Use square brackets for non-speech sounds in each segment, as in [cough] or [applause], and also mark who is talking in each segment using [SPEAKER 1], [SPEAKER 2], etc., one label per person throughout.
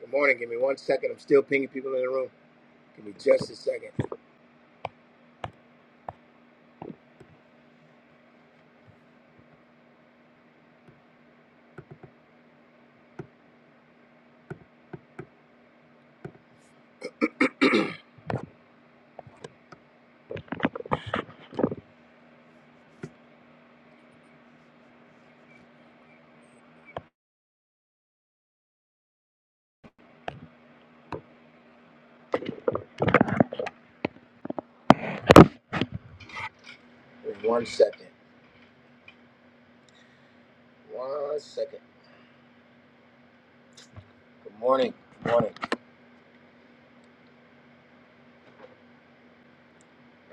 [SPEAKER 1] Good morning. Give me one second. I'm still pinging people in the room. Give me just a second. Give me one second. One second. Good morning. Good morning.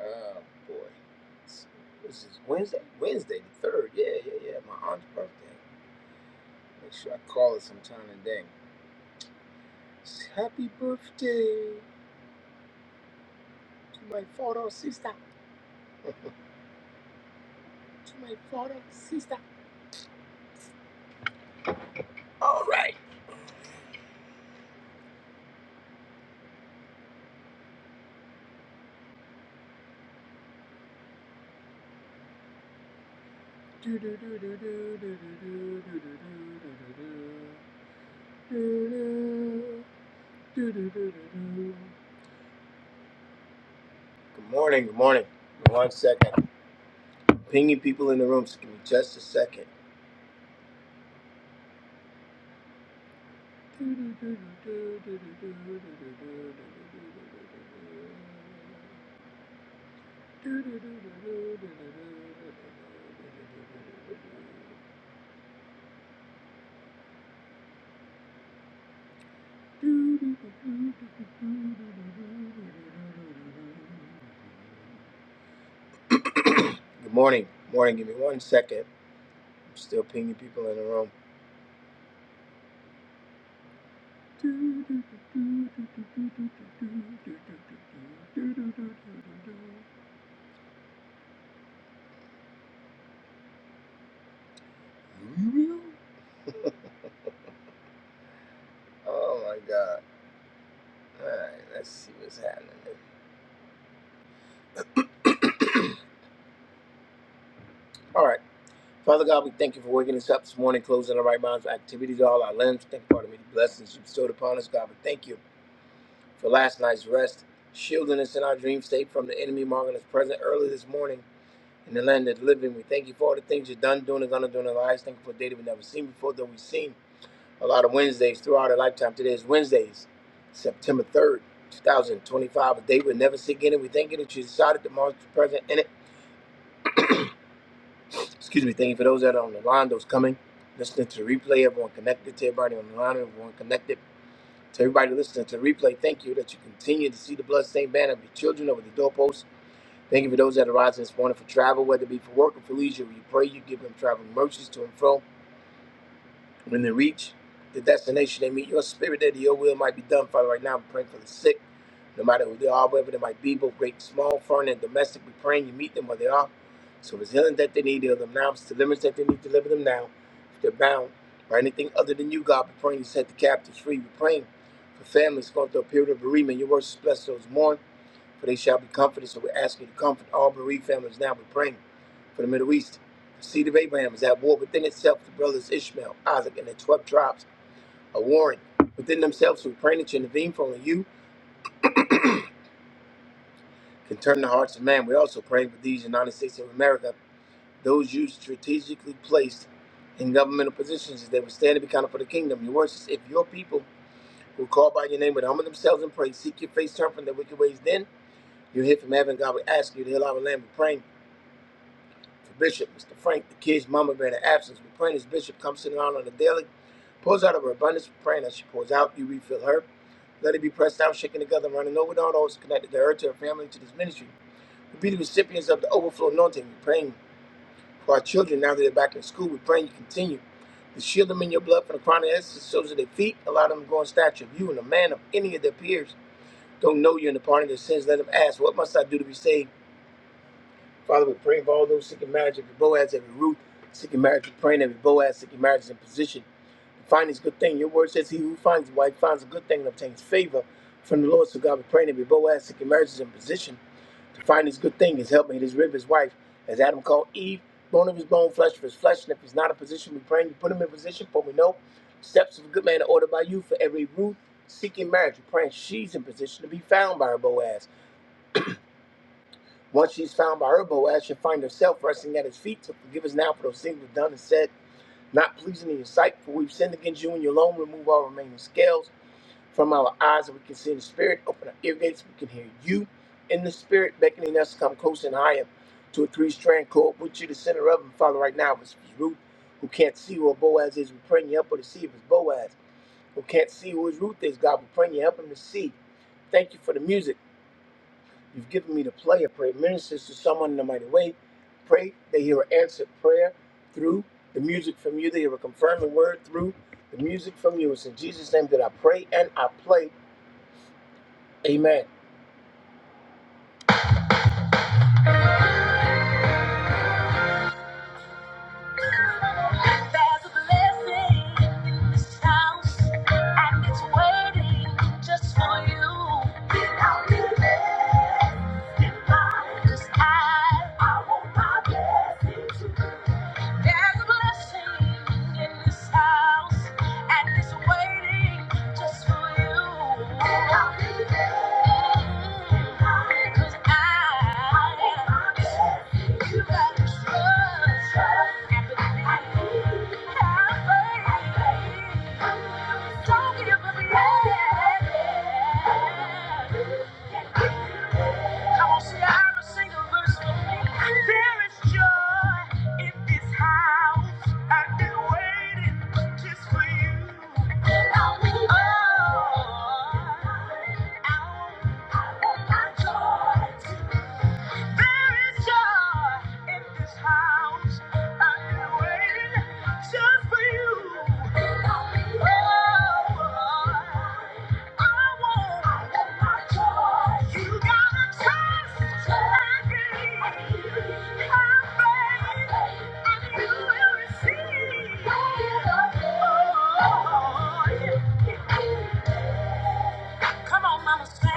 [SPEAKER 1] Oh boy. It's- This is Wednesday. Wednesday the third. Yeah, yeah, yeah. My aunt's birthday. Make sure I call her sometime today. Happy birthday to my photo sister. To my photo sister. All right. Do do do do do do do do do do do do do do do do do do do do. do. Good morning. Good morning. One second. Pinging people in the room. So give me just a second. Good morning. Morning. Give me one second. I'm still pinging people in the room. Oh my God. All right, let's see what's happening. All right. Father God, we thank you for waking us up this morning, closing our right minds, with activities, all our limbs. Thank you for the many blessings you bestowed upon us, God. We thank you for last night's rest, shielding us in our dream state from the enemy, marking us present early this morning in the land of the living. We thank you for all the things you've done, doing, and gonna do in our lives. Thank you for a day that we've never seen before, though we've seen. a lot of Wednesdays throughout her lifetime. Today is Wednesdays, September 3rd, 2025, a day we'll never see again. And we thank you that you decided to mark the present in it. Excuse me, thank you for those that are on the line, those coming, listening to the replay, everyone connected to everybody on the line, everyone connected to everybody listening to the replay. Thank you that you continue to see the bloodstained banner of your children over the doorposts. Thank you for those that are rising this morning for travel, whether it be for work or for leisure. We pray you give them traveling mercies to and from. When they reach the destination, they meet your spirit there. that Your will might be done, Father. Right now, we're praying for the sick, no matter who they are, wherever they might be, both great and small, foreign and domestic. We're praying you meet them where they are. So if it's healing that they need, heal them now. If it's deliverance that they need, deliver them now. If they're bound by anything other than you, God, we're praying you set the captives free. We're praying for families going through a period of bereavement. Your words bless those mourn for they shall be comforted. So we ask you to comfort all bereaved families now. We're praying for the Middle East. The seed of Abraham is at war within itself. The brothers Ishmael, Isaac, and the 12 tribes are warring within themselves. We're praying that you intervene for only you can turn the hearts of man. We're also praying for these United States of America, those you strategically placed in governmental positions, as they would stand and be counted for the kingdom. Your words is if your people who call by your name would humble themselves and pray, seek your face, turn from their wicked ways, then you hear from heaven. God, we ask you to heal our land. We're praying. For Bishop, Mr. Frank, the kid's mama been in absence. We praying as Bishop comes sitting around on the daily, pours out of her abundance, we praying as she pours out, you refill her. Let it be pressed down, shaken together, and running over, not always connected to her, to her family, to this ministry. We be the recipients of the overflow anointing. We're praying for our children now that they're back in school. We're praying you continue to shield them in your blood from the crown of their heads to the soles of their feet. Allow them to go in stature of you and a man of any of their peers. Don't know you in the pardon of their sins. Let them ask, What must I do to be saved? Father, we pray for all those seeking marriage, every Boaz, every Ruth, seeking marriage, we pray, and every Boaz, seeking marriage is in position to find his good thing. Your word says, He who finds a wife finds a good thing and obtains favor from the Lord. So, God, we pray, and every Boaz, seeking marriage is in position to find his good thing, his helpmate, his rib, his wife, as Adam called Eve, bone of his bone, flesh of his flesh. And if he's not in position, we pray, and you put him in position, for we know steps of a good man are ordered by you for every Ruth seeking marriage. We pray, and she's in position to be found by her Boaz. Once she's found by her Boaz should find herself resting at his feet to forgive us now for those things we've done and said, not pleasing in your sight, for we've sinned against you and you alone. Remove all remaining scales from our eyes that we can see in the spirit. Open our ear gates, we can hear you in the spirit, beckoning us to come close and higher to a three strand cord. Put you the center of them, Father, right now. If it's Ruth who can't see where Boaz is, we pray you help her to see if it's Boaz who can't see who his Ruth is, God. We pray you help him to see. Thank you for the music. You've given me to play a prayer. It Ministers to someone in a mighty way. Pray, they hear an answered prayer through the music from you. They hear a confirming word through the music from you. It's in Jesus' name that I pray and I play. Amen. There's a blessing in this house, and it's waiting just for you. Without you there, in mind, 'cause I, I want my blessing too. There's a blessing in this house, and it's waiting just for you. And I'll be there. 'Cause I- you gotta trust and believe. Have faith. Don't give up. Come on, see, I single verse for me. There is joy in this house. I've been waiting just for you. Oh, I want, I want my joy. There is joy in this house. I've been waiting just for you. Oh, I want, my joy. You gotta trust and believe. Have faith, and you will receive. Oh, yeah. Come on, mama, say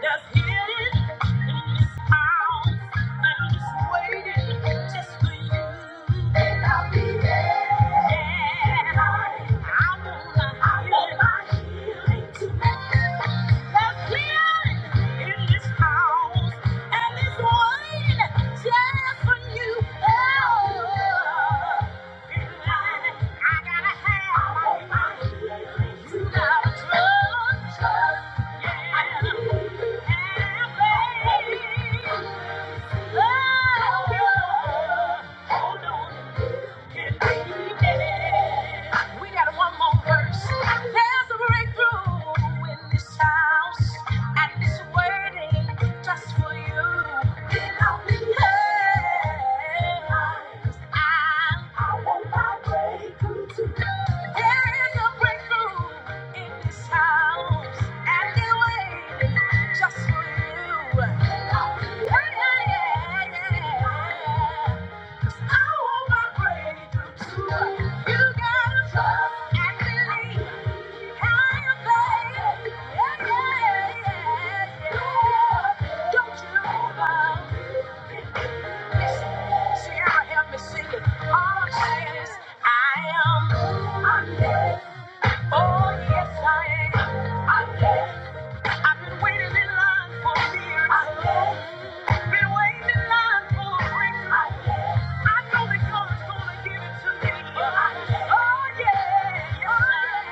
[SPEAKER 1] that's hidden in this house. I'm just waiting just for you. And I'll be there. Yeah. I wanna I want my healing tonight. That's healing in this house. And it's waiting just for you. Oh. We got one more verse. There's a breakthrough in this house, and it's waiting just for you. Get on the there's a breakthrough in this house, and they're waiting just for you. Yeah, yeah, yeah, yeah. yeah. 'Cause I want my breakthrough too. You gotta trust and believe. Have faith. Yeah, yeah, yeah, yeah. Don't you know? Listen, Sierra, help me sing it. All I'm saying is, I am. I'm Oh, yes, I am. I guess. I've been waiting in line for years. I guess. Been waiting in line for a break. I guess. I know that God's gonna give it to me. I guess. Oh, yeah. Yes, I am.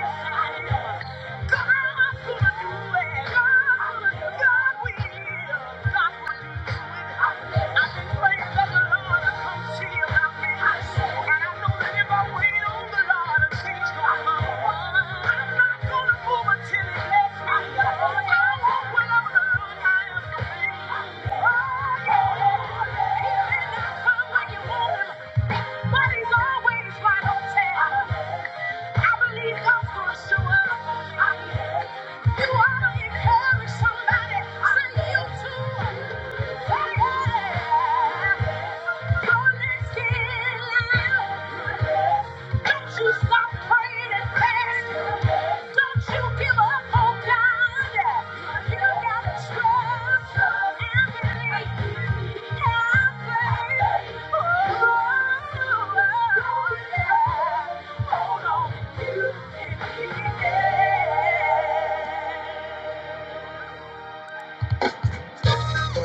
[SPEAKER 1] Yes, I am. God's gonna to do do don't it. God's gonna do it. God will. God will. will I've I guess. I've been praying the the Lord Lord. come see about me. I guess. And I know that if I wait on the Lord, you ought to encourage somebody. Say you too.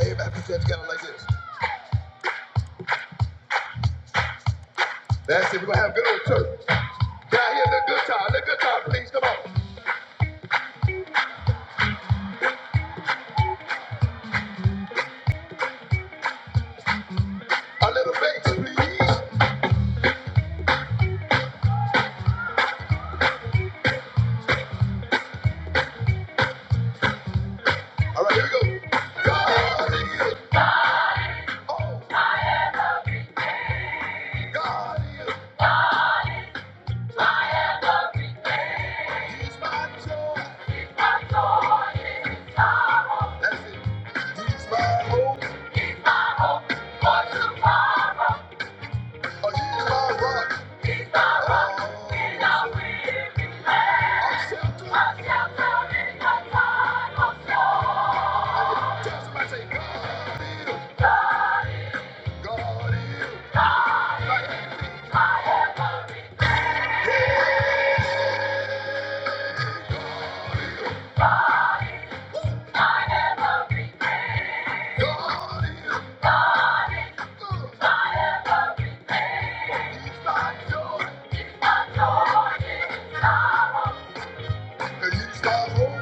[SPEAKER 1] Everybody put that together like this. That's it. we gonna have a good old church. Now hear the good time, the good time, please. Come on. A little bass, please. All right, here we go. God is, good. oh, God is, good. He's my joy. That's it. He's my hope. Oh, He's my rock. Oh, I'm sheltered. Tell somebody, say, God is, good. God is, good. Hey, God is, good. God is. good. I you my hope?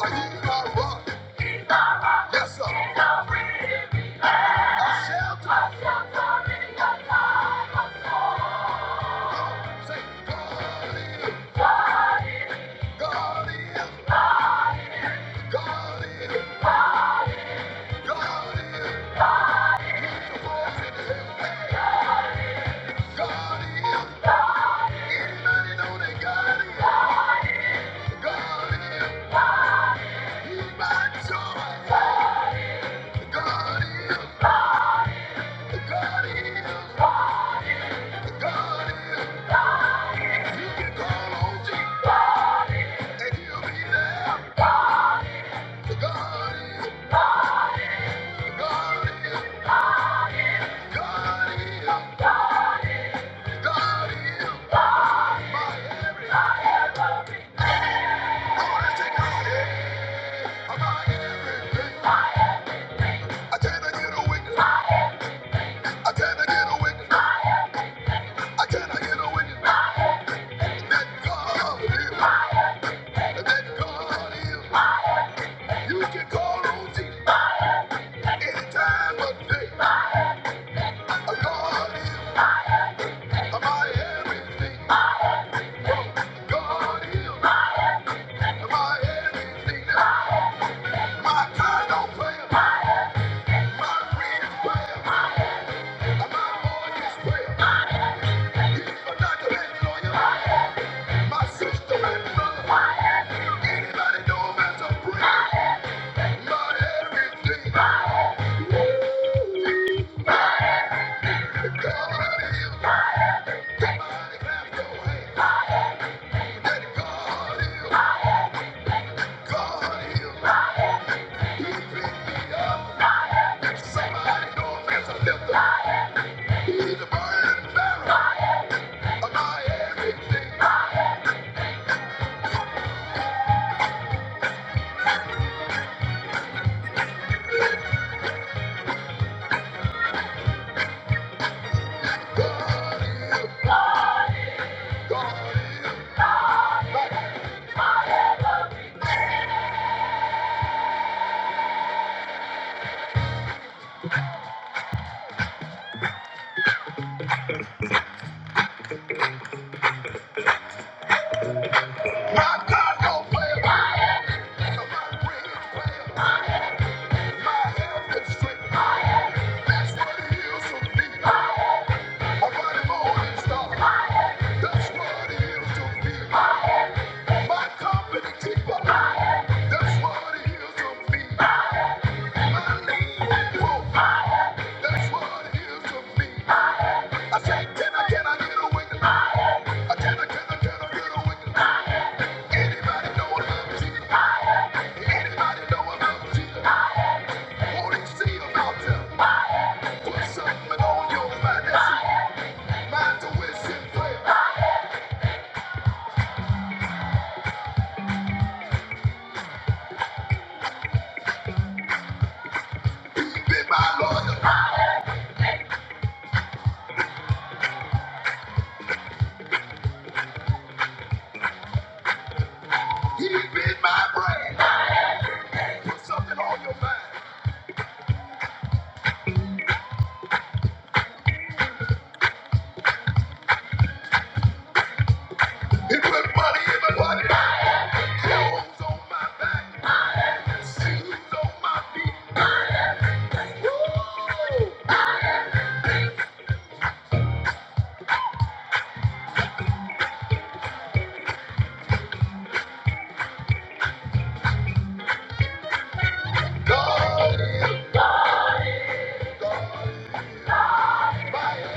[SPEAKER 1] Are you my rock? Yes, sir. I shall I shall, God is, God is, God is my everything. Prayer. My friend's prayer. My morning's prayer. He's a doctor and lawyer. My sister and brother, anybody know about to my everything? That God is. Somebody clap your hands. That God is. God is. He picked me up. And somebody know about He's the burning barrel my everything. God is. God is. My God don't play about it. My friends play about My health is strict. Put something on your mind, that's it. Mind to wishing prayer. He been my lawyer. He been my brain. Put something on your mind. He put money in my pocket. Clothes on my back. Shoes on my feet. God is God. My-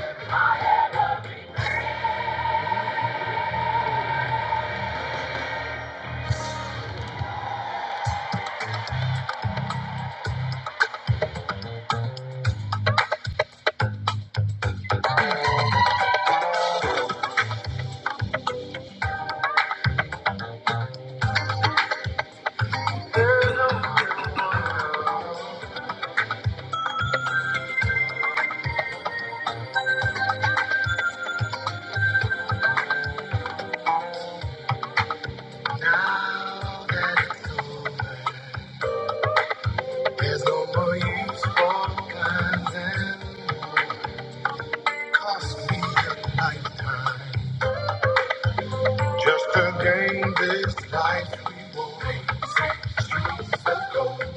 [SPEAKER 1] Now that it's over, there's no more use for complaining. Cost me a lifetime just to gain this life we won't won.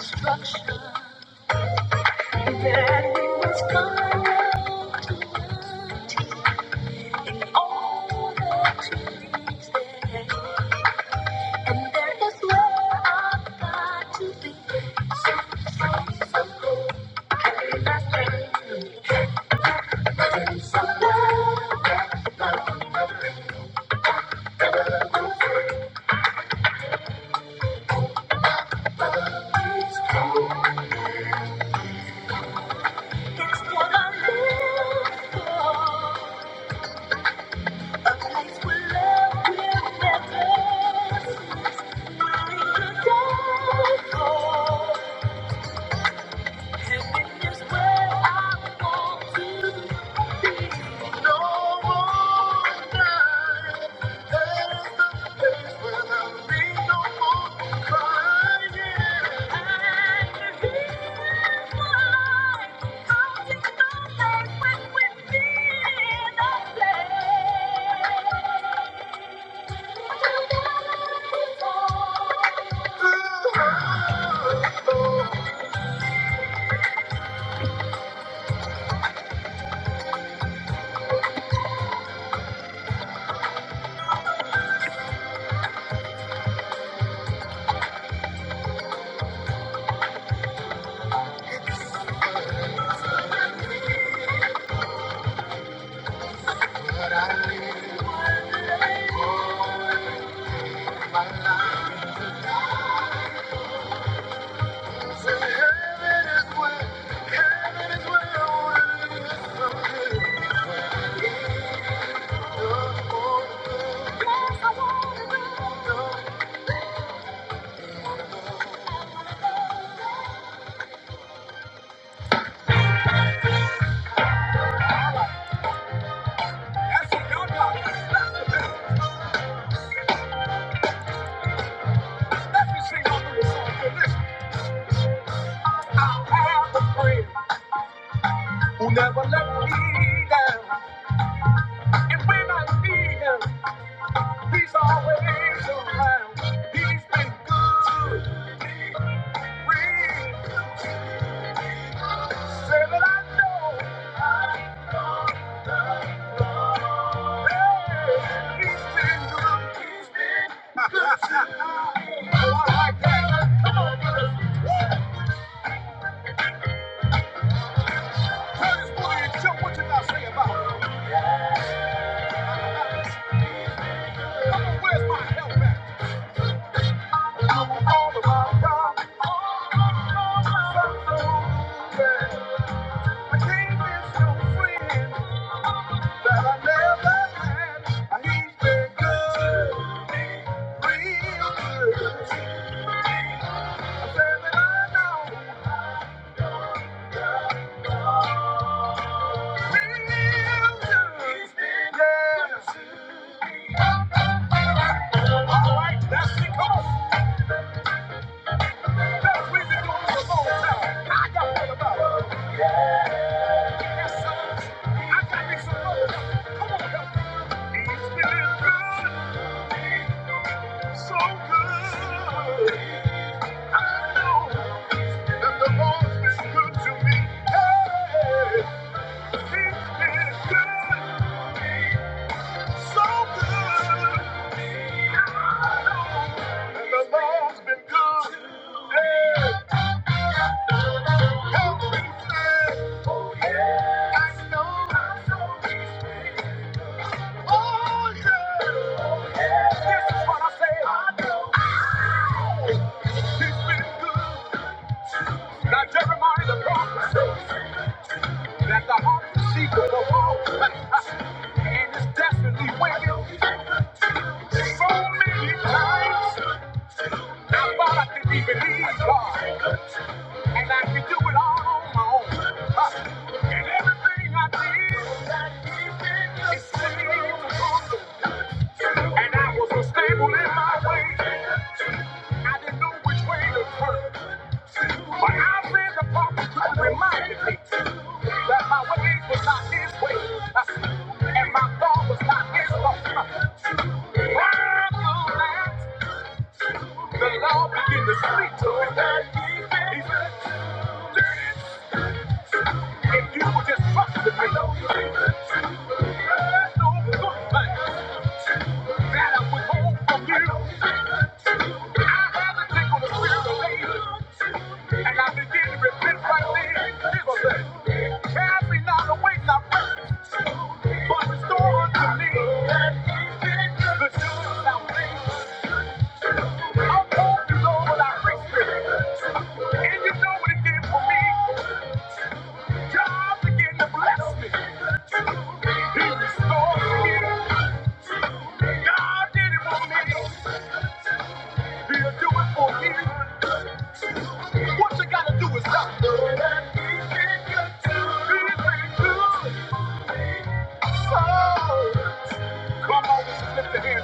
[SPEAKER 1] Structure. that we must come to love in all And that is where I've got to be. So, so, so cool. Carry my strength. Sense of love that is true. It's what I live for. A place where love will never cease. we in the dark. But I live for my life is a lie. So heaven is where, heaven is where I wanna be. Yes, I wanna be. That's what y'all got. Let me sing all of this song. Hey, listen. I have a friend that will let me down. And when I need him, he's always around. He's been good. Real. Say that I know. All right, that's it. Come on. So good. And the Lord's been good. Yeah. Help me stand. Oh, yeah. I know. Oh, yeah. This is what I say. He's been good. Now, Jeremiah the prophet says that the heart deceitful above all and it's desperately wicked. So many times. Now God can be believed, God. And I can do it all on my own. Huh. And everything I did is clean to God. And I was unstable in my way. I didn't know which way to turn. But I read the prophets who reminded me that my ways was not his way, Uh, and my thought was not his thought. Uh, I know that? The law begin to speak to him. He said, if you would just trust me, I know there's no good thing that I withhold from you. From the spirit of faith, and I begin to repent right then. Jesus said, cast me not away, not ready, but restore unto me. The joy of salvation. I want you, Lord, with I free spirit. And you know what he did for me. God began to bless me. He restored me. God did it for me. He'll do it for me. What you gotta do is stop. Know that he's been good to me. He's been good. So, come on, let's lift the hands.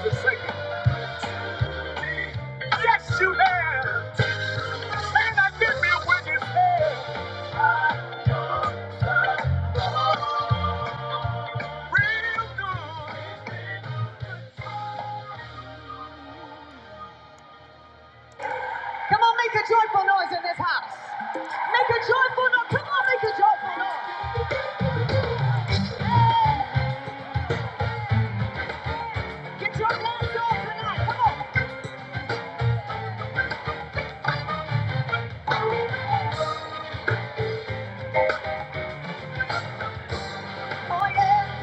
[SPEAKER 1] Get your hands up tonight. Come on. Oh, yeah.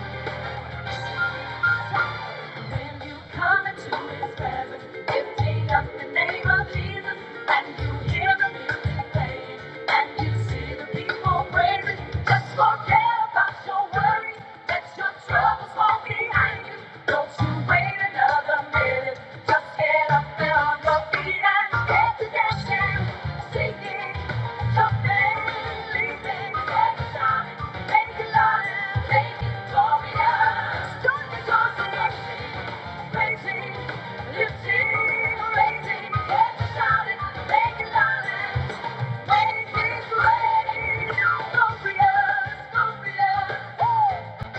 [SPEAKER 1] When you come into His presence, lifting up the name of Jesus, and you hear the music playing, and you see the people praising, just forget about your worries, let your troubles fall behind you. Don't you wait another minute, just get up and on your feet and get to dancing oh, Yeah.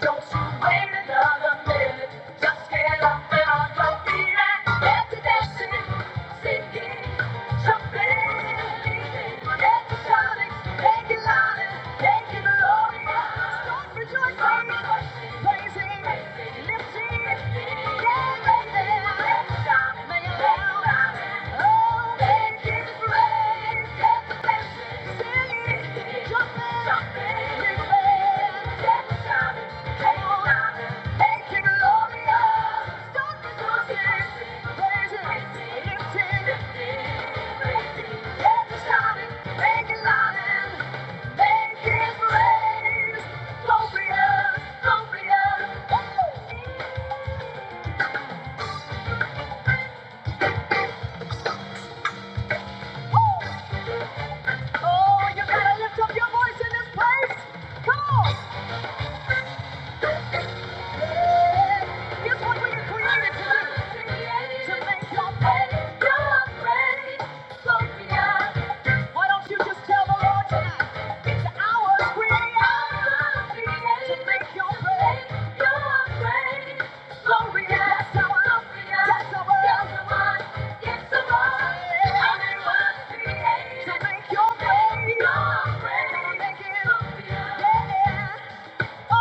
[SPEAKER 1] Don't you wait another minute. Just get up and on your feet and dance. Oh, thank you, praise, get the blessing, sing it. Oh, you gotta lift up your voice in this place! Come Here's what we were created to do. To make your bed, your friend, Sophia. Why don't you just tell the Lord tonight? It's ours, we are created to make your bed, your friend, Gloria. That's our Gloria. That's our That's the one. It's the one. And it was created to make your bed, your friend, Sophia. Yeah to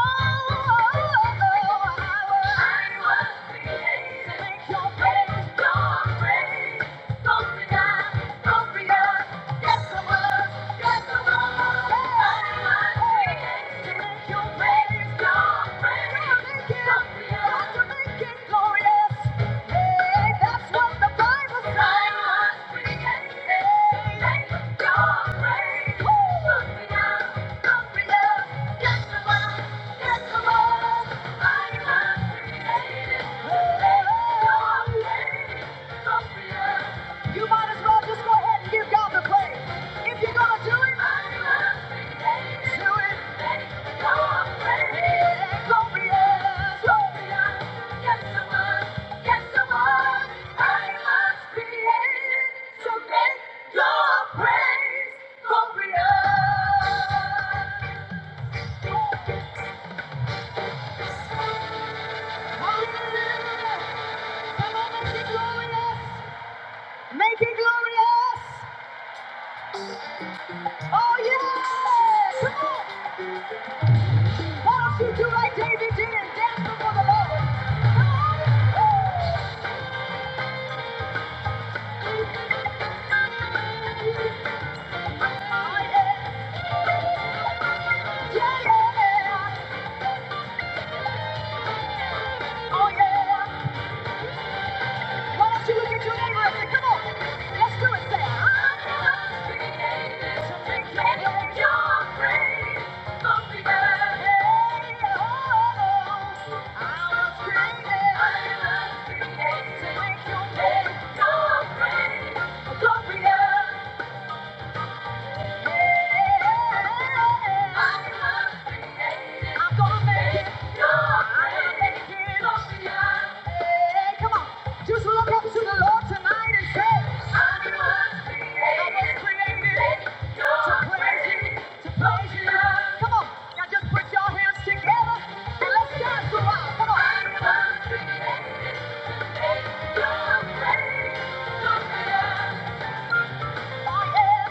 [SPEAKER 1] make your babies go crazy. Don't Thank you. Yeah. You might as well just go ahead and give God the praise. If you're gonna do it, do it. Yeah, glorious, glorious. Yes, I was. Yes, I was. I was created to make your praise glorious. Hallelujah. Come on, make it glorious. Make it glorious. Oh, yeah! Come on! Why don't you do like David did and dance before the Lord? Come on! Oh, yeah! Yeah, yeah! Oh, yeah! Why don't you look at your neighbor come on, let's do it. Say, I'm not created to make your your praise popular. Hey, oh, I was created. I to make your name your praise popular. Just look up to the Lord tonight and say, I was created to praise Him, to praise Him. Come on, now just put your hands together and let's dance a Come on. I am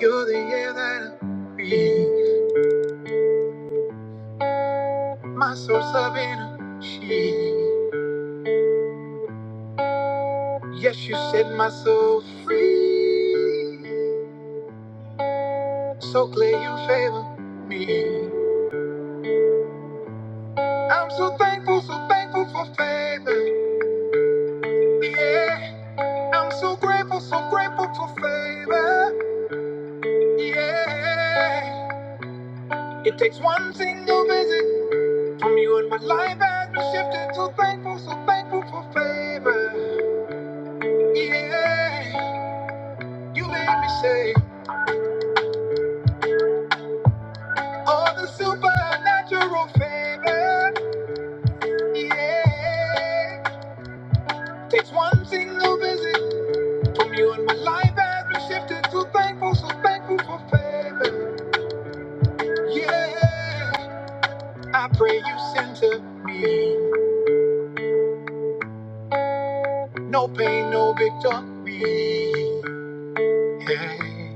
[SPEAKER 1] you're the air that I breathe. My soul, Savannah, she. Yes, you set my soul free. So clear you favor me. I'm so thankful, so thankful for favor. Yeah. I'm so grateful, so grateful for favor. Yeah. It takes one single visit from you and my life has been shifted. So thankful, so thankful for favor. Yeah. You made me say. All the supernatural favor, yeah. Takes one single visit from you, and my life has been shifted. So thankful, so thankful for favor, yeah. I pray you send to me no pain, no victory, yeah.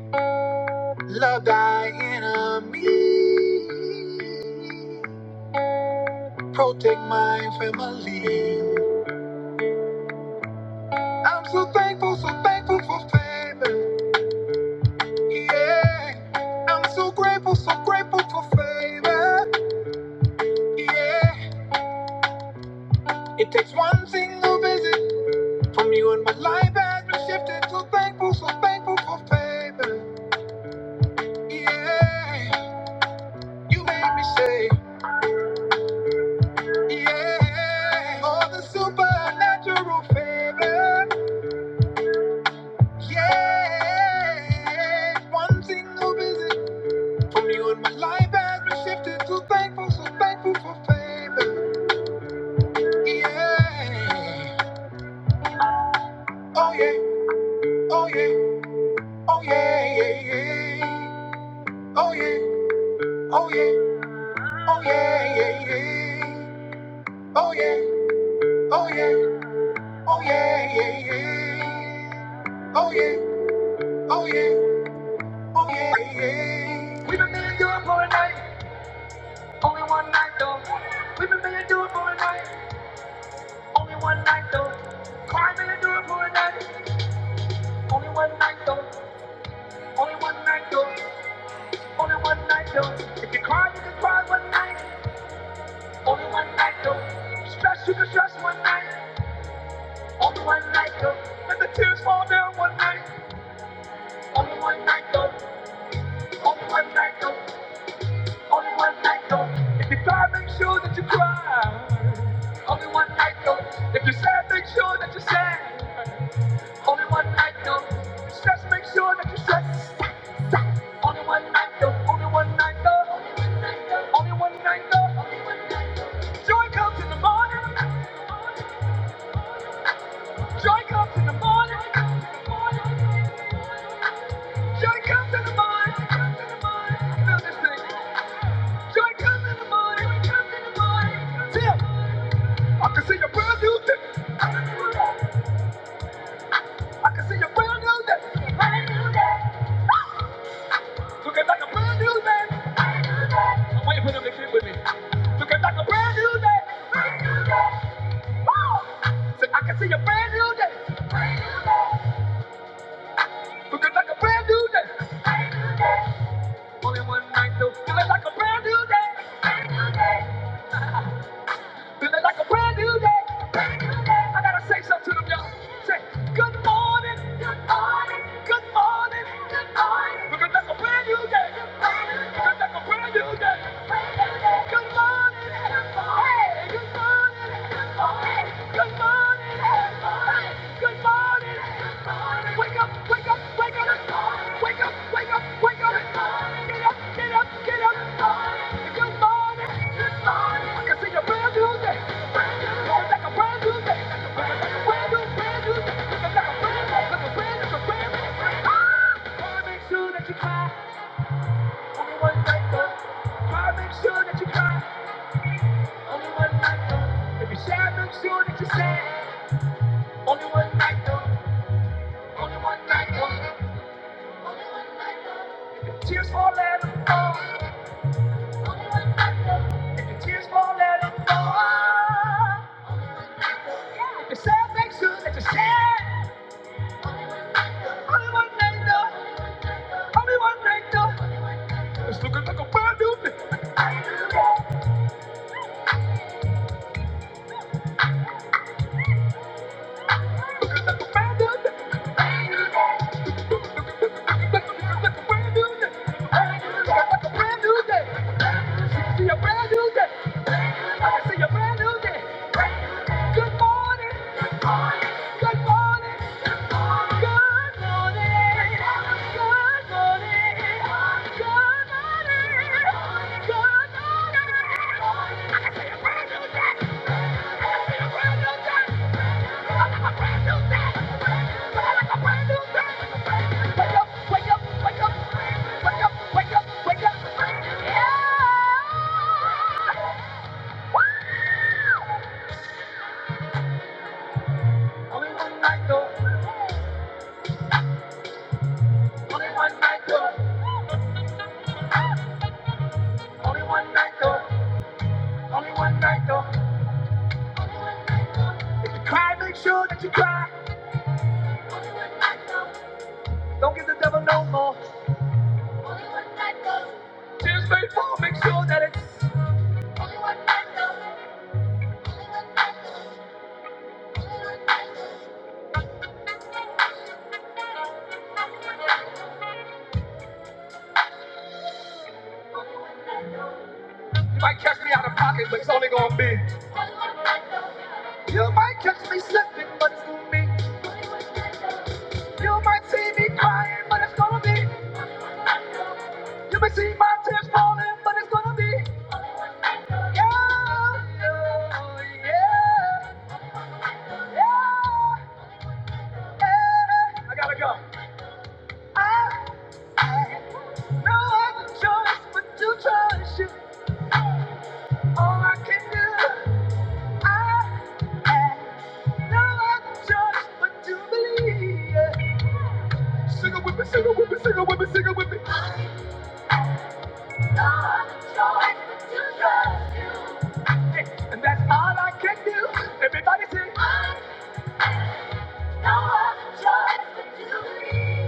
[SPEAKER 1] Love thy enemy, protect my family. I'm so thankful, so thankful for favor. Yeah, I'm so grateful, so grateful for favor. Yeah, it takes one single visit from you and my life has been shifted. So thankful, so thankful for favor. Yeah, you made me say, yeah, all the supernatural favor. Yeah, one single visit from you and my life has been shifted. So thankful, so thankful for favor. Yeah. Oh yeah, oh yeah, oh yeah, yeah, yeah. Oh yeah, oh yeah, oh yeah, yeah, yeah. Oh yeah, oh yeah, oh yeah, yeah, yeah. Oh yeah, oh yeah, oh yeah, yeah. We've been meaning to do it for a night, only one night though. We've been meaning to do it for a night, only one night though. I've been meaning to do it for a night, only one night though. Only one night though, only one night though. If you cry, you can cry one night. Only one night though. Stress you can stress one night. Only one night though. Let the tears fall down one night. Only one night though. Only one night though. Only one night though. If you cry, make sure that you cry. Only one night though. If you're sad, make sure that you're sad. Only one night though. If you stress, make sure that you stress. Only one night though. Only one night though. Only one night though. only one night though. Joy comes in the morning. Joy comes in the morning. Joy comes in the morning. Feel this thing. Joy comes in the morning. Tim, I can see your brand new day. I can see your brand new day. Looking like a brand new day. I'm waiting for them to fit with me. Looking like a brand new day. Woo! Say, I can see your brand new day. Looking like a brand new day. Only one night though. Feeling like a brand new day. Brand new day. Feeling like a brand new day. I gotta say something to them, y'all. Say, good morning. Good morning. Good morning. Good morning. Feeling like a brand new day. Good Feeling like a brand new day. Brand new Good morning. Good morning. Hey, good morning. Good morning. Good morning. Good morning. Good morning. Wake up, wake up, wake up, Get up, get up, get up. good morning, good morning. I can see a brand new day, It's like a brand new day, brand new, brand new day. It's like a brand new, it's a brand, it's a brand new. Ah! Wanna make sure that you cry, only one night though. Try to make sure that you cry, only one night though. If you sad, make sure that you sad, only one night though, only one night though. Tears fall, let 'em fall. If your tears fall, let 'em fall. If you sad things good, let you share. Only one night though, only one night though. It's looking like a brand new day, brand new day, brand new day, brand new day. Like a brand new day, be a brand new day. I can see a brand new day. Good morning. Good morning. Good morning. Good morning. Good morning. Good morning. Good morning. Good morning. I can see a brand new day. I can see a brand new day. I like a brand new day. I like a brand new day. Wake up, wake up, wake up. Wake up, wake up, wake up. Yeah. Wow. Only one night though. Only one night though. Only one night though. Only one night though. only one night though. If you cry, make sure that you cry. Only one night though. Don't give the devil no more. Tears may fall, make sure that it's. only one night though. You might catch me out of pocket, but it's only gonna be. You might catch me slipping, but it's gonna be. You might see me crying, but it's gonna be. You may see my tears falling, but it's gonna be. I gotta go. I no other choice but to trust you. All I can do, I no other choice but to believe. No other choice but to trust you. Hey, and that's all I can do. Everybody say, I no other choice but to believe.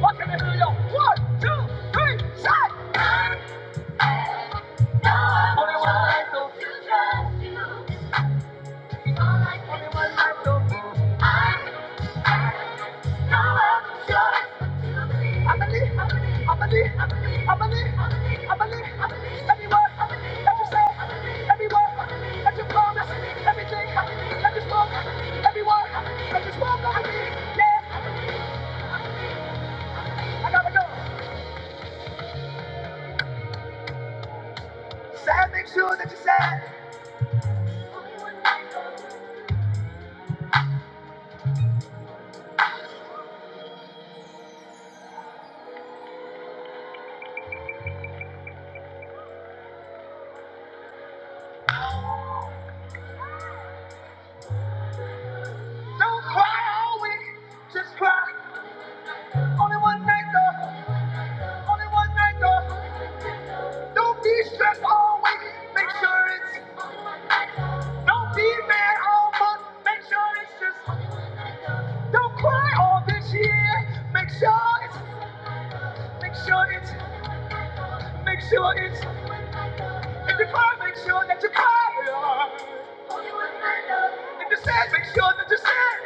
[SPEAKER 1] What can I do, two, three, shout! Only one life, though. Only one life, though. I believe, I believe, I believe, I believe, I believe, I believe, Every word that you say, every word that you promise, everything that you spoke, every word that you spoke over me. Yeah, I gotta go. Sad, make sure that you sad. Don't cry all week, just cry. Only one night though, only one night though. Don't be stressed all week. Make sure it's Don't be mad all month. Make sure it's just. Don't cry all this year. Make sure it's. Make sure it's. Make sure it's. If you cry, make sure that you cry. If you're sad, make sure that you're sad.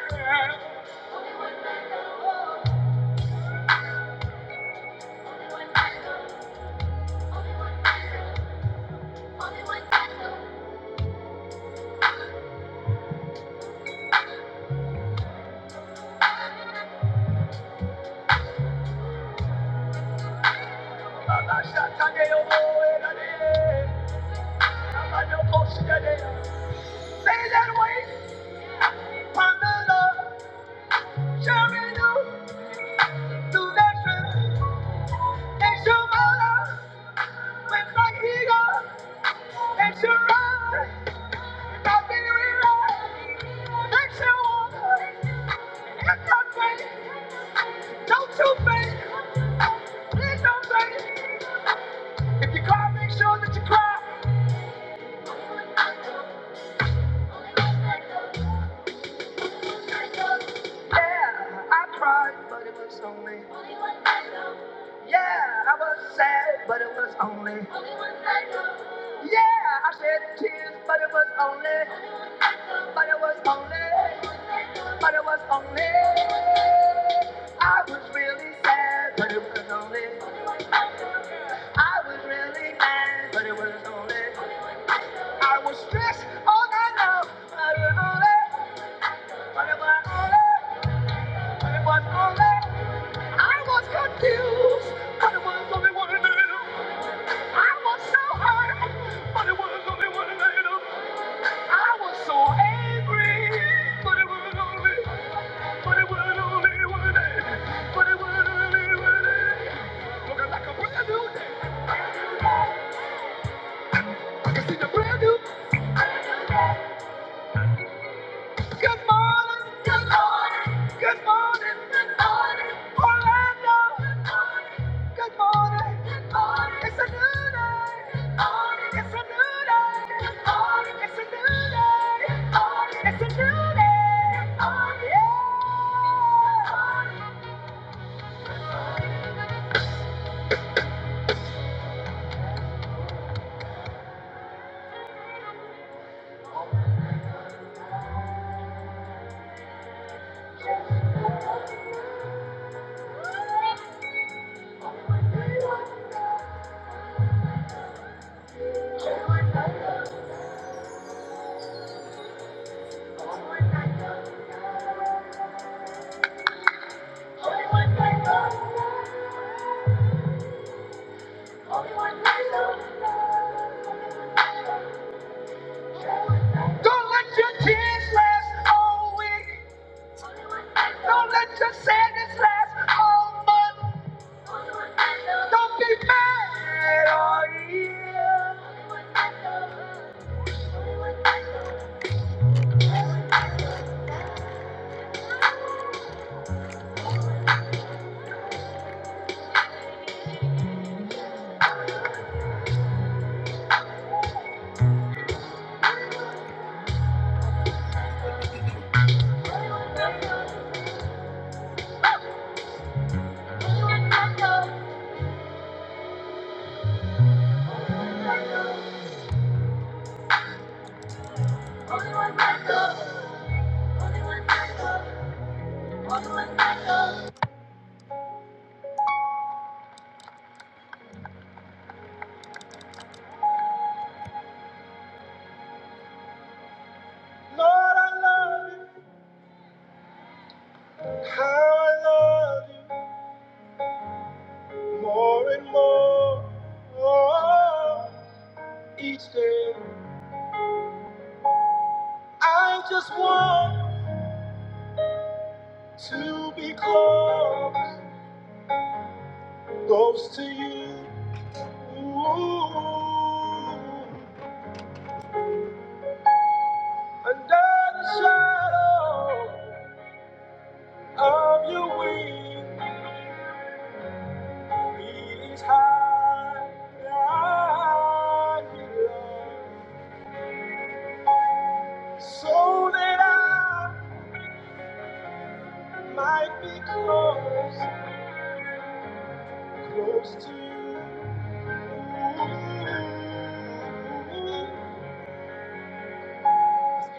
[SPEAKER 1] Say that way, find the love. Don't you faint. Please don't faint. If you cry, make sure that you cry. Yeah, I cried, but it was only. Yeah, I was sad, but it was only. Yeah, I shed tears, but it was only. But it was only. But it was only. I was really sad, but it was only. I was really mad, but it was only. I was stressed all night long, but it was only. But it was only. But it was only. I was confused, but it was only one and a little. I was so hurt, but it was only one and a little. I was so angry, but it was only. But it was only one day, But it was only one day. Looking like a brand new day. It's a brand new good morning, good morning, good morning, good morning, Orlando. Good morning, good morning. It's a new day. Good morning. It's a new day. Good morning. It's a new day. Good morning. It's a new day. Good morning. Yeah. Only one night, only one night, only one night, only one night. Don't let your tears last all week. Don't let your sadness last all month. Don't be mad all year. Love More and more you grow. Close to you, under the shadow of your wings. he's hiding. So that I might be close, close to you.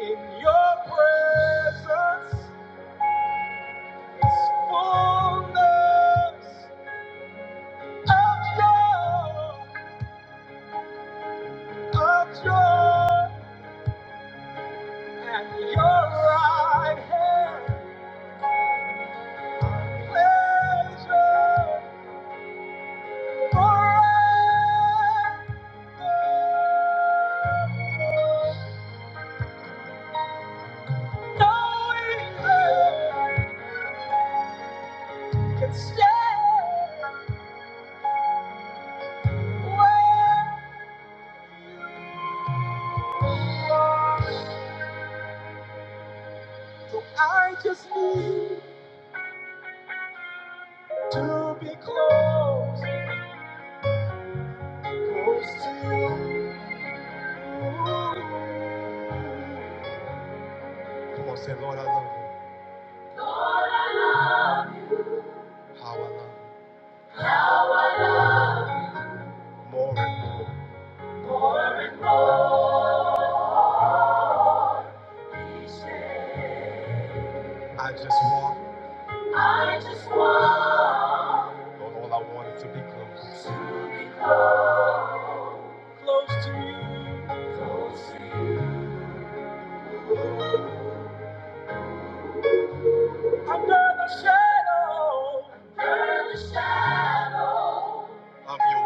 [SPEAKER 1] In your presence is fullness of joy. of joy and your right hand pleasure forever. No evil can stand when so I just need to be close, close to you. Come on, say, Lord, I love you. How I love you. More and more. I just want. I just want. Lord, all I want is to be close. Close to you. Of your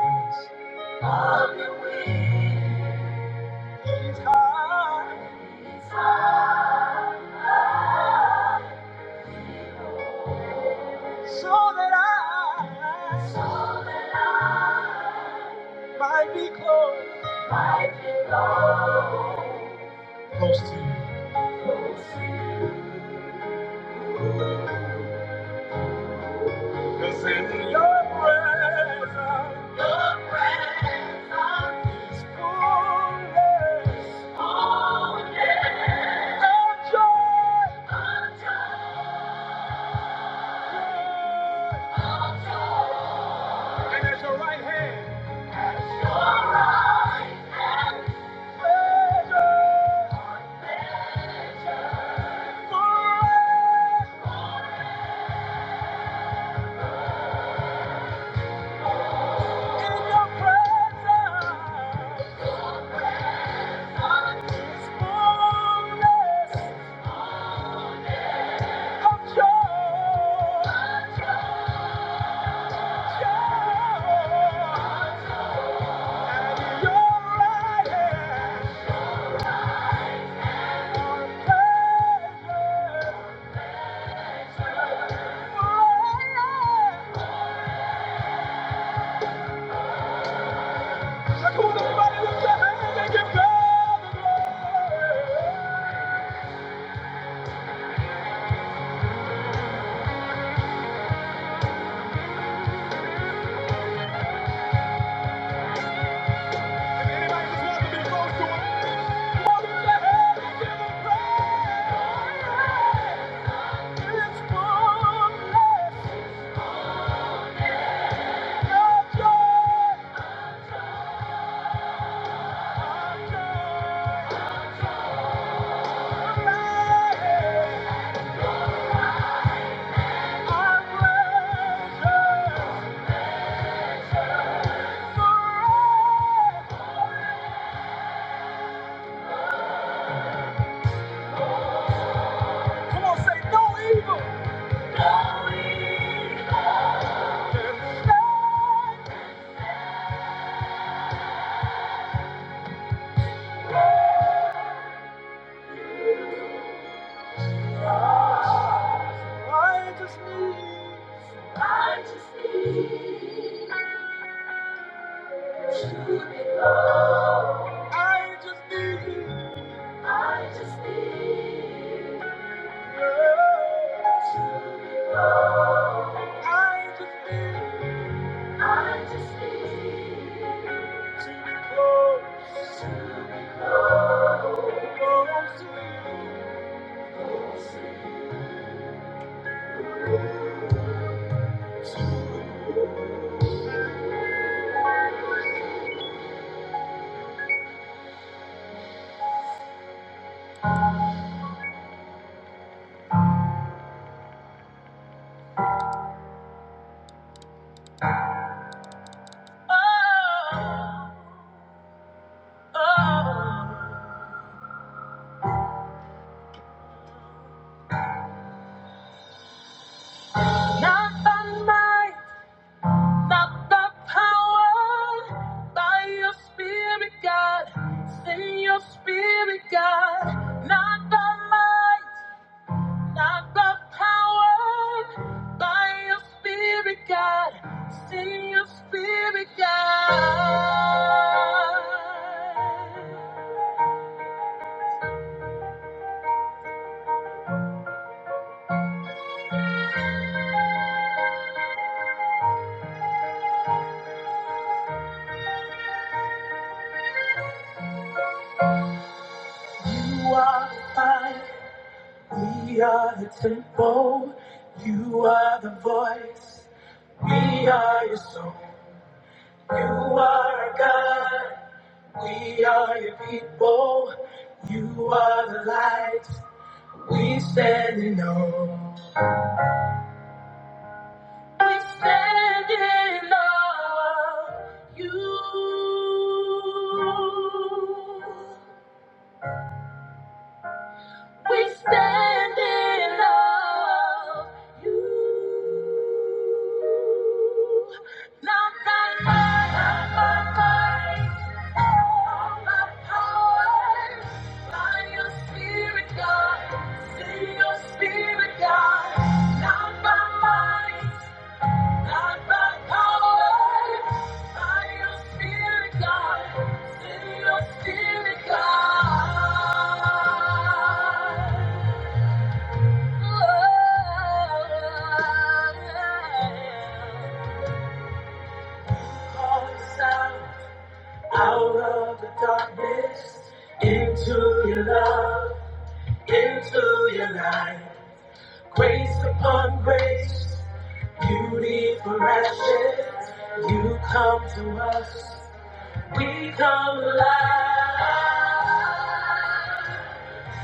[SPEAKER 1] wings. Of your wings. It's High, It's high So that I so might be close. Might be close. Close to you. Close to you. Cause in your presence, your presence is fullness, fullness of joy, of joy. And at your right hand, forever in your presence, fullness of joy. Joy. And your right hand, are pleasures Come on, say no evil. Righteousness. Righteousness. Truth and love. I just need. I just need. I just need. I just need to be close, close to you. Not by spirit, your spirit, God. not by might. We are the temple, you are the voice. We are your song, you are our God. We are your people, you are the light. We stand in awe. We stand in awe of you. We stand in awe of you. Not by might, not by might, not by power. Call us out out of the darkness into your love. into your life. Grace upon grace, beauty for ashes. You come to us, we come alive.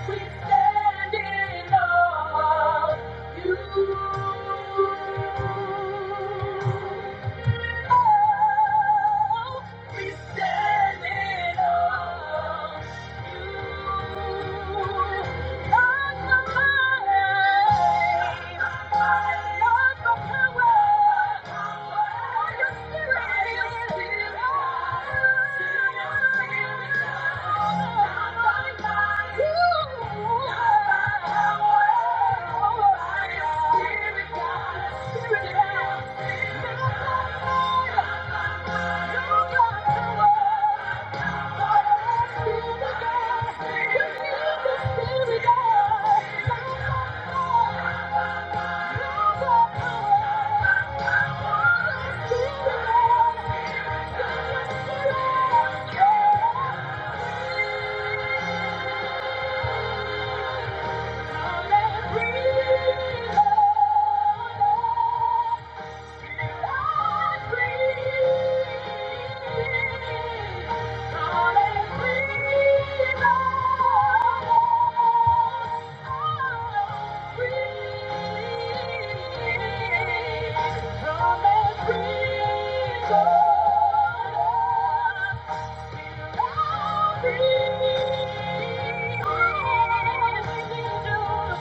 [SPEAKER 1] We stand in awe of you. Oh, We stand in awe. Thank you. Yeah.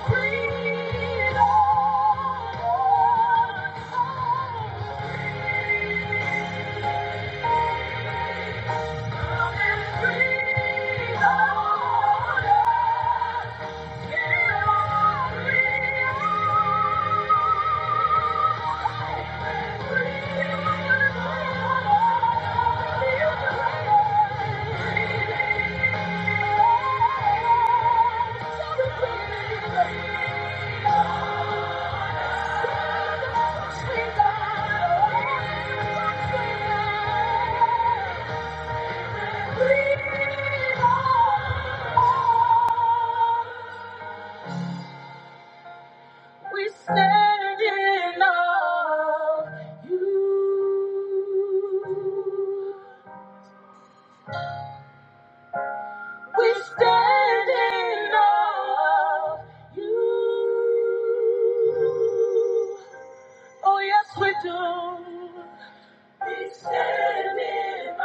[SPEAKER 1] Freedom. We stand in awe. We stand in awe. You do. be standing up.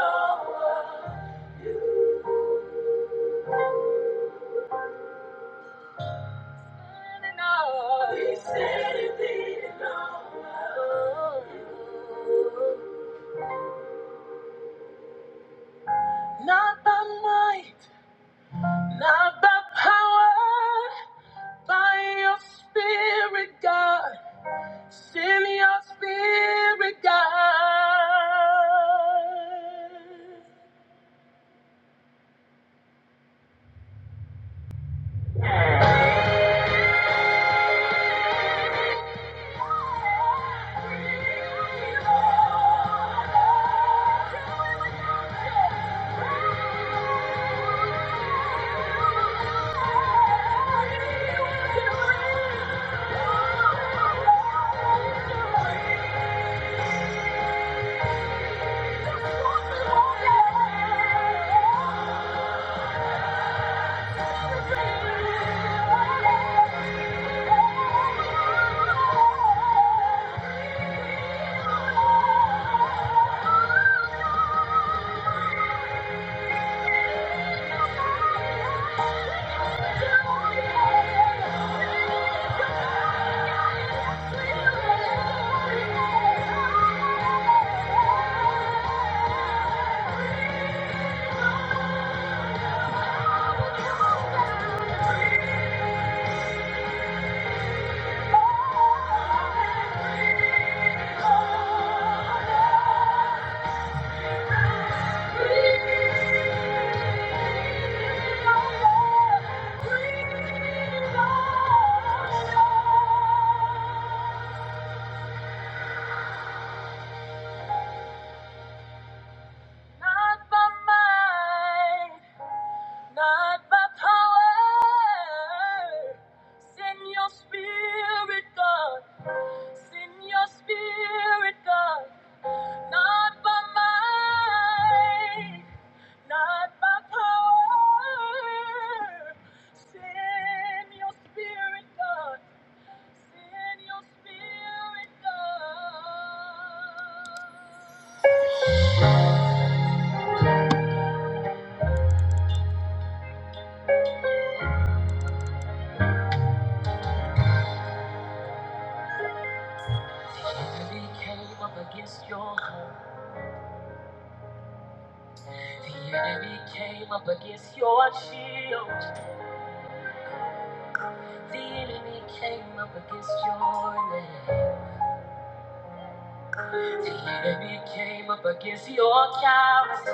[SPEAKER 1] Not for mine. Not by power. Send your spirit, God. Send your spirit, God. Not by might. Not by power. Send your spirit, God. Send your spirit, God. The came up against your cows.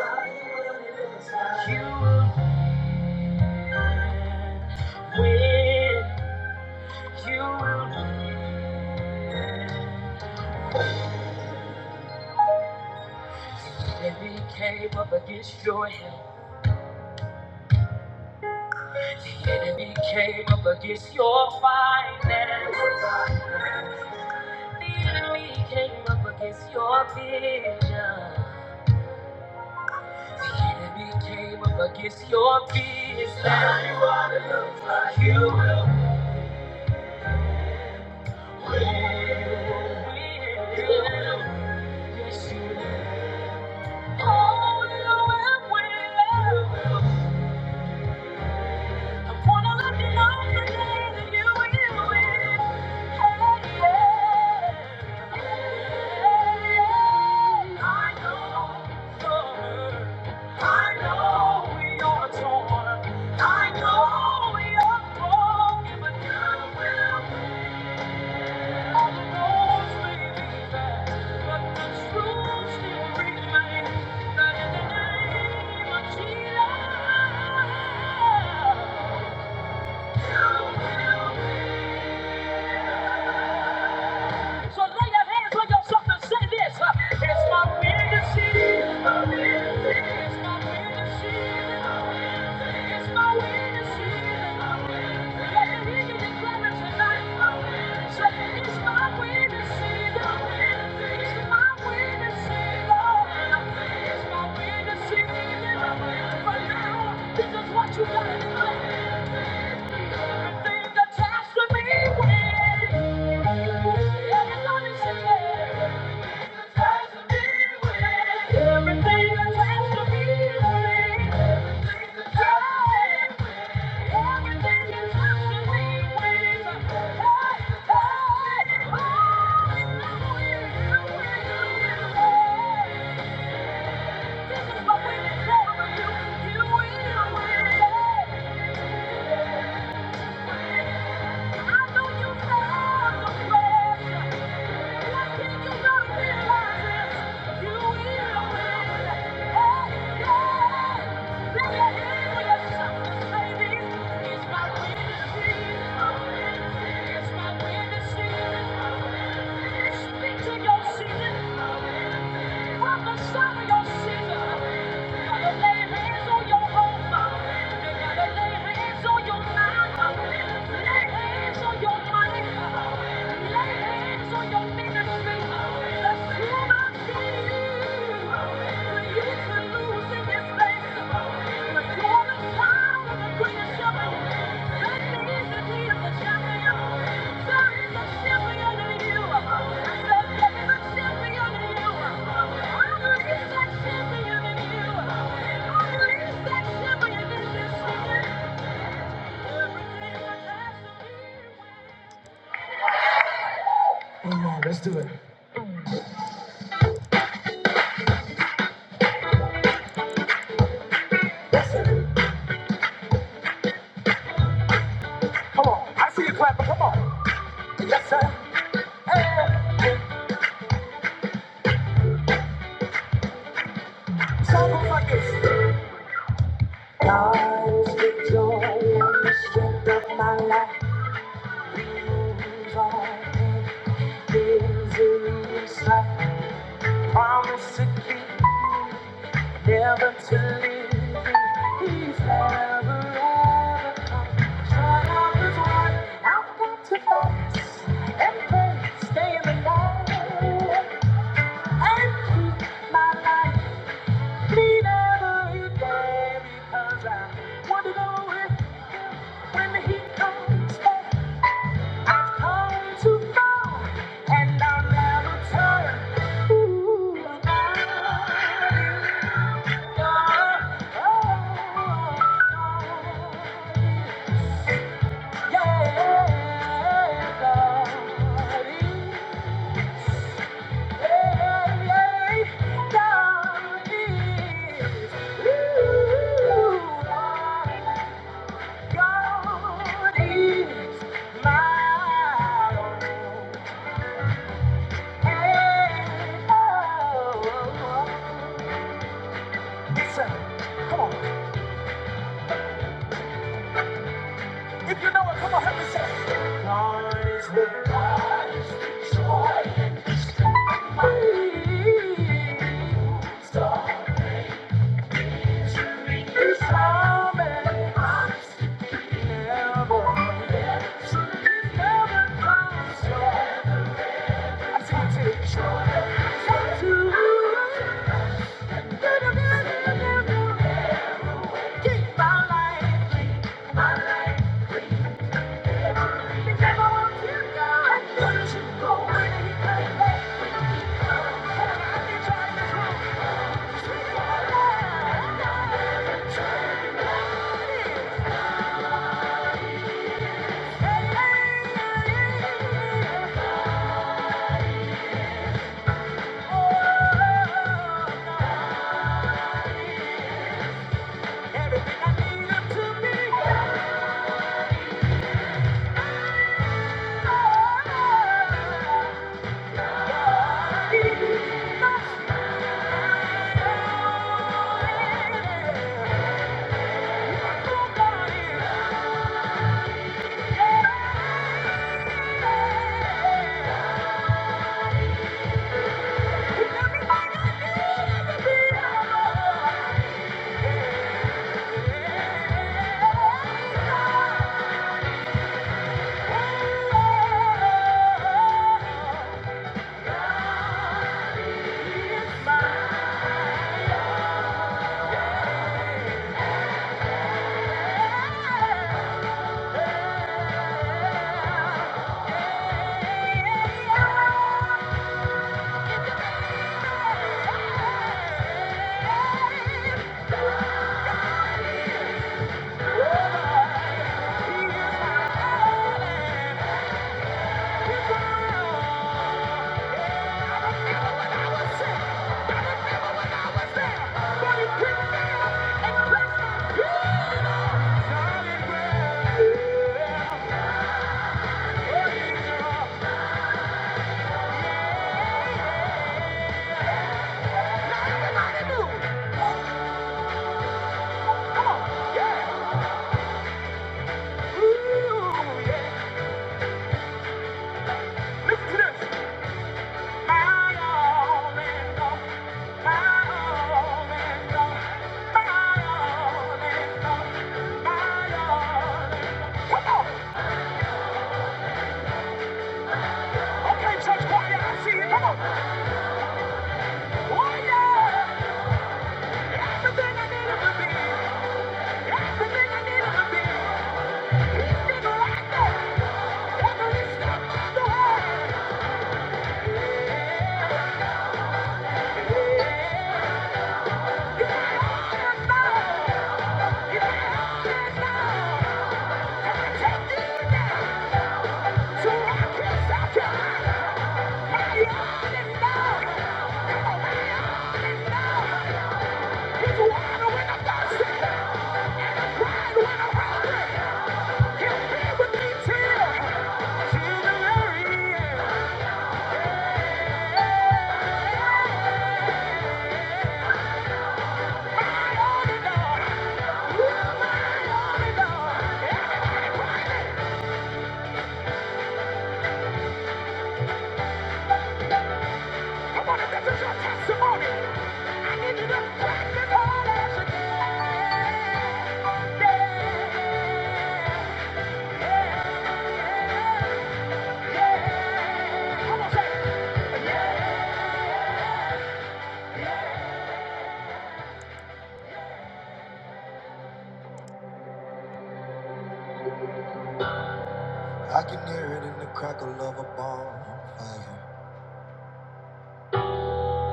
[SPEAKER 1] They came up against your health. Came up against your finances. The enemy came up against your vision. The enemy came up against your business. Now you ought to look like you will win. You will. Yes, you will. Oh, you will win. That in the Thank you. So lay your hands on yourself and say this. uh, It's my weird to see. It's my weird It's my weird to see. hear you declare tonight. it's my weird to see. It's my weird It's my weird But now, this is what you gotta do. it. Things attached to me when everyone is in there. Things me when everything attached to me when everything attached everything me when oh, you, you, you, This You, you Speak to your season. Prophesy your season. You gotta lay hands on your home. You gotta lay hands on your Thank you. Come on. I see you clapping. Come on. Yes, sir. Song goes like this. The joy and the strength of my life moves on. Misery is like promise to keep, never to leave me. He's never, ever come. Trial his one I've got to fight and pray, stay in the night and keep my life. He never hit there because I want to know if when he comes I've too far and I'll never turn. Ooh, darling, darling, darling. Come on. If you know it, come on, help me say it. God is the God is the joy and the strength. Star victory is coming. Promise never It's time to Joy, joy, joy, joy to you. Keep my life, keep my life. Everything I need up to be. Yeah. Yeah. Everything I needed to be, everything I needed to be, he's been right there. Every step of the way. Yeah. I can hear it in the crackle of a bonfire.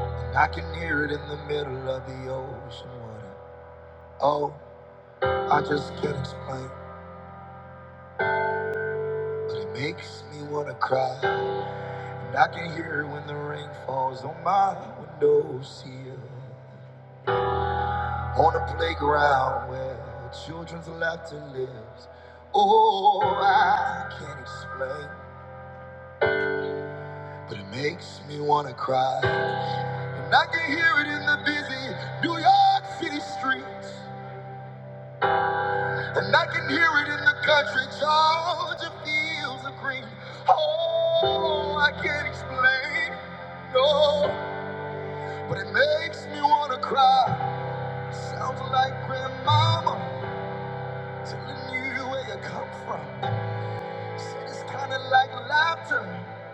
[SPEAKER 1] And I can hear it in the middle of the ocean water. Oh. I just can't explain, but it makes me wanna cry. And I can hear when the rain falls on my window sill. On a playground where children's laughter lives. Oh, I can't explain, but it makes me wanna cry. And I can hear it in the busy New York City streets. And I can hear it in the country, Georgia fields of green. Oh, I can't explain, no, but it makes me wanna cry. Sounds like grandmama telling you where you come from. Said it's kinda like laughter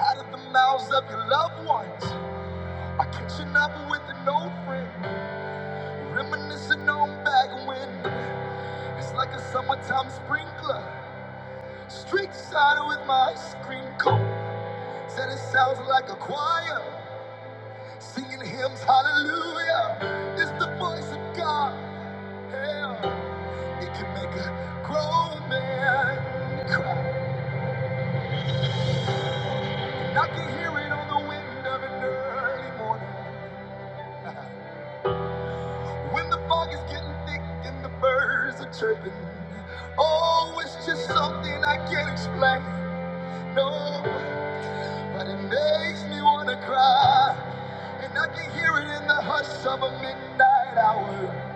[SPEAKER 1] out of the mouths of your loved ones. I catching up with an old friend, reminiscing on back when. It's like a summertime sprinkler. Street side with my screen coat. Said it sounds like a choir. Singing hymns, hallelujah. It's the voice of God. Yeah. It can make a grown man cry. And I can hear it on the wind of an early morning. [laughs] When the fog is getting thick and the birds are chirping. Oh, it's just something I can't explain. No. But it makes me wanna cry, and I can hear it in the hush of a midnight hour.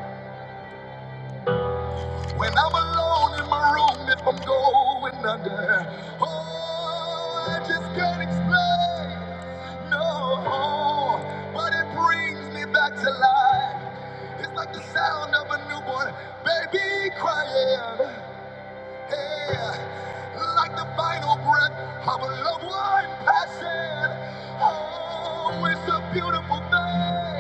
[SPEAKER 1] When I'm alone in my room, if I'm going under, oh, I just can't explain. No, but it brings me back to life. It's like the sound of a newborn baby crying. Yeah, like the final breath of a loved one passing. Oh, it's a beautiful thing.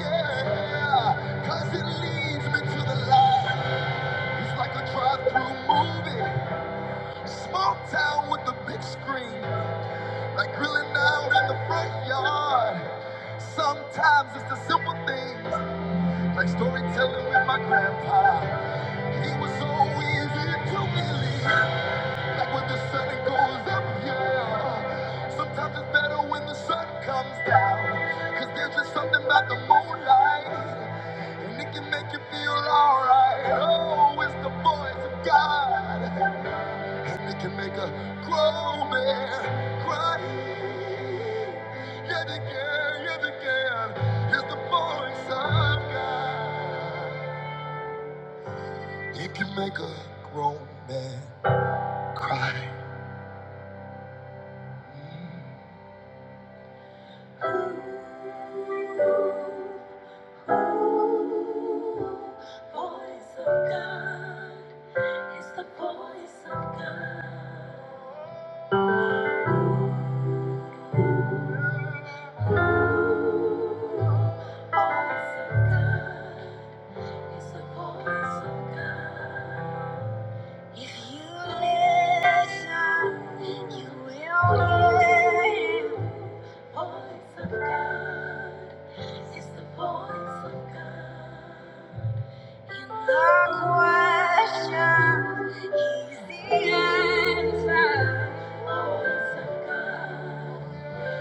[SPEAKER 1] Yeah, 'cause it leads me to the light. It's like a drive-through movie, small town with the big screen, like grilling out in the front yard. Sometimes it's the simple things, like storytelling with my grandpa. He was so easy to believe. Like when the sun goes up, yeah. Sometimes it's better when the sun comes down. 'Cause there's just something about the moonlight. And it can make you feel alright. Oh, it's the voice of God. And it can make a grown man cry. Yet again, yet again, it's the voice of God. It can make a grown man cry. Voice of God is the voice of God. Voice of God is the voice of God. If you listen, you will hear. Voice of God is the voice of God. In the question, He's the answer. Voice of God.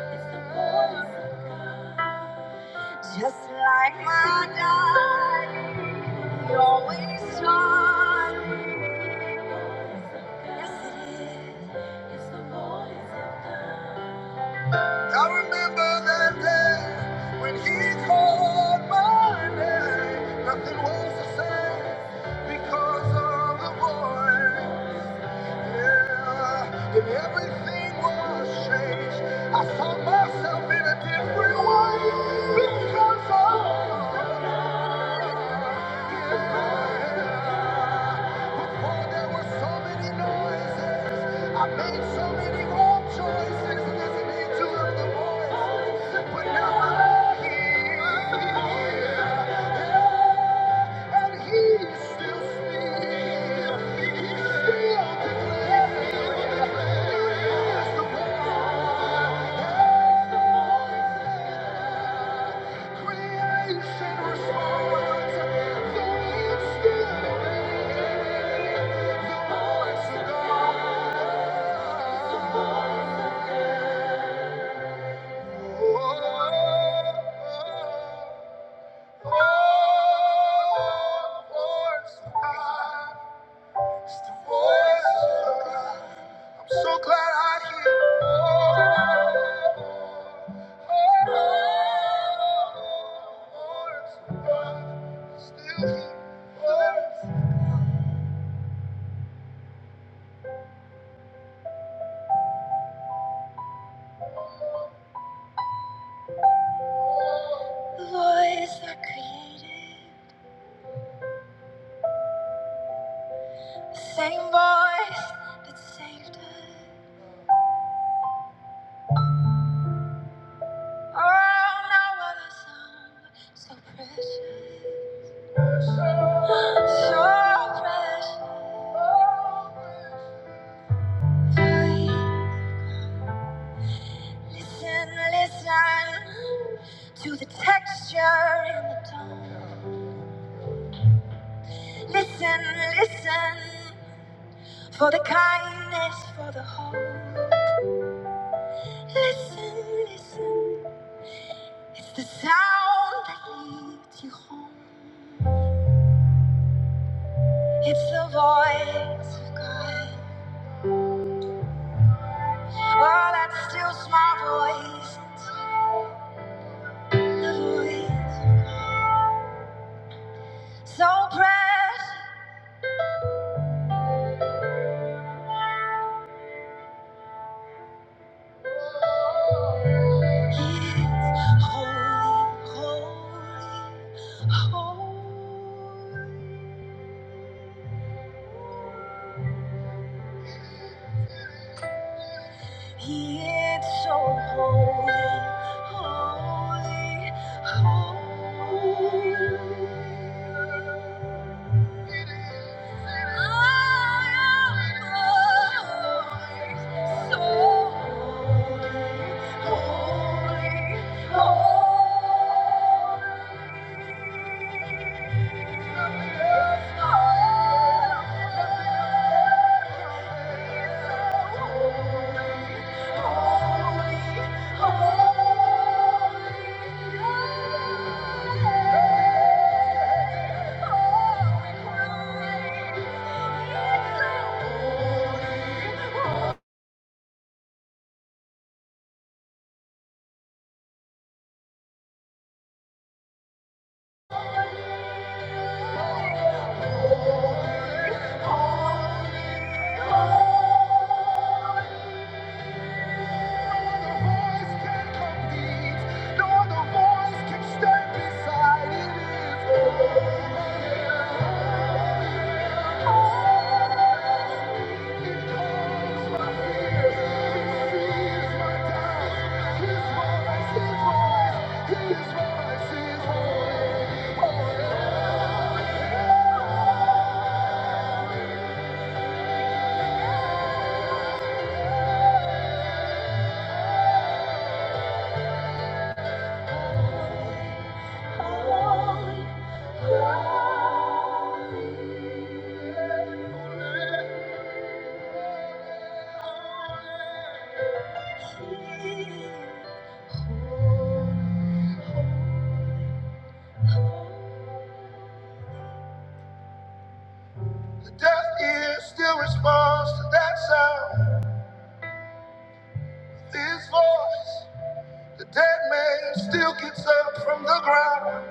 [SPEAKER 1] It's the voice of God. Yes, it is. It's the voice of God. I remember that day when He called my name. Nothing was the same because of the voice. Yeah, and everything was changed. I saw myself in a different way because of the voice. Oh, there were so many noises. I made so many wrong choices, listening to other voices. But now I'm here, and He's still speaking. He's still declaring. Creation responds, though it's still raining. The voice of God. So Voice I created, same voice that saved us. Oh, now what a sound, so precious, so precious. Oh, precious. Listen, listen to the texture in the tone. Listen, listen for the kindness, for the hope. Listen, listen. It's the sound that leads you home. It's the voice of God. Oh, that still small voice. The voice so precious. Oh The deaf ear still responds to that sound. His voice, the dead man still gets up from the ground.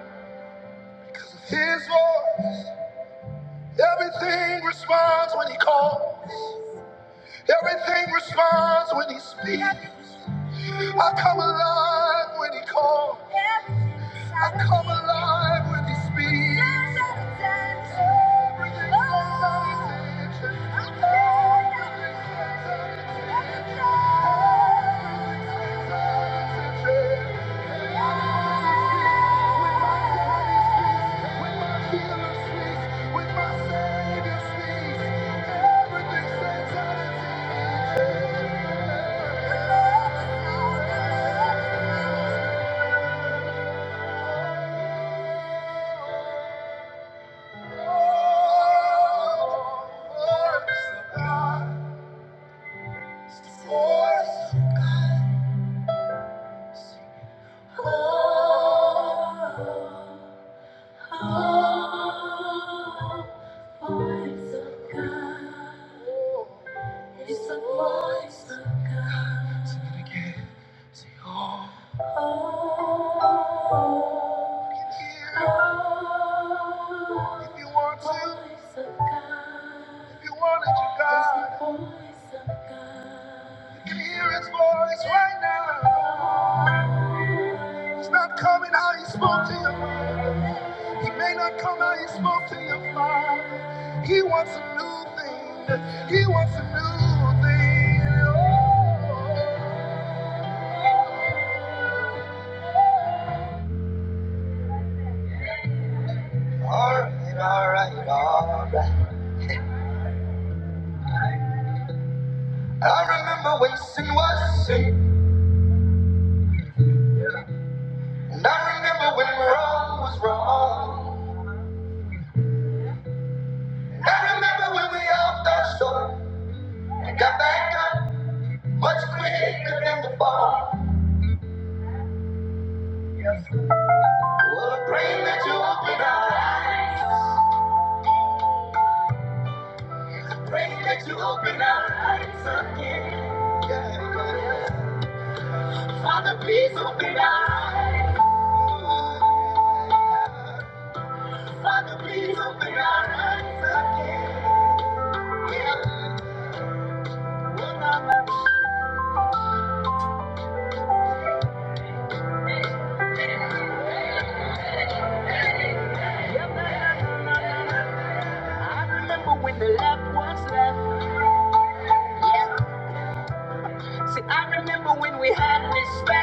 [SPEAKER 1] His voice. Everything responds when he calls. Everything responds when he speaks. I come alive when he calls. I come alive when he speaks. Everything comes out his hands. Everything stands out of it's the voice of God. Coming out, he spoke to your mother. He may not come out, he spoke to your father. He wants a new thing. He wants a new thing. Oh. Alright, alright, alright. I remember when sin was sin, and I remember when wrong was wrong. And I remember when we all fell short and got back up much quicker than before. Yes. Well, I pray that you open our eyes. I pray that you open our eyes again. Yeah, yeah. Father, please open our eyes. We had.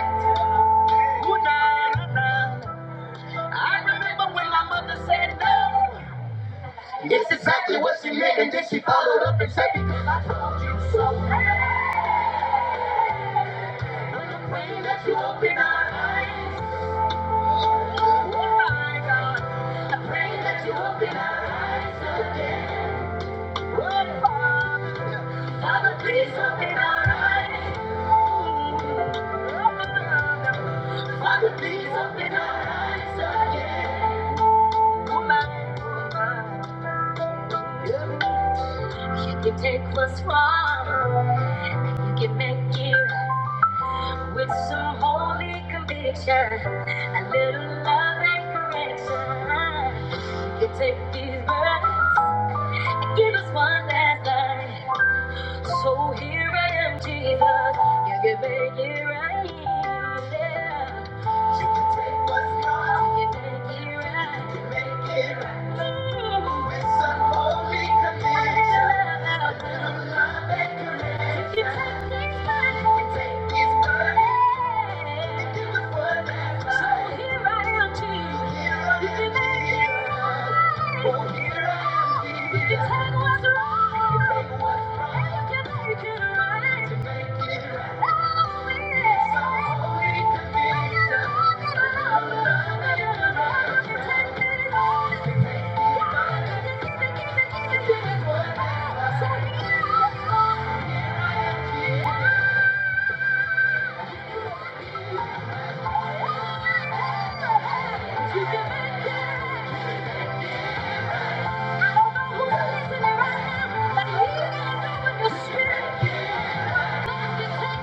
[SPEAKER 1] Ooh, nah, nah, nah. I remember when my mother said no. It's exactly what she meant, and then she followed up and said, Because I told you so. I'm praying that you open our eyes. Oh my God. I'm praying that you open our eyes again. Oh, Father. Father, please open our eyes. Oh, Father, please open our eyes again. Oh, my God. You can take what's wrong, you can make it right with some holy conviction, a little love and correction. You can take these words and give us one last night. So here I am, Jesus. Yeah, You can make it right. Yeah. So You can take what's wrong, you can make it right. You can make it right. I don't know who's listening right now, but you got to know in your spirit. Yeah.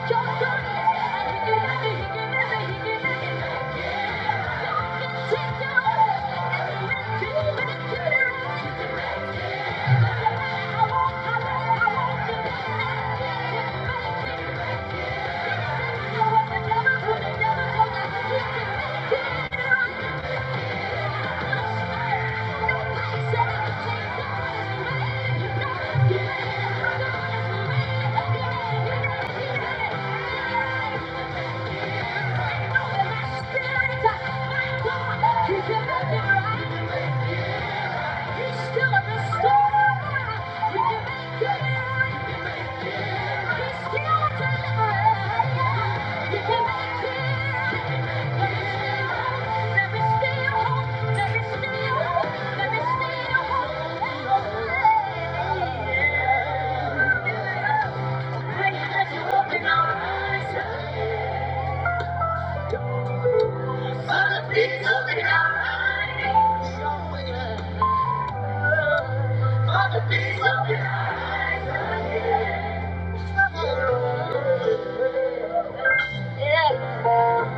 [SPEAKER 1] Yeah.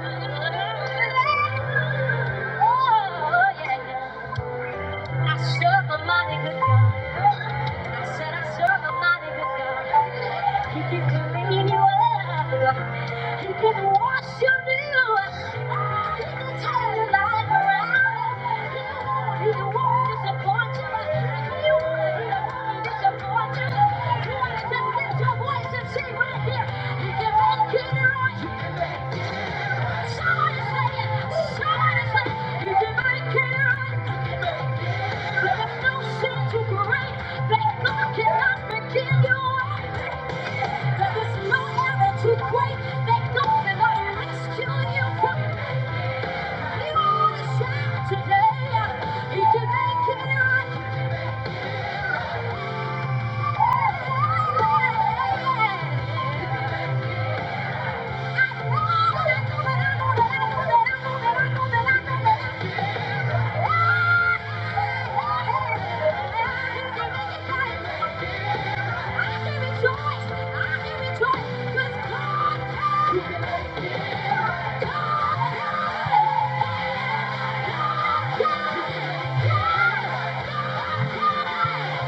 [SPEAKER 1] I serve a mighty good I said I serve a mighty good He can clean you up. He can wash you new. He can turn He won't disappoint you. He won't disappoint you. You want to just lift your voice Today, he can make it right. Yeah.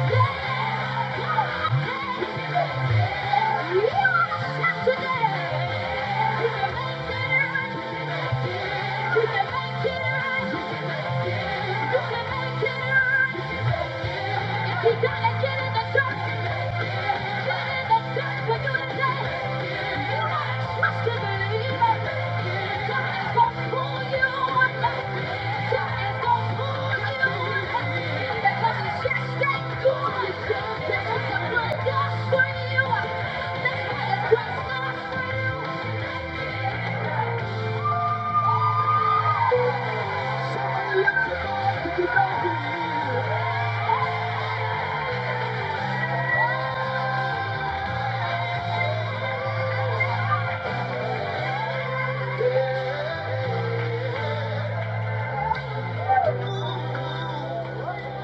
[SPEAKER 1] You can make it right. If you gotta get in the dirt, get in the dirt for you today. You gotta trust and believe it. God is gonna pull you one day. God is gonna pull you one day. Because it's just that good. This is the good God's you. This is the you.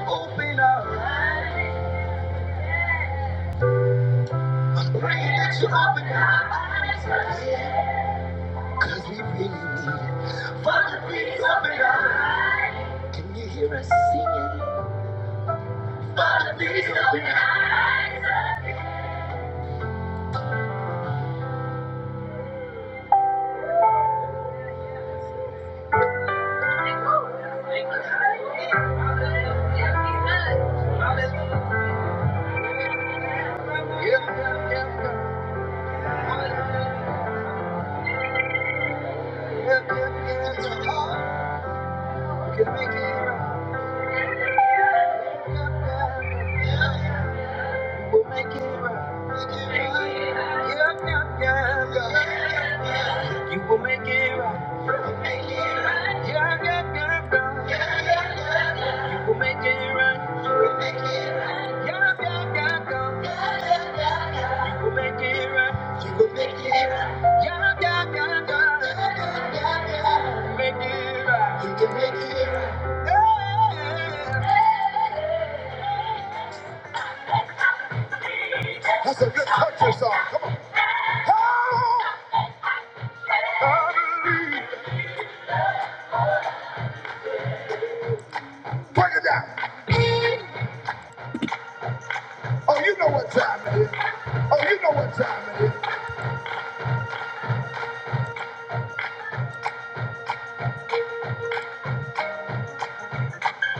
[SPEAKER 1] Open up. Pray that you open up. Cause we really need it. Father, please open our eyes. Can you hear us singing? Father, please open our eyes. You will make it. You can make it. That's a good country song. Come on. Oh, I believe. Break it down. Oh, you know what time it is. Oh, you know what time it is.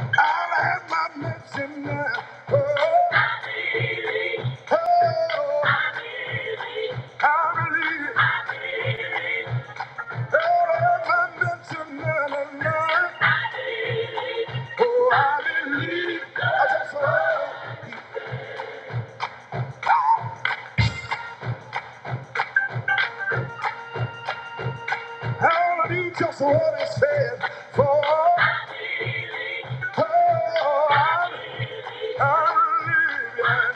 [SPEAKER 1] I'll have my medicine now. Oh, oh, I believe. I'll have my medicine now. now, now. Oh, I believe. I just oh, I want you just what it said. For oh, I, I believe.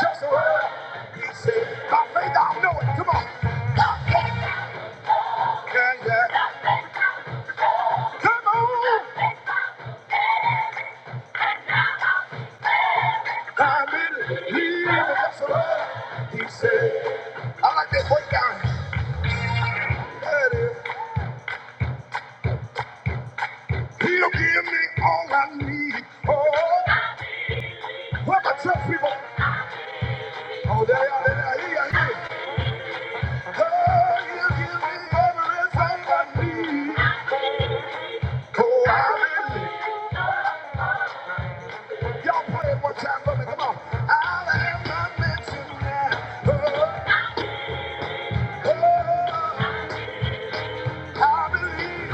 [SPEAKER 1] Just a word. He said, by faith I know it. Come on. Yeah, yeah. Come on, I believe in that's what he said. I like that breakdown. That is, he'll give me all I need. Oh, what my church people? Oh, there you are, there you here Oh, he'll give me everything I need. Oh, I believe. Y'all pray it one time for me, come on. I am not mentioned now. Oh, oh, I believe.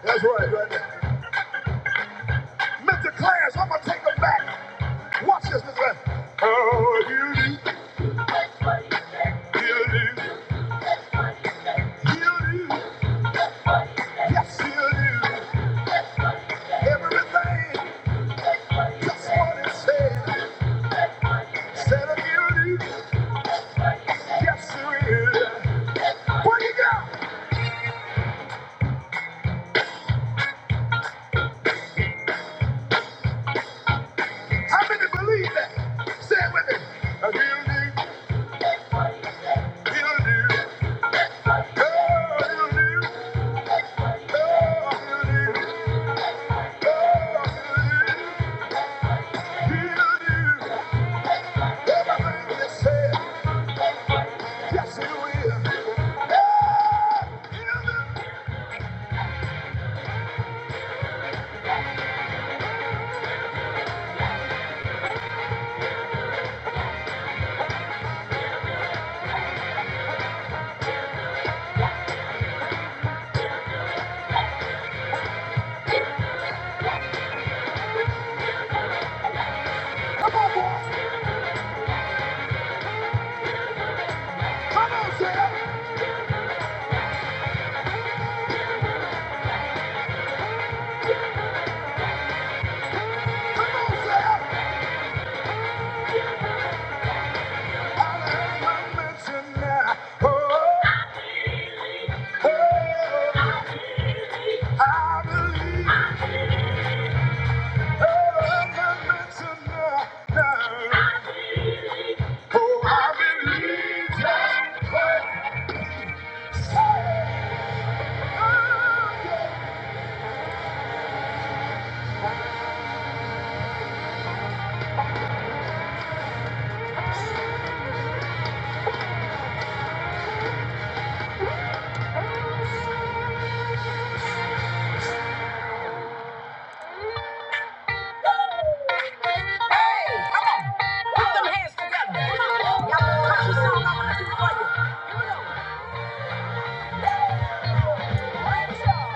[SPEAKER 1] That's right, right there. Mr. Clarence, I'm gonna take him back. Watch this, Mr. Clarence. Oh, you do, you do, you do, yes, you do. Everything, just what it said. Said of you do, yes, you do. Where you go? How many believe that? Say it with me. Oh, you do, you do, oh, you do. Oh, I believe. Oh, I believe. I believe everything you say. Yes, you will. Come on, say, come on, say. I believe I'm meant to know. Oh, oh, I believe. Oh, I'm meant to know. Oh, I believe.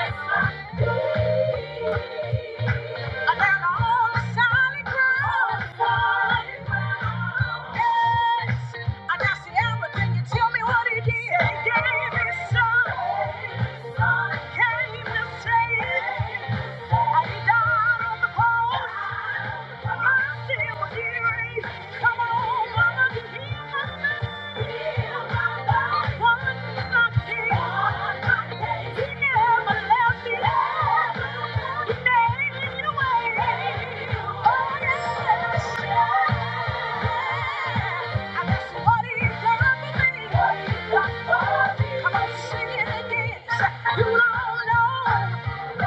[SPEAKER 1] Oh, Come on, mama, you don't know. Thank you.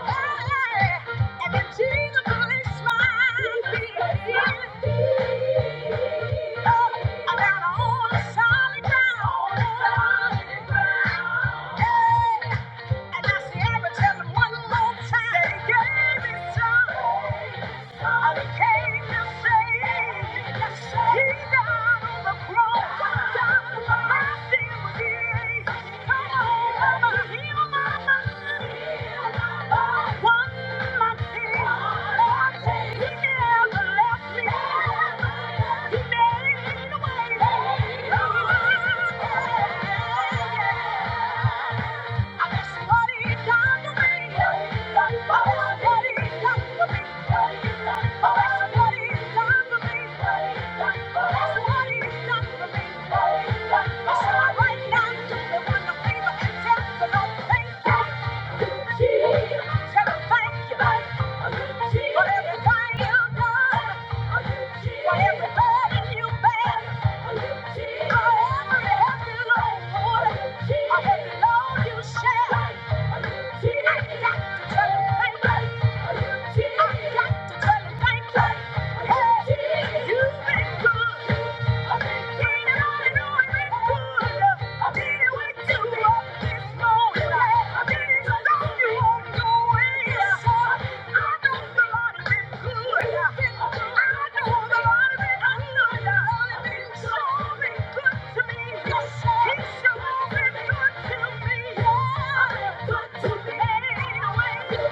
[SPEAKER 1] And if Jesus only smiled, oh, around all the solid ground. And I say, i am one more time. That he gave his son. All he came to He died on the cross. Died for my Come on, I'ma heal my mind. Oh, one my sin. He never left me. He made Thank you. better I've been Good to me. Good to me.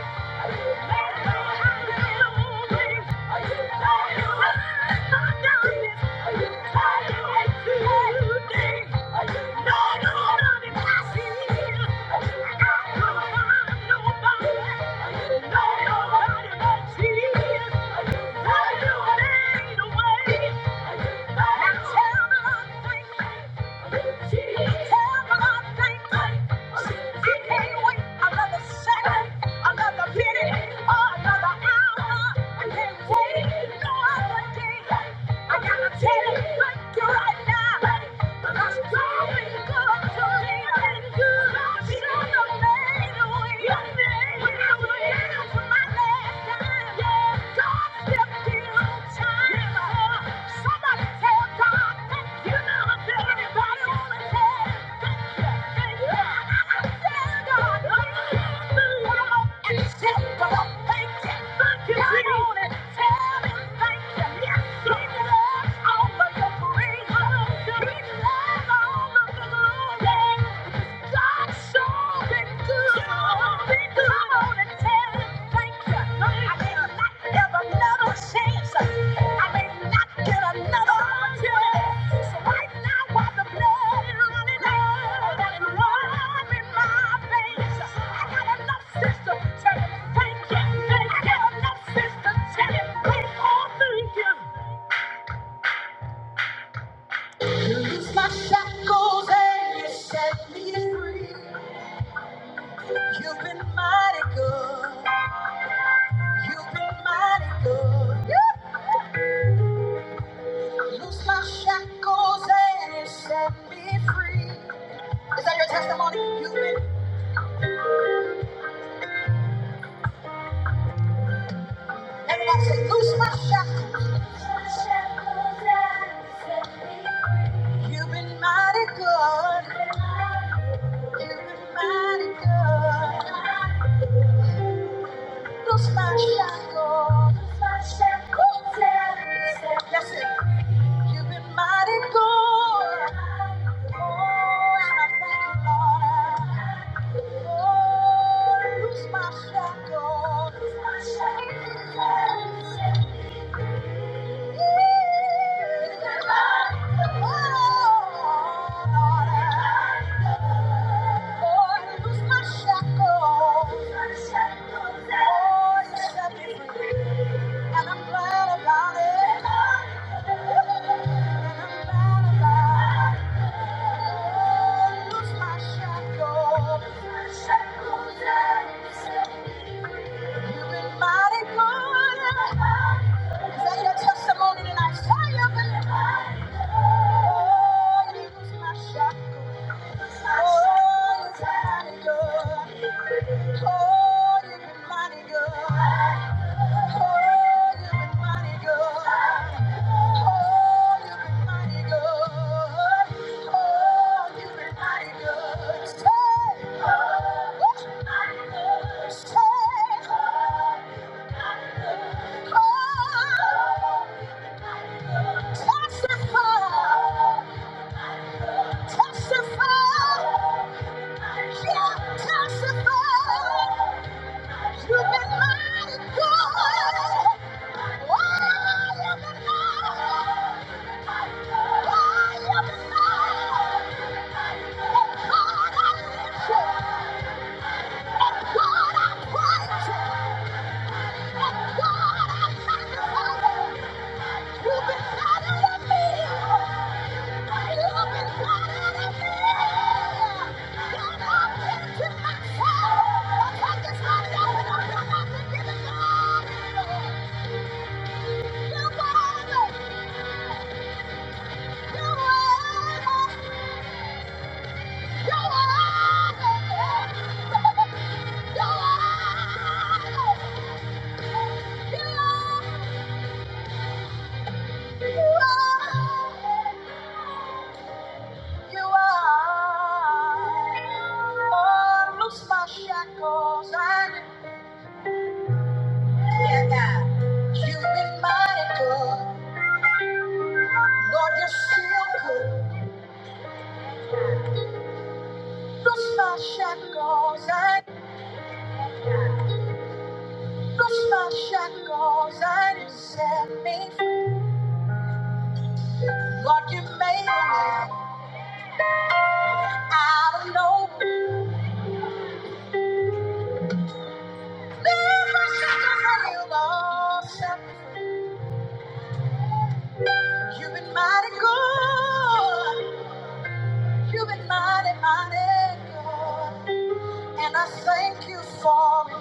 [SPEAKER 1] Thank you. Another second, another minute, or another hour, and then wait another day. I gotta tell you right now. Because you've been good to me. You've been good. You should have made a way. When I was down to my last dime, yeah, God stepped in on time. Somebody tell God thank you. Anybody wanna tell him thank you? Thank you. I gotta tell God thank you. And tell God thank you. Thank you, Come on and tell him thank you. Thank you. I got enough sisters telling me, oh, thank you. It's my shackles and you set me free. You've been mighty good. You've been mighty good. I loose my shackles and you set me free. Is that your testimony? You've been. Everybody say, loose my shackles. Loose my shackles and you set me free. You've been mighty good. You've been mighty good. Los Machado, los Machado, said, that's it. You've been mighty good. Oh, and I thank you, Lord. Oh, Luz Machado, Luz Machado, Shackles, shackles, You've been mighty good. Is that your testimony tonight? Fire, baby. Oh, you was my shepherd. Oh, you're mighty God. Oh, you've been mighty God. Oh, you've been mighty God. Oh, you've been mighty God. Oh, you've been mighty good. Say, oh, you've been mighty good. Say, oh, testify. You've been better than me. Lose my shackles and Yeah, God. You've been mighty good. Lord, you're still good. Lost my shackles and lost my shackles and you set me free. Lord, you made a way out of no way. Lord, my shackles are healed, Lord, set me free. You've been mighty good. You've been mighty, mighty good. And I thank you for it.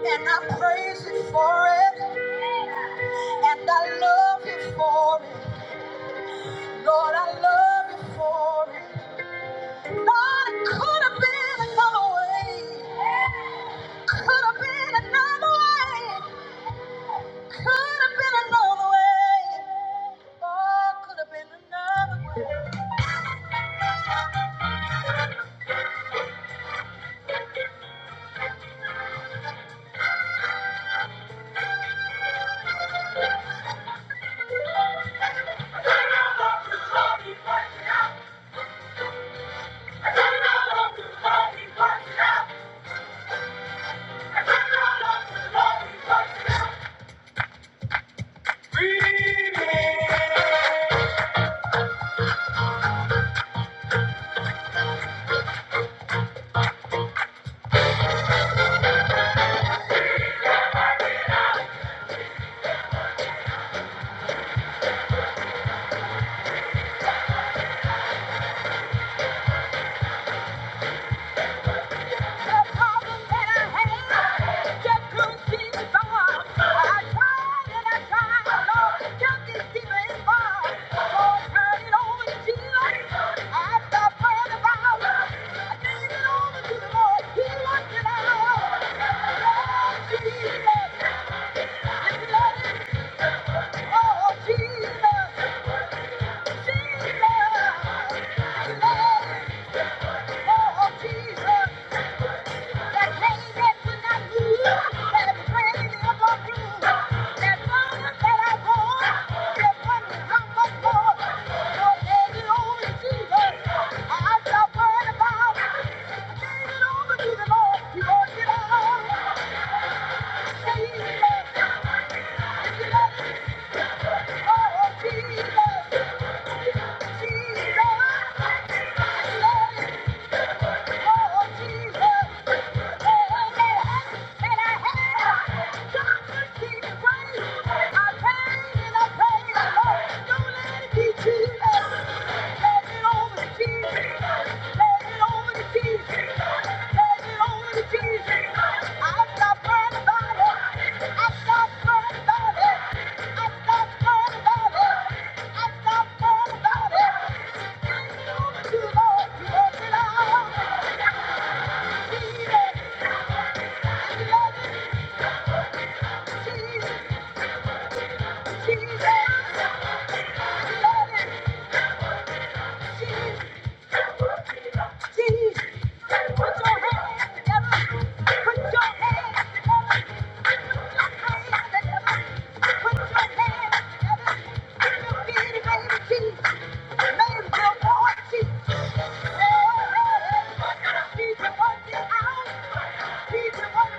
[SPEAKER 1] And I praise you for it. And I love you for it. Lord, I love you for it. Lord, it could have been another way. Could have been another way. Could have been another way. Oh, could have been another way. that I I Thank you. Jesus. Jesus, Jesus. Thank you. Need to work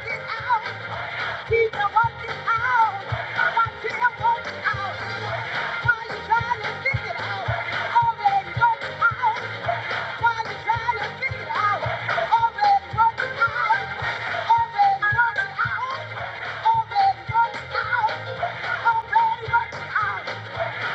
[SPEAKER 1] it, Out. He can work it out. Watch him work it out. While you're to figure it out, already worked out. While you're to figure it out, already worked out. Already worked out. Already worked out. Already worked out. Everybody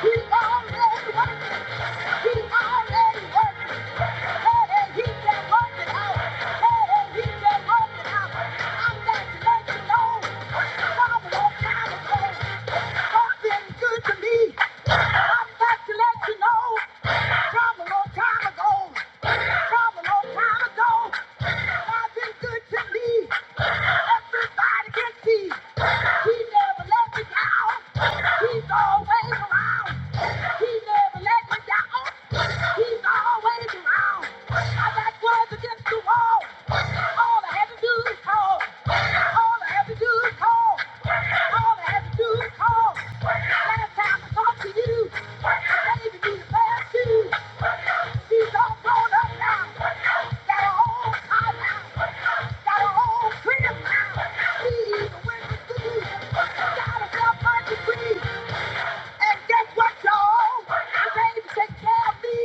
[SPEAKER 1] can see. He never let me down. He's always around. He never let me down. He's always around. I got words against the wall. All I had to do is call. All I had to do is call. All I had to do is call. Last time I talked to you, baby, you gave me the bad shoes. She's all grown up now. Got her own car now. Got her own crib now. She's a winter season. Got herself a degree. And guess what, y'all? The baby take care of me.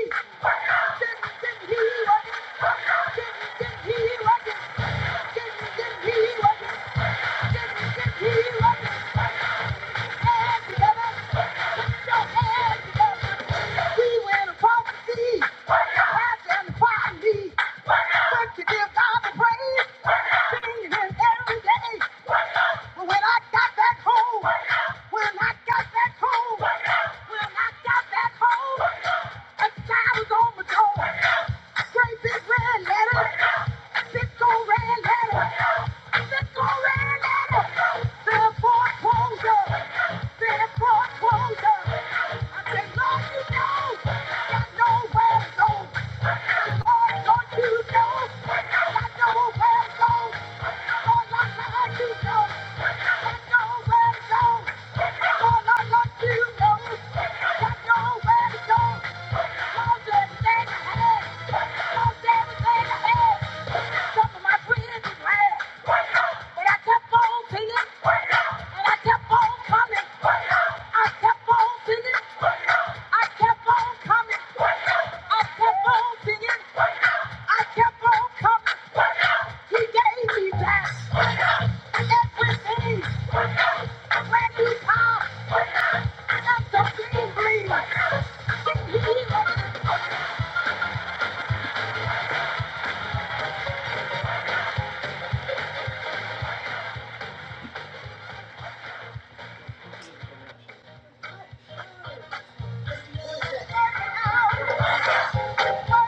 [SPEAKER 1] Didn't, didn't he work it? Didn't, didn't he work it? Didn't, when I got back home, a child was on the door. Great big red letter. Big old red letter. Big old red letter. Big foreclosure. Big foreclosure. I say, Lord, you know. I know where to go. Lord, don't you know? I know where to go. Lord, Lord, you know. I know where to go. Lord, Lord, you know. I know where to go. Work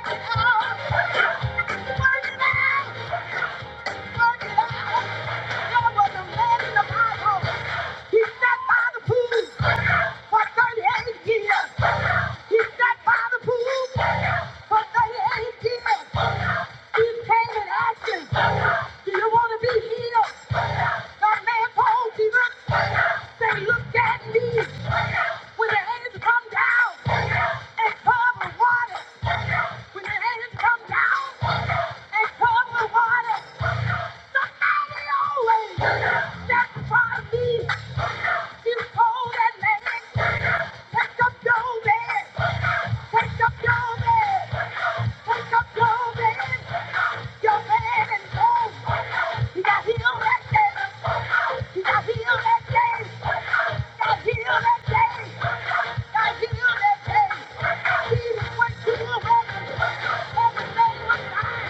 [SPEAKER 1] it out! Work it out! When the hands come down and cover water, when the hands come down and cover water. Thank you.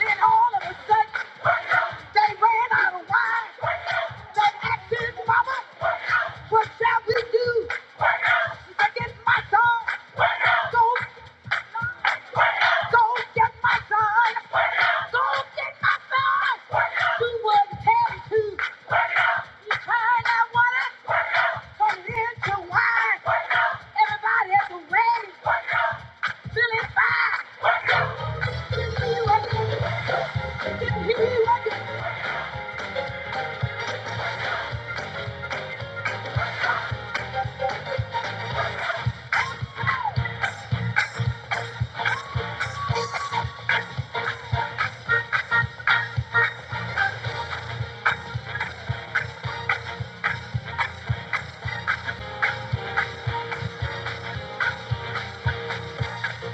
[SPEAKER 1] Then all of a sudden, they ran out of wine. They asked his mama, what shall we do? She said, get my son. Go, go get my son. Go get my son. Do what you tell him to. You tried that water.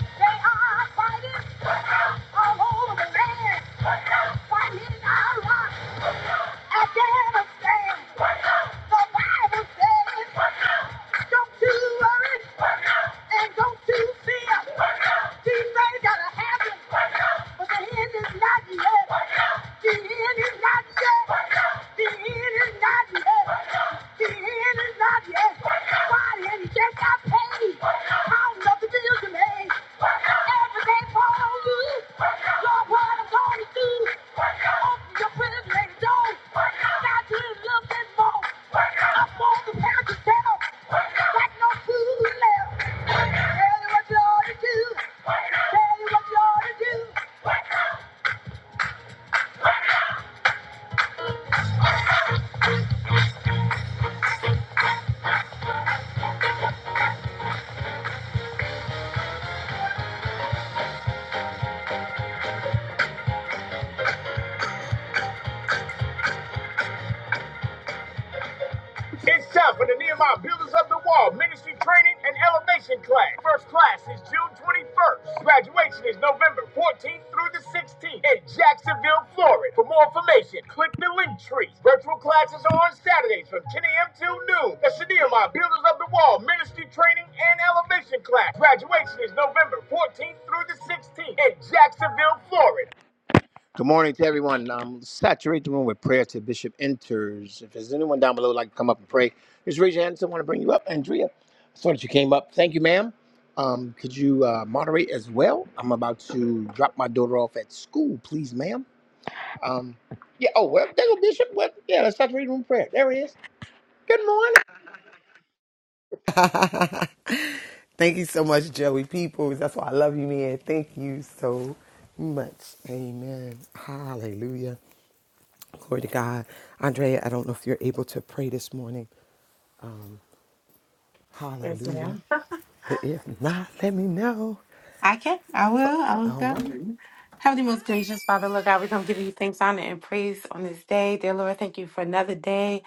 [SPEAKER 1] They are fighting all over the land. Fighting Iraq, Afghanistan. "Don't you Just got paid. How Tell you what you ought to do. It's time for the Nehemiah Builders of the Wall Ministry Training and Elevation Class. First class is June 21st. Graduation is November 14th through the 16th in Jacksonville, Florida. For more information, click the link tree. Virtual classes are on Saturdays from 10 a.m. till noon. That's the Nehemiah Builders of the Wall Ministry Training and Elevation Class. Graduation is November 14th through the 16th in Jacksonville, Florida. Good morning to everyone. Um, saturate the room with prayer till Bishop enters. If there's anyone down below who'd like to come up and pray, just raise your hand. Someone to bring you up. Andrea, I saw that you came up. Thank you, ma'am. Um, could you uh, moderate as well? I'm about to drop my daughter off at school, please, ma'am. Um, yeah. Oh well, there go Bishop. Well, yeah. Let's saturate the room with prayer. There he is. Good morning.
[SPEAKER 2] [laughs] Thank you so much, Joey Peoples. That's why I love you, man. Thank you so much. Amen. Hallelujah. Glory to God. Andrea, I don't know if you're able to pray this morning.
[SPEAKER 3] Yes,
[SPEAKER 2] Hallelujah.
[SPEAKER 3] ma'am.
[SPEAKER 2] But if not, let me know.
[SPEAKER 3] I can. I will. I will
[SPEAKER 2] All right.
[SPEAKER 3] go. Heavenly most gracious Father, Lord God, we come give you thanks, honor, and praise on this day. Dear Lord, thank you for another day.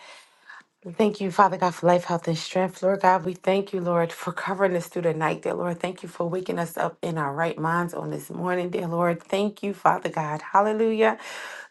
[SPEAKER 3] And Thank you, Father God, for life, health, and strength. Lord God, we thank you, Lord, for covering us through the night. Dear Lord, thank you for waking us up in our right minds on this morning. Dear Lord, thank you, Father God. Hallelujah.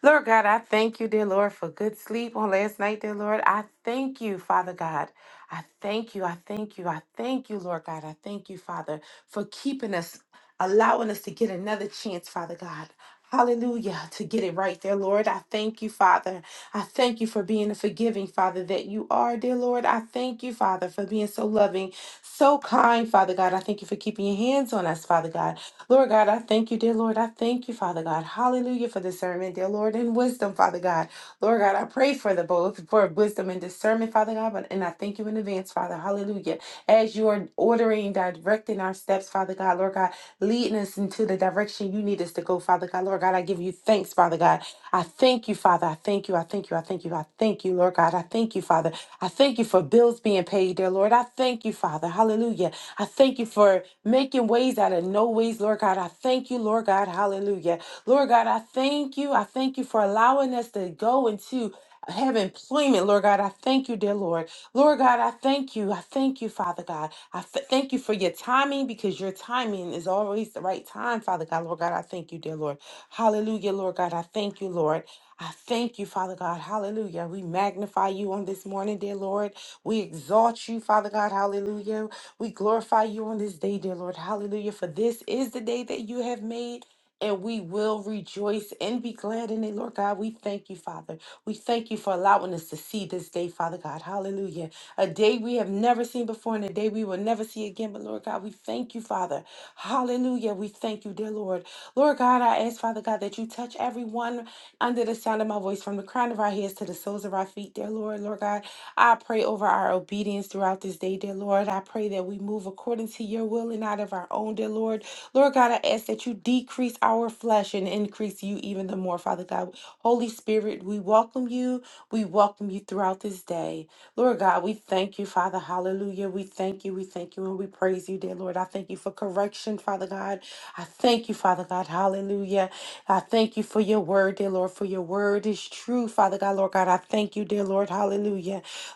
[SPEAKER 3] Lord God, I thank you, dear Lord, for good sleep on last night, dear Lord. I thank you, Father God. I thank you. I thank you. I thank you, Lord God. I thank you, Father, for keeping us, allowing us to get another chance, Father God. Hallelujah, to get it right there, Lord. I thank you, Father. I thank you for being a forgiving Father that you are, dear Lord. I thank you, Father, for being so loving, so kind, Father God. I thank you for keeping your hands on us, Father God. Lord God, I thank you, dear Lord. I thank you, Father God. Hallelujah for discernment, dear Lord, and wisdom, Father God. Lord God, I pray for the both for wisdom and discernment, Father God. But and I thank you in advance, Father. Hallelujah. As you are ordering, directing our steps, Father God, Lord God, leading us into the direction you need us to go, Father God. Lord God, I give you thanks, Father God. I thank you, Father. I thank you. I thank you. I thank you. I thank you, Lord God. I thank you, Father. I thank you for bills being paid, dear Lord. I thank you, Father. Hallelujah. I thank you for making ways out of no ways, Lord God. I thank you, Lord God. Hallelujah. Lord God, I thank you. I thank you for allowing us to go into have employment, Lord God. I thank you, dear Lord. Lord God, I thank you. I thank you, Father God. I f- thank you for your timing because your timing is always the right time, Father God. Lord God, I thank you, dear Lord. Hallelujah, Lord God. I thank you, Lord. I thank you, Father God. Hallelujah. We magnify you on this morning, dear Lord. We exalt you, Father God. Hallelujah. We glorify you on this day, dear Lord. Hallelujah. For this is the day that you have made. And we will rejoice and be glad in it, Lord God. We thank you, Father. We thank you for allowing us to see this day, Father God. Hallelujah. A day we have never seen before and a day we will never see again. But, Lord God, we thank you, Father. Hallelujah. We thank you, dear Lord. Lord God, I ask, Father God, that you touch everyone under the sound of my voice from the crown of our heads to the soles of our feet, dear Lord. Lord God, I pray over our obedience throughout this day, dear Lord. I pray that we move according to your will and out of our own, dear Lord. Lord God, I ask that you decrease our flesh and increase you even the more, Father God. Holy Spirit, we welcome you. We welcome you throughout this day. Lord God, we thank you, Father. Hallelujah. We thank you. We thank you and we praise you, dear Lord. I thank you for correction, Father God. I thank you, Father God. Hallelujah. I thank you for your word, dear Lord, for your word is true, Father God, Lord God. I thank you, dear Lord. Hallelujah.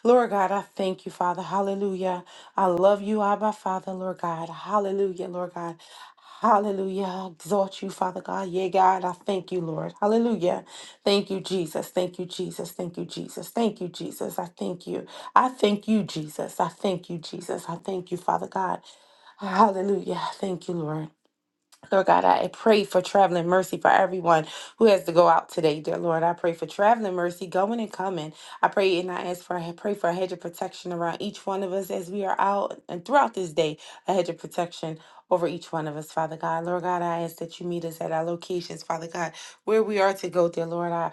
[SPEAKER 3] Lord God, I thank you, Father. Hallelujah. I love you, Abba, Father, Lord God. Hallelujah, Lord God. Hallelujah. I Exhort you, Father God. Yeah, God, I thank you, Lord. Hallelujah. Thank you, Jesus. Thank you, Jesus. Thank you, Jesus. Thank you, Jesus. I thank you. I thank you, Jesus. I thank you, Jesus. I thank you, Father God. Hallelujah. Thank you, Lord. Lord God, I pray for traveling mercy for everyone who has to go out today, dear Lord. I pray for traveling mercy, going and coming. I pray and I ask for I pray for a hedge of protection around each one of us as we are out and throughout this day, a hedge of protection over each one of us, Father God. Lord God, I ask that you meet us at our locations, Father God, where we are to go, dear Lord. I.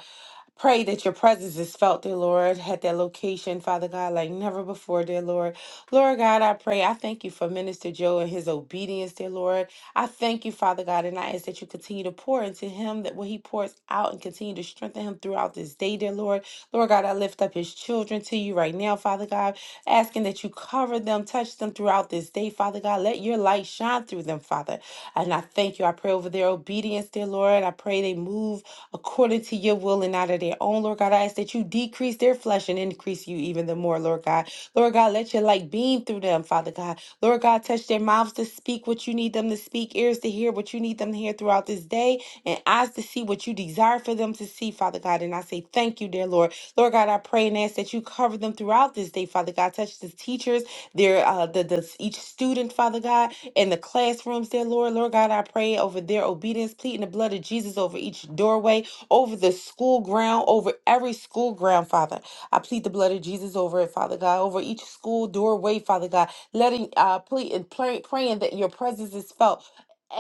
[SPEAKER 3] Pray that your presence is felt, dear Lord, at that location, Father God, like never before, dear Lord. Lord God, I pray. I thank you for Minister Joe and his obedience, dear Lord. I thank you, Father God, and I ask that you continue to pour into him that what he pours out and continue to strengthen him throughout this day, dear Lord. Lord God, I lift up his children to you right now, Father God, asking that you cover them, touch them throughout this day, Father God. Let your light shine through them, Father. And I thank you. I pray over their obedience, dear Lord. I pray they move according to your will and not of their own, Lord God. I ask that you decrease their flesh and increase you even the more, Lord God. Lord God, let your light beam through them, Father God. Lord God, touch their mouths to speak what you need them to speak, ears to hear what you need them to hear throughout this day, and eyes to see what you desire for them to see, Father God. And I say thank you, dear Lord. Lord God, I pray and ask that you cover them throughout this day, Father God. Touch the teachers their uh the, the each student, Father God, in the classrooms there, Lord. Lord God, I pray over their obedience, pleading the blood of Jesus over each doorway, over the school ground, over every school ground, Father. I plead the blood of Jesus over it, Father God, over each school doorway, Father God, letting uh plead and pray, praying that your presence is felt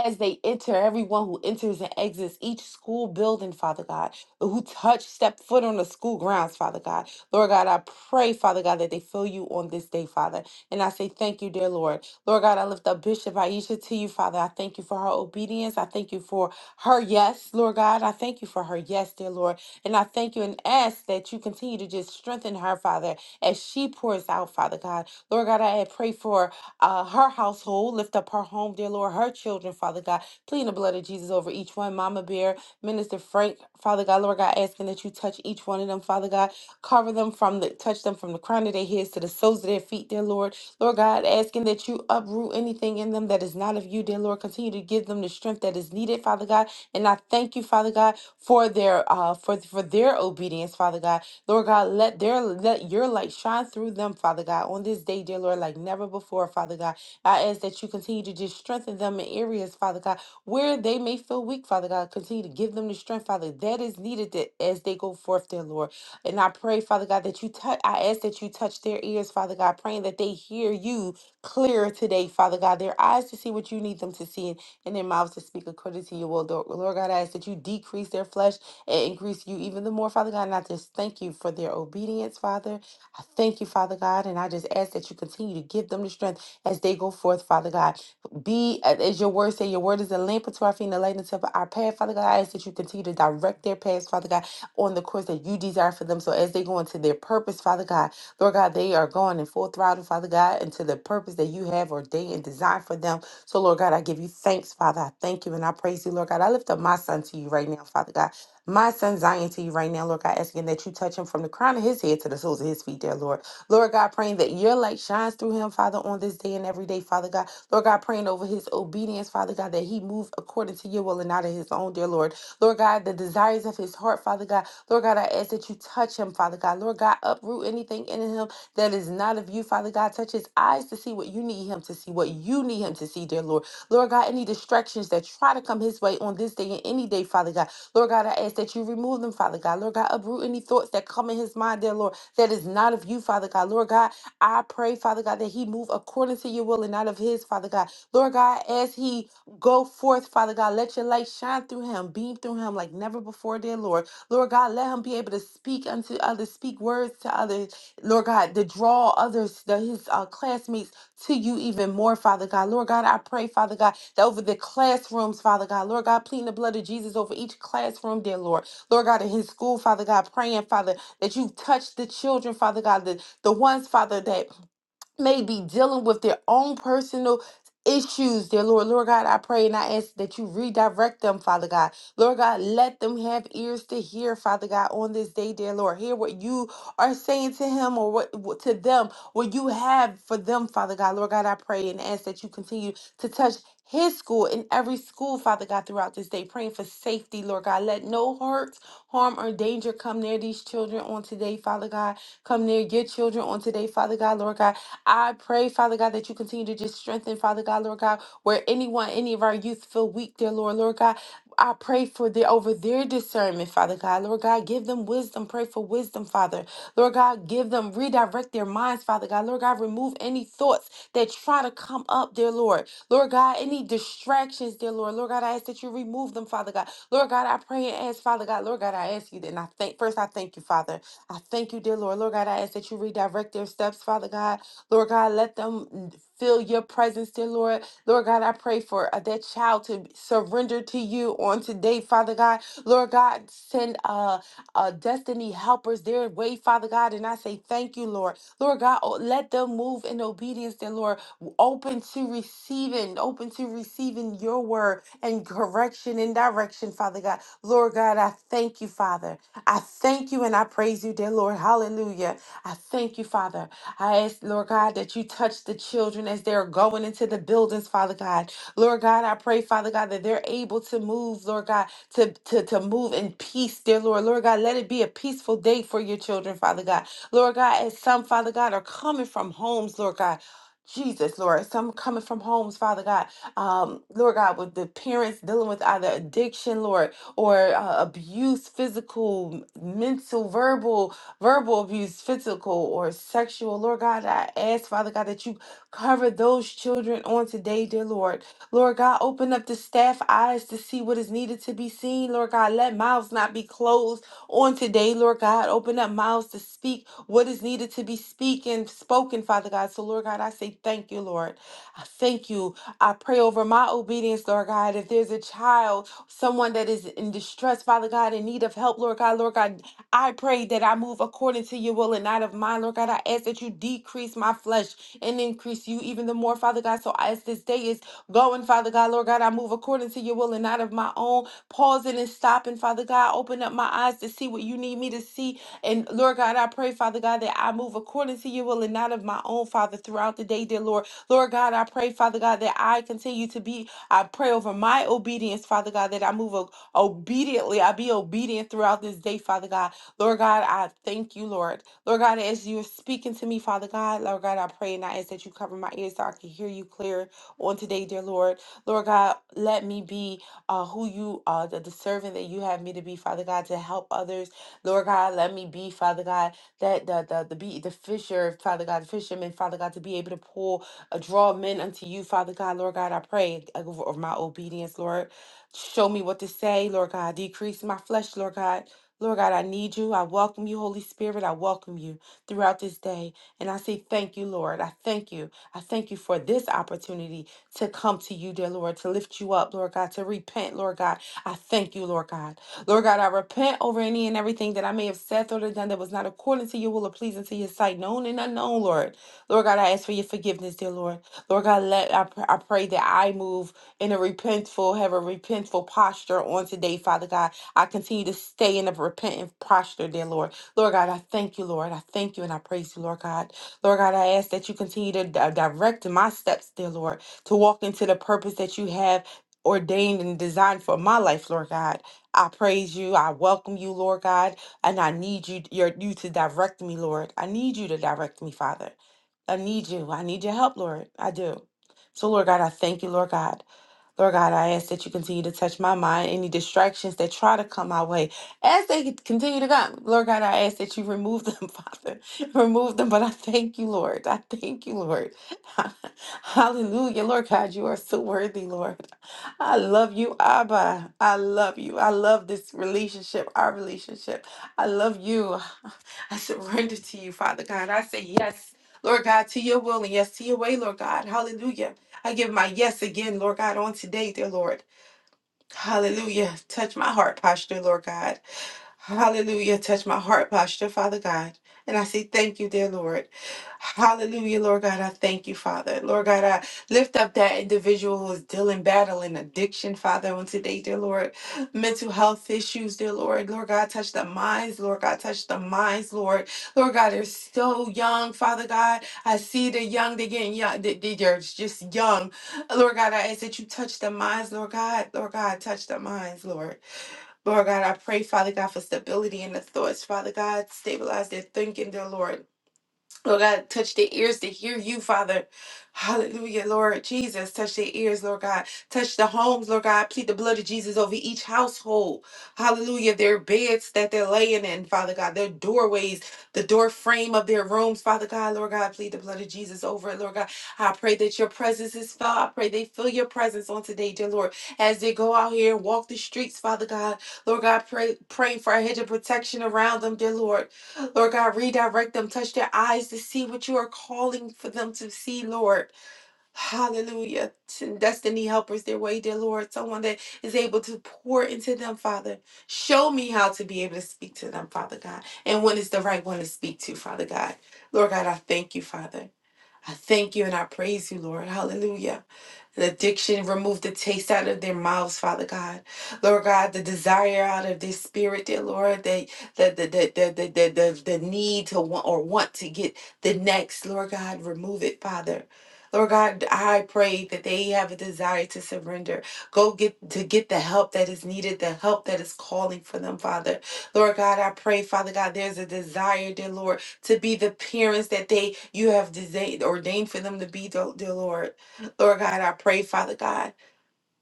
[SPEAKER 3] as they enter, everyone who enters and exits each school building, Father God, who touch, step foot on the school grounds, Father God. Lord God, I pray, Father God, that they feel you on this day, Father. And I say, Thank you, dear Lord. Lord God, I lift up Bishop Aisha to you, Father. I thank you for her obedience. I thank you for her yes, Lord God. I thank you for her yes, dear Lord. And I thank you and ask that you continue to just strengthen her, Father, as she pours out, Father God. Lord God, I pray for uh, her household. Lift up her home, dear Lord, her children, Father God. Plead the blood of Jesus over each one. Mama Bear, Minister Frank, Father God, Lord God, asking that you touch each each one of them, Father God. Cover them from the touch them from the crown of their heads to the soles of their feet, dear Lord. Lord God, asking that you uproot anything in them that is not of you, dear Lord. Continue to give them the strength that is needed, Father God. And I thank you, Father God, for their uh for for their obedience, Father God. Lord God, let their let your light shine through them, Father God, on this day, dear Lord, like never before, Father God. I ask that you continue to just strengthen them in areas, Father God, where they may feel weak, Father God, continue to give them the strength, Father, that is needed that as they go forth, dear Lord. And I pray, Father God, that you touch, I ask that you touch their ears, Father God, praying that they hear you clearer today, Father God, their eyes to see what you need them to see and their mouths to speak according to your will. Lord Lord God, I ask that you decrease their flesh and increase you even the more, Father God. And I just thank you for their obedience, Father. I thank you, Father God, and I just ask that you continue to give them the strength as they go forth, Father God. Be a- as your word say, your word is a lamp unto our feet and a light unto our path. Father God, I ask that you continue to direct their paths, Father God, on the course that you desire for them. So as they go into their purpose, Father God, Lord God, they are going in full throttle, Father God, into the purpose that you have ordained and designed for them. So, Lord God, I give you thanks, Father. I thank you and I praise you, Lord God. I lift up my son to you right now, Father God. My son Zion to you right now, Lord God, asking that you touch him from the crown of his head to the soles of his feet, dear Lord. Lord God, praying that your light shines through him, Father, on this day and every day, Father God. Lord God, praying over his over his obedience, Father God, that he move according to your will and not of his own, dear Lord. Lord God, the desires of his heart, Father God. Lord God, I ask that you touch him, Father God. Lord God, uproot anything in him that is not of you, Father God. Touch his eyes to see what you need him to see, what you need him to see, dear Lord. Lord God, any distractions that try to come his way on this day and any day, Father God. Lord God, I ask that you remove them, Father God. Lord God, uproot any thoughts that come in his mind, dear Lord, that is not of you, Father God. Lord God, I pray, Father God, that he move according to your will and not of his, Father God. Lord God, as he go forth, Father God, let your light shine through him, beam through him like never before, dear Lord. Lord God, let him be able to speak unto others, speak words to others, Lord God, to draw others, the, his uh, classmates to you even more, Father God. Lord God, I pray, Father God, that over the classrooms, Father God, Lord God, pleading the blood of Jesus over each classroom, dear Lord. Lord God, in his school, Father God, praying, Father, that you touch the children, Father God, the, the ones, Father, that may be dealing with their own personal issues, dear Lord. Lord God, I pray and I ask that you redirect them, Father God. Lord God, let them have ears to hear, Father God, on this day, dear Lord. Hear what you are saying to him or what what- to them, what you have for them, Father God. Lord God, I pray and ask that you continue to touch his school and every school, Father God, throughout this day, praying for safety, Lord God. Let no hurt, harm, or danger come near these children on today, Father God. Come near your children on today, Father God, Lord God. I pray, Father God, that you continue to just strengthen, Father God, Lord God, where anyone, any of our youth feel weak, dear Lord, Lord God. I pray for the over their discernment, Father God. Lord God, give them wisdom. Pray for wisdom, Father. Lord God, give them redirect their minds, Father God. Lord God, remove any thoughts that try to come up, dear Lord. Lord God, any distractions, dear Lord. Lord God, I ask that you remove them, Father God. Lord God, I pray and ask, Father God. Lord God, I ask you that. And I thank first, I thank you, Father. I thank you, dear Lord. Lord God, I ask that you redirect their steps, Father God. Lord God, let them feel your presence, dear Lord. Lord God, I pray for uh, that child to surrender to you on today, Father God. Lord God, send uh, uh, destiny helpers their way, Father God, and I say thank you, Lord. Lord God, oh, let them move in obedience, dear Lord, w- open to receiving, open to receiving your word and correction and direction, Father God. Lord God, I thank you, Father. I thank you and I praise you, dear Lord. Hallelujah. I thank you, Father. I ask, Lord God, that you touch the children as they're going into the buildings, Father God. Lord God, I pray, Father God, that they're able to move, Lord God, to, to, to move in peace, dear Lord. Lord God, let it be a peaceful day for your children, Father God. Lord God, as some, Father God, are coming from homes, Lord God. Jesus, Lord, some coming from homes, Father God, um, Lord God, with the parents dealing with either addiction, Lord, or uh, abuse, physical, mental, verbal, verbal abuse, physical or sexual. Lord God, I ask, Father God, that you cover those children on today, dear Lord. Lord God, open up the staff eyes to see what is needed to be seen. Lord God, let mouths not be closed on today, Lord God. Open up mouths to speak what is needed to be speaking, spoken, Father God. So, Lord God, I say thank you, Lord. I thank you. I pray over my obedience, Lord God. If there's a child, someone that is in distress, Father God, in need of help, Lord God, Lord God, I pray that I move according to your will and not of mine, Lord God. I ask that you decrease my flesh and increase you even the more, Father God. So as this day is going, Father God, Lord God, I move according to your will and not of my own, pausing and stopping, Father God. Open up my eyes to see what you need me to see. And Lord God, I pray, Father God, that I move according to your will and not of my own, Father, throughout the day, dear Lord. Lord God, I pray, Father God, that I continue to be, I pray over my obedience, Father God, that I move o- obediently. I be obedient throughout this day, Father God. Lord God, I thank you, Lord. Lord God, as you're speaking to me, Father God, Lord God, I pray and I ask that you cover my ears so I can hear you clear on today, dear Lord. Lord God, let me be uh, who you are, the, the servant that you have me to be, Father God, to help others. Lord God, let me be, Father God, that the the the, be, the fisher, Father God, the fisherman, Father God, to be able to pull, uh, draw men unto you, Father God, Lord God, I pray over over my obedience, Lord. Show me what to say, Lord God. Decrease my flesh, Lord God. Lord God, I need you. I welcome you, Holy Spirit. I welcome you throughout this day. And I say thank you, Lord. I thank you. I thank you for this opportunity to come to you, dear Lord, to lift you up, Lord God, to repent, Lord God. I thank you, Lord God. Lord God, I repent over any and everything that I may have said, thought, or done that was not according to your will or pleasing to your sight, known and unknown, Lord. Lord God, I ask for your forgiveness, dear Lord. Lord God, let I, pr- I pray that I move in a repentful, have a repentful posture on today, Father God I continue to stay in a repentant posture, dear Lord. Lord God, I thank you, Lord. I thank you and I praise you, Lord God. Lord God, I ask that you continue to di- direct my steps, dear Lord, to walk into the purpose that you have ordained and designed for my life, Lord God. I praise you. I welcome you, Lord God, and I need you your, you to direct me, Lord. I need you to direct me, Father. I need you. I need your help, Lord. I do. So, Lord God, I thank you, Lord God. Lord God, I ask that you continue to touch my mind. Any distractions that try to come my way, as they continue to come, Lord God, I ask that you remove them, [laughs] Father. Remove them. But I thank you, Lord. I thank you, Lord. [laughs] Hallelujah. Lord God, you are so worthy, Lord. I love you, Abba. I love you. I love this relationship, our relationship. I love you. [sighs] [laughs] I surrender to you, Father God. I say yes, Lord God, to your will and yes to your way, Lord God. Hallelujah. I give my yes again, Lord God, on today, dear Lord. Hallelujah. Touch my heart posture, Lord God. Hallelujah. Touch my heart posture, Father God. And I say thank you, dear Lord. Hallelujah, Lord God. I thank you, Father. Lord God, I lift up that individual who is dealing, battling addiction, Father, on today, dear Lord. Mental health issues, dear Lord. Lord God, touch the minds, Lord God, touch the minds, Lord. Lord God, they're so young, Father God. I see they're young, they're getting young, they- they- they're just young. Lord God, I ask that you touch the minds, Lord God. Lord God, touch the minds, Lord. Lord God, I pray, Father God, for stability in the thoughts, Father God. Stabilize their thinking, dear Lord. Lord God, touch their ears to hear you, Father. Hallelujah, Lord Jesus. Touch their ears, Lord God. Touch the homes, Lord God. Plead the blood of Jesus over each household. Hallelujah. Their beds that they're laying in, Father God. Their doorways, the door frame of their rooms, Father God. Lord God, plead the blood of Jesus over it, Lord God. I pray that your presence is felt. I pray they feel your presence on today, dear Lord. As they go out here and walk the streets, Father God. Lord God, pray, praying for a hedge of protection around them, dear Lord. Lord God, redirect them, touch their eyes to see what you are calling for them to see, Lord. Hallelujah. Send Destiny helpers their way, dear Lord. Someone that is able to pour into them, Father. Show me how to be able to speak to them, Father God, and when is the right one to speak to, Father God. Lord God, I thank you, Father. I thank you and I praise you, Lord. Hallelujah. The addiction, remove the taste out of their mouths, Father God. Lord God, the desire out of their spirit, dear Lord, the the the the the the, the, the, need to want or want to get the next, Lord God, remove it, Father. Lord God, I pray that they have a desire to surrender. Go get to get the help that is needed, the help that is calling for them, Father. Lord God, I pray, Father God, there's a desire, dear Lord, to be the parents that they you have designed ordained for them to be, dear dear Lord. Lord God, I pray, Father God,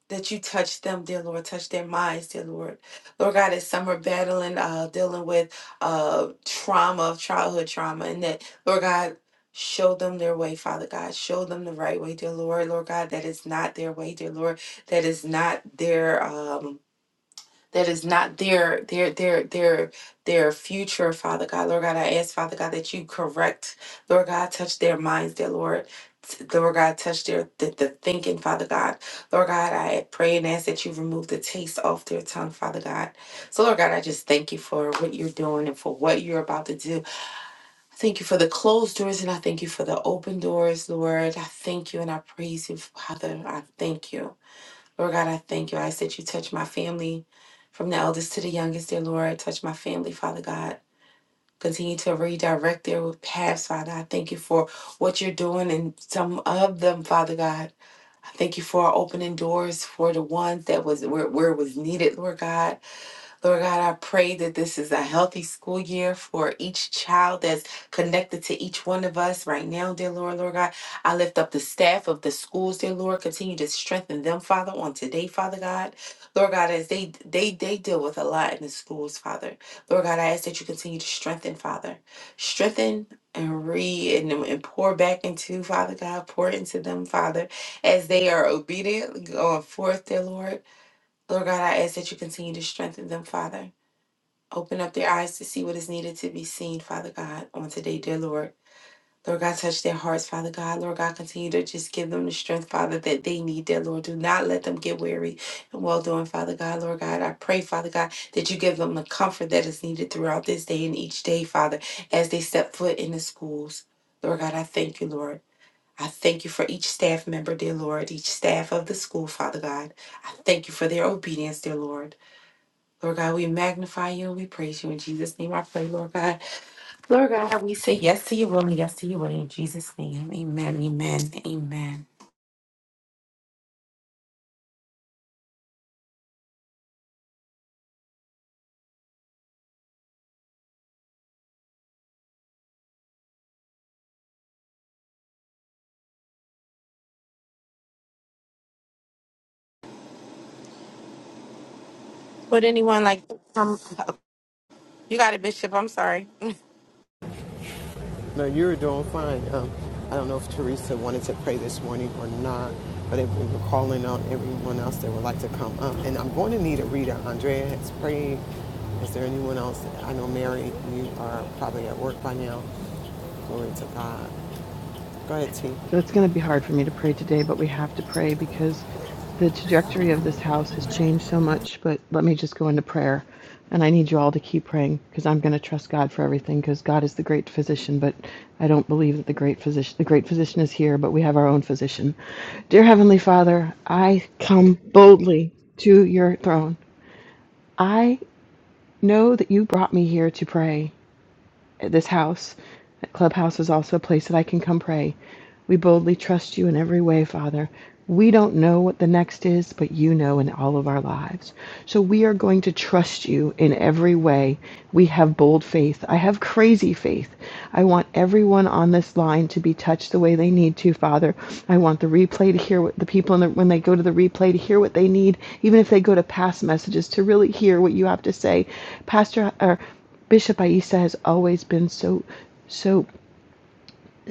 [SPEAKER 3] that you touch them, dear Lord, touch their minds, dear Lord. Lord God, as some are battling, uh, dealing with uh, trauma, childhood trauma, and that, Lord God, show them their way, Father God. Show them the right way, dear Lord. Lord God, that is not their way, dear Lord. That is not their. Um, that is not their their their their their future father god lord god i ask father god that you correct lord god touch their minds dear lord T- Lord God, touch their the, the thinking, Father God. Lord God, I pray and ask that you remove the taste off their tongue, Father God. So, Lord God, I just thank you for what you're doing and for what you're about to do. I thank you for the closed doors and I thank you for the open doors, Lord. I thank you and I praise you, Father. I thank you. Lord God, I thank you. I ask that you touch my family from the eldest to the youngest, dear Lord. Touch my family, Father God. Continue to redirect their paths, Father. I thank you for what you're doing in some of them, Father God. I thank you for opening doors for the ones that was where, where it was needed, Lord God. Lord God, I pray that this is a healthy school year for each child that's connected to each one of us right now, dear Lord. Lord God, I lift up the staff of the schools, dear Lord. Continue to strengthen them, Father, on today, Father God. Lord God, as they they they deal with a lot in the schools, Father. Lord God, I ask that you continue to strengthen, Father. Strengthen and re and, and pour back into, Father God, pour into them, Father, as they are obedient going forth, dear Lord. Lord God, I ask that you continue to strengthen them, Father. Open up their eyes to see what is needed to be seen, Father God, on today, dear Lord. Lord God, touch their hearts, Father God. Lord God, continue to just give them the strength, Father, that they need, dear Lord. Do not let them get weary and well doing, Father God. Lord God, I pray, Father God, that you give them the comfort that is needed throughout this day and each day, Father, as they step foot in the schools. Lord God, I thank you, Lord. I thank you for each staff member, dear Lord, each staff of the school, Father God. I thank you for their obedience, dear Lord. Lord God, we magnify you and we praise you. In Jesus' name I pray, Lord God. Lord God, we say yes to your will and yes to your way. In Jesus' name, amen, amen, amen. Would anyone like to come up? You got it, Bishop. I'm sorry.
[SPEAKER 2] No, you are doing fine. Um, I don't know if Teresa wanted to pray this morning or not, but if we were calling on everyone else that would like to come up. And I'm going to need a reader. Andrea has prayed. Is there anyone else? I know Mary, you are probably at work by now. Glory to God. Go ahead, T.
[SPEAKER 4] So it's going to be hard for me to pray today, but we have to pray because the trajectory of this house has changed so much. But let me just go into prayer. And I need you all to keep praying because I'm going to trust God for everything because God is the great physician. But I don't believe that the great physician, the great physician is here, but we have our own physician. Dear Heavenly Father, I come boldly to your throne. I know that you brought me here to pray at this house. That clubhouse is also a place that I can come pray. We boldly trust you in every way, Father. We don't know what the next is, but you know in all of our lives. So we are going to trust you in every way. We have bold faith. I have crazy faith. I want everyone on this line to be touched the way they need to, Father. I want the replay to hear what the people, in the, when they go to the replay, to hear what they need, even if they go to past messages, to really hear what you have to say. Pastor, or Bishop Aissa has always been so, so,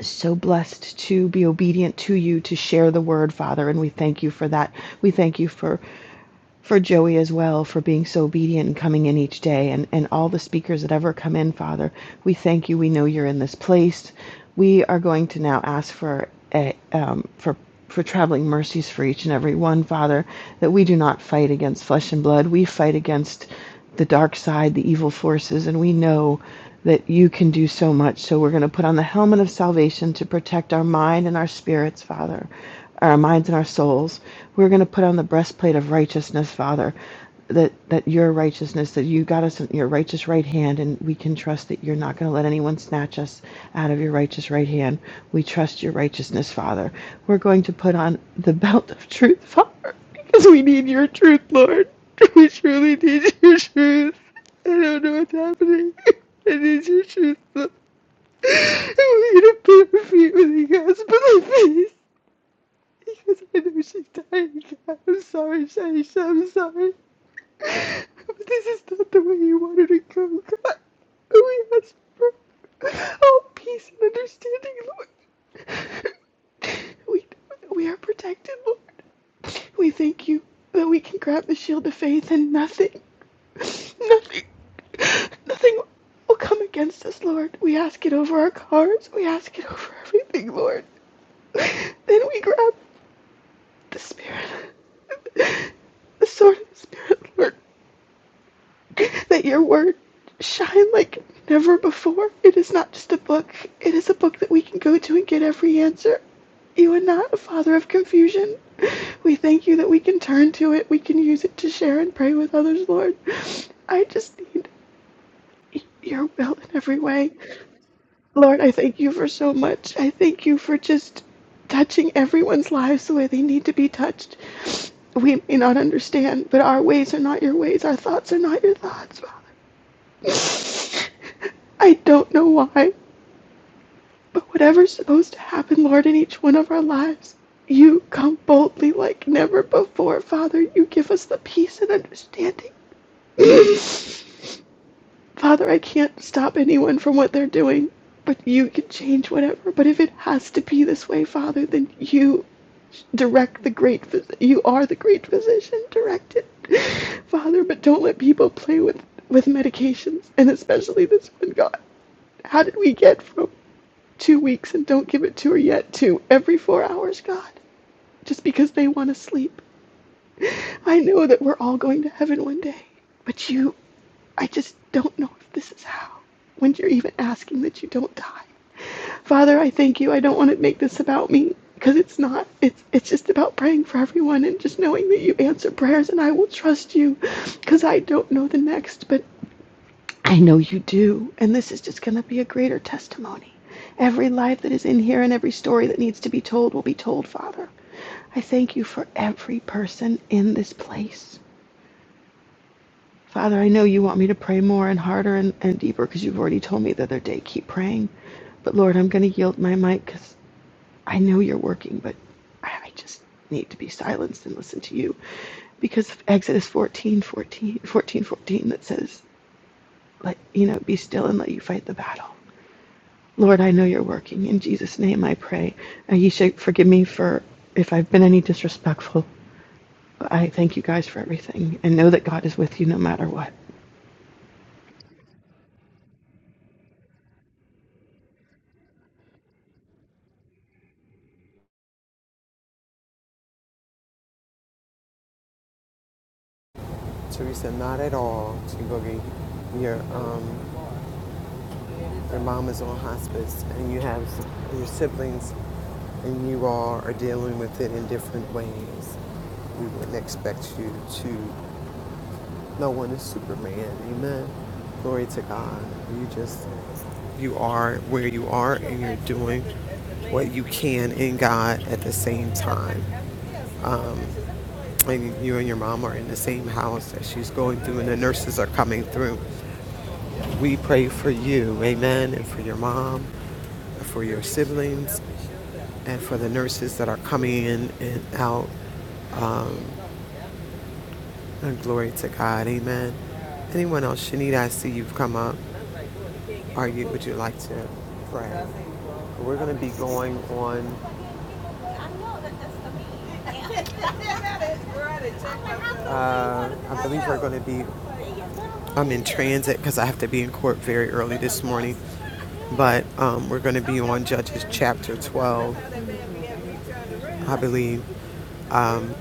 [SPEAKER 4] so blessed to be obedient to you, to share the word, Father, and we thank you for that. We thank you for, for Joey as well, for being so obedient and coming in each day, and, and all the speakers that ever come in, Father. We thank you. We know you're in this place. We are going to now ask for a, um, for for traveling mercies for each and every one, Father, that we do not fight against flesh and blood. We fight against the dark side, the evil forces, and we know that you can do so much. So we're going to put on the helmet of salvation to protect our mind and our spirits, Father, our minds and our souls. We're going to put on the breastplate of righteousness, Father, that, that your righteousness, that you got us in your righteous right hand, and we can trust that you're not going to let anyone snatch us out of your righteous right hand. We trust your righteousness, Father. We're going to put on the belt of truth, Father. Because we need your truth, Lord. [laughs] We truly need your truth. I don't know what's happening. [laughs] I need your truth, Lord. I'm gonna put her feet with you guys, but I please. Because I know she's dying, God. I'm sorry, Shaisha. I'm sorry. But this is not the way you wanted to go, God. We ask for all peace and understanding, Lord. We, we are protected, Lord. We thank you that we can grab the shield of faith and nothing, nothing, nothing will come against us, Lord. We ask it over our cars. We ask it over everything, Lord. Then we grab the Spirit, the sword of the Spirit, Lord. [laughs] that your word shine like never before. It is not just a book, it is a book that we can go to and get every answer. You are not a father of confusion. We thank you that we can turn to it. We can use it to share and pray with others, Lord. I just need your will in every way. Lord, I thank you for so much. I thank you for just touching everyone's lives the way they need to be touched. We may not understand, but our ways are not your ways. Our thoughts are not your thoughts. Father. I don't know why, but whatever's supposed to happen, Lord, in each one of our lives, you come boldly like never before, Father. You give us the peace and understanding. [clears throat] [laughs] Father, I can't stop anyone from what they're doing, but you can change whatever. But if it has to be this way, Father, then you direct the great phys- you are the great physician direct it father but don't let people play with with medications and especially this one god How did we get from two weeks and don't give it to her yet to every four hours, God? Just because they want to sleep. I know that we're all going to heaven one day, but you, I just don't know if this is how. When you're even asking that you don't die. Father, I thank you. I don't want to make this about me because it's not. It's it's just about praying for everyone and just knowing that you answer prayers and I will trust you because I don't know the next, but I know you do. And this is just going to be a greater testimony. Every life that is in here and every story that needs to be told will be told, Father. I thank you for every person in this place. Father, I know you want me to pray more and harder and, and deeper because you've already told me the other day, keep praying. But Lord, I'm going to yield my mic because I know you're working, but I, I just need to be silenced and listen to you because of Exodus 14, 14, 14, 14 that says, let, you know, be still and let you fight the battle. Lord, I know you're working. In Jesus' name I pray. Uh, you should forgive me for if I've been any disrespectful. I thank you guys for everything and know that God is with you no matter what.
[SPEAKER 2] Teresa, not at all. To go get your um, your mom is on hospice and you have your siblings and you all are dealing with it in different ways. We wouldn't expect you to, no one is Superman. Amen. Glory to God. You just, you are where you are and you're doing what you can in God at the same time. Um, and you and your mom are in the same house that she's going through and the nurses are coming through. We pray for you, amen, and for your mom, and for your siblings, and for the nurses that are coming in and out. Um, and glory to God, amen. Anyone else? Shanita, I see you've come up. Are you? Would you like to pray? We're going to be going on. [laughs] Uh, I believe we're going to be. I'm in transit because I have to be in court very early this morning. But um, we're going to be on Judges chapter 12, I believe. Um,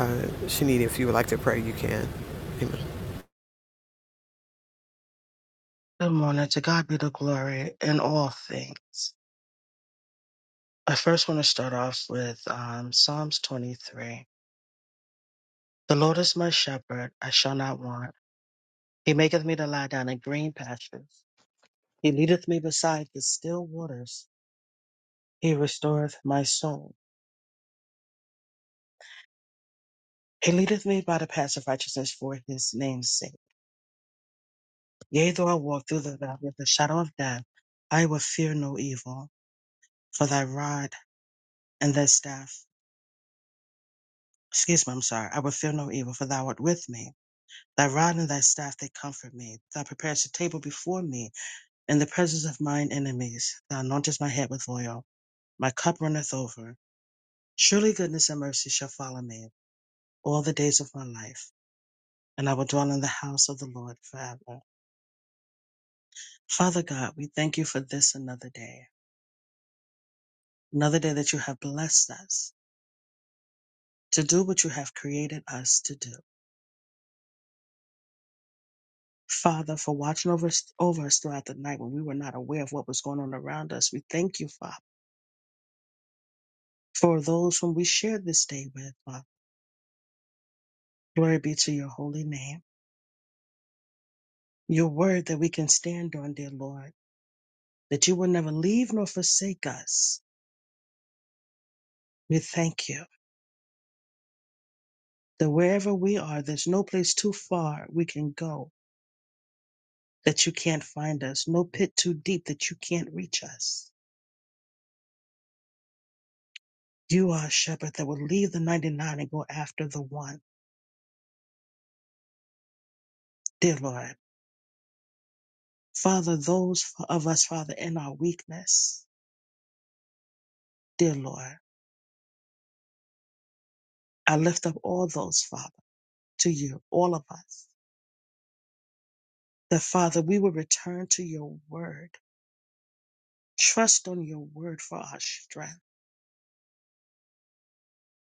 [SPEAKER 2] uh, Shanita, if you would like to pray, you can. Amen.
[SPEAKER 5] Good morning. To God be the glory in all things. I first want to start off with um, Psalms 23. The Lord is my shepherd, I shall not want. He maketh me to lie down in green pastures. He leadeth me beside the still waters. He restoreth my soul. He leadeth me by the paths of righteousness for his name's sake. Yea, though I walk through the valley of the shadow of death, I will fear no evil, for thy rod and thy staff, excuse me, I'm sorry, I will fear no evil, for thou art with me. Thy rod and thy staff they comfort me. Thou preparest a table before me in the presence of mine enemies. Thou anointest my head with oil. My cup runneth over. Surely goodness and mercy shall follow me all the days of my life, and I will dwell in the house of the Lord forever. Father God, we thank you for this another day, another day that you have blessed us to do what you have created us to do. Father, for watching over us, over us throughout the night when we were not aware of what was going on around us. We thank you, Father for those whom we share this day with, Father. Glory be to your holy name. Your word that we can stand on, dear Lord, that you will never leave nor forsake us. We thank you that wherever we are, there's no place too far we can go that you can't find us, no pit too deep that you can't reach us. You are a shepherd that will leave the 99 and go after the one, dear Lord. Father, those of us, Father, in our weakness, dear Lord, I lift up all those, Father, to you, all of us that Father, we will return to your word, trust on your word for our strength.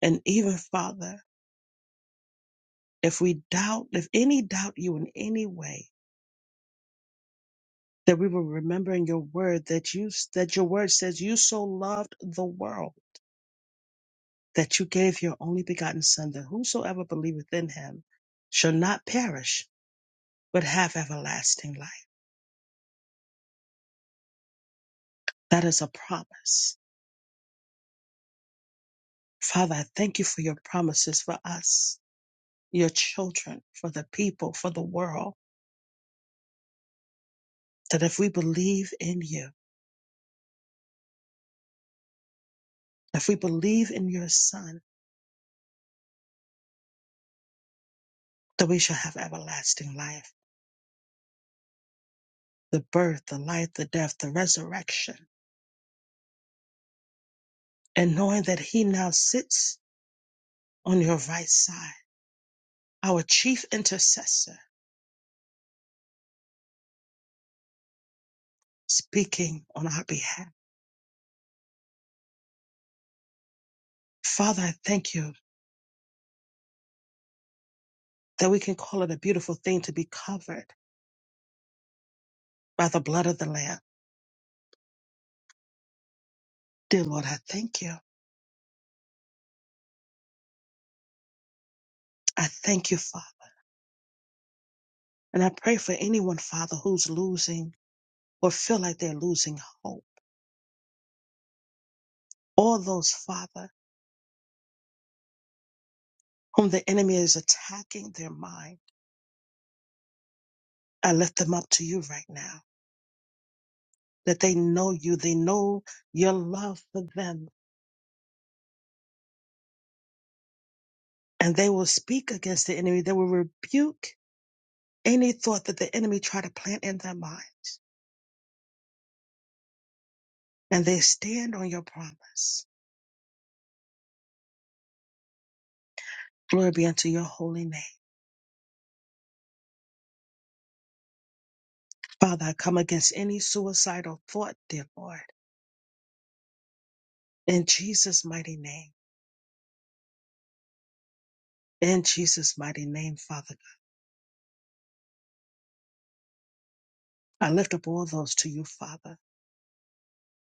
[SPEAKER 5] And even Father, if we doubt, if any doubt you in any way, that we will remember in your word that you, that your word says you so loved the world that you gave your only begotten son that whosoever believeth in him shall not perish, but have everlasting life. That is a promise. Father, I thank you for your promises for us, your children, for the people, for the world. that if we believe in you, if we believe in your Son, that we shall have everlasting life, the birth, the life, the death, the resurrection, and knowing that he now sits on your right side, our chief intercessor, speaking on our behalf. Father, I thank you that we can call it a beautiful thing to be covered by the blood of the Lamb. Dear Lord, I thank you. I thank you, Father. And I pray for anyone, Father, who's losing or feel like they're losing hope. All those, Father whom the enemy is attacking their mind. I lift them up to you right now, that they know you, they know your love for them, and they will speak against the enemy. They will rebuke any thought that the enemy try to plant in their mind, and they stand on your promise. Glory be unto your holy name. Father, I come against any suicidal thought, dear Lord, in Jesus' mighty name. In Jesus' mighty name, Father. I lift up all those to you, Father.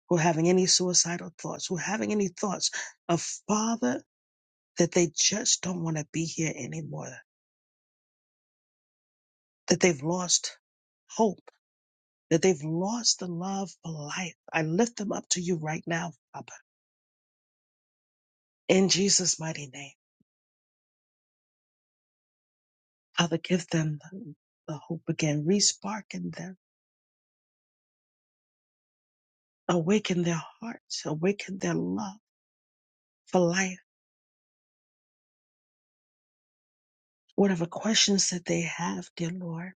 [SPEAKER 5] who are having any suicidal thoughts, who are having any thoughts of Father that they just don't want to be here anymore, that they've lost hope, that they've lost the love for life. I lift them up to you right now, Father, in Jesus' mighty name. Father, give them the hope again, respark in them, awaken their hearts, awaken their love for life. Whatever questions that they have, dear Lord,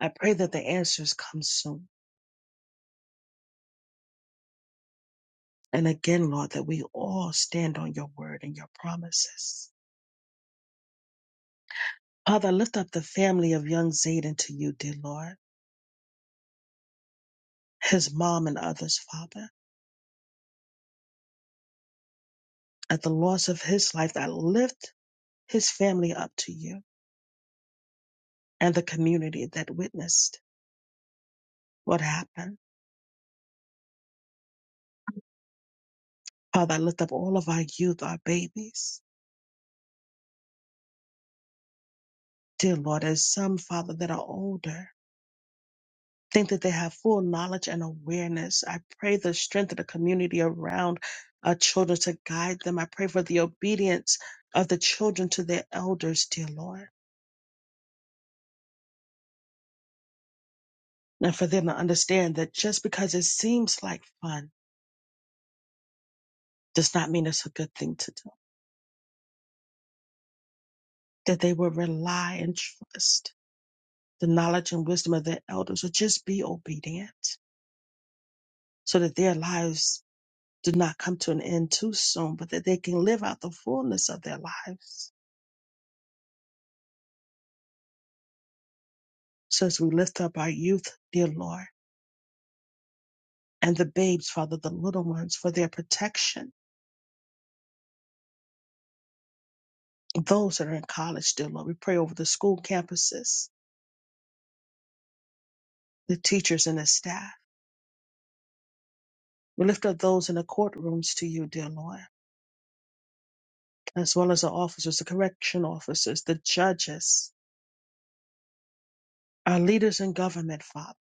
[SPEAKER 5] I pray that the answers come soon. And again, Lord, that we all stand on your word and your promises. Father, lift up the family of young Zayden to you, dear Lord, his mom and others, Father. At the loss of his life, I lift his family up to you and the community that witnessed what happened. Father, I lift up all of our youth, our babies. Dear Lord, as some, Father, that are older, think that they have full knowledge and awareness. I pray the strength of the community around our children to guide them. I pray for the obedience of the children to their elders, dear Lord, and for them to understand that just because it seems like fun does not mean it's a good thing to do, that they will rely and trust the knowledge and wisdom of their elders or just be obedient so that their lives do not come to an end too soon, but that they can live out the fullness of their lives So as we lift up our youth, dear Lord, and the babes, Father, the little ones, for their protection, those that are in college, dear Lord, we pray over the school campuses, the teachers and the staff. We lift up those in the courtrooms to you, dear Lord, as well as the officers, the correction officers, the judges, our leaders in government, Father.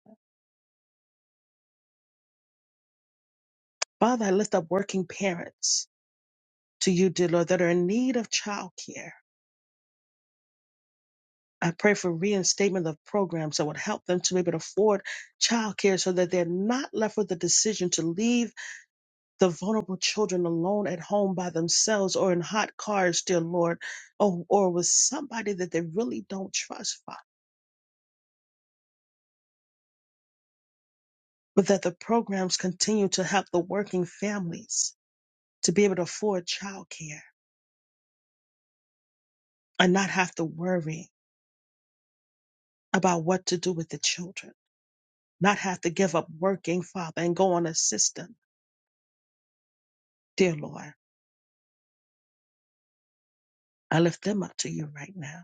[SPEAKER 5] Father, I lift up working parents to you, dear Lord, that are in need of childcare. I pray for reinstatement of programs that would help them to be able to afford childcare so that they're not left with the decision to leave the vulnerable children alone at home by themselves or in hot cars, dear Lord, or, or with somebody that they really don't trust, Father. But that the programs continue to help the working families to be able to afford childcare and not have to worry about what to do with the children, not have to give up working, Father, and go on a system, dear Lord. I lift them up to you right now.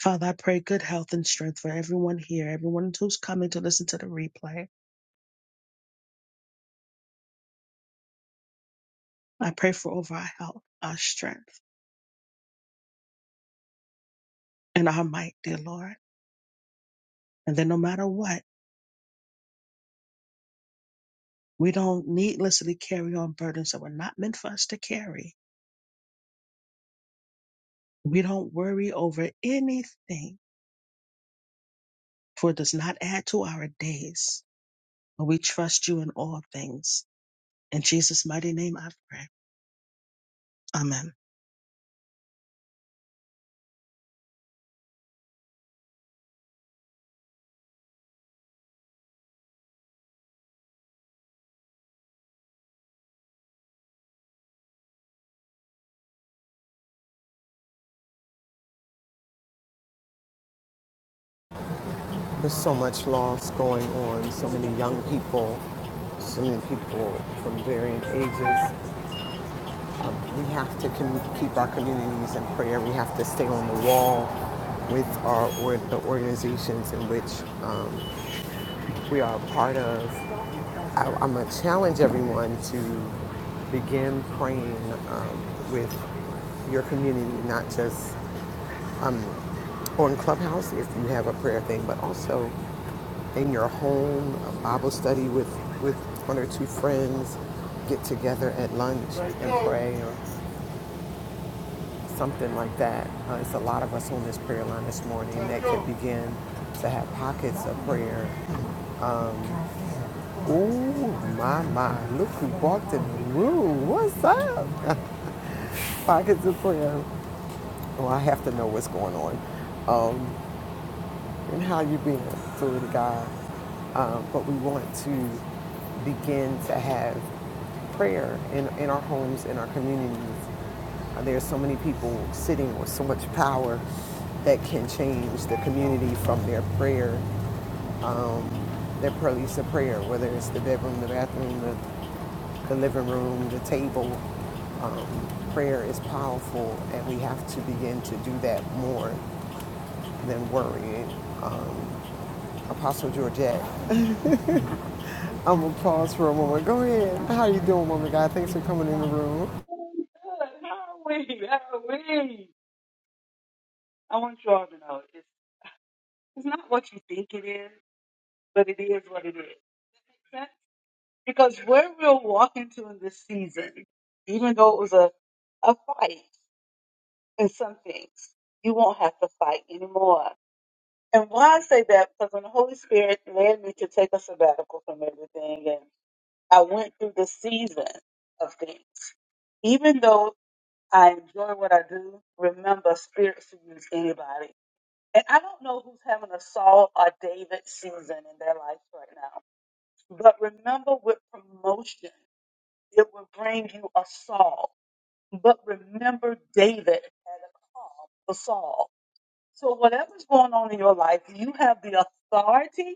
[SPEAKER 5] Father, I pray good health and strength for everyone here, everyone who's coming to listen to the replay. I pray for over our health, our strength, and our might, dear Lord. And then no matter what, we don't needlessly carry on burdens that were not meant for us to carry. We don't worry over anything, for it does not add to our days. But we trust you in all things. In Jesus' mighty name I pray. Amen.
[SPEAKER 2] There's so much loss going on, so many young people, so many people from varying ages. Um, We have to keep our communities in prayer. We have to stay on the wall with our or the organizations in which um, we are a part of. I, I'm gonna challenge everyone to begin praying um, with your community, not just um, on Clubhouse if you have a prayer thing, but also in your home, a Bible study with, with one or two friends, get together at lunch and pray Or something like that. Uh, it's a lot of us on this prayer line this morning that could begin to have pockets of prayer. Um, oh my my! Look who walked in the room. What's up? [laughs] pockets of prayer. Oh, I have to know what's going on. Um, and how you're being steward to God. Um, but we want to begin to have prayer in, in our homes, in our communities. Uh, There are so many people sitting with so much power that can change the community from their prayer, um, their place of prayer, whether it's the bedroom, the bathroom, the, the living room, the table. Um, prayer is powerful, and we have to begin to do that more than worried. Um, Apostle Georgette. I'm gonna pause for a moment. Go ahead. How you doing, woman God? Thanks for coming in the room.
[SPEAKER 6] Good. How are we? How are we? [laughs] I want you all to know it's, it's not what you think it is, but it is what it is. That- Because where we're walking to in this season, even though it was a, a fight in some things, you won't have to fight anymore. And why I say that? Because when the Holy Spirit led me to take a sabbatical from everything, and I went through the season of things, even though I enjoy what I do, remember, spirits to use anybody. And I don't know who's having a Saul or David season in their life right now. But remember with promotion, it will bring you a Saul. But remember David had a call for Saul. So whatever's going on in your life, you have the authority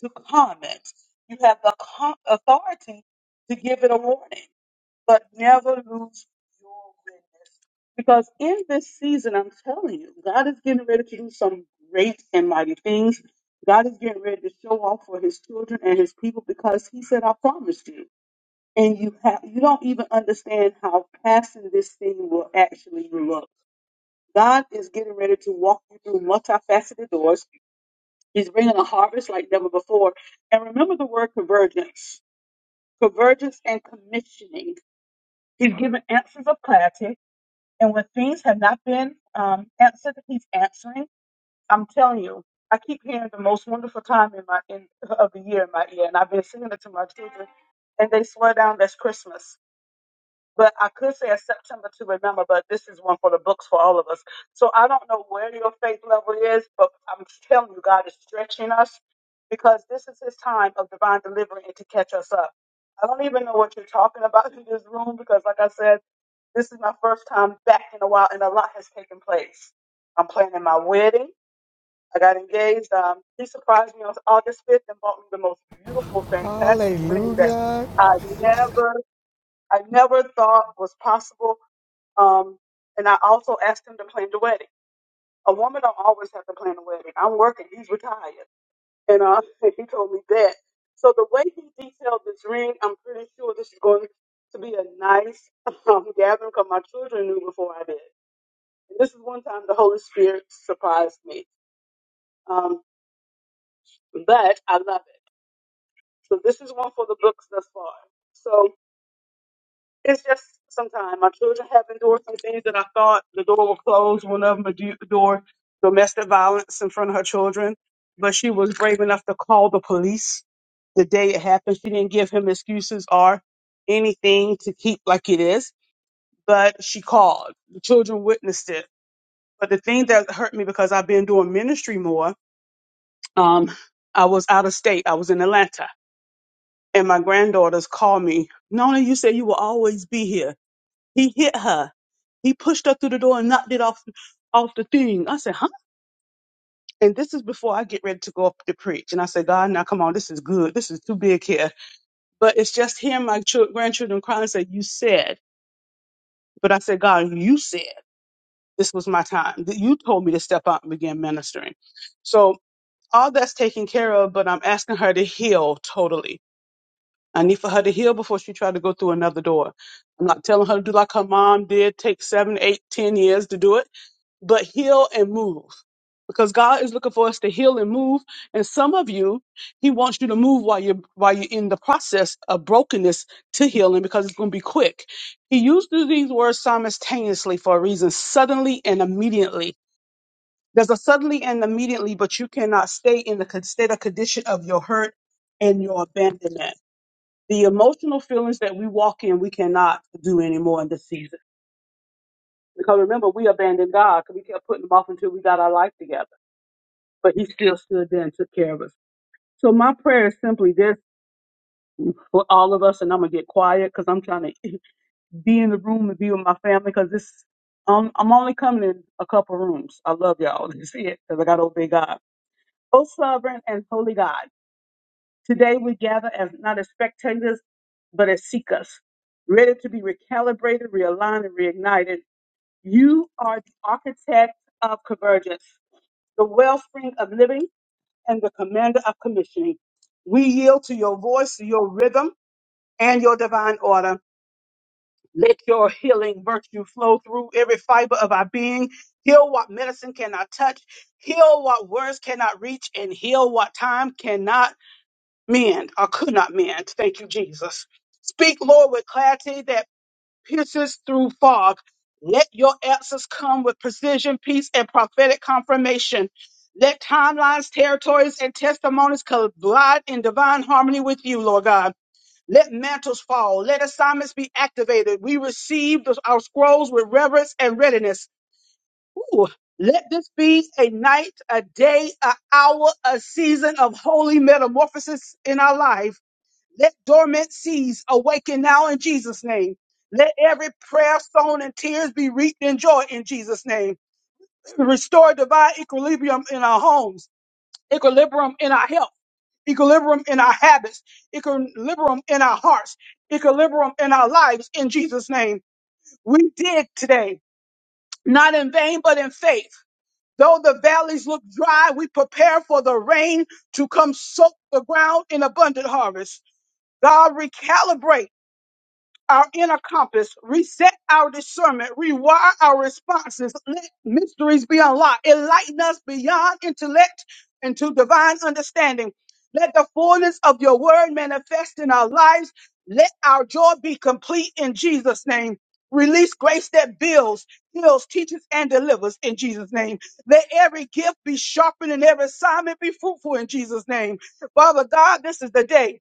[SPEAKER 6] to comment. You have the co- authority to give it a warning but never lose your witness. Because in this season, I'm telling you, God is getting ready to do some great and mighty things. God is getting ready to show off for his children and his people because he said, I promised you. And you have you don't even understand how passing this thing will actually look. God is getting ready to walk you through multifaceted doors. He's bringing a harvest like never before. And remember the word convergence, convergence and commissioning. He's giving answers of clarity. And when things have not been um, answered, he's answering. I'm telling you, I keep hearing the most wonderful time in my in, of the year in my ear, and I've been singing it to my children, and they swear down that's Christmas but I could say a September to remember, but this is one for the books for all of us. So I don't know where your faith level is, but I'm telling you, God is stretching us because this is his time of divine delivery and to catch us up. I don't even know what you're talking about [laughs] in this room because, like I said, this is my first time back in a while and a lot has taken place. I'm planning my wedding. I got engaged. Um, he surprised me on August 5th and bought me the most beautiful, fantastic ring that
[SPEAKER 2] Hallelujah.
[SPEAKER 6] I never I never thought was possible. Um, and I also asked him to plan the wedding. A woman don't always have to plan a wedding. I'm working. He's retired, and uh, [laughs] he told me that. So the way he detailed this ring, I'm pretty sure this is going to be a nice [laughs] um, gathering because my children knew before I did. And this is one time the Holy Spirit surprised me. Um, but I love it. So this is one for the books thus far. So. It's just sometimes my children have endured some things that I thought the door would close. One of them endured domestic violence in front of her children, but she was brave enough to call the police the day it happened. She didn't give him excuses or anything to keep like it is, but she called. The children witnessed it. But the thing that hurt me because I've been doing ministry more, um, I was out of state. I was in Atlanta. And my granddaughters called me, Nona, you said you will always be here. He hit her. He pushed her through the door and knocked it off off the thing. I said, huh? And this is before I get ready to go up to preach. And I said, God, now come on, this is good. This is too big here. But it's just hearing my chil- grandchildren crying. and say, you said. But I said, God, you said this was my time. That You told me to step out and begin ministering. So all that's taken care of, but I'm asking her to heal totally. I need for her to heal before she tried to go through another door. I'm not telling her to do like her mom did, take seven, eight, ten years to do it but heal and move because God is looking for us to heal and move. And some of you, He wants you to move while you're while you're in the process of brokenness to healing because it's going to be quick. He used these words simultaneously for a reason: suddenly and immediately. There's a suddenly and immediately, but you cannot stay in the con- state of condition of your hurt and your abandonment. The emotional feelings that we walk in, we cannot do anymore in this season. Because remember, we abandoned God because we kept putting him off until we got our life together. but he still stood there and took care of us. So my prayer is simply this for all of us, and I'm gonna get quiet because I'm trying to [laughs] be in the room and be with my family because this um, I'm only coming in a couple rooms. I love y'all. [laughs] You see it because I gotta obey God. O sovereign and holy God, today we gather as not as spectators, but as seekers, ready to be recalibrated, realigned, and reignited. You are the architect of convergence, the wellspring of living and the commander of commissioning. We yield to your voice, your rhythm, and your divine order. Let your healing virtue flow through every fiber of our being. Heal what medicine cannot touch, heal what words cannot reach, and heal what time cannot mend or could not mend. Thank you, Jesus. Speak, Lord, with clarity that pierces through fog. Let your answers come with precision, peace, and prophetic confirmation. Let timelines, territories, and testimonies collide in divine harmony with you, Lord God. Let mantles fall. Let assignments be activated. We receive those- our scrolls with reverence and readiness. Ooh. Let this be a night, a day, an hour, a season of holy metamorphosis in our life. Let dormant seeds awaken now in Jesus' name. Let every prayer, sown, and tears be reaped in joy in Jesus' name. [clears throat] Restore divine equilibrium in our homes, equilibrium in our health, equilibrium in our habits, equilibrium in our hearts, equilibrium in our lives in Jesus' name. We dig today, not in vain, but in faith. Though the valleys look dry, we prepare for the rain to come soak the ground in abundant harvest. God recalibrate our inner compass, reset our discernment, rewire our responses, let mysteries be unlocked, enlighten us beyond intellect into divine understanding. Let the fullness of your word manifest in our lives. Let our joy be complete in Jesus' name. Release grace that builds, heals, teaches, and delivers in Jesus' name. Let every gift be sharpened and every assignment be fruitful in Jesus' name. Father God, this is the day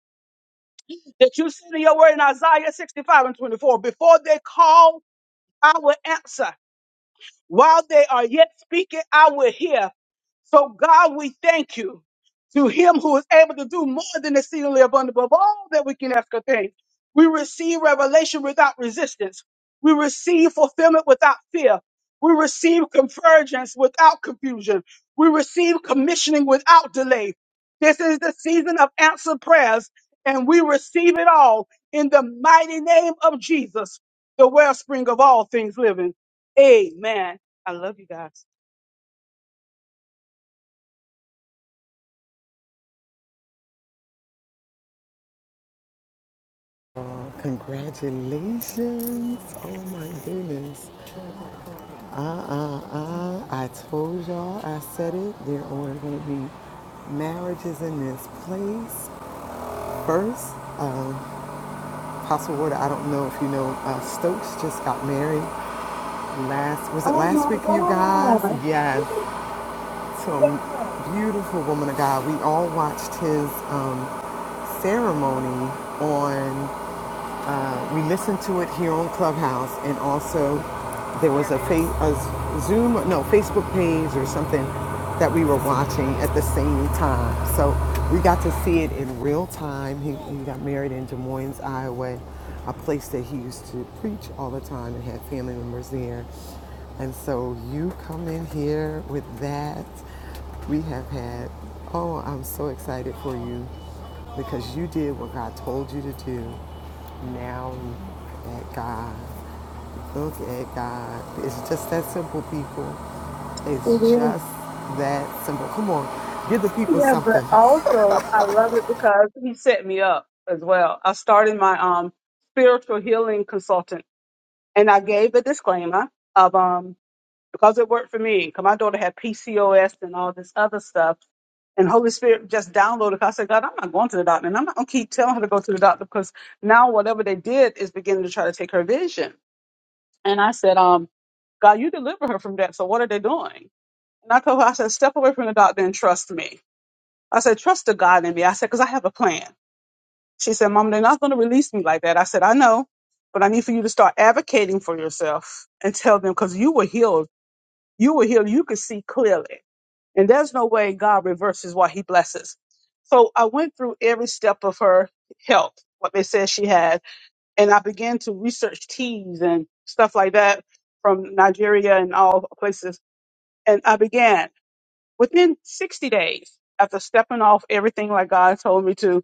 [SPEAKER 6] that you said in your word in Isaiah 65 and 24, before they call, I will answer. While they are yet speaking, I will hear. So, God, we thank you to Him who is able to do more than exceedingly abundant above all that we can ask or think. We receive revelation without resistance. We receive fulfillment without fear. We receive convergence without confusion. We receive commissioning without delay. This is the season of answered prayers, and we receive it all in the mighty name of Jesus, the wellspring of all things living. Amen. I love you guys.
[SPEAKER 2] Oh, congratulations. Oh my goodness. Uh uh uh. I told y'all, I said it. There are gonna be marriages in this place. First, uh, Apostle Ward, I don't know if you know, uh, Stokes just got married last, was it last week, you guys? Yes. Some beautiful woman of God. We all watched his um, ceremony on. Uh, we listened to it here on Clubhouse, and also there was a, fa- a Zoom, no Facebook page or something that we were watching at the same time. So we got to see it in real time. He, he got married in Des Moines, Iowa, a place that he used to preach all the time and had family members there. And so you come in here with that. We have had, oh, I'm so excited for you because you did what God told you to do. Now look at God. Look at God. It's just that simple, people.
[SPEAKER 6] It
[SPEAKER 2] It's
[SPEAKER 6] is.
[SPEAKER 2] just that simple. Come on, give the people
[SPEAKER 6] Yeah, but
[SPEAKER 2] something.
[SPEAKER 6] also I love it because he set me up as well. I started my um spiritual healing consultant and I gave a disclaimer of um because it worked for me. Because my daughter had PCOS and all this other stuff. And Holy Spirit just downloaded. I said, God, I'm not going to the doctor. And I'm not going to keep telling her to go to the doctor because now whatever they did is beginning to try to take her vision. And I said, um, God, you deliver her from that. So what are they doing? And I told her, I said, step away from the doctor and trust me. I said, trust the God in me. I said, because I have a plan. She said, Mom, they're not going to release me like that. I said, I know, but I need for you to start advocating for yourself and tell them because you were healed. You were healed. You could see clearly. And there's no way God reverses what he blesses. So I went through every step of her health, what they said she had, and I began to research teas and stuff like that from Nigeria and all places. And I began within 60 days after stepping off everything like God told me to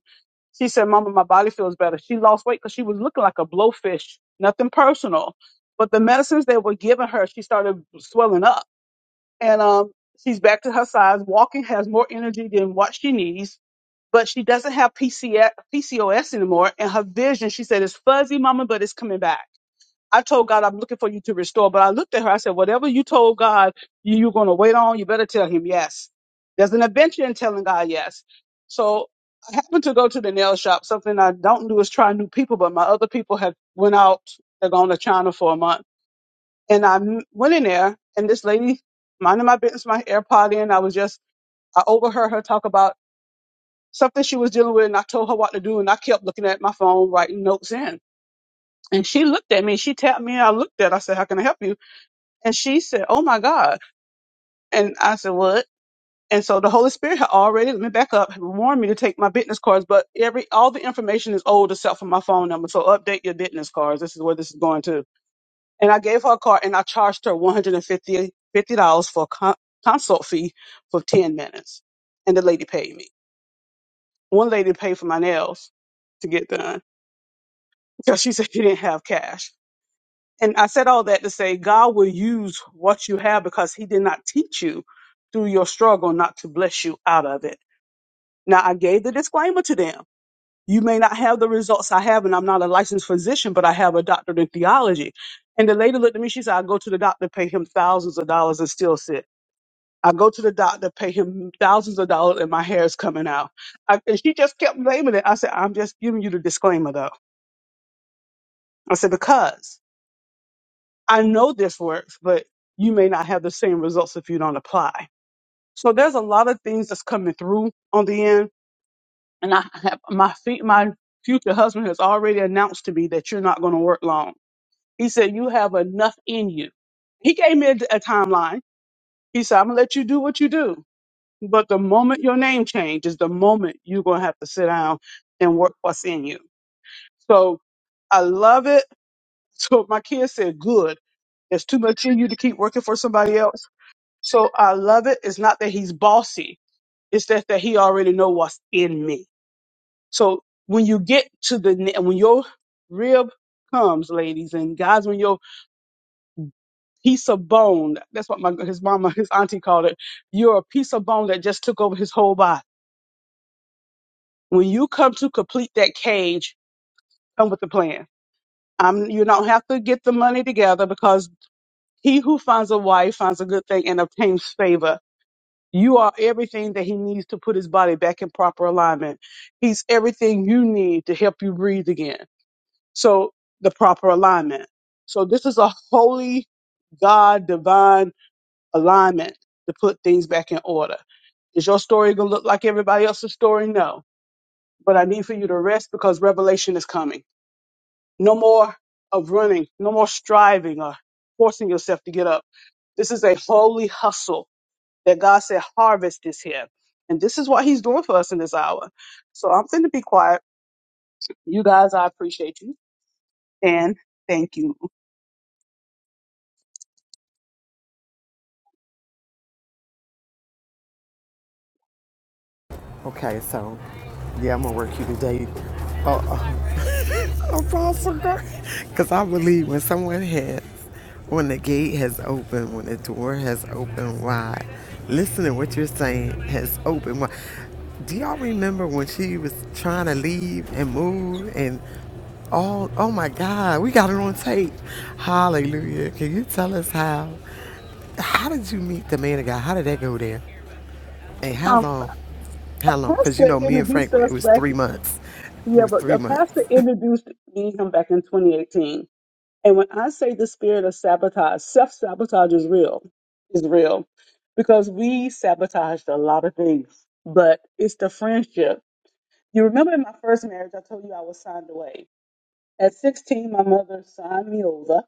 [SPEAKER 6] she said, Mama, my body feels better. She lost weight because she was looking like a blowfish, nothing personal. But the medicines they were giving her, she started swelling up. And um, she's back to her size, walking, has more energy than what she needs. But she doesn't have PCS, anymore. And her vision, she said, is fuzzy, Mama, but it's coming back. I told God, I'm looking for you to restore. But I looked at her, I said, whatever you told God you, you're going to wait on, you better tell him yes. There's an adventure in telling God yes. So I happened to go to the nail shop. Something I don't do is try new people, but my other people have went out. They're going to China for a month. And I m- went in there and this lady, minding my business, my AirPod in, I was just, I overheard her talk about something she was dealing with and I told her what to do and I kept looking at my phone, writing notes in. And she looked at me, she tapped me, and I looked at her, I said, how can I help you? And she said, Oh my God. And I said, What? And so the Holy Spirit had already let me back up, had warned me to take my business cards, but every all the information is old except for my phone number. So update your business cards. This is where this is going to. And I gave her a card and I charged her $150 dollars for a con- consult fee for 10 minutes. And the lady paid me. One lady paid for my nails to get done because she said she didn't have cash. And I said all that to say God will use what you have because He did not teach you through your struggle not to bless you out of it. Now, I gave the disclaimer to them. You may not have the results I have, and I'm not a licensed physician, but I have a doctorate in theology. And the lady looked at me, she said, I go to the doctor, pay him thousands of dollars, and still sick. I go to the doctor, pay him thousands of dollars, and my hair is coming out. I, and she just kept naming it. I said, I'm just giving you the disclaimer, though. I said, because I know this works, but you may not have the same results if you don't apply. So there's a lot of things that's coming through on the end. And I have my feet, my future husband has already announced to me that you're not going to work long. He said, you have enough in you. He gave me a, a timeline. He said, I'm going to let you do what you do. But the moment your name changes, the moment you're going to have to sit down and work what's in you. So I love it. So my kids said, good. There's too much in you to keep working for somebody else So I love it. It's not that he's bossy. It's that, that he already know what's in me. So when you get to the, ne- when your rib comes, ladies and guys, when your piece of bone, that's what my, his mama, his auntie called it. You're a piece of bone that just took over his whole body. When you come to complete that cage, come with the plan. Um, you don't have to get the money together because he who finds a wife finds a good thing and obtains favor You are everything that he needs to put his body back in proper alignment. He's everything you need to help you breathe again. So the proper alignment. So this is a holy God divine alignment to put things back in order. Is your story going to look like everybody else's story? No. But I need for you to rest because revelation is coming. No more of running, no more striving or forcing yourself to get up. This is a holy hustle that God said harvest is here. And this is what he's doing for us in this hour. So I'm going to be quiet. You guys, I appreciate you. And thank you.
[SPEAKER 2] Okay, so yeah, I'm gonna work you today. Uh, uh, [laughs] Apostle Because I believe when someone has, when the gate has opened, when the door has opened wide, listen to what you're saying has opened wide. Do y'all remember when she was trying to leave and move and all, oh my God, we got it on tape. Hallelujah. Can you tell us how? How did you meet the man of God? How did that go there? And how
[SPEAKER 6] Um,
[SPEAKER 2] long?
[SPEAKER 6] a
[SPEAKER 2] How long? Because
[SPEAKER 6] pastor
[SPEAKER 2] you know, me and
[SPEAKER 6] introduced
[SPEAKER 2] Frank, it
[SPEAKER 6] us
[SPEAKER 2] was
[SPEAKER 6] back.
[SPEAKER 2] three months. It
[SPEAKER 6] Yeah,
[SPEAKER 2] was
[SPEAKER 6] but
[SPEAKER 2] three
[SPEAKER 6] the
[SPEAKER 2] months.
[SPEAKER 6] pastor introduced me him back in 2018. And when I say the spirit of sabotage, self sabotage is real, is real because we sabotaged a lot of things, but it's the friendship. You remember in my first marriage, I told you I was signed away. At 16, my mother signed me over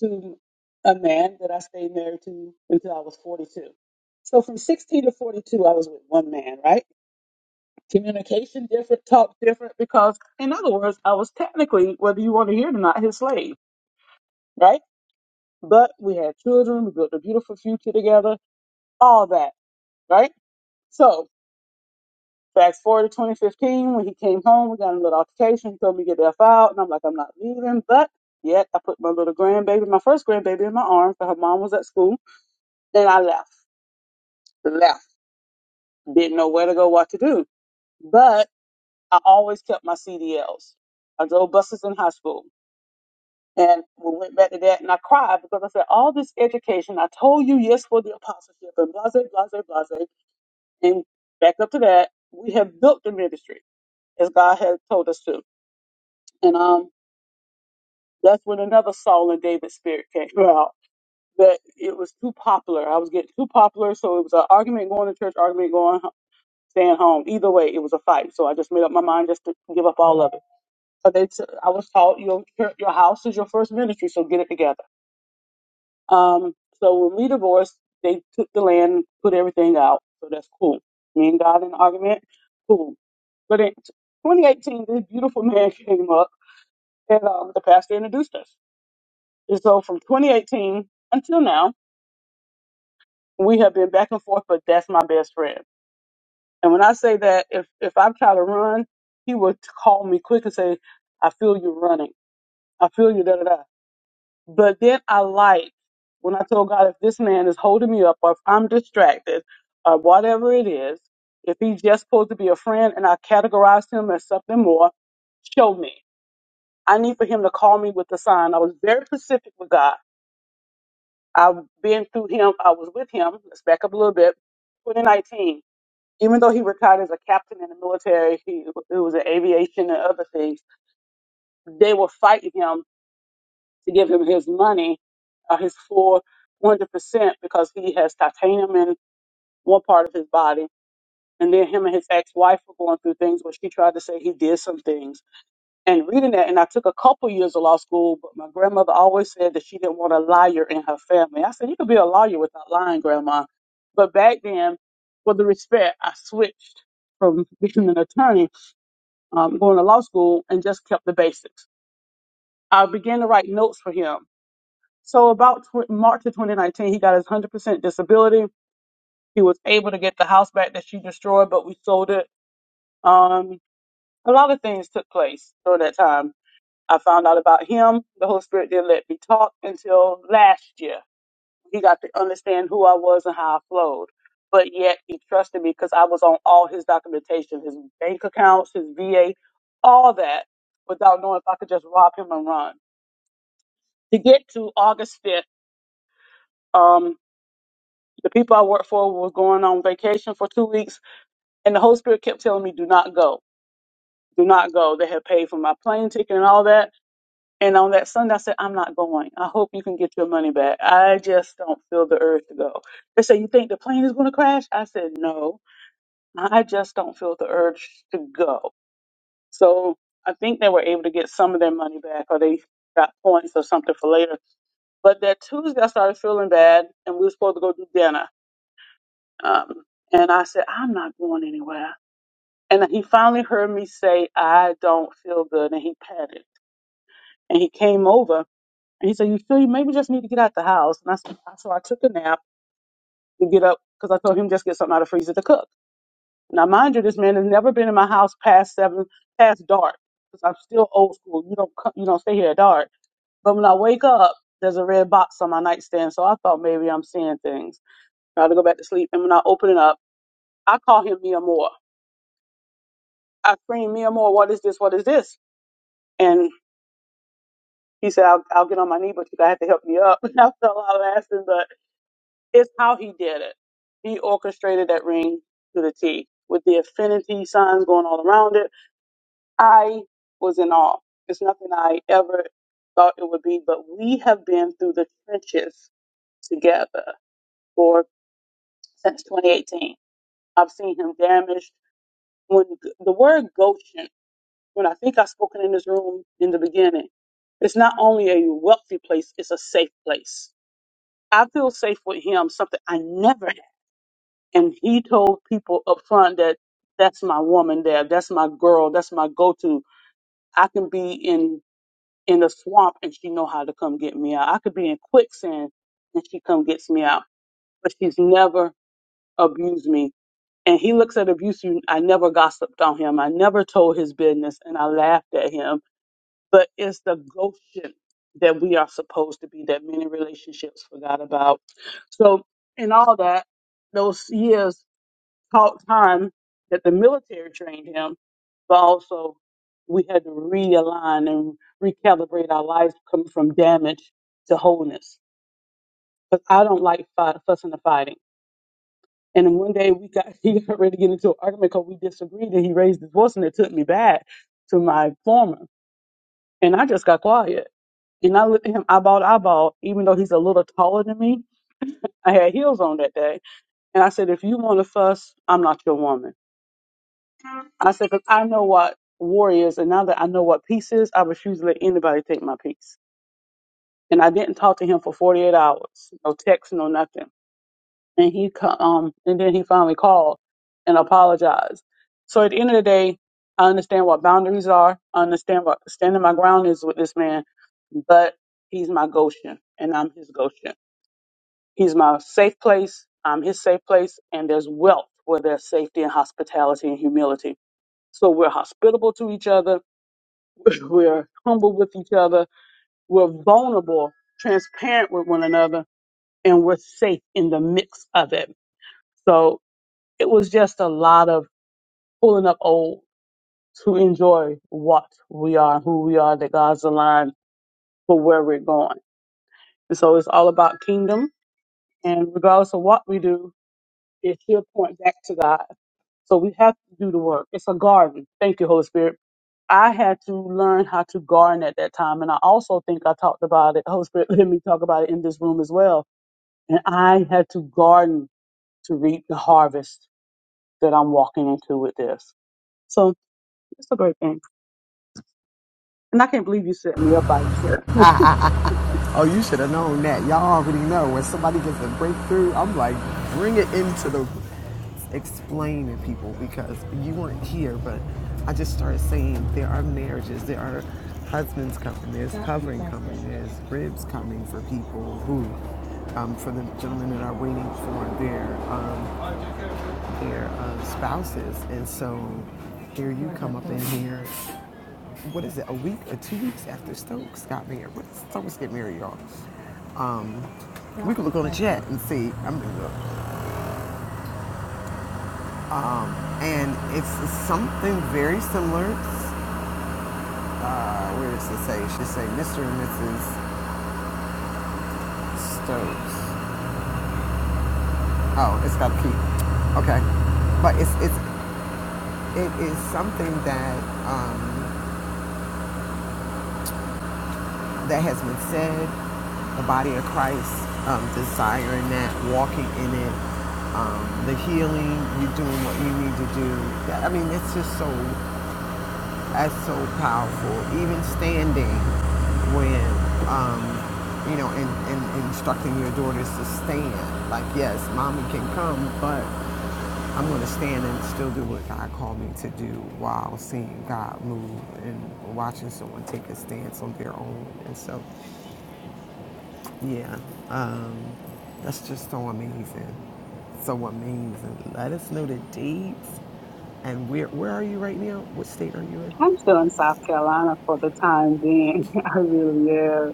[SPEAKER 6] to a man that I stayed married to until I was 42. So from 16 to 42, I was with one man, right? Communication different, talk different, because in other words, I was technically, whether you want to hear it or not, his slave, right? But we had children, we built a beautiful future together, all that, right? So fast forward to 2015, when he came home, we got in a little altercation, he told me to get the F out, and I'm like, I'm not leaving, but yet I put my little grandbaby, my first grandbaby in my arms, but her mom was at school, and I left. Left. didn't know where to go, what to do. But I always kept my CDLs. I drove buses in high school. And we went back to that and I cried because I said, all this education, I told you yes for the apostleship and blase, blase, blase. And back up to that, we have built the ministry as God has told us to. And um, that's when another Saul and David spirit came [laughs] out. That it was too popular. I was getting too popular. So it was an argument going to church, argument going, staying home. Either way, it was a fight. So I just made up my mind just to give up all of it. So they t- I was taught your your house is your first ministry, so get it together. Um, so when we divorced, they took the land, put everything out. So that's cool. Me and God in argument, cool. But in 2018, this beautiful man [laughs] came up, and um, the pastor introduced us. And so from 2018 until now, we have been back and forth. But that's my best friend. And when I say that, if if I try to run, he would call me quick and say, "I feel you running. I feel you." Da da da. But then I like when I told God, if this man is holding me up, or if I'm distracted, or whatever it is, if he's just supposed to be a friend and I categorize him as something more, show me. I need for him to call me with the sign. I was very specific with God. I've been through him. I was with him. Let's back up a little bit. 2019. Even though he retired as a captain in the military, he, he was in aviation and other things. They were fighting him to give him his money, uh, his full 100% because he has titanium in one part of his body. And then him and his ex-wife were going through things where she tried to say he did some things. And reading that, and I took a couple years of law school, but my grandmother always said that she didn't want a liar in her family. I said, you could be a lawyer without lying, grandma. But back then, for the respect, I switched from being an attorney, um, going to law school, and just kept the basics. I began to write notes for him So about tw- March of 2019, he got his 100% disability. He was able to get the house back that she destroyed, but we sold it. Um, a lot of things took place during that time. I found out about him. The Holy Spirit didn't let me talk until last year. He got to understand who I was and how I flowed. But yet he trusted me because I was on all his documentation, his bank accounts, his VA, all that, without knowing if I could just rob him and run. To get to August 5th, the people I worked for was going on vacation for two weeks, and the Holy Spirit kept telling me, "Do not go, do not go." They had paid for my plane ticket and all that. And on that Sunday, I said, "I'm not going. I hope you can get your money back. I just don't feel the urge to go." They said, "You think the plane is going to crash?" I said, "No, I just don't feel the urge to go." So I think they were able to get some of their money back, or they got points or something for later. But that Tuesday, I started feeling bad, and we were supposed to go do dinner. Um, and I said, I'm not going anywhere. And he finally heard me say, I don't feel good. And he patted. And he came over and he said, You feel you maybe just need to get out the house. And I said, So I took a nap to get up because I told him just get something out of the freezer to cook. Now, mind you, this man has never been in my house past seven, past dark because I'm still old school. You don't, co- you don't stay here at dark. But when I wake up, there's a red box on my nightstand. So I thought maybe I'm seeing things. I had to go back to sleep. And when I open it up, I call him Mia Moore I screamed, Mia Moore, what is this? What is this? And he said, I'll, I'll get on my knee, but you gotta have to help me up. [laughs] And I fell out laughing, but it's how he did it. He orchestrated that ring to the T with the affinity signs going all around it. I was in awe. It's nothing I ever thought it would be, but we have been through the trenches together for since 2018. I've seen him damaged. When the word Goshen when I think I've spoken in this room in the beginning, it's not only a wealthy place, it's a safe place. I feel safe with him, something I never had. And he told people up front that that's my woman there, that's my girl, that's my go-to. I can be in in the swamp and she know how to come get me out. I could be in quicksand and she come gets me out. But she's never abused me. And he looks at abuse. you- I never gossiped on him. I never told his business, and I laughed at him but it's the Goshen that we are supposed to be that many relationships forgot about. So, in all that, those years taught time that the military trained him, but also we had to realign and recalibrate our lives coming from damage to wholeness. Because I don't like fight, fussing and fighting. And then one day we got [laughs] he got ready to get into an argument because we disagreed, and he raised his voice, and it took me back to my former. And I just got quiet. And I looked at him eyeball to eyeball, even though he's a little taller than me. I had heels on that day. And I said, if you want to fuss, I'm not your woman. I said, because I know what war is. And now that I know what peace is, I refuse to let anybody take my peace. And I didn't talk to him for 48 hours. No text, no nothing. and he co- um and then he finally called and apologized. So at the end of the day, I understand what boundaries are. I understand what standing my ground is with this man, but he's my Goshen and I'm his Goshen. He's my safe place. I'm his safe place, and there's wealth where there's safety and hospitality and humility. So we're hospitable to each other. [laughs] We're humble with each other. We're vulnerable, transparent with one another, and we're safe in the mix of it. So It was just a lot of pulling up old to enjoy what we are, who we are, that God's aligned for where we're going. And so it's all about kingdom. And regardless of what we do, it still point back to God. So we have to do the work. It's a garden. Thank you, Holy Spirit. I had to learn how to garden at that time. And I also think I talked about it. Holy Spirit [laughs] let me talk about it in this room as well. And I had to garden to reap the harvest that I'm walking into with this. So it's a great thing. And I can't believe you set me up by yourself. [laughs]
[SPEAKER 2] Oh, you should have known that. Y'all already know when somebody gets a breakthrough. I'm like, bring it into the explain to people because you weren't here. But I just started saying there are marriages, there are husbands coming, there's covering coming, there's ribs coming for people who, um, for the gentlemen that are waiting for their um, their uh, spouses, and so here you come up in here what is it, a week or two weeks after Stokes got married. What did Stokes get married, y'all? Um, we could look on the chat and see. I'm gonna look. Um, and it's something very similar. Uh, where does it say? It should say Mr. and Mrs. Stokes. Oh, it's got a P. Okay, but it's it's it is something that. Um, that has been said, the body of Christ, um, desiring that, walking in it, um, the healing, you doing what you need to do. I mean, it's just so, that's so powerful. Even standing when, um, you know, in, in, instructing your daughters to stand. Like, yes, mommy can come, but I'm going to stand and still do what God called me to do while seeing God move and watching someone take a stance on their own. And so yeah, um, that's just so amazing. So amazing. Let us know the dates. And where where are you right now? What state are you in?
[SPEAKER 6] I'm still in South Carolina for the time being. [laughs] I really am.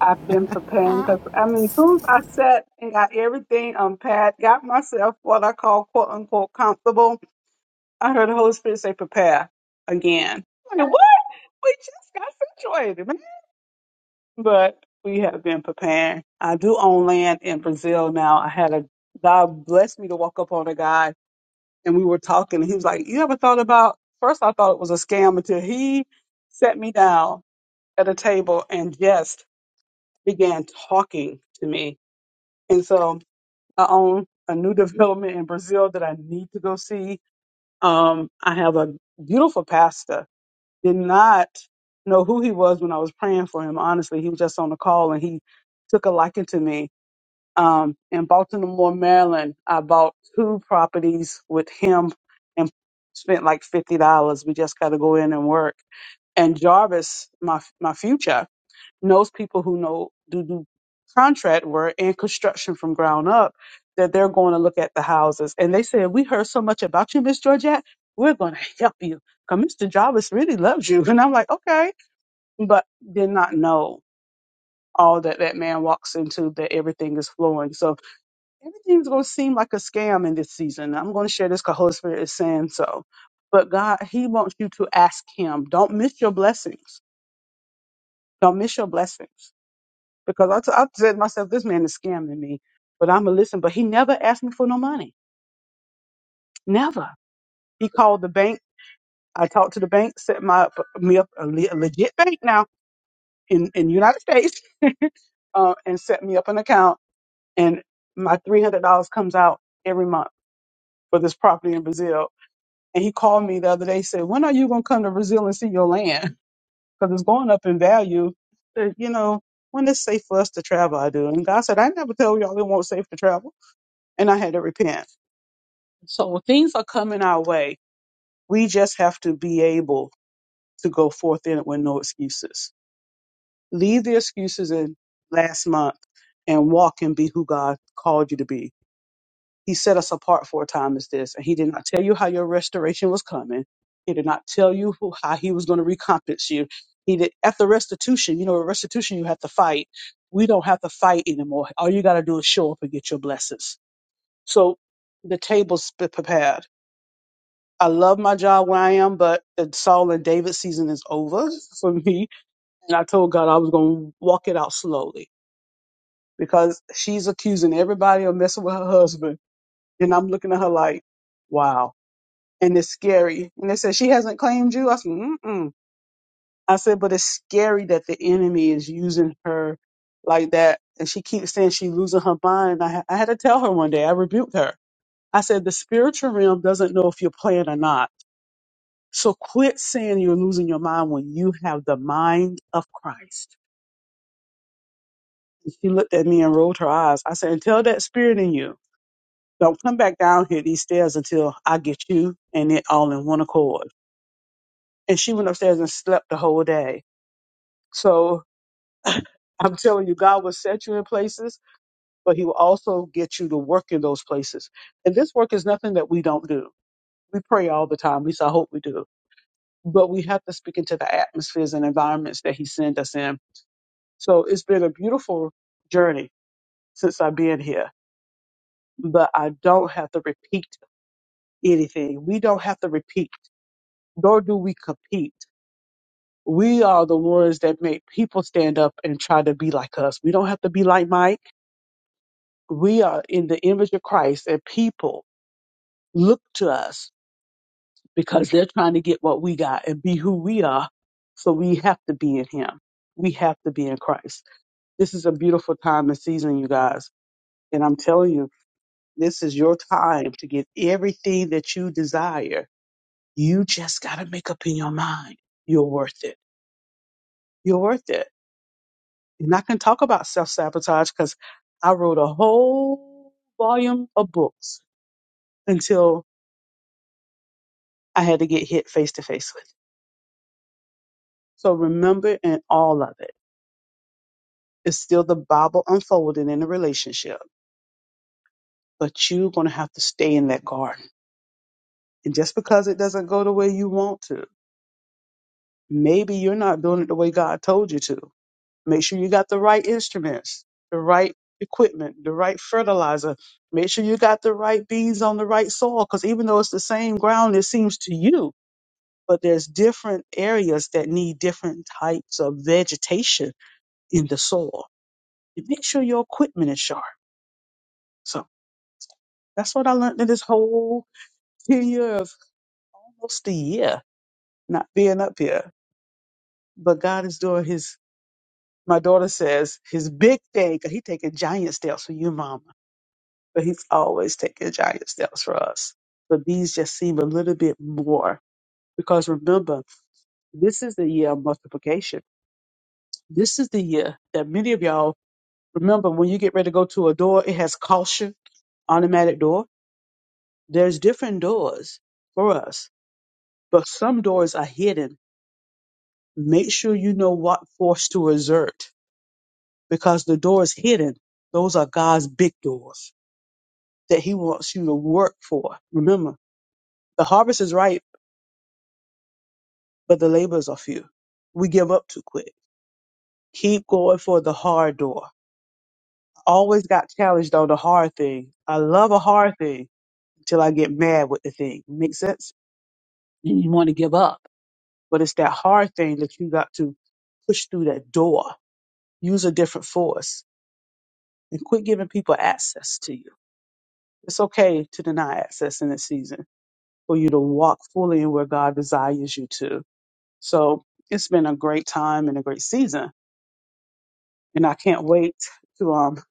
[SPEAKER 6] I've been preparing because, I mean, as soon as I sat and got everything unpacked, got myself what I call quote unquote comfortable, I heard the Holy Spirit say, prepare again. I'm like, what? We just got situated, man. But we have been preparing. I do own land in Brazil now. I had a, God blessed me to walk up on a guy and we were talking and he was like you ever thought about first i thought it was a scam until he sat me down at a table and just began talking to me and so i own a new [laughs] development in brazil that i need to go see um, i have a beautiful pastor did not know who he was when i was praying for him honestly he was just on the call and he took a liking to me um, in Baltimore, Maryland. I bought two properties with him and spent like fifty dollars. We just got to go in and work. And Jarvis, my my future, knows people who know do do contract work and construction from ground up that they're going to look at the houses. And they said, "We heard so much about you, Miss Georgette. We're going to help you." Cause Mr. Jarvis really loves you, [laughs] and I'm like, okay, but did not know all that that man walks into that everything is flowing. So everything's going to seem like a scam in this season. I'm going to share this because Holy Spirit is saying so. But God, He wants you to ask Him. Don't miss your blessings. Don't miss your blessings. Because I, t- I said to myself, this man is scamming me, but I'm going to listen. But he never asked me for no money. Never. He called the bank. I talked to the bank, set my me up a, le- a legit bank now in in United States, uh, and set me up an account. And my three hundred dollars comes out every month for this property in Brazil And he called me the other day, said, When are you going to come to Brazil and see your land? [laughs] Because it's going up in value. Said, you know, when it's safe for us to travel, I do. And God said, I never tell y'all it won't safe to travel. And I had to repent. So things are coming our way. We just have to be able to go forth in it with no excuses. Leave the excuses in last month and walk and be who God called you to be He set us apart for a time as this, and He did not tell you how your restoration was coming. He did not tell you who, how He was going to recompense you. He did after restitution. You know, at restitution, you have to fight. We don't have to fight anymore. All you got to do is show up and get your blessings. So the table's pre- prepared. I love my job where I am, but the Saul and David season is over [laughs] for me. And I told God I was going to walk it out slowly because she's accusing everybody of messing with her husband. And I'm looking at her like, wow and it's scary. And they said she hasn't claimed you. I said, mm-mm. I said, but it's scary that the enemy is using her like that, and she keeps saying she's losing her mind. I, ha- I had to tell her one day. I rebuked her. I said, the spiritual realm doesn't know if you're playing or not. So quit saying you're losing your mind when you have the mind of Christ. And She looked at me and rolled her eyes. I said, until that spirit in you, don't come back down here these stairs until I get you and it all in one accord. And she went upstairs and slept the whole day. So I'm telling you, God will set you in places, but He will also get you to work in those places. And this work is nothing that we don't do. We pray all the time. At least I hope we do. But we have to speak into the atmospheres and environments that He sent us in. So it's been a beautiful journey since I've been here. But I don't have to repeat anything. We don't have to repeat, nor do we compete. We are the ones that make people stand up and try to be like us. We don't have to be like Mike. we are in the image of Christ and people look to us because they're trying to get what we got and be who we are. So we have to be in him. We have to be in Christ. This is a beautiful time and season, you guys. And I'm telling you, this is your time to get everything that you desire. You just got to make up in your mind. You're worth it. You're worth it. And I can talk about self sabotage because I wrote a whole volume of books until I had to get hit face to face with. So remember in all of it, it's still the Bible unfolding in a relationship, but you're going to have to stay in that garden. And just because it doesn't go the way you want to, maybe you're not doing it the way God told you to. Make sure you got the right instruments, the right equipment, the right fertilizer. Make sure you got the right beans on the right soil, because even though it's the same ground, it seems to you, but there's different areas that need different types of vegetation in the soil You make sure your equipment is sharp. So that's what I learned in this whole year of almost a year not being up here. But God is doing his, my daughter says, his big thing, 'cause he taking giant steps for you, mama. But he's always taking giant steps for us. But these just seem a little bit more. Because remember, this is the year of multiplication. This is the year that many of y'all remember when you get ready to go to a door, it has caution, automatic door. There's different doors for us but some doors are hidden. Make sure you know what force to exert because the doors hidden, those are God's big doors that He wants you to work for. Remember, the harvest is ripe, but the laborers are few. We give up too quick. Keep going for the hard door. Always got challenged on the hard thing. I love a hard thing until I get mad with the thing. Make sense? And you want to give up. But it's that hard thing that you got to push through that door. Use a different force and quit giving people access to you. It's okay to deny access in this season for you to walk fully in where God desires you to. So it's been a great time and a great season. And I can't wait to um,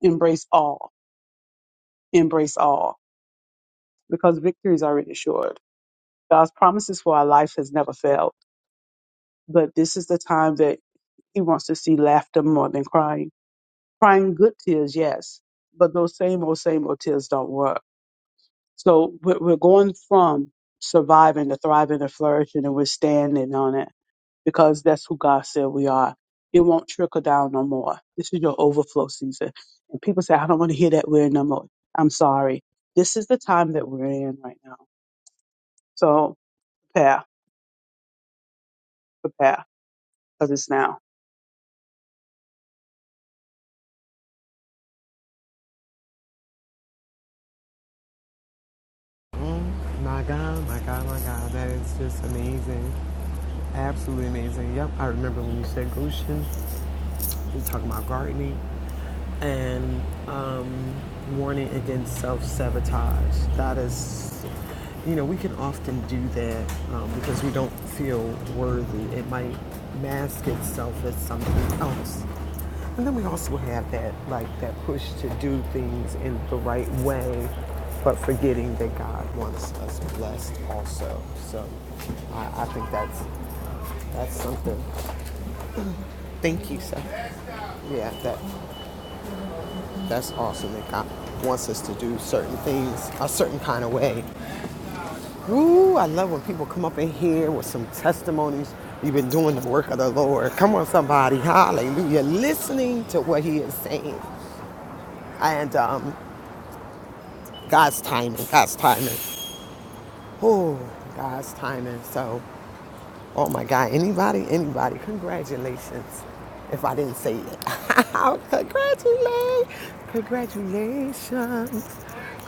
[SPEAKER 6] embrace all, embrace all, because victory is already assured. God's promises for our life has never failed. But this is the time that He wants to see laughter more than crying. Crying good tears, yes, but those same old, same old tears don't work So we're we're going from surviving to thriving to flourishing, and we're standing on it because that's who God said we are. It won't trickle down no more. This is your overflow season. And people say, I don't want to hear that word no more. I'm sorry. This is the time that we're in right now. So prepare, prepare, because it's now.
[SPEAKER 2] Mm, my God, my God, my God. That is just amazing. Absolutely amazing. Yep, I remember when you said Goshen. we are talking about gardening and um, warning against self sabotage. That is, you know, we can often do that um, because we don't feel worthy. It might mask itself as something else. And then we also have that, like, that push to do things in the right way, but forgetting that God wants us blessed also. So I, I think that's that's something. Thank you, sir. Yeah, that That's awesome that God wants us to do certain things a certain kind of way. Ooh, I love when people come up in here with some testimonies. You've been doing the work of the Lord. Come on, somebody. Hallelujah. Listening to what he is saying. And um, God's timing, God's timing. Oh, God's timing. So, oh my God, anybody, anybody, congratulations. If I didn't say it, [laughs] congratulations. Congratulations.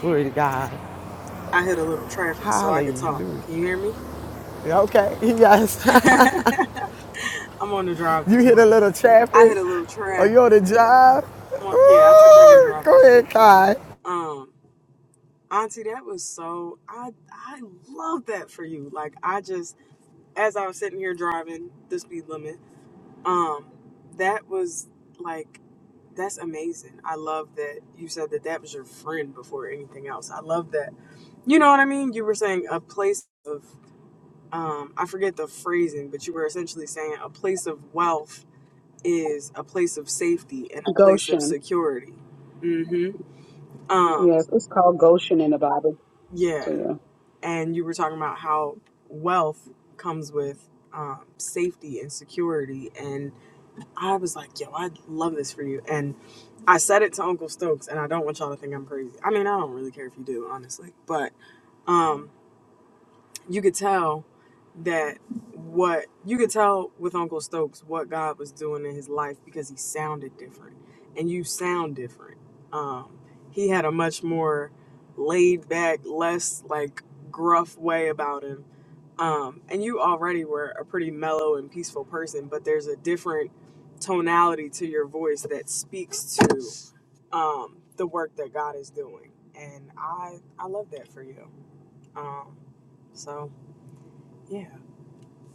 [SPEAKER 2] Glory to God.
[SPEAKER 7] I hit a little traffic so I could talk.
[SPEAKER 2] Hallelujah.
[SPEAKER 7] Can you hear me?
[SPEAKER 2] Okay, yes. [laughs]
[SPEAKER 7] I'm on the drive
[SPEAKER 2] you
[SPEAKER 7] this
[SPEAKER 2] hit a
[SPEAKER 7] morning.
[SPEAKER 2] little
[SPEAKER 7] I
[SPEAKER 2] traffic
[SPEAKER 7] hit a little
[SPEAKER 2] or you're on
[SPEAKER 7] traffic.
[SPEAKER 2] the job.
[SPEAKER 7] Well, yeah, I took Lincoln
[SPEAKER 2] Ooh,
[SPEAKER 7] Drive
[SPEAKER 2] go
[SPEAKER 7] this morning.
[SPEAKER 2] ahead, Kai.
[SPEAKER 7] Um, Auntie, that was so I I love that for you. Like I just as I was sitting here driving the speed limit, um, that was like that's amazing. I love that you said that that was your friend before anything else. I love that. You know what I mean? You were saying a place of um, I forget the phrasing, but you were essentially saying a place of wealth is a place of safety and a place of security. hmm Um, yeah, and you were talking about how wealth comes with um, safety and security, and I was like, "Yo, I love this for you." And I said it to Uncle Stokes, and I don't want y'all to think I'm crazy. I mean, I don't really care if you do, honestly, but um. you could tell that what you could tell with Uncle Stokes what God was doing in his life because he sounded different and you sound different. Um, he had a much more laid back, less like gruff way about him. Um, and you already were a pretty mellow and peaceful person, but there's a different tonality to your voice that speaks to um, the work that God is doing. And I, I love that for you. Um, so yeah.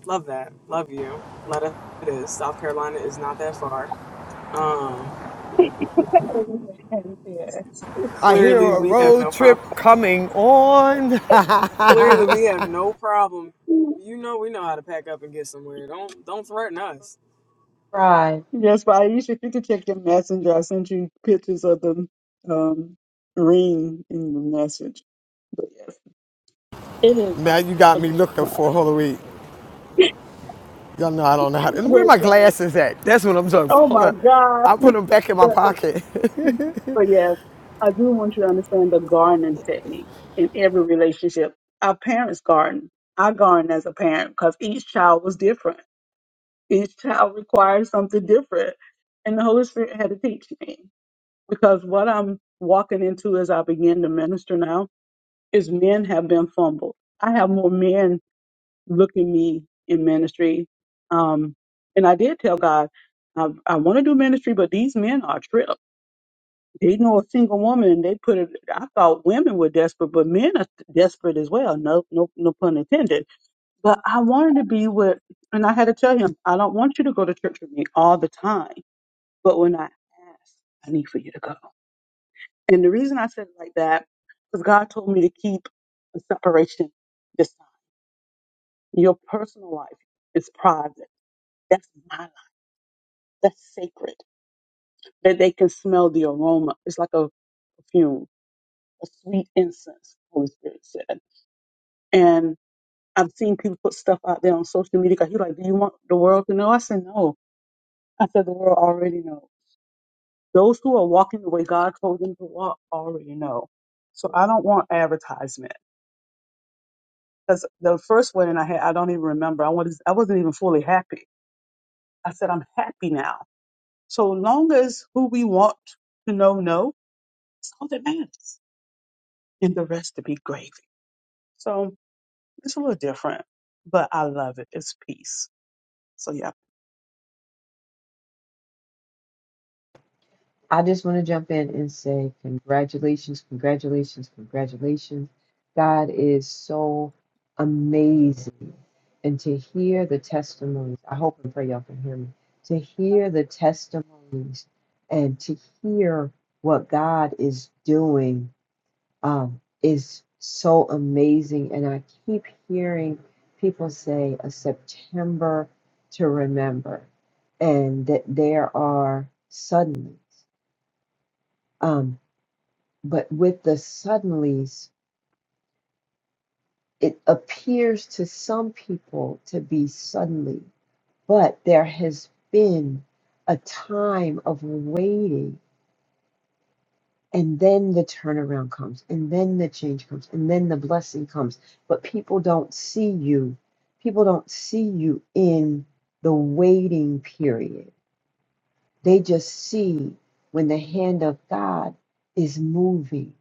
[SPEAKER 7] Love that. Love you. Let us it is. South Carolina is not that far. Um
[SPEAKER 6] [laughs] yes.
[SPEAKER 2] I hear
[SPEAKER 7] clearly
[SPEAKER 2] a
[SPEAKER 7] we have no
[SPEAKER 2] road trip
[SPEAKER 7] problem.
[SPEAKER 2] coming on. [laughs]
[SPEAKER 7] Clearly we have no problem. You know we know how to pack up and get somewhere. Don't don't threaten us.
[SPEAKER 8] Pride.
[SPEAKER 6] Yes, but Aisha, if you could check your messenger, I sent you pictures of the um, ring in the message. It is
[SPEAKER 2] now
[SPEAKER 6] um,
[SPEAKER 2] you got
[SPEAKER 6] a
[SPEAKER 2] me
[SPEAKER 6] great
[SPEAKER 2] looking
[SPEAKER 6] time.
[SPEAKER 2] for Holy Week. Y'all know I don't know how
[SPEAKER 6] It's
[SPEAKER 2] to.
[SPEAKER 6] a
[SPEAKER 2] Where
[SPEAKER 6] great
[SPEAKER 2] my
[SPEAKER 6] time.
[SPEAKER 2] glasses at? That's what I'm talking about.
[SPEAKER 6] Oh
[SPEAKER 2] Hold
[SPEAKER 6] my
[SPEAKER 2] on.
[SPEAKER 6] God.
[SPEAKER 2] I
[SPEAKER 6] [laughs]
[SPEAKER 2] put them back in my
[SPEAKER 6] but
[SPEAKER 2] pocket.
[SPEAKER 6] but yes, I do want you to understand the gardening technique in every relationship. Our parents garden. I garden as a parent because each child was different. Each child required something different. And the Holy Spirit had to teach me because what I'm walking into as I begin to minister now is men have been fumbled. I have more men look at me in ministry. Um, and I did tell God, I, I want to do ministry, but these men are a trip. They know a single woman and they put it, I thought women were desperate, but men are desperate as well. No, no, no pun intended. But I wanted to be with, and I had to tell him, I don't want you to go to church with me all the time. But when I ask, I need for you to go. And the reason I said it like that is God told me to keep the separation this time. Your personal life is private That's my life. That's sacred. That they can smell the aroma. It's like a perfume, a sweet incense, Holy Spirit said. And I've seen people put stuff out there on social media. 'Cause he like, do you want the world to know? I said, no. I said, the world already knows. Those who are walking the way God told them to walk already know. So I don't want advertisement. Because the first wedding I had, I don't even remember. I was I wasn't even fully happy. I said, I'm happy now. So long as who we want to know know, it's all that matters. and the rest to be gravy. So it's a little different, but I love it. It's peace. So yeah.
[SPEAKER 8] I just want to jump in and say congratulations, congratulations, congratulations. God is so amazing. And to hear the testimonies, I hope and pray y'all can hear me. To hear the testimonies and to hear what God is doing um, is so amazing. And I keep hearing people say a September to remember, and that there are suddenlies. Um, but with the suddenlies, it appears to some people to be suddenly, but there has been a time of waiting And then the turnaround comes, and then the change comes, and then the blessing comes. But people don't see you. People don't see you in the waiting period. They just see when the hand of God is moving.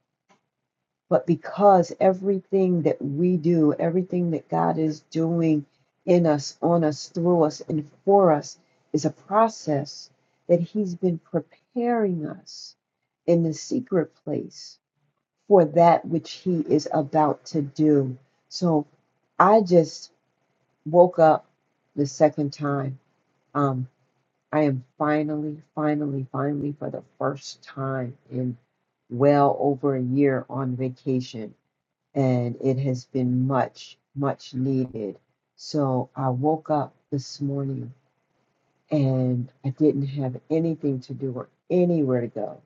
[SPEAKER 8] But because everything that we do, everything that God is doing in us, on us, through us, and for us is a process that He's been preparing us in the secret place for that which he is about to do. So I just woke up the second time. Um, I am finally, finally, finally, for the first time in well over a year on vacation, and it has been much, much needed. So I woke up this morning and I didn't have anything to do or anywhere to go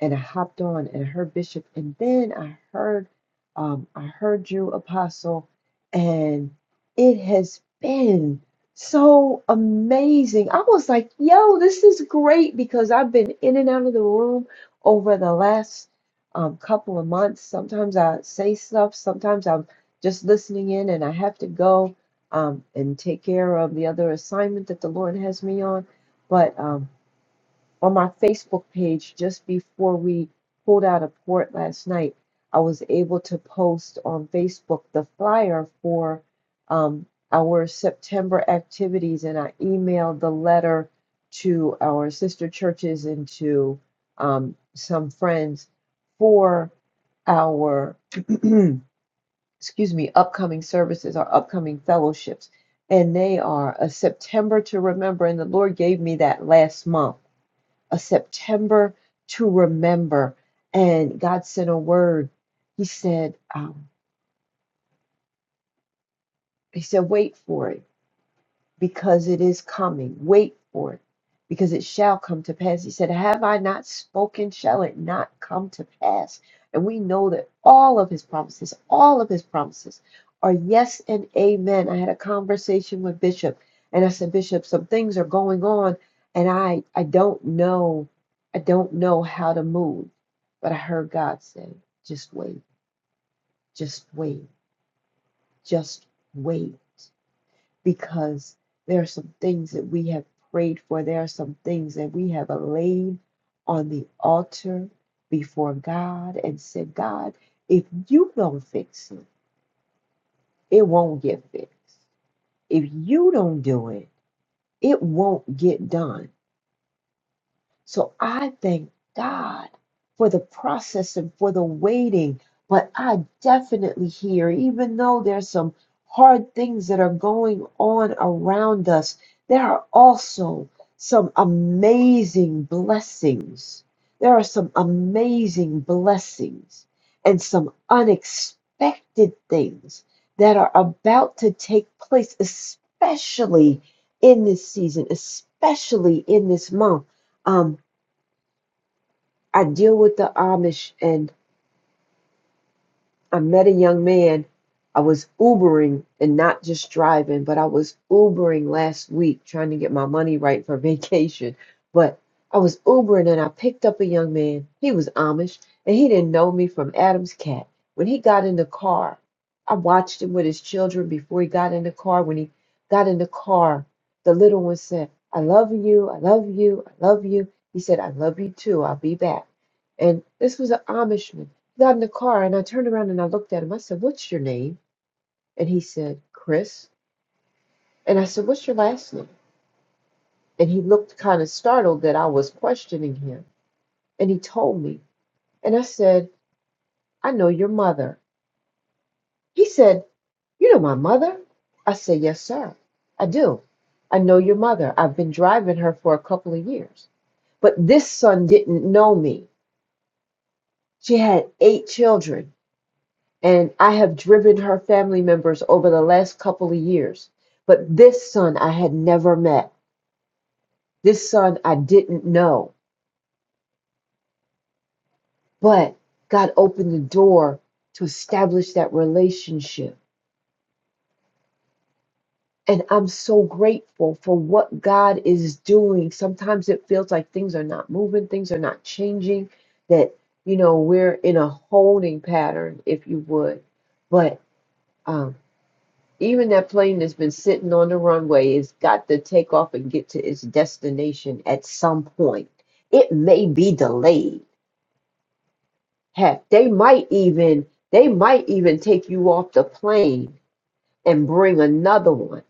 [SPEAKER 8] and I hopped on and I heard Bishop, and then I heard, um, I heard you, Apostle, and it has been so amazing. I was like, yo, this is great because I've been in and out of the room over the last um, couple of months. Sometimes I say stuff, sometimes I'm just listening in, and I have to go um, and take care of the other assignment that the Lord has me on. But um, on my Facebook page just before we pulled out of port last night. I was able to post on Facebook the flyer for um, our September activities, and I emailed the letter to our sister churches and to um, some friends for our [clears throat] excuse me upcoming services, our upcoming fellowships, and they are a September to remember. And the Lord gave me that last month a September to remember. And God sent a word. He said, um, He said, wait for it. because it is coming. Wait for it, because it shall come to pass. He said, Have I not spoken? Shall it not come to pass? And we know that all of his promises, all of his promises are yes and amen. I had a conversation with Bishop, and I said, Bishop, some things are going on, and I, I don't know, I don't know how to move. But I heard God say, just wait, just wait, just wait because there are some things that we have prayed for. There are some things that we have laid on the altar before God and said, God, if you don't fix it, it won't get fixed. If you don't do it, it won't get done So I thank God for the process and for the waiting. But I definitely hear, even though there's some hard things that are going on around us, there are also some amazing blessings. There are some amazing blessings and some unexpected things that are about to take place, especially in this season, especially in this month. Um, I deal with the Amish and I met a young man. I was Ubering and not just driving, but I was Ubering last week trying to get my money right for [laughs] vacation. But I was Ubering and I picked up a young man. He was Amish and he didn't know me from Adam's cat. When he got in the car, I watched him with his children before he got in the car. When he got in the car, the little one said, I love you, I love you, I love you. He said, I love you too, I'll be back. And this was an Amishman got in the car and I turned around and I looked at him. I said, What's your name? And he said, Chris. And I said, What's your last name? And he looked kind of startled that I was questioning him. And he told me. And I said, I know your mother. He said, You know my mother? I said, Yes, sir. I do. I know your mother. I've been driving her for a couple of years. But this son didn't know me. She had eight children. and I have driven her family members over the last couple of years. But this son I had never met. This son I didn't know. But God opened the door to establish that relationship. And I'm so grateful for what God is doing. Sometimes it feels like things are not moving, things are not changing, that, you know, we're in a holding pattern, if you would. But um. Even that plane that's been sitting on the runway has got to take off and get to its destination at some point. It may be delayed. Heck, they might even they might even take you off the plane and bring another one.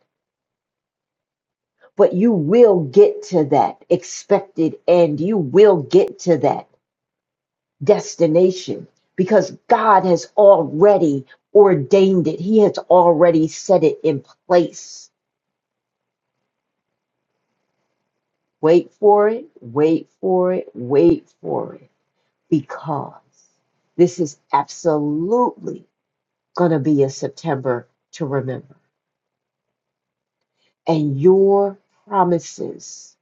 [SPEAKER 8] But you will get to that expected end. You will get to that destination because God has already ordained it. He has already set it in place. Wait for it, wait for it, wait for it, because this is absolutely going to be a September to remember. And your promises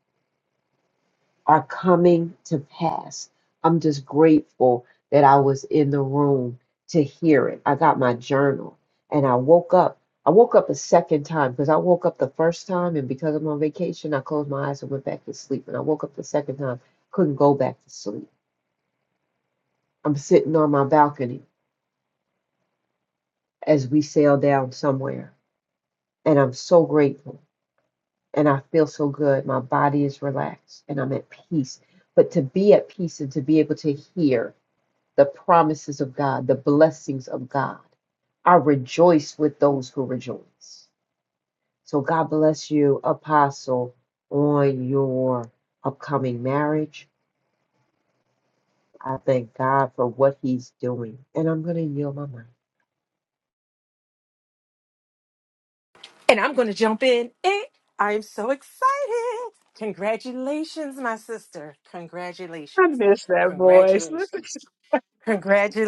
[SPEAKER 8] are coming to pass. I'm just grateful that I was in the room to hear it. I got my journal and I woke up. I woke up a second time because I woke up the first time, and because I'm on vacation, I closed my eyes and went back to sleep. And I woke up the second time, couldn't go back to sleep I'm sitting on my balcony as we sail down somewhere, and I'm so grateful and I feel so good. My body is relaxed and I'm at peace. But to be at peace and to be able to hear the promises of God, the blessings of God, I rejoice with those who rejoice. So God bless you, Apostle, on your upcoming marriage. I thank God for what He's doing, and I'm going to yield my mind.
[SPEAKER 9] And I'm going to jump in. Eh, I am so excited. Congratulations, my sister.
[SPEAKER 6] I
[SPEAKER 9] Congratulations.
[SPEAKER 6] miss that voice.
[SPEAKER 9] Congratulations.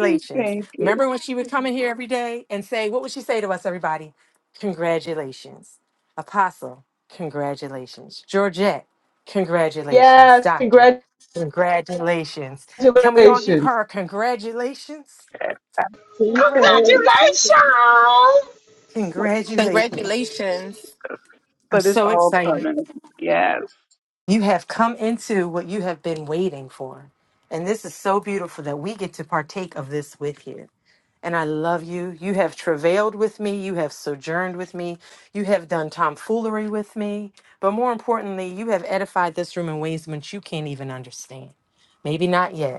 [SPEAKER 6] [laughs] Thank you.
[SPEAKER 9] Remember when she would come in here every day and say, what would she say to us, everybody? Congratulations. Apostle, congratulations. Georgette, congratulations.
[SPEAKER 8] Yes,
[SPEAKER 9] Doctor, congratulations. Can we all give
[SPEAKER 8] congratulations.
[SPEAKER 9] her a congratulations? Congratulations.
[SPEAKER 10] Congratulations!
[SPEAKER 9] Congratulations.
[SPEAKER 3] Congratulations.
[SPEAKER 9] I'm
[SPEAKER 6] But it's
[SPEAKER 9] so
[SPEAKER 6] all
[SPEAKER 9] excited.
[SPEAKER 6] coming. Yes.
[SPEAKER 9] You have come into what you have been waiting for. And this is so beautiful that we get to partake of this with you. And I love you. You have travailed with me. You have sojourned with me. You have done tomfoolery with me. But more importantly, you have edified this room in ways in which you can't even understand. Maybe not yet,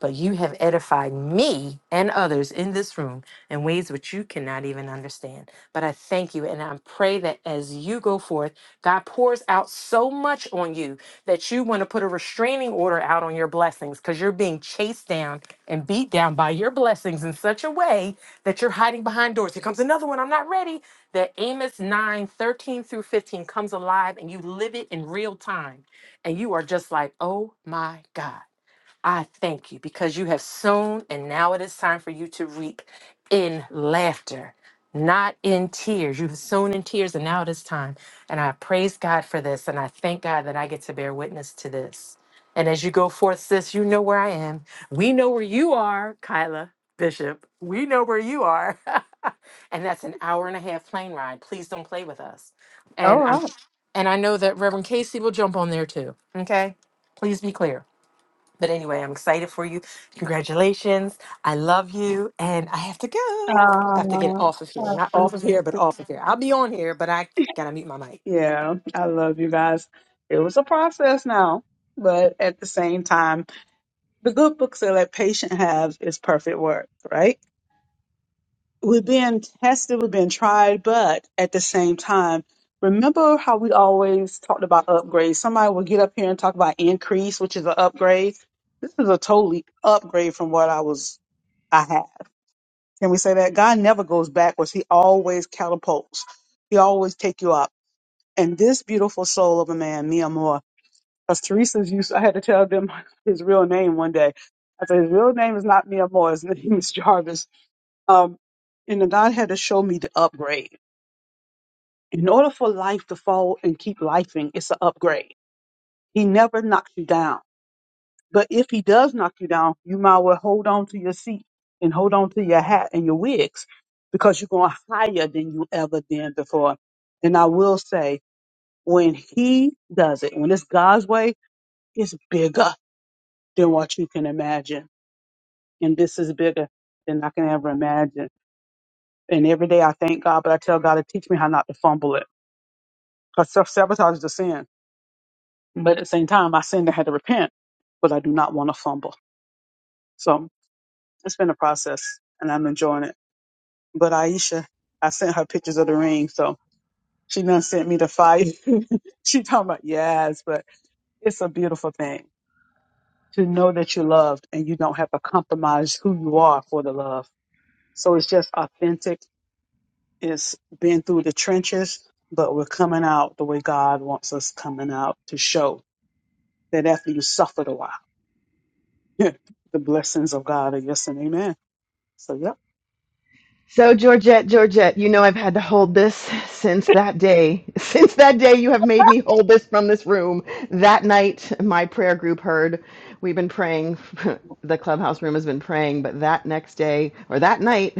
[SPEAKER 9] but you have edified me and others in this room in ways which you cannot even understand. But I thank you and I pray that as you go forth, God pours out so much on you that you want to put a restraining order out on your blessings because you're being chased down and beat down by your blessings in such a way that you're hiding behind doors. Here comes another one. I'm not ready. That Amos 9 13 through 15 comes alive and you live it in real time. And you are just like, oh my God. I thank you because you have sown, and now it is time for you to reap in laughter, not in tears. You have sown in tears, and now it is time. And I praise God for this, and I thank God that I get to bear witness to this. And as you go forth, sis, you know where I am. We know where you are, Kyla Bishop. We know where you are. [laughs] and that's an hour and a half plane ride. Please don't play with us.
[SPEAKER 6] All
[SPEAKER 9] And I'm
[SPEAKER 6] right.
[SPEAKER 9] and I know that Reverend Casey will jump on there too. Okay? Please be clear. But anyway, I'm excited for you. Congratulations. I love you. And I have to go. I have to get off of
[SPEAKER 6] Uh,
[SPEAKER 9] here.
[SPEAKER 6] I
[SPEAKER 9] Not off of here,
[SPEAKER 6] appreciate
[SPEAKER 9] but
[SPEAKER 6] it.
[SPEAKER 9] off of here. I'll be on here, but I gotta mute my mic.
[SPEAKER 6] Yeah, I love you guys. It was a process now, but at the same time, the good book said that patient has is perfect work, right? we're being tested, we're being tried, but at the same time, remember how we always talked about upgrades. Somebody will get up here and talk about increase, which is an upgrade. This is a totally upgrade from what I was I had. Can we say that? God never goes backwards. He always catapults. He always take you up. And this beautiful soul of a man, Mia Moore, because Teresa's used I had to tell them [laughs] his real name one day. I said his real name is not Mia Moore, his [laughs] name is Jarvis. Um and then God had to show me the upgrade In order for life to fall and keep lifing, it's an upgrade. He never knocks you down. But if he does knock you down, you might well hold on to your seat and hold on to your hat and your wigs because you're going higher than you ever been before. And I will say, when he does it, when it's God's way, it's bigger than what you can imagine. And this is bigger than I can ever imagine. And every day I thank God, but I tell God to teach me how not to fumble it. Because self sabotage is a sin But at the same time, I sinned and had to repent, but I do not want to fumble. So it's been a process and I'm enjoying it. But Aisha, I sent her pictures of the ring. So she done sent me the fire. [laughs] she talking about, yes, but it's a beautiful thing to know that you're loved and you don't have to compromise who you are for the love. So it's just authentic. It's been through the trenches, but we're coming out the way God wants us coming out to show that after you suffered a while. [laughs] the blessings of God are yes and amen. So yep.
[SPEAKER 4] So, Georgette, Georgette, you know I've had to hold this since that day. [laughs] Since that day, you have made me hold this from this room. That night, my prayer group heard. We've been praying. [laughs] the clubhouse room has been praying, but that next day, or that night,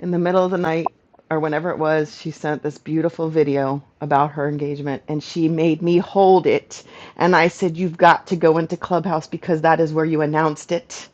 [SPEAKER 4] in the middle of the night, or whenever it was, she sent this beautiful video about her engagement and she made me hold it. And I said, You've got to go into Clubhouse because that is where you announced it.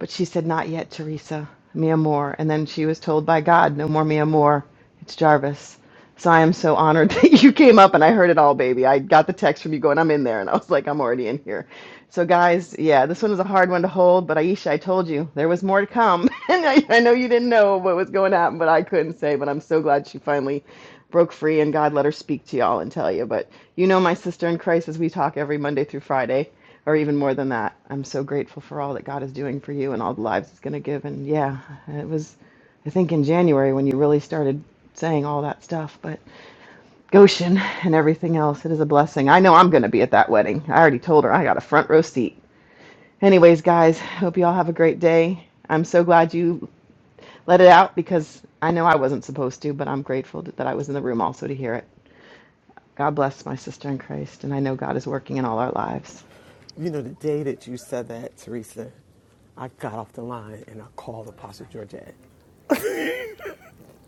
[SPEAKER 4] But she said, Not yet, Teresa. Mia Moore. And then she was told by God, No more Mia Moore. It's Jarvis. So I am so honored [laughs] that you came up and I heard it all, baby. I got the text from you going, I'm in there. And I was like, I'm already in here. So, guys, yeah, this one was a hard one to hold. But Aisha, I told you there was more to come. [laughs] and I, I know you didn't know what was going to happen, but I couldn't say. But I'm so glad she finally broke free and God let her speak to y'all and tell you. But you know, my sister in Christ, as we talk every Monday through Friday or even more than that. I'm so grateful for all that God is doing for you and all the lives it's going to give. And yeah, it was, I think, in January when you really started saying all that stuff. But Goshen and everything else, it is a blessing. I know I'm going to be at that wedding. I already told her I got a front row seat. Anyways, guys, hope you all have a great day. I'm so glad you let it out because I know I wasn't supposed to, but I'm grateful that I was in the room also to hear it. God bless my sister in Christ, and I know God is working in all our lives.
[SPEAKER 2] [laughs] you know, the day that you said that, Teresa, I got off the line and I called Apostle Georgette.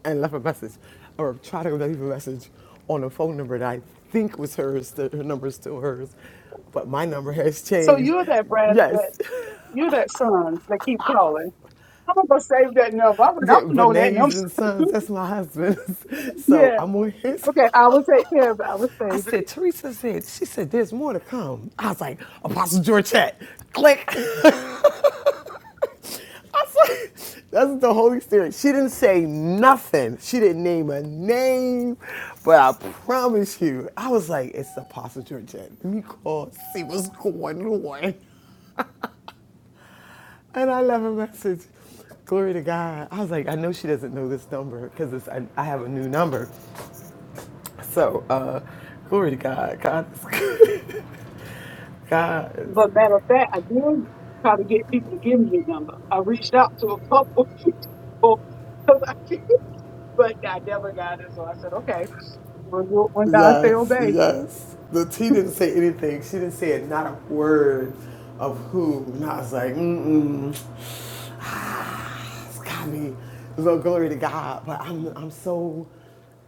[SPEAKER 2] and left a message or tried to leave a message on a phone number that I think was hers, that her number is still hers. But my number has
[SPEAKER 6] So
[SPEAKER 2] changed.
[SPEAKER 6] you're that Brad
[SPEAKER 2] Yes.
[SPEAKER 6] that
[SPEAKER 2] [laughs]
[SPEAKER 6] you're that son that keep calling. I'm gonna go save that number. I don't I
[SPEAKER 2] Yeah,
[SPEAKER 6] don't know that
[SPEAKER 2] Bernays
[SPEAKER 6] number.
[SPEAKER 2] and Sons, that's my husband's. [laughs]
[SPEAKER 6] [laughs]
[SPEAKER 2] So
[SPEAKER 6] yeah.
[SPEAKER 2] I'm on his.
[SPEAKER 6] Okay, I will take care of it. I will
[SPEAKER 2] I
[SPEAKER 6] save it.
[SPEAKER 2] said, Teresa said, she said, there's more to come. I was like, Apostle Georgette, click. [laughs] I saw, that's the Holy Spirit. She didn't say nothing. She didn't name a name, but I promise you, I was like, it's the Apostle Georgette. Let me call, see what's going on. And I left a message. Glory to God. I was like, I know she doesn't know this number because I, I have a new number. So, uh, glory to God. God is good. [laughs] God is
[SPEAKER 6] But matter of fact, I did try to get people to give me the number. I reached out to a couple [laughs] people because I [laughs] can't, but I never got it. So I said, okay, we'll do it when God say
[SPEAKER 2] Yes,
[SPEAKER 6] obey.
[SPEAKER 2] yes. The T didn't say anything. She didn't say it, not a word of who. And I was like, mm-mm. [sighs] It's got me. So glory to God. But I'm, I'm so,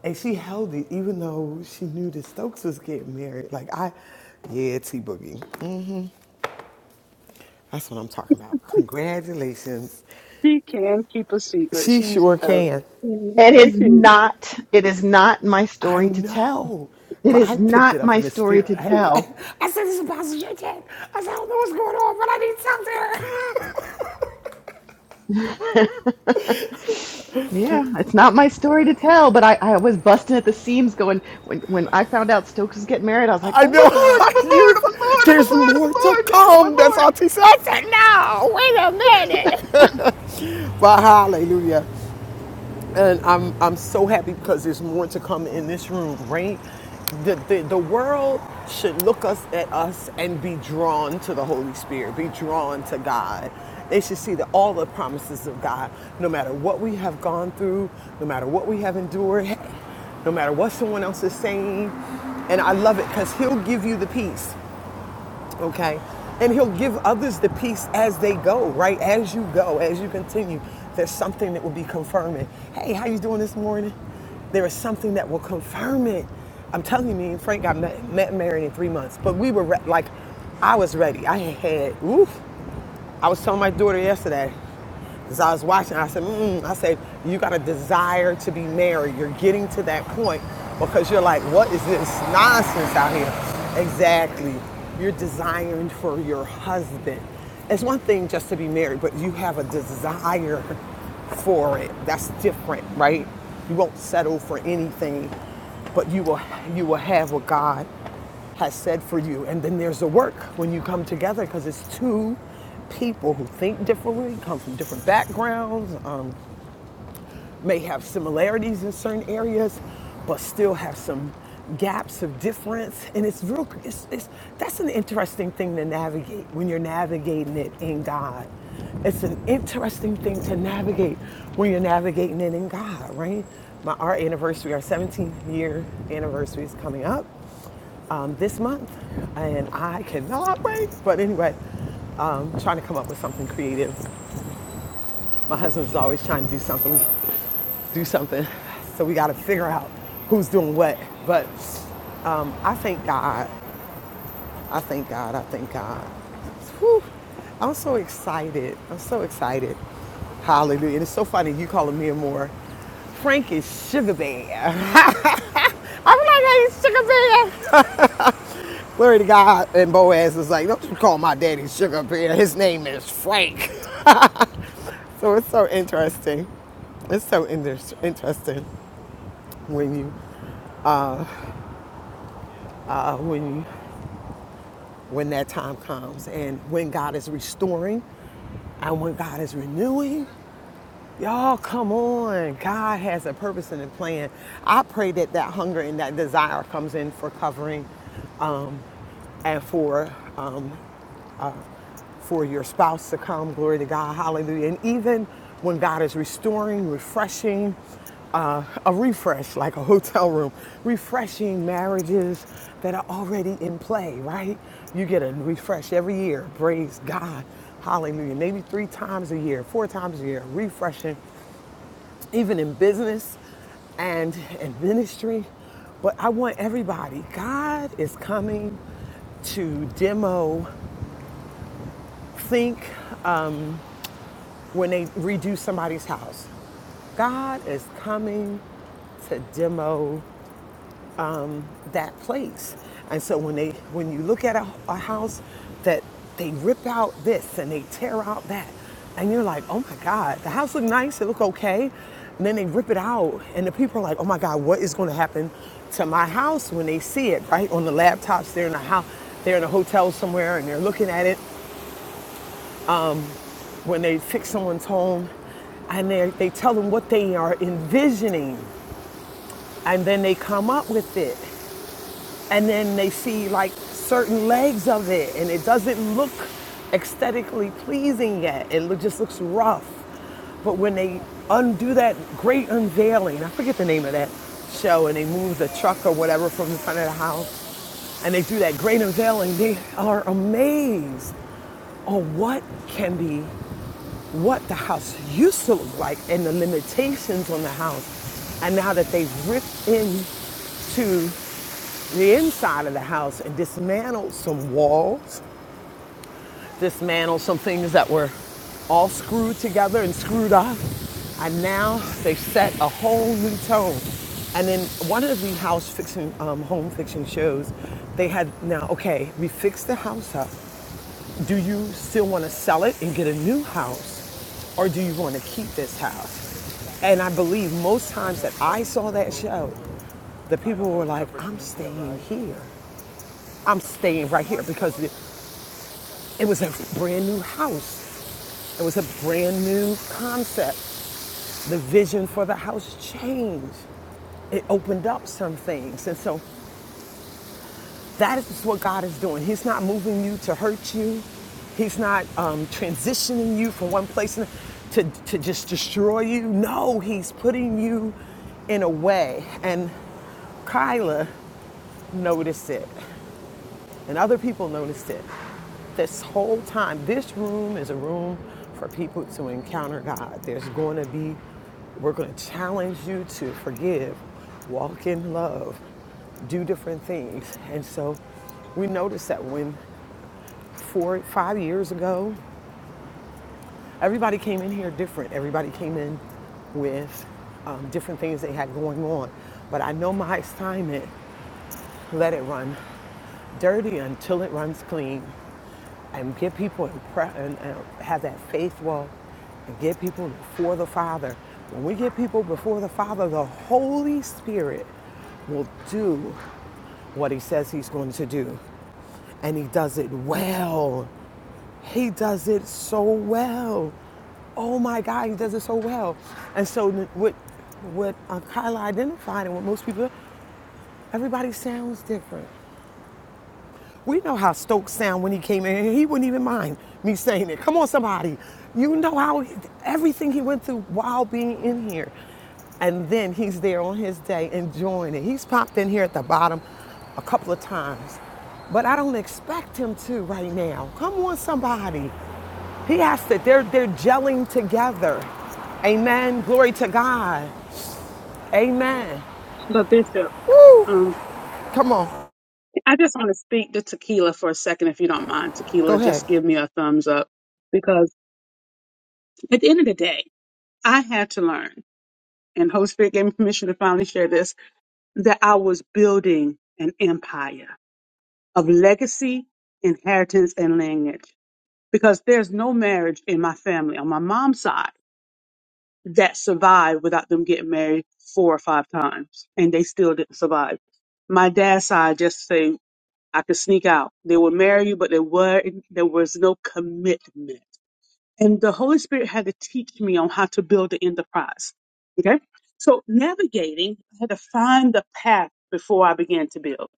[SPEAKER 2] and she held it even though she knew that Stokes was getting married. Like I, yeah, T Boogie. That's what I'm
[SPEAKER 6] [laughs]
[SPEAKER 2] talking about. Congratulations.
[SPEAKER 6] She can keep a secret.
[SPEAKER 2] She
[SPEAKER 6] She's
[SPEAKER 2] sure
[SPEAKER 6] a
[SPEAKER 2] can.
[SPEAKER 6] she,
[SPEAKER 4] It
[SPEAKER 6] she
[SPEAKER 4] is
[SPEAKER 6] can.
[SPEAKER 4] not, it is not my
[SPEAKER 2] I
[SPEAKER 4] story to tell.
[SPEAKER 2] know.
[SPEAKER 4] It
[SPEAKER 2] But I
[SPEAKER 4] is
[SPEAKER 2] picked it
[SPEAKER 4] not
[SPEAKER 2] up
[SPEAKER 4] my
[SPEAKER 2] in the
[SPEAKER 4] story
[SPEAKER 2] spirit.
[SPEAKER 4] to
[SPEAKER 2] Hey,
[SPEAKER 4] tell.
[SPEAKER 2] [laughs] I said, this is Pastor JJ. I said, I don't know what's going on, but I need something.
[SPEAKER 4] [laughs] Yeah, it's not my story to tell, but I, I was busting at the seams going when when I found out Stokes was getting married, I was
[SPEAKER 2] [laughs]
[SPEAKER 4] like, Oh
[SPEAKER 2] I
[SPEAKER 4] my lord, oh my
[SPEAKER 2] know. You
[SPEAKER 4] lord, oh
[SPEAKER 2] was
[SPEAKER 4] my
[SPEAKER 2] like,
[SPEAKER 4] lord, oh
[SPEAKER 2] There's
[SPEAKER 4] my lord,
[SPEAKER 2] more to
[SPEAKER 4] oh my lord, oh
[SPEAKER 2] come.
[SPEAKER 4] my
[SPEAKER 2] That's
[SPEAKER 4] lord.
[SPEAKER 2] all she said. I said, no, wait a minute. But hallelujah. and I'm I'm so happy because there's more to come in this room, right? The, the the world should look us at us and be drawn to the Holy Spirit, be drawn to God. They should see that all the promises of God, no matter what we have gone through, no matter what we have endured, hey, no matter what someone else is saying, and I love it because He'll give you the peace okay? And he'll give others the peace as they go, right? As you go, as you continue, there's something that will be confirming. Hey, how you doing this morning? There is something that will confirm it. I'm telling you, me and Frank got met, met and married in three months, but we were re- like, I was ready. I had had, oof. I was telling my daughter yesterday, as I was watching, I said, mm I said, you got a desire to be married. You're getting to that point because you're like, what is this nonsense out here? Exactly. You're desiring for your husband. It's one thing just to be married, but you have a desire for it. That's different, right? You won't settle for anything, but you will you will have what God has said for you. And then there's the work when you come together because it's two people who think differently, come from different backgrounds. Um, may have similarities in certain areas, but still have some gaps of difference. And it's real, it's, it's, that's an interesting thing to navigate when you're navigating it in God. It's an interesting thing to navigate when you're navigating it in God, right? My, our anniversary, our 17th year anniversary is coming up um, this month, and I cannot wait. But anyway, um, trying to come up with something creative. My husband's always trying to do something do something. So we got to figure out who's doing what. But um, I thank God. I thank God. I thank God. Whew. I'm so excited. I'm so excited. Hallelujah. And it's so funny you calling me a more Frank sugar bear. [laughs] I'm like, hey, sugar bear. [laughs] Glory to God. And Boaz was like, don't you call my daddy sugar bear. His name is Frank. [laughs] So it's so interesting. It's so inter- interesting when you uh, when when that time comes and when God is restoring and when God is renewing. Y'all, come on. God has a purpose and a plan. I pray that that hunger and that desire comes in for covering um, and for um, for your spouse to come. Glory to God. Hallelujah. And even when God is restoring, refreshing, uh, a refresh, like a hotel room, refreshing marriages that are already in play, right? You get a refresh every year. Praise God. Hallelujah. Maybe three times a year, four times a year, refreshing, even in business and in ministry. But I want everybody, God is coming to demo, think, when they redo somebody's house. God is coming to demo that place. And so when they when you look at a, a house that they rip out this and they tear out that and you're like, "Oh my god, the house looked nice, it looked okay." And then they rip it out and the people are like, "Oh my god, what is going to happen to my house when they see it?" Right? On the laptops, they're in a house, they're in a hotel somewhere and they're looking at it when they fix someone's home and they, they tell them what they are envisioning and then they come up with it and then they see like certain legs of it and it doesn't look aesthetically pleasing yet it look, just looks rough but when they undo that great unveiling i forget the name of that show and they move the truck or whatever from the front of the house and they do that great unveiling they are amazed on what can be what the house used to look like and the limitations on the house. And now that they've ripped into the inside of the house and dismantled some walls, dismantled some things that were all screwed together and screwed up. And now they set a whole new tone. And in one of the house fixing um, home fixing shows, they had now, okay, we fixed the house up do you still want to sell it and get a new house or do you want to keep this house and i believe most times that i saw that show the people were like i'm staying here i'm staying right here because it was a brand new house it was a brand new concept the vision for the house changed it opened up some things and so That is what God is doing. He's not moving you to hurt you. He's not um, transitioning you from one place to, to just destroy you. No, He's putting you in a way. And Kyla noticed it. And other people noticed it. This whole time, this room is a room for people to encounter God. There's going to be, we're going to challenge you to forgive, walk in love, do different things. And so we noticed that when four, five years ago, everybody came in here different. Everybody came in with um, different things they had going on. But I know my assignment, let it run dirty until it runs clean. and get people in and, and have that faith walk and get people before the Father. When we get people before the Father, the Holy Spirit will do what He says He's going to do. And He does it well. He does it so well. Oh my God, He does it so well. And so, what, what uh, Kyla identified and what most people, everybody sounds different. We know how Stokes sound when he came in here. He wouldn't even mind me saying it. Come on, somebody. You know how everything he went through while being in here. And then he's there on his day enjoying it. He's popped in here at the bottom a couple of times. But I don't expect him to right now. Come on, somebody. He has to. They're, they're gelling together. Amen. Glory to God. Amen.
[SPEAKER 6] But Bishop,
[SPEAKER 2] Woo. Come on.
[SPEAKER 6] I just want to speak to tequila for a second, if you don't mind. Tequila,
[SPEAKER 2] Go ahead.
[SPEAKER 6] just give me a thumbs up because at the end of the day, I had to learn, and Holy Spirit gave me permission to finally share this, that I was building an empire of legacy, inheritance, and lineage. Because there's no marriage in my family on my mom's side that survived without them getting married four or five times, and they still didn't survive. My dad's side, just say I could sneak out. They would marry you, but there were there was no commitment. And the Holy Spirit had to teach me on how to build the enterprise. Okay. So navigating, I had to find the path before I began to build.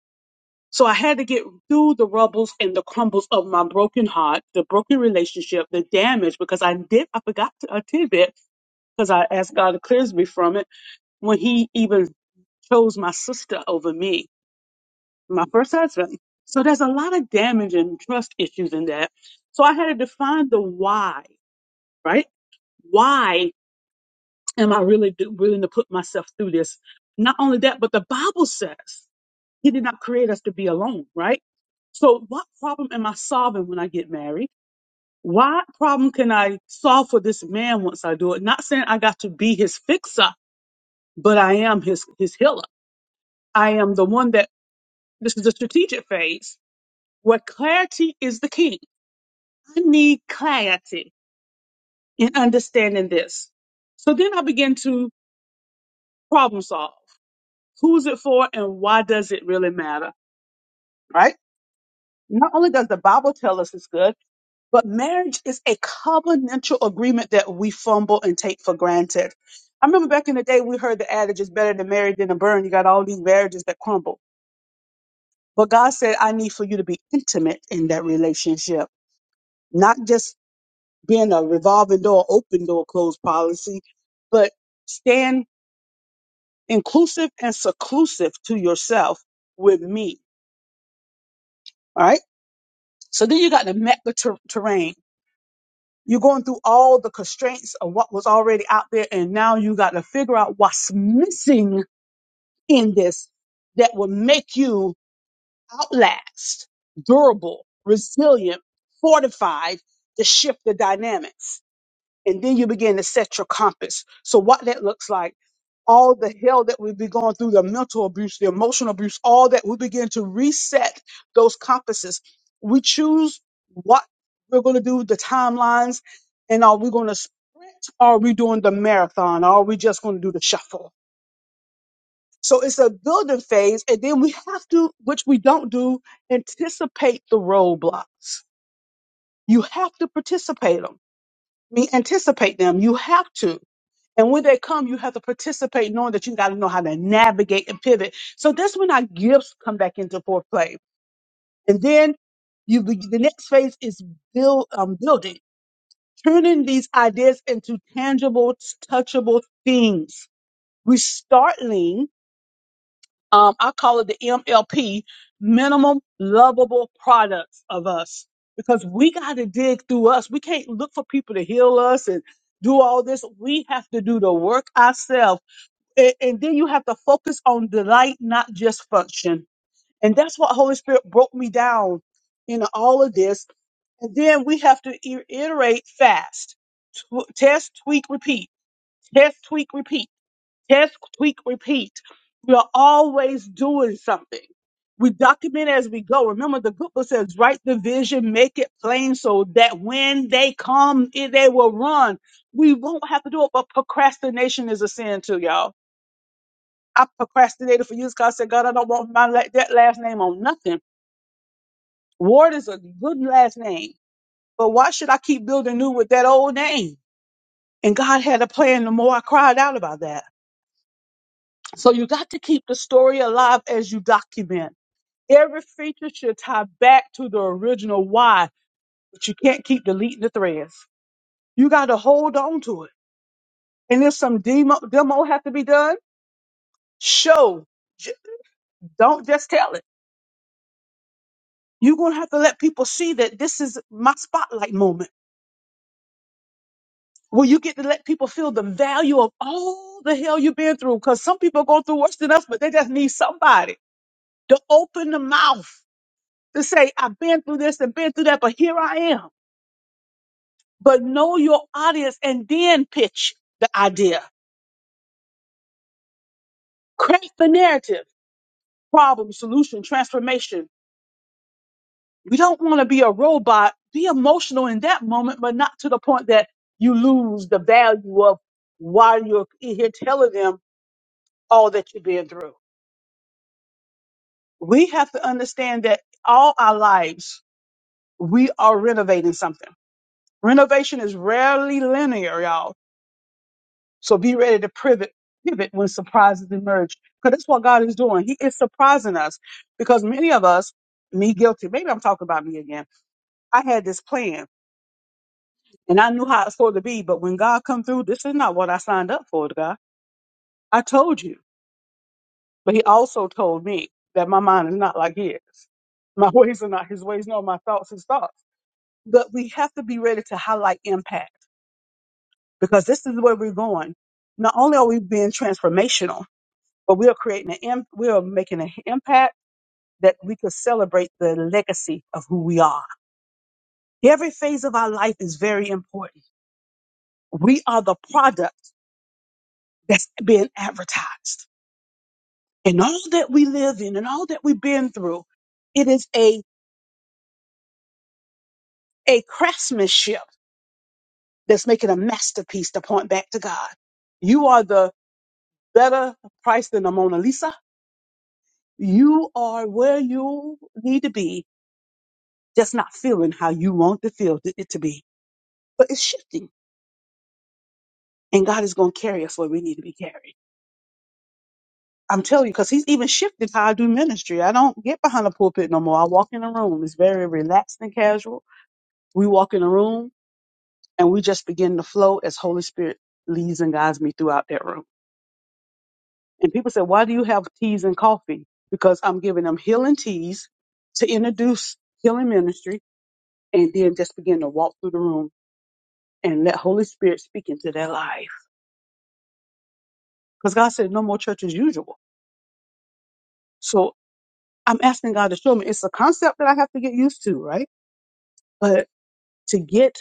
[SPEAKER 6] So I had to get through the rubbles and the crumbles of my broken heart, the broken relationship, the damage, because I did I forgot a tidbit because I asked God to cleanse me from it when He even chose my sister over me my first husband. So there's a lot of damage and trust issues in that. So I had to define the why, right? Why am I really do, willing to put myself through this? Not only that, but the Bible says He did not create us to be alone, right? So what problem am I solving when I get married? What problem can I solve for this man once I do it? Not saying I got to be his fixer, but I am his his healer. I am the one that this is the strategic phase where clarity is the king I need clarity in understanding this. So then I begin to problem solve. Who's it for and why does it really matter? Right? Not only does the Bible tell us it's good, but marriage is a covenantal agreement that we fumble and take for granted. I remember back in the day we heard the adage it's better to marry than to burn. You got all these marriages that crumble. But God said, I need for you to be intimate in that relationship, not just being a revolving door, open door, closed policy, but stand inclusive and seclusive to yourself with me. All right. So then you got the mecca ter- terrain. You're going through all the constraints of what was already out there, and now you got to figure out what's missing in this that will make you outlast, durable, resilient, fortified to shift the dynamics. And then you begin to set your compass. So what that looks like all the hell that we've been going through, the mental abuse, the emotional abuse, all that, we begin to reset those compasses. We choose what we're going to do, the timelines, and are we going to sprint? Are we doing the marathon? Are we just going to do the shuffle? So it's a building phase, and then we have to, which we don't do, anticipate the roadblocks. You have to participate them. I mean, anticipate them. You have to. And when they come, you have to participate, knowing that you got to know how to navigate and pivot. So that's when our gifts come back into foreplay. And then you be, the next phase is build um, building, turning these ideas into tangible, touchable things. We startling, um, I call it the MLP, minimum lovable products of us, because we got to dig through us. We can't look for people to heal us and do all this. We have to do the work ourselves and, and then you have to focus on delight, not just function. And that's what Holy Spirit broke me down in all of this. And then we have to i- iterate fast, Tw- test, tweak, repeat, test, tweak, repeat, test, tweak, repeat. We are always doing something. We document as we go. Remember, the good book says, write the vision, make it plain so that when they come, i- they will run. We won't have to do it, but procrastination is a sin too, y'all I procrastinated for years because I said, God, I don't want my la- that last name on nothing. Ward is a good last name, but why should I keep building new with that old name? And God had a plan. The more I cried out about that, so you got to keep the story alive as you document. Every feature should tie back to the original why, but you can't keep deleting the threads. You got to hold on to it. And if some demo demo have to be done, show. J- Don't just tell it. You're going to have to let people see that this is my spotlight moment where you get to let people feel the value of all the hell you've been through. Because some people go through worse than us, but they just need somebody to open the mouth to say, I've been through this and been through that, but here I am. But know your audience and then pitch the idea. Craft the narrative, problem, solution, transformation You don't want to be a robot. Be emotional in that moment, but not to the point that you lose the value of why you're here telling them all that you've been through. We have to understand that all our lives, we are renovating something. Renovation is rarely linear, y'all. So be ready to pivot, pivot when surprises emerge. Because that's what God is doing. He is surprising us because many of us, me guilty, maybe I'm talking about me again. I had this plan And I knew how it's supposed to be, but when God come through, this is not what I signed up for, God. I told you. But he also told me that my mind is not like his. My [laughs] ways are not his ways, nor my thoughts his thoughts. But we have to be ready to highlight impact because this is where we're going. Not only are we being transformational, but we are creating an imp- we are making an impact that we could celebrate the legacy of who we are. Every phase of our life is very important. We are the product that's being advertised. and all that we live in and all that we've been through, it is a, a craftsmanship that's making a masterpiece to point back to God. You are the better price than the Mona Lisa. You are where you need to be, just not feeling how you want to feel th- it to be. But it's shifting, and God is going to carry us where we need to be carried. I'm telling you, because He's even shifted how I do ministry. I don't get behind the pulpit no more. I walk in a room. It's very relaxed and casual. We walk in a room. and we just begin to flow as Holy Spirit leads and guides me throughout that room. And people say, why do you have teas and coffee? Because I'm giving them healing teas to introduce healing ministry and then just begin to walk through the room and let Holy Spirit speak into their life. Because God said, no more church as usual. So I'm asking God to show me. It's a concept that I have to get used to, right? But to get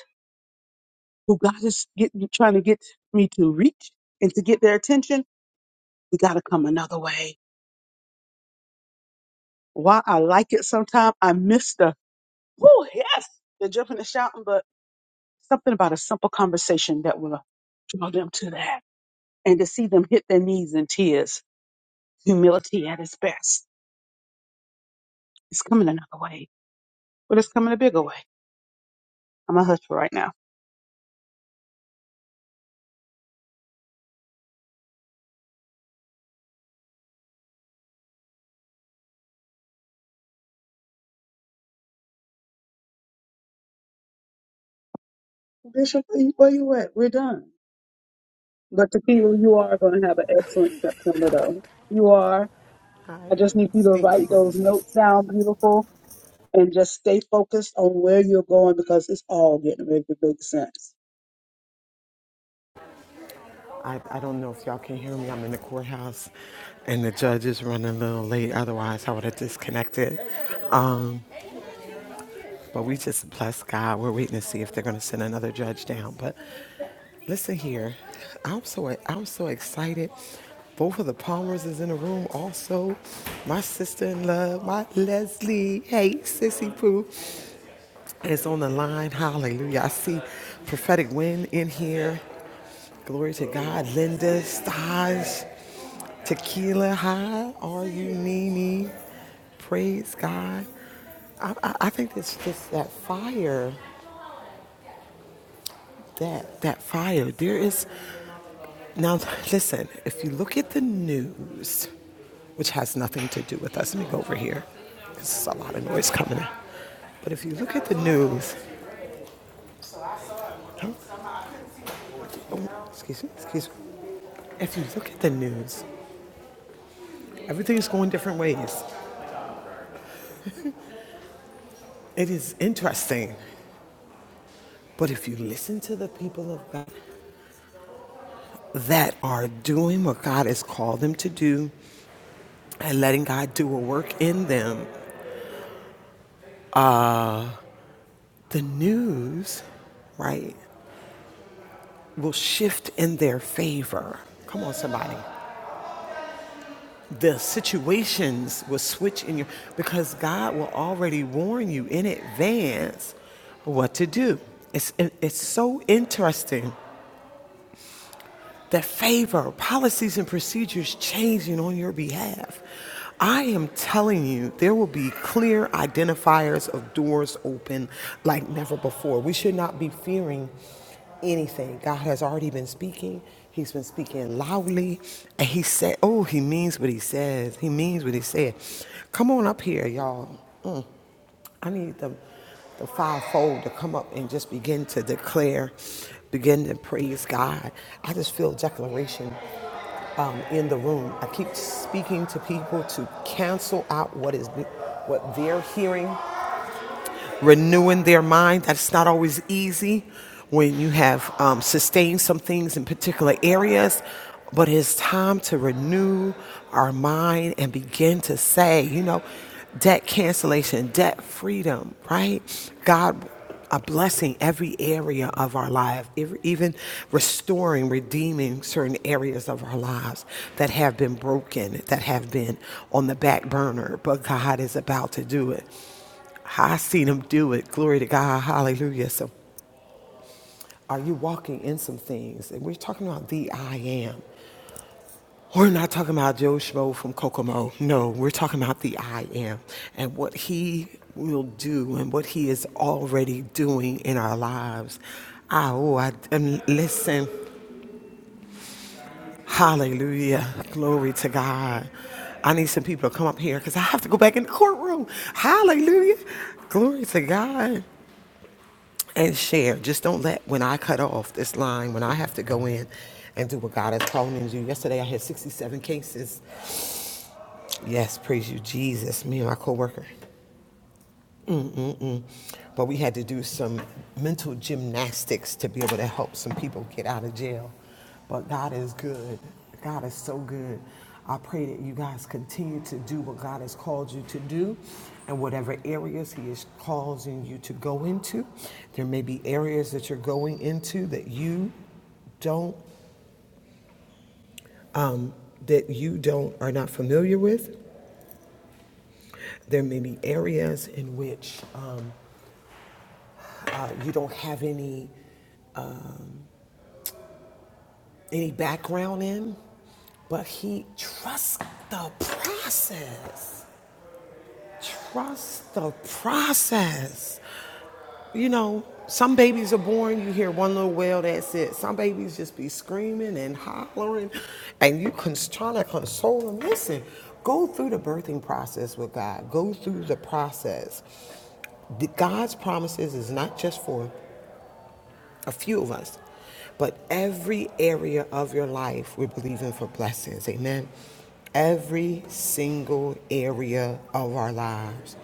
[SPEAKER 6] who God is get, trying to get me to reach and to get their attention, we got to come another way Why I like it sometimes, I miss the, oh, yes, they're jumping and shouting, but something about a simple conversation that will draw them to that. And to see them hit their knees in tears, humility at its best. It's coming another way, but it's coming a bigger way. I'm a hush for right now. Bishop, where where you at? We're done. But Tequila, you are going to have an excellent September, though. You are. I
[SPEAKER 2] Hi.
[SPEAKER 6] just need you to
[SPEAKER 2] Thank you,
[SPEAKER 6] write
[SPEAKER 2] bro.
[SPEAKER 6] those notes down, beautiful and just stay focused on where you're going because it's all getting ready to make sense.
[SPEAKER 2] I, I don't know if y'all can hear me. I'm in the courthouse and the judge is running a little late. Otherwise, I would have disconnected. Um, but we just bless God. We're waiting to see if they're going to send another judge down. But listen here. I'm so, I'm so excited. Both of the Palmers is in the room also. My sister in love, my Leslie. Hey, Sissy Pooh is on the line. Hallelujah. I see prophetic wind in here. Glory to God. Linda, Staj. Tequila high, are you Nene? Praise God. I, I, I think it's just that fire, that that fire. There is now. Listen, if you look at the news, which has nothing to do with us. Let me go over here, because there's a lot of noise coming in. But if you look at the news, oh, oh, excuse me, excuse me. If you look at the news, everything is going different ways. It is interesting. But if you listen to the people of God, that are doing what God has called them to do and letting God do a work in them, the news, right, will shift in their favor. Come on, somebody. The situations will switch in your, because God will already warn you in advance what to do. It's, it's so interesting that favor policies and procedures changing on your behalf. I am telling you, there will be clear identifiers of doors open like never before. We should not be fearing anything. God has already been speaking. He's been speaking loudly. And he said, Oh, he means what he says. He means what he said. Come on up here, y'all. I need the, the fivefold to come up and just begin to declare, begin to praise God. I just feel declaration um, in the room. I keep speaking to people to cancel out what is what they're hearing renewing their mind. That's not always easy when you have um, sustained some things in particular areas, but it's time to renew our mind and begin to say, you know, debt cancellation, debt freedom, right? God, a blessing every area of our life, even restoring, redeeming certain areas of our lives that have been broken, that have been on the back burner, but God is about to do it. I seen him do it. Glory to God. Hallelujah. So, are you walking in some things? And we're talking about the I am. We're not talking about Joe Schmo from Kokomo. No, we're talking about the I am and what he will do and what he is already doing in our lives. Ah, oh, I, and listen. Hallelujah. Glory to God. I need some people to come up here because I have to go back in the courtroom. Hallelujah. Glory to God. and share. Just don't let when I cut off this line, when I have to go in and do what God has called me to do. Yesterday I had 67 cases. Yes, praise you, Jesus. Me and my coworker but we had to do some mental gymnastics to be able to help some people get out of jail. But God is good. God is so good. I pray that you guys continue to do what God has called you to do and whatever areas He is causing you to go into. There may be areas that you're going into that you don't that you don't are not familiar with. There may be areas in which uh, you don't have any any background in, but he trusts the process. Trust the process. You know, some babies are born, you hear one little wail, that's it. Some babies just be screaming and hollering, and you cons- trying to console them. Listen, go through the birthing process with God, go through the process. God's promises is not just for a few of us. But every area of your life, we're believing for blessings. Amen. Every single area of our lives.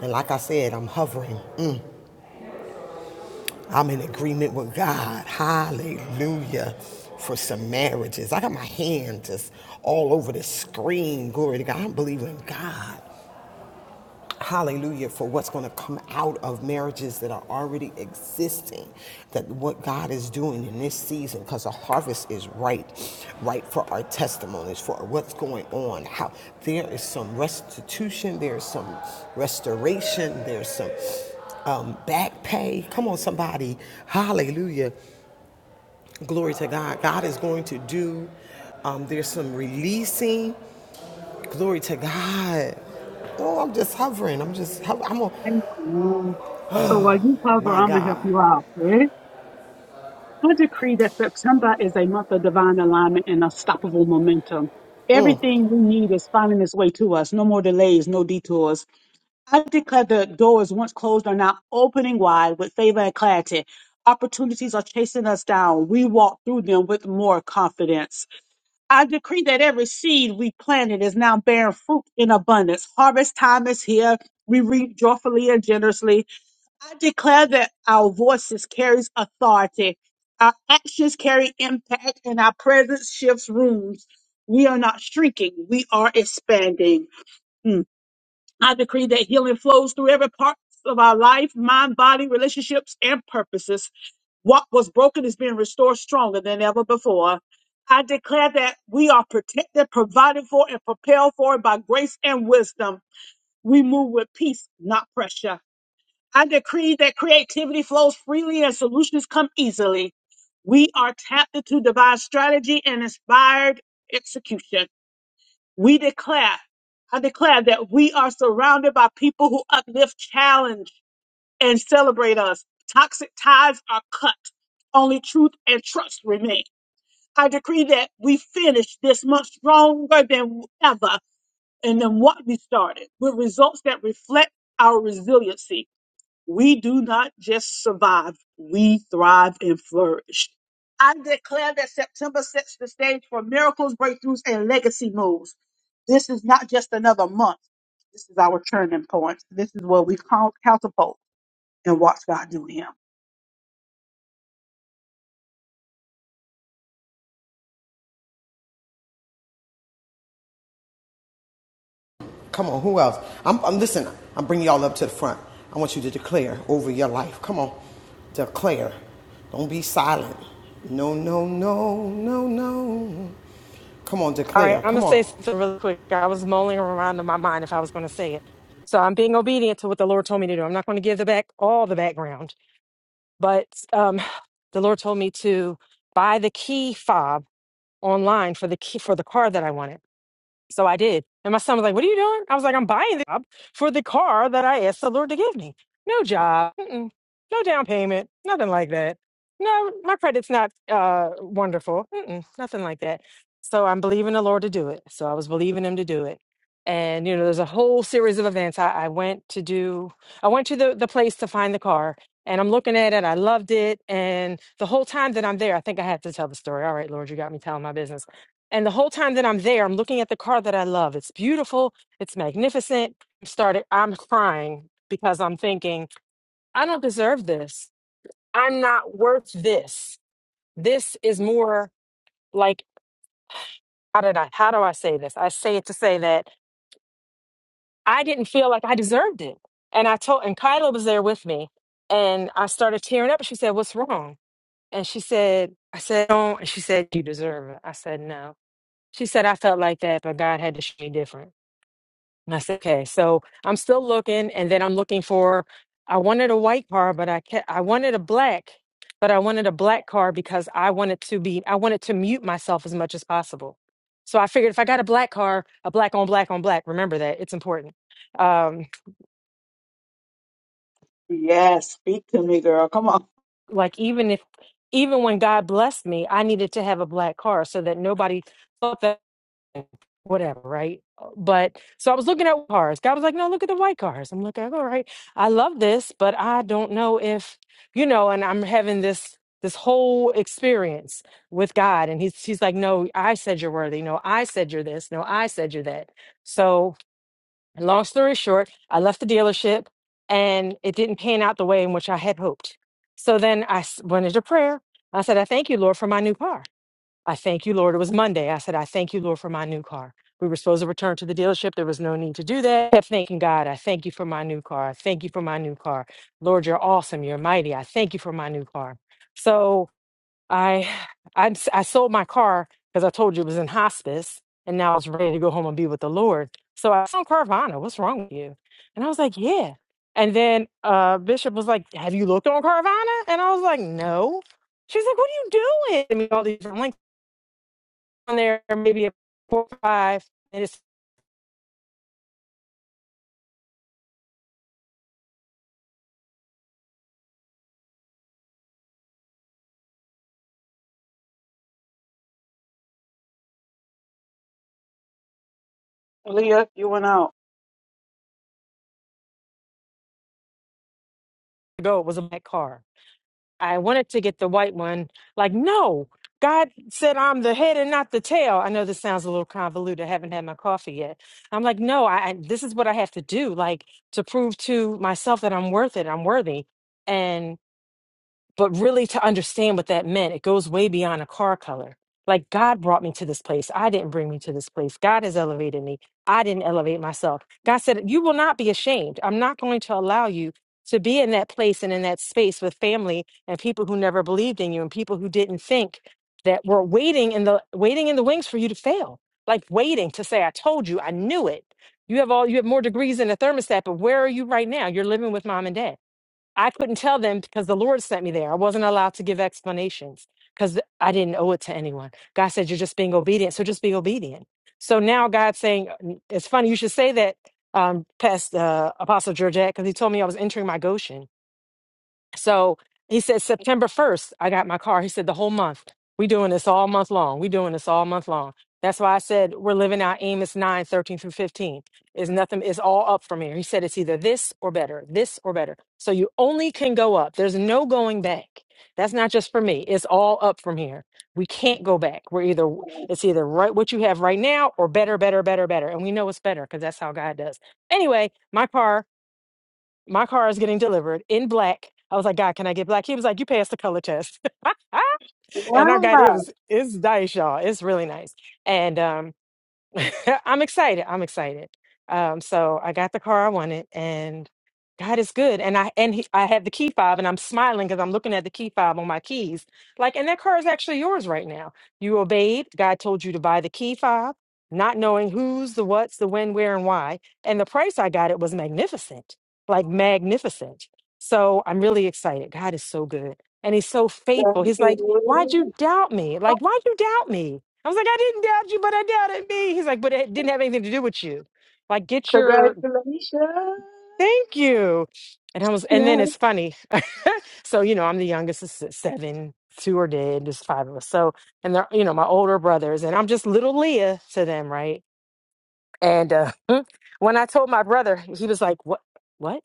[SPEAKER 2] And like I said, I'm hovering. Mm, I'm in agreement with God. Hallelujah. For some marriages. I got my hand just all over the screen. Glory to God. I'm believing God hallelujah for what's going to come out of marriages that are already existing that what god is doing in this season because the harvest is right right for our testimonies for what's going on how there is some restitution there's some restoration there's some um, back pay come on somebody hallelujah glory to god god is going to do um, there's some releasing glory to god Oh, I'm just hovering. I'm just, I'm on,
[SPEAKER 6] Amen. So while you cover,
[SPEAKER 2] My
[SPEAKER 6] I'm gonna help
[SPEAKER 2] God.
[SPEAKER 6] you out. right? I decree that September is a month of divine alignment and unstoppable momentum. Everything we need is finding its way to us. No more delays, no detours. I declare the doors once closed are now opening wide with favor and clarity. Opportunities are chasing us down. We walk through them with more confidence. I decree that every seed we planted is now bearing fruit in abundance. Harvest time is here. We reap joyfully and generously. I declare that our voices carries authority, our actions carry impact, and our presence shifts rooms. We are not shrinking; we are expanding. Mm. I decree that healing flows through every part of our life, mind, body, relationships, and purposes. What was broken is being restored stronger than ever before. I declare that we are protected, provided for, and prepared for by grace and wisdom. We move with peace, not pressure. I decree that creativity flows freely and solutions come easily. We are tapped to devise strategy and inspired execution. We declare, I declare that we are surrounded by people who uplift, challenge, and celebrate us. Toxic ties are cut. Only truth and trust remain. I decree that we finish this month stronger than ever and than what we started with results that reflect our resiliency we do not just survive, we thrive and flourish. I declare that September sets the stage for miracles, breakthroughs, and legacy moves. This is not just another month. This is our turning point. This is where we cul- catapult and watch God do him.
[SPEAKER 2] Come on, who else? I'm, I'm listen, I'm bringing y'all up to the front. I want you to declare over your life. Come on. Declare. Don't be silent. No, no, no, no, no. Come on,
[SPEAKER 9] All right,
[SPEAKER 2] declare.
[SPEAKER 9] I'm gonna
[SPEAKER 2] Come on.
[SPEAKER 9] say something really quick. I was mulling around in my mind if I was gonna say it. So I'm being obedient to what the Lord told me to do. I'm not gonna give the back all the background. But um, the Lord told me to buy the key fob online for the key for the car that I wanted. So I did. And my son was like, What are you doing? I was like, I'm buying the job for the car that I asked the Lord to give me. No job, mm-mm, no down payment, nothing like that. No, my credit's not uh, wonderful, mm-mm, nothing like that. So I'm believing the Lord to do it. So I was believing Him to do it. And, you know, there's a whole series of events. I, I went to do, I went to the, the place to find the car and I'm looking at it. I loved it. And the whole time that I'm there, I think I have to tell the story. All right, Lord, you got me telling my business and the whole time that I'm there, I'm looking at the car that I love. It's beautiful, it's magnificent. I started I'm crying because I'm thinking, I don't deserve this. I'm not worth this. This is more like how did I how do I say this? I say it to say that I didn't feel like I deserved it. And I told and Kyla was there with me and I started tearing up and she said, What's wrong? And she said, I said, do and she said, You deserve it. I said, No. She said, I felt like that, but God had to show me different. And I said, okay, so I'm still looking, and then I'm looking for. I wanted a white car, but I kept, I wanted a black, but I wanted a black car because I wanted to be I wanted to mute myself as much as possible. So I figured if I got a black car, a black on black on black. Remember that it's important. Um,
[SPEAKER 6] Yes, speak to me, girl. Come on.
[SPEAKER 9] like even if even when God blessed me, I needed to have a black car so that nobody thought that. whatever, right? Uh, But so I was looking at cars. God was like, no, look at the white cars. I'm looking, all right, I love this, but I don't know if, you know, and I'm having this this whole experience with God. And he's he's like, No, I said you're worthy. No, I said you're this. No, I said you're that. So long story short, I left the dealership and it didn't pan out the way in which I had hoped. So then I s- went into prayer. I said, I thank you, Lord, for my new car. I thank you, Lord. It was Monday. I said, I thank you, Lord, for my new car. We were supposed to return to the dealership. There was no need to do that. I kept thanking God. I thank you for my new car. I thank you for my new car. Lord, you're awesome. You're mighty. I thank you for my new car. So I, I, I sold my car because I told you it was in hospice, and now I was ready to go home and be with the Lord. So I said, Carvana, what's wrong with you? And I was like, yeah. And then uh, Bishop was like, have you looked on Carvana? And I was like, no. She's like, what are you doing? And all these different links on there maybe at four or five minutes
[SPEAKER 6] Leah, you went out.
[SPEAKER 9] ago it was a black car i wanted to get the white one like no god said i'm the head and not the tail i know this sounds a little convoluted i haven't had my coffee yet i'm like no i I- this is what i have to do like to prove to myself that i'm worth it i'm worthy And. but really to understand what that meant it goes way beyond a car color like god brought me to this place i didn't bring me to this place god has elevated me i didn't elevate myself god said you will not be ashamed i'm not going to allow you to be in that place and in that space with family and people who never believed in you and people who didn't think that were waiting in the waiting in the wings for you to fail like waiting to say i told you i knew it you have all you have more degrees than a thermostat but where are you right now you're living with mom and dad I couldn't tell them because the Lord sent me there. I wasn't allowed to give explanations because I didn't owe it to anyone. God said, You're just being obedient. So just be obedient. So now God's saying, It's funny, you should say that, um, past uh, Apostle Georgette, because he told me I was entering my Goshen. So he said September 1st, I got my car. He said the whole month. We doing this all month long. We doing this all month long. That's why I said we're living out Amos 9, 13 through 15. Is nothing is all up from here. He said it's either this or better, this or better. So you only can go up. There's no going back. That's not just for me. It's all up from here. We can't go back. We're either it's either right what you have right now or better, better, better, better. And we know it's better because that's how God does. Anyway, my car my car is getting delivered in black. I was like, God, can I get black? He was like, You passed the color test. [laughs] and I
[SPEAKER 6] Wow.
[SPEAKER 9] got it was it's nice, y'all. It's really nice. And um [laughs] I'm excited. I'm excited. Um, so I got the car I wanted, and God is good. And I and he, I have the key fob, and I'm smiling because I'm looking at the key fob on my keys. Like, and that car is actually yours right now. You obeyed. God told you to buy the key fob, not knowing who's the what's the when, where, and why. And the price I got it was magnificent, like magnificent. So I'm really excited. God is so good. And he's so faithful.
[SPEAKER 6] Thank
[SPEAKER 9] He's like, why'd
[SPEAKER 6] you.
[SPEAKER 9] you doubt me? Like, why'd you doubt me? I was like, I didn't doubt you, but I doubted me. He's like, but it didn't have anything to do with you. Like, get your
[SPEAKER 6] Congratulations.
[SPEAKER 9] thank you. And I was, and
[SPEAKER 6] Yeah.
[SPEAKER 9] then it's funny. [laughs] so, you know, I'm the youngest of se- seven, two are dead, Just five of us. So, and they're, you know, my older brothers, and I'm just little Leah to them, right? And uh, [laughs] when I told my brother, he was like, "What? What?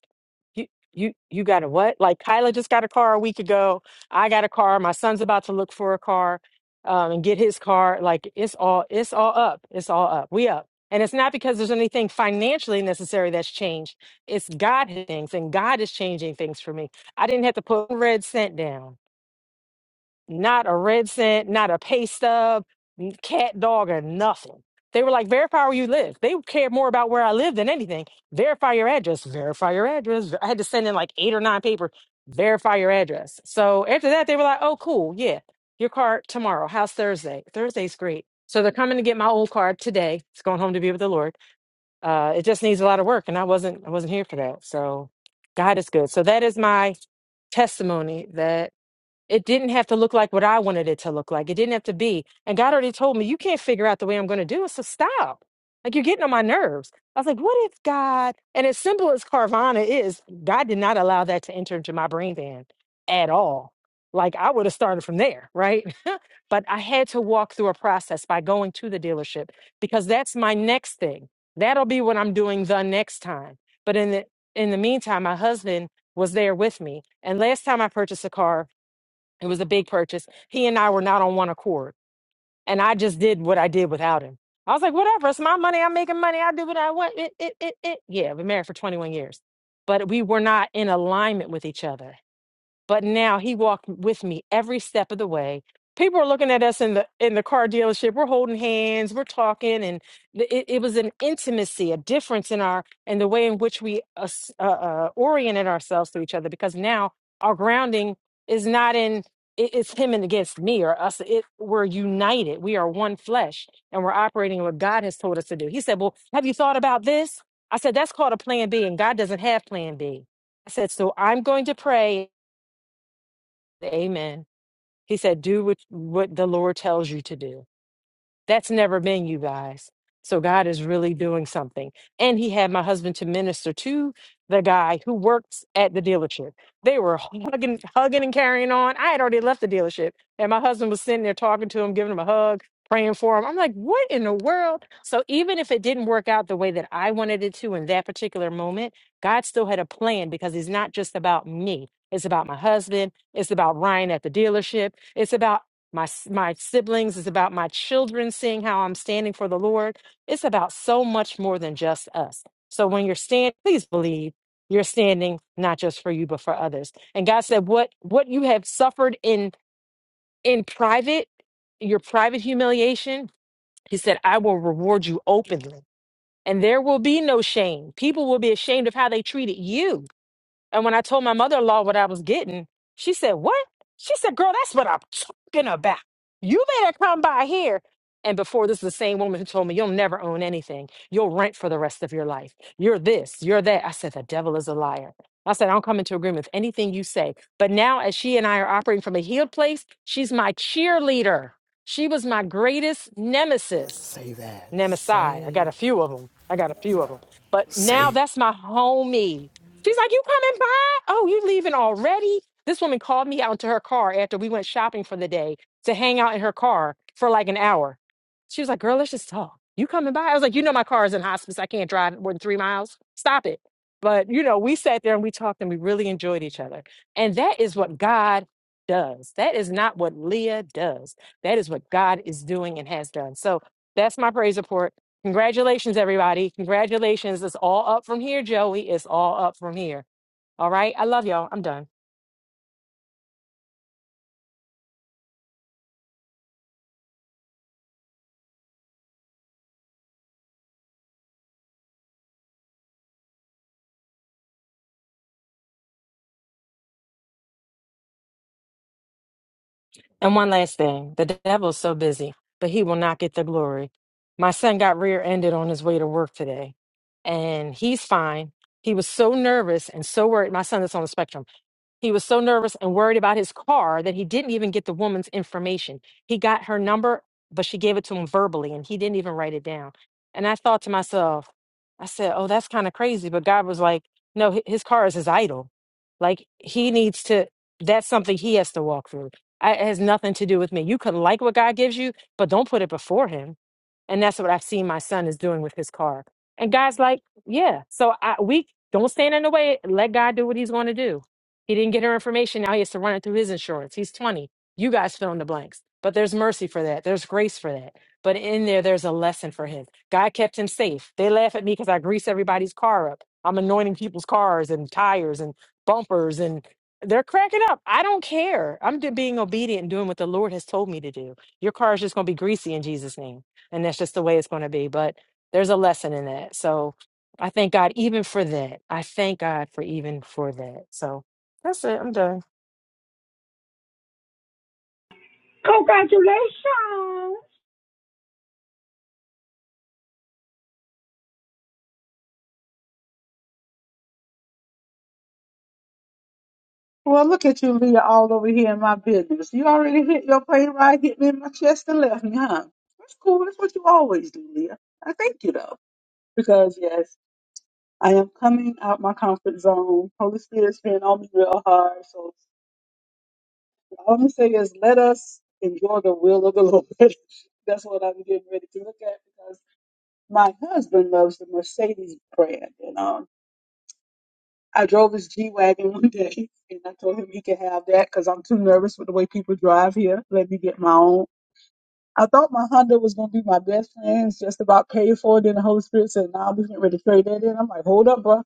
[SPEAKER 9] You you you got a what? Like Kyla just got a car a week ago. I got a car. My son's about to look for a car um, and get his car. Like it's all it's all up. It's all up. We up." And it's not because there's anything financially necessary that's changed. It's God has things, and God is changing things for me. I didn't have to put one red cent down, not a red cent, not a pay stub, cat, dog, or nothing. They were like, verify where you live. They cared more about where I lived than anything. Verify your address. Verify your address. I had to send in like eight or nine papers. Verify your address. So after that, they were like, oh, cool. Yeah. Your car tomorrow. How's Thursday? Thursday's great. So they're coming to get my old car today. It's going home to be with the Lord. Uh, it just needs a lot of work, and I wasn't I wasn't here for that. So God is good. So that is my testimony that. It didn't have to look like what I wanted it to look like. It didn't have to be. And God already told me, you can't figure out the way I'm going to do it. So stop. Like you're getting on my nerves. I was like, what if God, and as simple as Carvana is, God did not allow that to enter into my brain van at all. Like I would have started from there, right? [laughs] but I had to walk through a process by going to the dealership because that's my next thing. That'll be what I'm doing the next time. But in the in the meantime, my husband was there with me. And last time I purchased a car, it was a big purchase. He and I were not on one accord. And I just did what I did without him. I was like, whatever, it's my money. I'm making money. I do what I want. It, it, it, it. Yeah, I've been married for 21 years. But we were not in alignment with each other but now he walked with me every step of the way people are looking at us in the in the car dealership we're holding hands we're talking and th- it, it was an intimacy a difference in our in the way in which we us- uh, uh, oriented ourselves to each other because now our grounding is not in it, it's him and against me or us it we're united we are one flesh and we're operating what god has told us to do he said well have you thought about this i said that's called a plan b and god doesn't have plan B." I said so i'm going to pray Amen. He said, Do what, what the Lord tells you to do. That's never been you guys. So God is really doing something. And he had my husband to minister to the guy who works at the dealership. They were hugging, hugging and carrying on. I had already left the dealership. And my husband was sitting there talking to him, giving him a hug, praying for him. I'm like, what in the world? So even if it didn't work out the way that I wanted it to in that particular moment, God still had a plan because he's not just about me. It's about my husband. It's about Ryan at the dealership. It's about my s- my siblings it's about my children seeing how i'm standing for the lord it's about so much more than just us so when you're standing please believe you're standing not just for you but for others and god said what what you have suffered in in private your private humiliation he said i will reward you openly and there will be no shame people will be ashamed of how they treated you and when I told my mother in law what I was getting, she said, What? She said, Girl, that's what I'm talking about. You better come by here. And before this, is the same woman who told me, You'll never own anything. You'll rent for the rest of your life. You're this, you're that. I said, The devil is a liar. I said, I don't come into agreement with anything you say. But now, as she and I are operating from a healed place, she's my cheerleader. She was my greatest nemesis.
[SPEAKER 2] Say that.
[SPEAKER 9] Nemesis. I got
[SPEAKER 2] Say.
[SPEAKER 9] a few of them. I got a few of them. But now
[SPEAKER 2] Say.
[SPEAKER 9] that's my homie. She's like, You coming by? Oh, you leaving already? This woman called me out into her car after we went shopping for the day to hang out in her car for like an hour. She was like, Girl, let's just talk. You coming by? I was like, You know, my car is in hospice. I can't drive more than three miles. Stop it. But, you know, we sat there and we talked and we really enjoyed each other. And that is what God does. That is not what Leah does. That is what God is doing and has done. So, that's my praise report. Congratulations, everybody. Congratulations. It's all up from here, Joey. It's all up from here. All right. I love y'all. I'm done. And one last thing the devil's so busy, but he will not get the glory. My son got rear ended on his way to work today, and he's fine. He was so nervous and so worried. My son is on the spectrum He was so nervous and worried about his car that he didn't even get the woman's information. He got her number, but she gave it to him verbally and he didn't even write it down. And I thought to myself, I said, oh, that's kind of crazy. But God was like, no, hi- his car is his idol. Like he needs to, that's something he has to walk through. I, it has nothing to do with me. You can like what God gives you, but don't put it before him and that's what I've seen my son is doing with his car. And God's like, yeah. So I, we don't stand in the way. Let God do what He's going to do. He didn't get her information. Now he has to run it through his insurance. He's twenty. You guys fill in the blanks. But there's mercy for that. There's grace for that. But in there, there's a lesson for him. God kept him safe. They laugh at me because I grease everybody's car up. I'm anointing people's cars and tires and bumpers, and they're cracking up. I don't care. I'm d- being obedient and doing what the Lord has told me to do. Your car is just going to be greasy in Jesus' name and that's just the way it's going to be. But there's a lesson in that. So I thank God even for that. I thank God for even for that. So that's it. I'm done.
[SPEAKER 10] Congratulations!
[SPEAKER 6] Well, look at you, Leah, all over here in my business. You already hit your plane ride, hit me in my chest and left me, huh? That's cool. That's what you always do, Leah. I thank you, though, because yes, I am coming out my comfort zone. Holy Spirit's been on me real hard. So all I'm going to say is let us enjoy the will of the Lord. [laughs] That's what I'm getting ready to look at because my husband loves the Mercedes brand, you know. I drove his G Wagon [laughs] one day and I told him he could have that because I'm too nervous with the way people drive here. Let me get my own. I thought my Honda was going to be my best friend. It's just about paid for it. Then the Holy Spirit said, nah, we ain't ready to trade that in. I'm like, hold up, bro.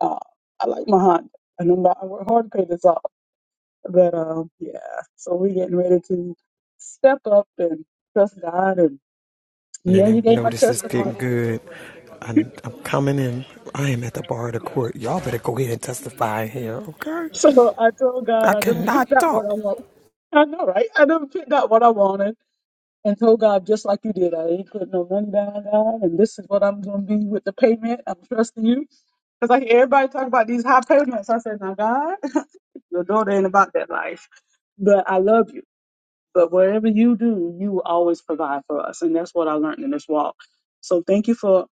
[SPEAKER 6] Uh, I like my Honda. And I'm, I work hard to pay this off. But um, yeah, so we are getting ready to step up and trust God. And yeah, you
[SPEAKER 2] And I
[SPEAKER 6] gave
[SPEAKER 2] know
[SPEAKER 6] my
[SPEAKER 2] this is
[SPEAKER 6] testimony.
[SPEAKER 2] getting good. I'm, I'm coming in. I am at the bar of the court. Y'all better go ahead and testify here, okay?
[SPEAKER 6] So I told God
[SPEAKER 2] I
[SPEAKER 6] I didn't pick
[SPEAKER 2] cannot
[SPEAKER 6] that what I
[SPEAKER 2] talk.
[SPEAKER 6] want. I know, right? I didn't pick that what I wanted. and told God, just like you did, I ain't putting no money down, God, and this is what I'm going to be with the payment. I'm trusting you. Because I hear everybody talk about these high payments. I said, now, God, [laughs] your daughter ain't about that life. But I love you. But whatever you do, you will always provide for us. And that's what I learned in this walk. So thank you for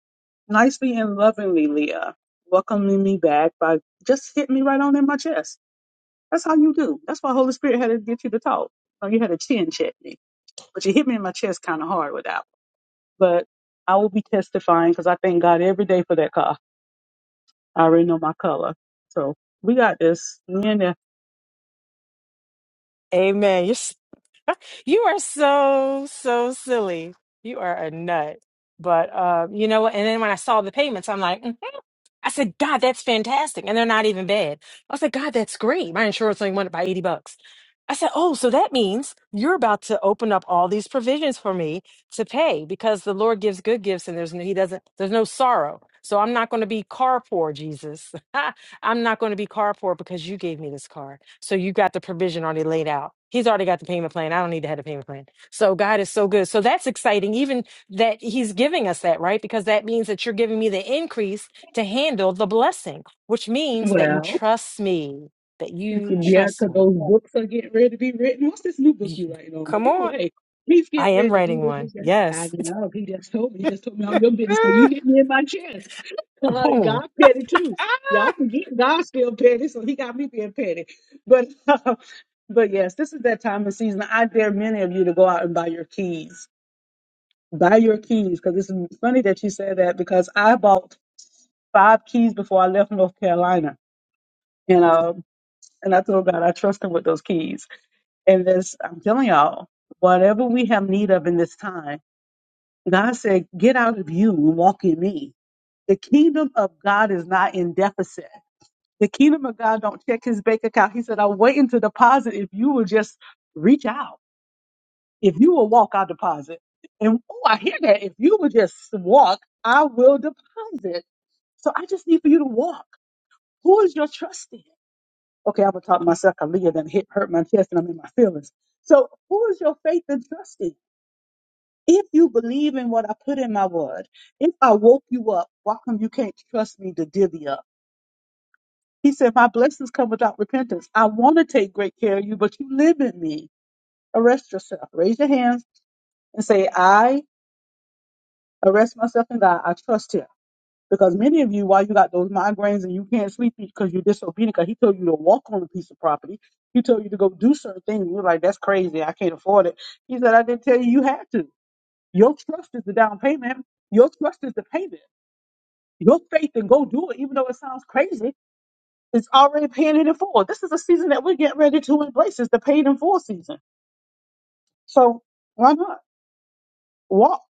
[SPEAKER 6] nicely and lovingly, Leah, welcoming me back by just hitting me right on in my chest. That's how you do. That's why Holy Spirit had to get you to talk. Or you had to chin check me. But you hit me in my chest kind of hard with that one. but I will be testifying because I thank God every day for that car. I already know my color. So we got this. Me and that.
[SPEAKER 9] Amen. You're, s- you are so, so silly. You are a nut. But uh, you know what? And then when I saw the payments, I'm like, "Mm, I said, God, that's fantastic. And they're not even bad. I said, God, that's great. My insurance only went up by 80 bucks. I said, Oh, so that means you're about to open up all these provisions for me to pay because the Lord gives good gifts and there's no, he doesn't, there's no sorrow. So I'm not going to be car poor, Jesus. [laughs] I'm not going to be car poor because you gave me this car. So you got the provision already laid out. He's already got the payment plan. I don't need to have a payment plan. So God is so good. So that's exciting. Even that he's giving us that, right? Because that means that you're giving me the increase to handle the blessing, which means that you
[SPEAKER 6] Well,
[SPEAKER 9] trust me, that
[SPEAKER 6] [laughs] you
[SPEAKER 9] you
[SPEAKER 6] can- yeah,
[SPEAKER 9] trust
[SPEAKER 6] because
[SPEAKER 9] me.
[SPEAKER 6] those books are getting ready to be written. What's this new book you
[SPEAKER 9] You-
[SPEAKER 6] writing on? But
[SPEAKER 9] Come on.
[SPEAKER 6] anyway, he's
[SPEAKER 9] I
[SPEAKER 6] getting
[SPEAKER 9] am
[SPEAKER 6] ready to do
[SPEAKER 9] writing
[SPEAKER 6] what
[SPEAKER 9] one.
[SPEAKER 6] he's got- I
[SPEAKER 9] Yes.
[SPEAKER 6] know. He just told me. He just told me all your business. So you
[SPEAKER 9] [laughs]
[SPEAKER 6] hit me in my chest. [laughs] Uh,
[SPEAKER 9] Boom.
[SPEAKER 6] God petty too.
[SPEAKER 9] Ah!
[SPEAKER 6] Y'all forget God's still petty, so he got me being petty. But [laughs] but yes, this is that time of season. I dare many of you to go out and buy your keys buy your keys because it's funny that you said that because I bought five keys before I left North Carolina, and um, and I told God I trust Him with those keys. And this, I'm telling y'all, whatever we have need of in this time, God said, get out of you and walk in Me. The kingdom of God is not in deficit. The kingdom of God don't check His bank account. He said, I'm waiting to deposit if you will just reach out. If you will walk, I'll deposit. And oh, I hear that. If you will just walk, I will deposit. So I just need for you to walk. Who is your trust in? Okay, I'm gonna talk to myself a leave, and hit hurt my chest and I'm in my feelings. So who is your faith and trust in? If you believe in what I put in my word, if I woke you up, why come you can't trust me to divvy up? He said, My blessings come without repentance. I want to take great care of you, but you live in me. Arrest yourself. Raise your hands and say, I arrest myself in God. I trust him. Because many of you, why you got those migraines and you can't sleep because you're disobedient, because he told you to walk on a piece of property, he told you to go do certain things. You're like, that's crazy. I can't afford it. He said, I didn't tell you you had to. Your trust is the down payment. Your trust is the payment. Your faith and go do it, even though it sounds crazy, it's already paying it in full. This is a season that we're getting ready to embrace. It's the paid in full season. So why not walk?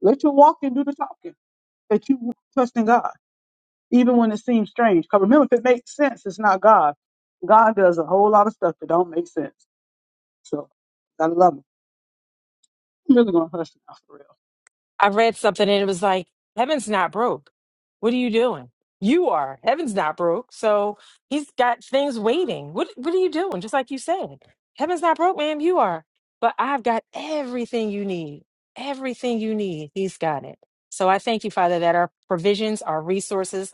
[SPEAKER 6] Let your walk and do the talking that you trust in God. even when it seems strange. Because remember, if it makes sense, it's not God. God does a whole lot of stuff that don't make sense. So I love him. I'm really gonna hush now for real.
[SPEAKER 9] I read something and it was like, Heaven's not broke. What are you doing? You are. Heaven's not broke. So he's got things waiting. What what are you doing? Just like you said. Heaven's not broke, ma'am. You are. But I've got everything you need. Everything you need. He's got it. So I thank you, Father, that our provisions, our resources,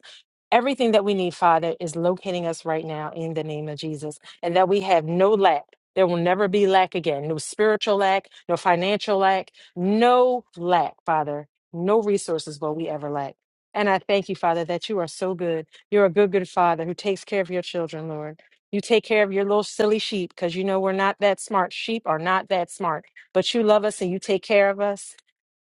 [SPEAKER 9] Everything that we need, Father, is locating us right now in the name of Jesus, and that we have no lack. There will never be lack again no spiritual lack, no financial lack, no lack, Father. No resources will we ever lack. And I thank you, Father, that you are so good. You're a good, good Father who takes care of your children, Lord. You take care of your little silly sheep because you know we're not that smart. Sheep are not that smart, but you love us and you take care of us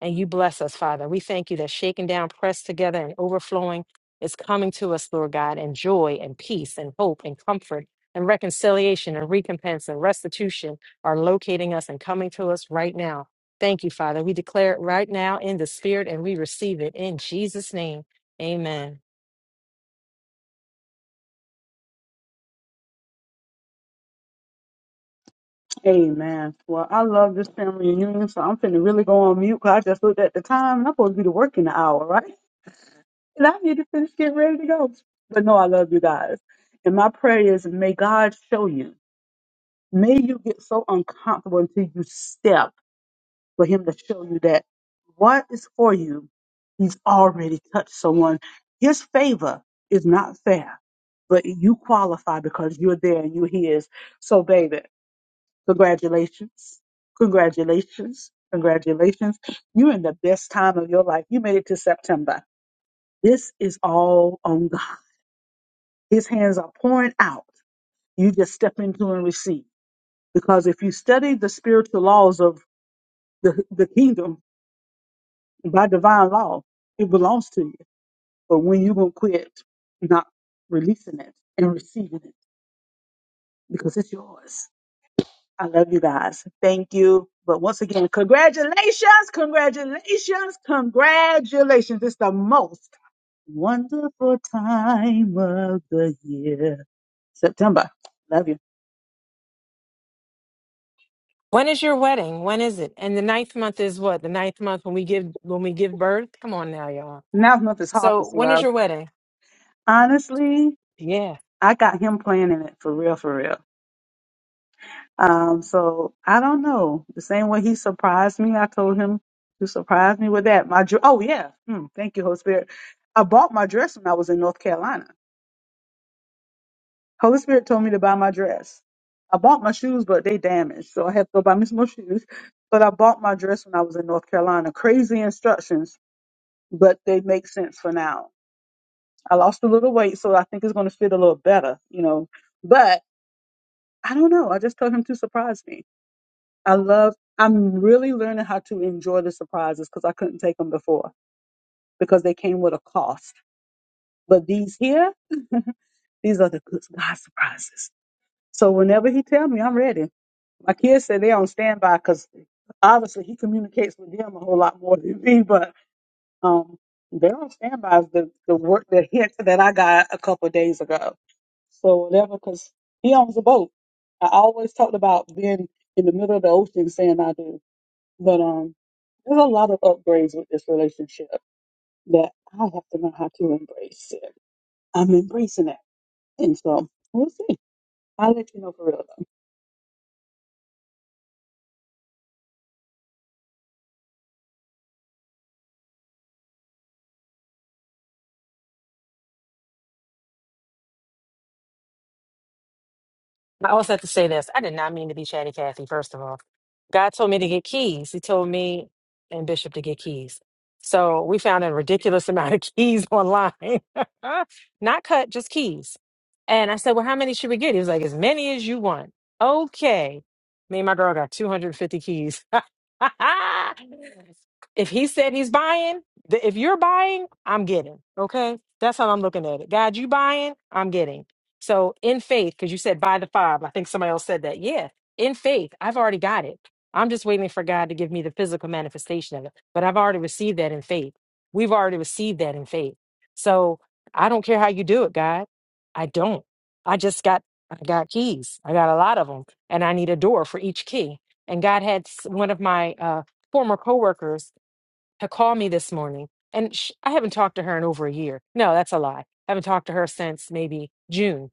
[SPEAKER 9] and you bless us, Father. We thank you that shaken down, pressed together, and overflowing is coming to us, Lord God, and joy and peace and hope and comfort and reconciliation and recompense and restitution are locating us and coming to us right now. Thank you, Father. We declare it right now in the Spirit and we receive it in Jesus' name. Amen.
[SPEAKER 6] Amen. Well, I love this family reunion, so I'm finna really go on mute. Cause I just looked at the time and I'm supposed to be to work in an hour, right? [laughs] And I need to finish getting ready to go. But no, I love you guys. And my prayer is may God show you. May you get so uncomfortable until you step. for him to show you that what is for you, he's already touched someone. His favor is not fair, but you qualify because you're there and you're his. So, baby, congratulations. Congratulations. Congratulations. You're in the best time of your life. You made it to September. This is all on God. His hands are pouring out. You just step into and receive. Because if you study the spiritual laws of the, the kingdom, By divine law, it belongs to you. But when you gonna quit not releasing it and receiving it because it's yours. I love you guys. Thank you. But once again, congratulations, congratulations, congratulations. It's the most wonderful time of the year. September. Love you.
[SPEAKER 9] When is your wedding? When is it? And the ninth month is what? The ninth month when we give when we give birth? Come on now, y'all.
[SPEAKER 6] Now month is
[SPEAKER 9] So
[SPEAKER 6] harvest,
[SPEAKER 9] when is
[SPEAKER 6] love.
[SPEAKER 9] your wedding?
[SPEAKER 6] Honestly,
[SPEAKER 9] Yeah.
[SPEAKER 6] I got him planning it for real, for real. Um, so I don't know. The same way he surprised me, I told him to surprise me with that. My dr- oh yeah, Hmm, thank you, Holy Spirit. I bought my dress when I was in North Carolina. Holy Spirit told me to buy my dress. I bought my shoes, but they damaged, so I had to go buy me some more shoes. But I bought my dress when I was in North Carolina. Crazy instructions, but they make sense for now. I lost a little weight, so I think it's going to fit a little better, you know. But I don't know. I just told him to surprise me. I love, I'm really learning how to enjoy the surprises because I couldn't take them before because they came with a cost. But these here, these are the good God surprises. So whenever he tell me, I'm ready. My kids say they're on standby because obviously he communicates with them a whole lot more than me, but um, they're on standby. The, the work, the hint that I got a couple of days ago. So whatever, because he owns a boat. I always talked about being in the middle of the ocean saying I do. But um, there's a lot of upgrades with this relationship that I have to know how to embrace it. I'm embracing it. And so we'll see. I'll let you know for real though.
[SPEAKER 9] I also have to say this. I did not mean to be chatty Cathy, first of all. God told me to get keys. He told me and Bishop to get keys. So we found a ridiculous amount of [laughs] keys online. [laughs] not cut, just keys. And I said, Well, how many should we get? He was like, As many as you want. Okay. Me and my girl got 250 keys. [laughs] if he said he's buying, th- if you're buying, I'm getting. Okay. That's how I'm looking at it. God, you buying, I'm getting. So in faith, because you said by the five, I think somebody else said that. Yeah, in faith, I've already got it. I'm just waiting for God to give me the physical manifestation of it. But I've already received that in faith. We've already received that in faith. So I don't care how you do it, God. I don't. I just got I got keys. I got a lot of them, and I need a door for each key. And God had s- one of my uh, former coworkers to call me this morning, and sh I haven't talked to her in over a year. No, that's a lie. I haven't talked to her since maybe June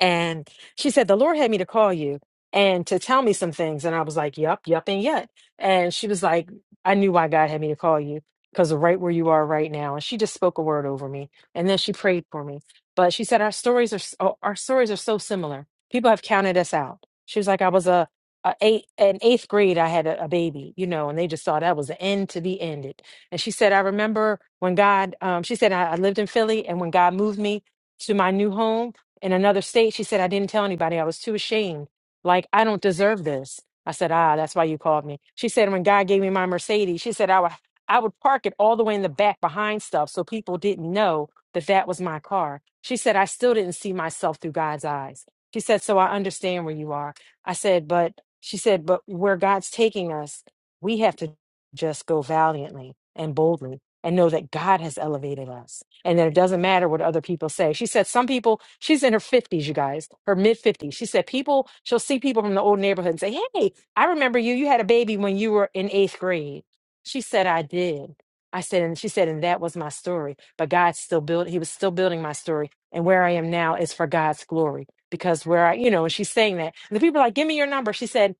[SPEAKER 9] and she said, The Lord had me to call you and to tell me some things. And I was like, Yup, yup, and yet. And she was like, I knew why God had me to call you because right where you are right now. And she just spoke a word over me. And then she prayed for me. But she said, Our stories are s- o- our stories are so similar. People have counted us out. She was like, I was a, a eight an eighth grade, I had a, a baby, you know, and they just thought that was the end to be ended. And she said, I remember when God, um, she said, I, I lived in Philly, and when God moved me to my new home, in another state, she said, I didn't tell anybody. I was too ashamed. Like, I don't deserve this. I said, Ah, that's why you called me. She said, When God gave me my Mercedes, she said, I would, I would park it all the way in the back behind stuff so people didn't know that that was my car. She said, I still didn't see myself through God's eyes. She said, So I understand where you are. I said, But she said, But where God's taking us, we have to just go valiantly and boldly and know that God has elevated us and that it doesn't matter what other people say. She said, Some people, she's in her 50s, you guys, her mid 50s. She said, People, she'll see people from the old neighborhood and say, Hey, I remember you. You had a baby when you were in eighth grade. She said, I did. I said, and she said, and that was my story. But God still built, He was still building my story. And where I am now is for God's glory. Because where I, you know, and she's saying that. And the people are like, Give me your number. She said,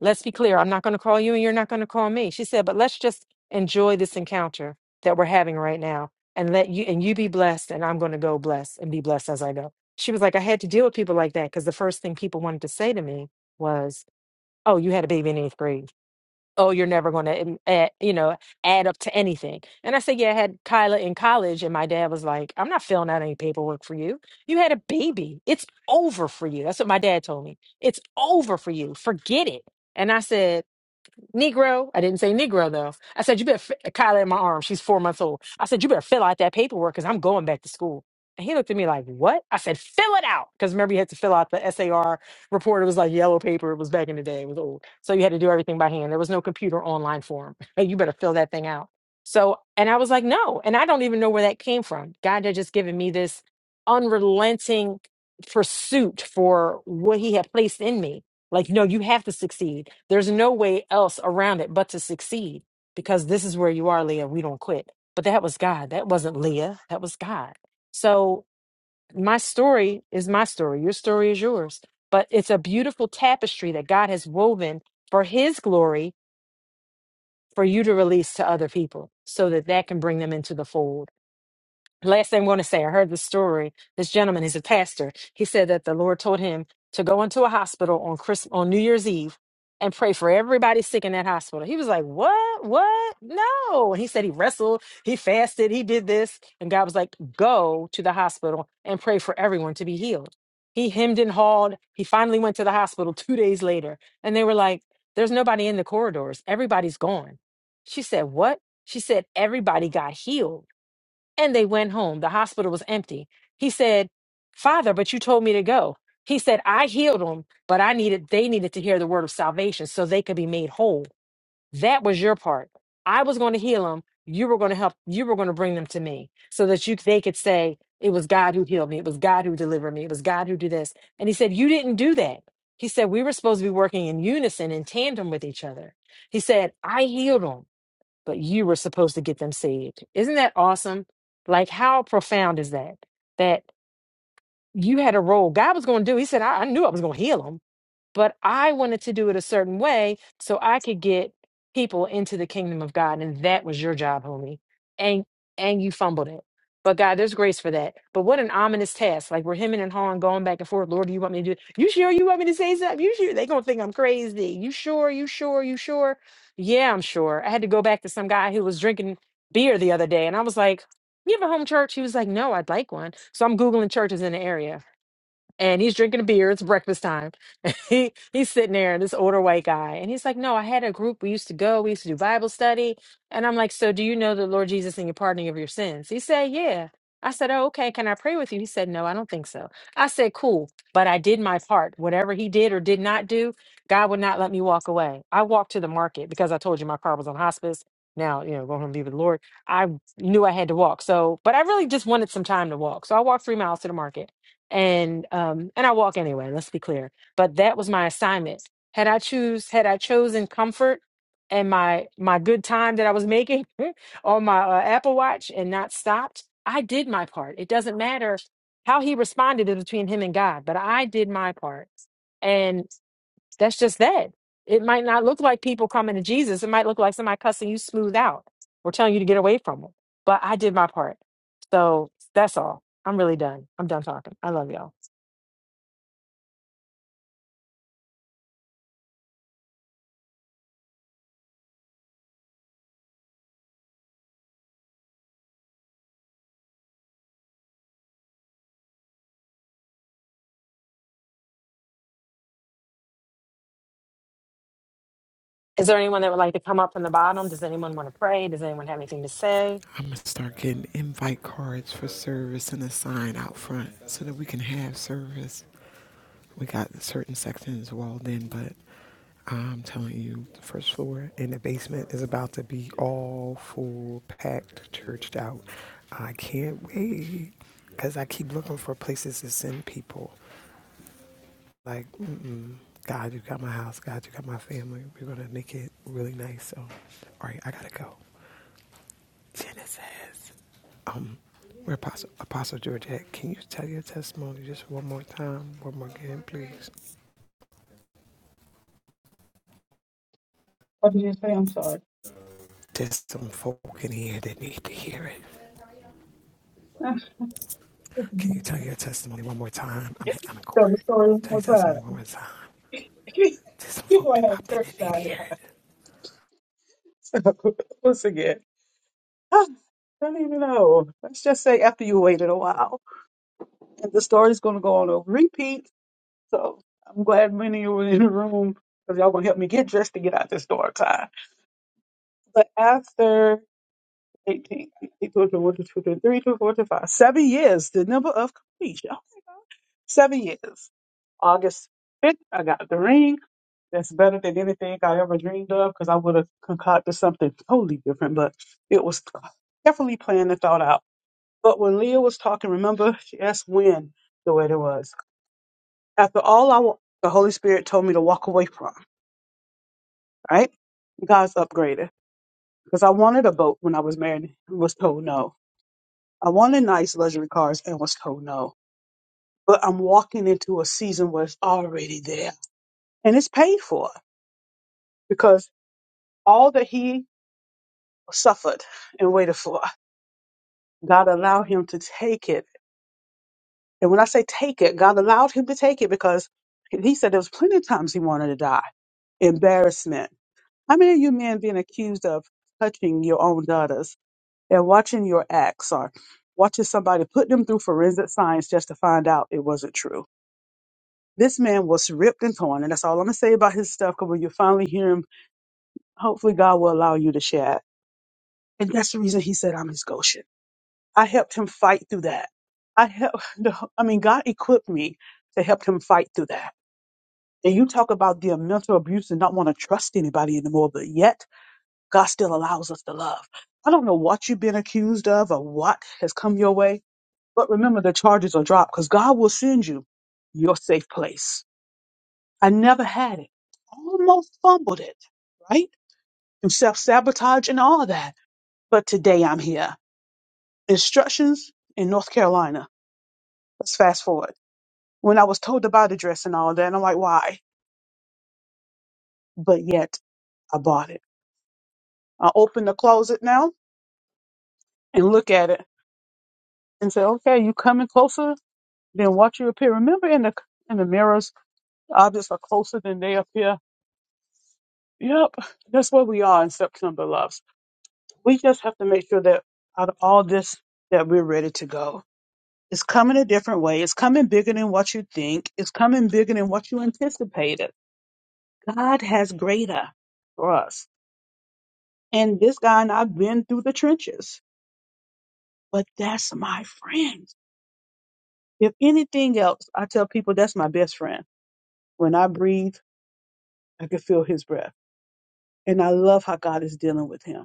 [SPEAKER 9] Let's be clear. I'm not going to call you and you're not going to call me. She said, But let's just enjoy this encounter that we're having right now and let you and you be blessed and I'm going to go bless and be blessed as I go. She was like, I had to deal with people like that because the first thing people wanted to say to me was, Oh, you had a baby in eighth grade. Oh, you're never going to, add, you know, add up to anything. And I said, Yeah, I had Kyla in college, and my dad was like, I'm not filling out any paperwork for you. You had a baby. It's over for you. That's what my dad told me. It's over for you. Forget it. And I said, Negro, I didn't say Negro though. I said, you better, fi- Kyla in my arm, she's four months old. I said, you better fill out that paperwork because I'm going back to school. And he looked at me like, what? I said, fill it out. Because remember, you had to fill out the SAR report. It was like yellow paper. It was back in the day. It was old. So you had to do everything by hand. There was no computer online form. [laughs] Hey, you better fill that thing out. So, and I was like, no. And I don't even know where that came from. God had just given me this unrelenting pursuit for what he had placed in me like, no, you have to succeed. There's no way else around it but to succeed because this is where you are, Leah. We don't quit. But that was God. That wasn't Leah. That was God. So my story is my story. Your story is yours. But it's a beautiful tapestry that God has woven for his glory for you to release to other people so that that can bring them into the fold last thing I want to say, I heard the story. This gentleman is a pastor. He said that the Lord told him to go into a hospital on Christmas, on New Year's Eve and pray for everybody sick in that hospital. He was like, What? What? No. And he said he wrestled, he fasted, he did this. And God was like, Go to the hospital and pray for everyone to be healed. He hemmed and hawed. He finally went to the hospital two days later. And they were like, There's nobody in the corridors. Everybody's gone. She said, What? She said, Everybody got healed and they went home. The hospital was empty. He said, Father, but you told me to go. He said, I healed them, but I needed, they needed to hear the word of salvation so they could be made whole. That was your part. I was going to heal them. You were going to help, you were going to bring them to me so that you, they could say, it was God who healed me. It was God who delivered me. It was God who did this. And he said, you didn't do that. He said, we were supposed to be working in unison, in tandem with each other. He said, I healed them but you were supposed to get them saved. Isn't that awesome? Like, how profound is that? That you had a role. God was going to do. He said, I, I knew I was going to heal him but I wanted to do it a certain way so I could get people into the kingdom of God. And that was your job, homie. And and you fumbled it. But God, there's grace for that. But what an ominous task. Like we're hemming and hawing, going back and forth. Lord, do you want me to do it? You sure you want me to say something? You sure they gonna think I'm crazy. You sure? You sure? You sure? Yeah, I'm sure. I had to go back to some guy who was drinking beer the other day, and I was like, You have a home church? He was like, No, I'd like one. So I'm Googling churches in the area and he's drinking a beer. It's breakfast time. [laughs] And he he's sitting there, this older white guy, and he's like, "No, I had a group. We used to go. We used to do Bible study." And I'm like, "So do you know the Lord Jesus and your pardoning of your sins?" He said, "Yeah." I said, "Oh, okay. Can I pray with you?" He said, "No, I don't think so." I said, "Cool, but I did my part. Whatever he did or did not do, God would not let me walk away. I walked to the market because I told you my car was on hospice." Now, you know, going home to be with the Lord. I knew I had to walk. So, but I really just wanted some time to walk. So I walked three miles to the market and um and I walk anyway, let's be clear. But that was my assignment. Had I choose had I chosen comfort and my my good time that I was making [laughs] on my uh, Apple Watch and not stopped, I did my part. It doesn't matter how he responded is between him and God, but I did my part. And that's just that. It might not look like people coming to Jesus. It might look like somebody cussing you smooth out or telling you to get away from them. But I did my part. So that's all. I'm really done. I'm done talking. I love y'all. Is there anyone that would like to come up from the bottom? Does anyone want to pray? Does anyone have anything to say?
[SPEAKER 2] I'm gonna start getting invite cards for service and a sign out front so that we can have service. We got certain sections walled in, but I'm telling you, the first floor and the basement is about to be all full, packed, churched out. I can't wait because I keep looking for places to send people. Like, mm-mm, God, you got my house. God, you got my family. We're gonna make it really nice. So, all right, I gotta go. Genesis. Um, where Apostle, Apostle Georgette, can you tell your testimony just one more time, one more again, please?
[SPEAKER 6] What did you say? I'm sorry.
[SPEAKER 2] There's some folk in here that need to hear it.
[SPEAKER 6] [laughs] Tell
[SPEAKER 2] Can you
[SPEAKER 6] the
[SPEAKER 2] tell your testimony one more time? I mean, I'm in court.
[SPEAKER 6] story one
[SPEAKER 2] Tell your
[SPEAKER 6] more time.
[SPEAKER 2] testimony one more time.
[SPEAKER 6] [laughs]
[SPEAKER 2] There's some
[SPEAKER 6] You're
[SPEAKER 2] folk
[SPEAKER 6] going
[SPEAKER 2] that
[SPEAKER 6] to have
[SPEAKER 2] popped in
[SPEAKER 6] church
[SPEAKER 2] that need to
[SPEAKER 6] Friday.
[SPEAKER 2] hear
[SPEAKER 6] [laughs]
[SPEAKER 2] it.
[SPEAKER 6] So, once again, [sighs] I don't even know. Let's just say after you waited a while. And the story's going to go on a repeat. So I'm glad many of you were in the room because y'all going to help me get dressed to get out this door time. But after 18, eighteen, children, one two to three to four two, five, seven years, the number of completion. Oh my God. Seven years. August 5th, I got the ring. That's better than anything I ever dreamed of because I would have concocted something totally different, but it was carefully planned and thought out. But when Leah was talking, remember, she asked when the way it was. After all, I wa- the Holy Spirit told me to walk away from, right? God's upgraded because I wanted a boat when I was married and was told no. I wanted nice luxury cars and was told no. But I'm walking into a season where it's already there and it's paid for because all that he suffered and waited for, God allowed him to take it. And when I say take it, God allowed him to take it because he said there was plenty of times he wanted to die. Embarrassment. How many of you men being accused of touching your own daughters and watching your acts or watching somebody put them through forensic science just to find out it wasn't true? This man was ripped and torn, and that's all I'm gonna say about his stuff. Because when you finally hear him, hopefully God will allow you to share it. And that's the reason he said, "I'm his Goshen." I helped him fight through that. I helped. [laughs] the- I mean, God equipped me to help him fight through that. And you talk about the mental abuse and not want to trust anybody anymore, but yet God still allows us to love. I don't know what you've been accused of or what has come your way, but remember the charges are dropped because God will send you your safe place I never had it. Almost fumbled it, right? Through self sabotage and all that. But today I'm here. Instructions in North Carolina. Let's fast forward. When I was told to buy the dress and all that, I'm like, why? But yet I bought it. I open the closet now and look at it and say, okay, you coming closer than what you appear. Remember in the in the mirrors, objects are closer than they appear. Yep, that's where we are in September, love. we just have to make sure that out of all this that we're ready to go it's coming a different way it's coming bigger than what you think it's coming bigger than what you anticipated god has greater for us and this guy and i've been through the trenches but that's my friend if anything else i tell people that's my best friend when i breathe i can feel his breath and i love how god is dealing with him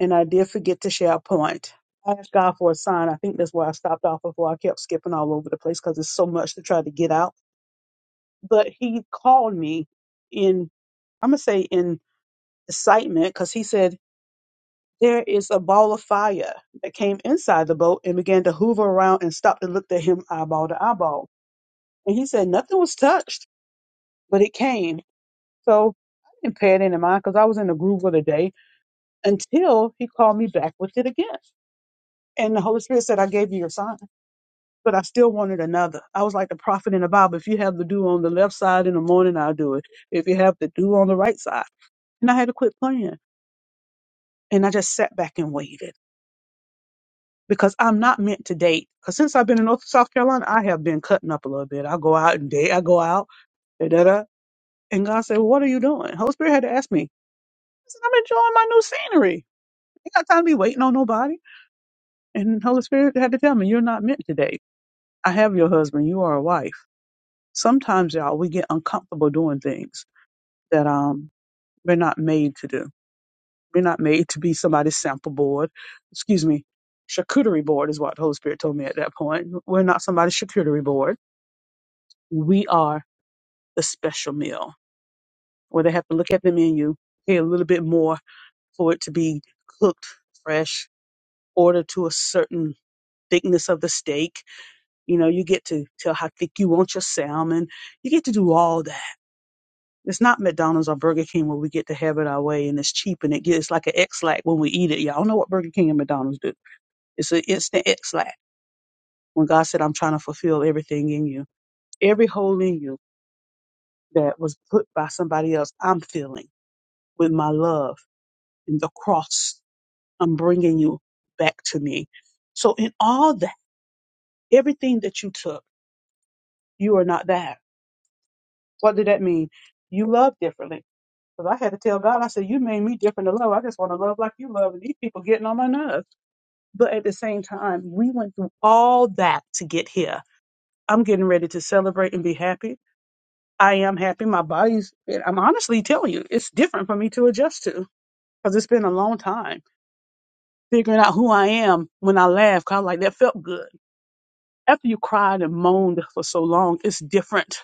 [SPEAKER 6] and I did forget to share a point. I asked God for a sign. I think that's where I stopped off before I kept skipping all over the place because it's so much to try to get out. But he called me in, I'm going to say in excitement because he said, There is a ball of fire that came inside the boat and began to hoover around and stopped and looked at him eyeball to eyeball. And he said, Nothing was touched, but it came. So I didn't pay it any mind because I was in the groove of the day until he called me back with it again. And the Holy Spirit said, I gave you your sign. but I still wanted another. I was like the prophet in the Bible. If you have the dew on the left side in the morning, I'll do it. If you have the dew on the right side. And I had to quit playing. And I just sat back and waited because I'm not meant to date. Because since I've been in North South Carolina, I have been cutting up a little bit. I go out and date. I go out. Da, da, da. And God said, well, What are you doing? Holy Spirit had to ask me. I said, I'm enjoying my new scenery. I ain't got time to be waiting on nobody. And Holy Spirit had to tell me, You're not meant to date. I have your husband. You are a wife. Sometimes, y'all, we get uncomfortable doing things that um we're not made to do. We're not made to be somebody's sample board. Excuse me, charcuterie board is what the Holy Spirit told me at that point. We're not somebody's charcuterie board. We are the special meal where they have to look at the menu, pay a little bit more for it to be cooked fresh, ordered to a certain thickness of the steak. You know, you get to tell how thick you want your salmon. You get to do all that It's not McDonald's or Burger King where we get to have it our way and it's cheap and it gets like an X-lack when we eat it. Y'all know what Burger King and McDonald's do. It's an instant X-lack when God said, I'm trying to fulfill everything in you. Every hole in you that was put by somebody else, I'm filling with my love and the cross. I'm bringing you back to me. So in all that, everything that you took, you are not that. What did that mean? You love differently. Because I had to tell God, I said, you made me different to love. I just want to love like you love. And these people getting on my nerves. But at the same time, we went through all that to get here. I'm getting ready to celebrate and be happy. I am happy. My body's, and I'm honestly telling you, it's different for me to adjust to because it's been a long time figuring out who I am when I laugh. Cause I'm like, that felt good. After you cried and moaned for so long, it's different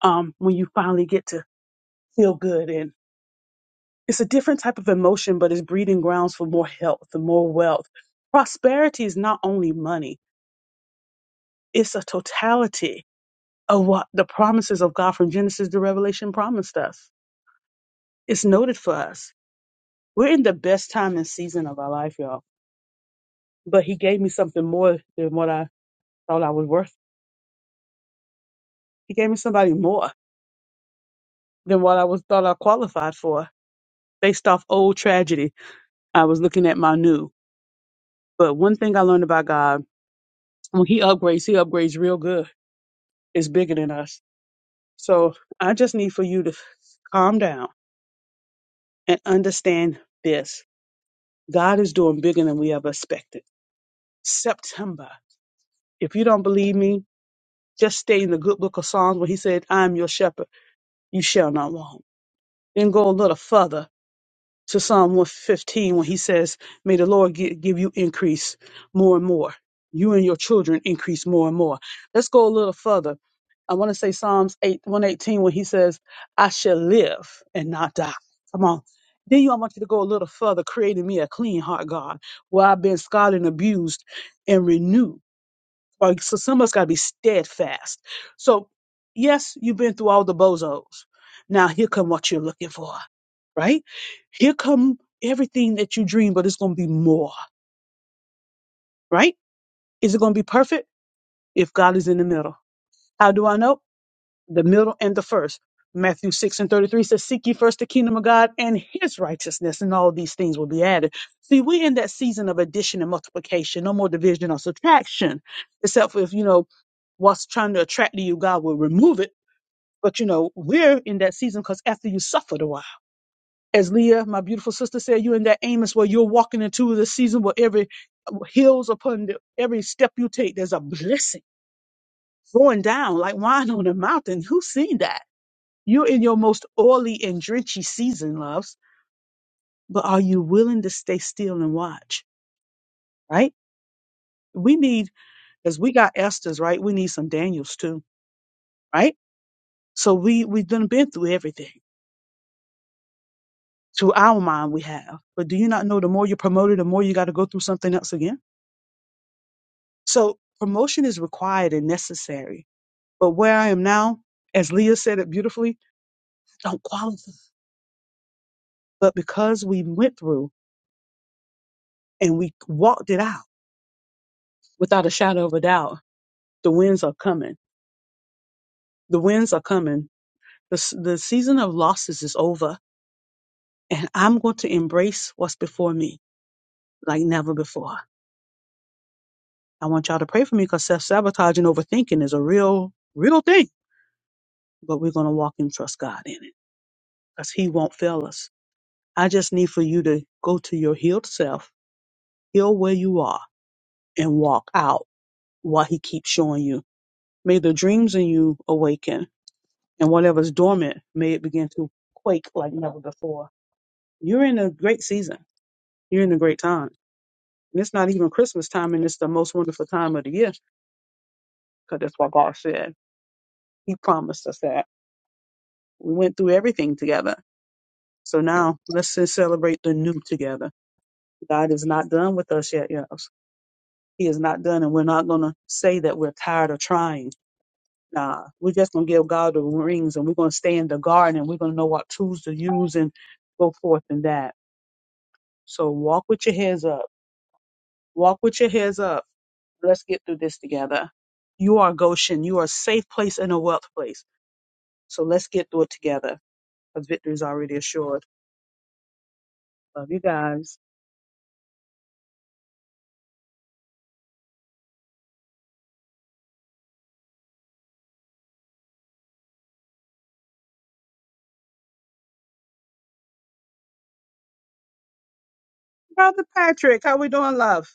[SPEAKER 6] um, when you finally get to feel good. And it's a different type of emotion, but it's breeding grounds for more health and more wealth. Prosperity is not only money, it's a totality of what the promises of God from Genesis to Revelation promised us. It's noted for us. We're in the best time and season of our life, y'all. But he gave me something more than what I thought I was worth. He gave me somebody more than what I was thought I qualified for. Based off old tragedy, I was looking at my new. But one thing I learned about God, when he upgrades, he upgrades real good. It's bigger than us. So I just need for you to calm down and understand this. God is doing bigger than we ever expected. September. If you don't believe me, just stay in the good book of Psalms where he said, I am your shepherd, you shall not want. Then go a little further to Psalm 115 when he says, May the Lord gi- give you increase more and more. You and your children increase more and more. Let's go a little further. I want to say Psalms 8, 118 when he says, I shall live and not die. Come on. Then you, I want you to go a little further, creating me a clean heart, God, where I've been scarred and abused and renewed. Like so some of us gotta be steadfast. So yes, you've been through all the bozos. Now here come what you're looking for, right? Here come everything that you dream, but it's gonna be more, right? Is it gonna be perfect? If God is in the middle. How do I know? the middle and the first. Matthew 6 and 33 says, Seek ye first the kingdom of God and his righteousness, and all these things will be added. See, we're in that season of addition and multiplication, no more division or subtraction. Except for if, you know, what's trying to attract to you, God will remove it. But, you know, we're in that season because after you suffered a while, as Leah, my beautiful sister, said, you're in that Amos where you're walking into the season where every uh, hills upon the, every step you take, there's a blessing going down like wine on a mountain. Who's seen that? You're in your most oily and drenchy season, loves, but are you willing to stay still and watch? Right? We need, as we got Esther's, right? We need some Daniels too, right? So we we've done been through everything. To our mind, we have. But do you not know the more you're promoted, the more you got to go through something else again? So promotion is required and necessary. But where I am now, as Leah said it beautifully, I don't qualify. But because we went through and we walked it out without a shadow of a doubt, the winds are coming The winds are coming. The, s- the season of losses is over, and I'm going to embrace what's before me like never before. I want y'all to pray for me because self sabotage and overthinking is a real, real thing. But we're going to walk and trust God in it because He won't fail us. I just need for you to go to your healed self, heal where you are, and walk out what He keeps showing you. May the dreams in you awaken, and whatever's dormant, may it begin to quake like never before. You're in a great season. You're in a great time And it's not even Christmas time, and it's the most wonderful time of the year because that's what God said. He promised us that. We went through everything together. So now let's just celebrate the new together. God is not done with us yet, yes. He is not done, and we're not going to say that we're tired of trying. Nah, we're just going to give God the rings and we're going to stay in the garden and we're going to know what tools to use and go forth in that. So walk with your heads up. Walk with your heads up. Let's get through this together. You are Goshen. You are a safe place and a wealth place. So let's get through it together because victory is already assured. Love you guys. Brother Patrick, how we doing, love?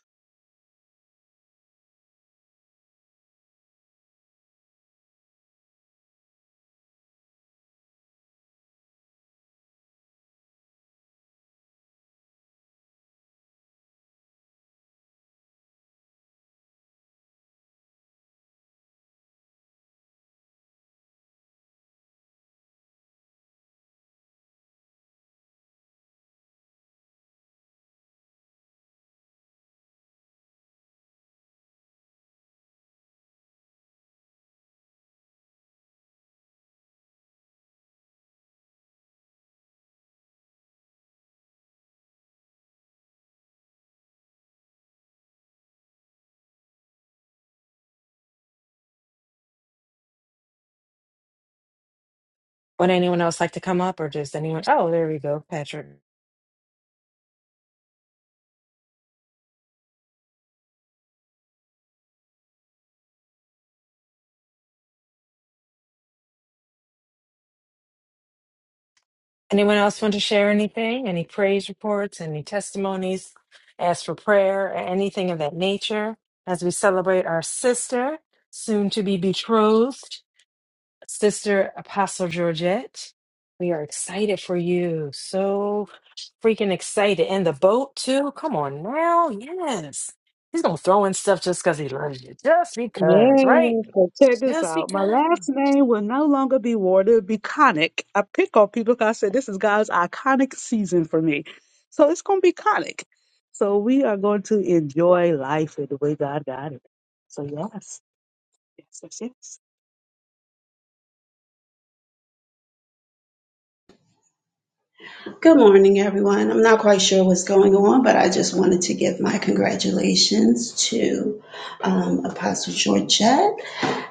[SPEAKER 9] Would anyone else like to come up or does anyone? Oh, there we go, Patrick. Anyone else want to share anything? Any praise reports, any testimonies, ask for prayer, or anything of that nature as we celebrate our sister, soon to be betrothed, Sister Apostle Georgette. We are excited for you. So freaking excited. And the boat too. Come on now. Yes. He's gonna throw in stuff just because he loves you. Just because, right?
[SPEAKER 6] Yes, so check this
[SPEAKER 9] Just
[SPEAKER 6] out. My
[SPEAKER 9] because.
[SPEAKER 6] last name will no longer be Ward. It'll be Conic. I pick on people because I said this is God's iconic season for me. So it's going to be Conic. So we are going to enjoy life in the way God got it. So yes, yes, yes, yes.
[SPEAKER 11] Good morning, everyone. I'm not quite sure what's going on, but I just wanted to give my congratulations to um, Apostle Georgette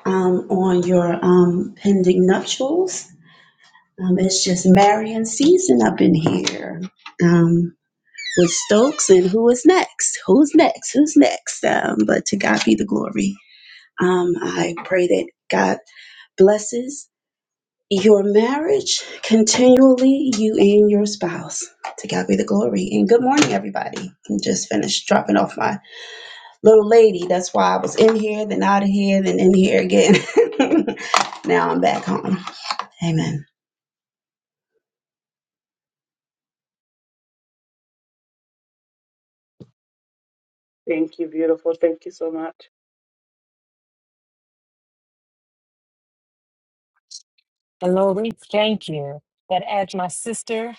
[SPEAKER 11] um, on your um, pending nuptials. Um, it's just marrying season up in here um, with Stokes and who is next? Who's next? Who's next? Um, but to God be the glory. Um, I pray that God blesses your marriage continually, you and your spouse. To God be the glory. And good morning, everybody. I'm just finished dropping off my little lady. That's why I was in here, then out of here, then in here again. [laughs] now I'm back home. Amen.
[SPEAKER 6] Thank you, beautiful. Thank you so much.
[SPEAKER 9] And Lori, thank you. That adds my sister.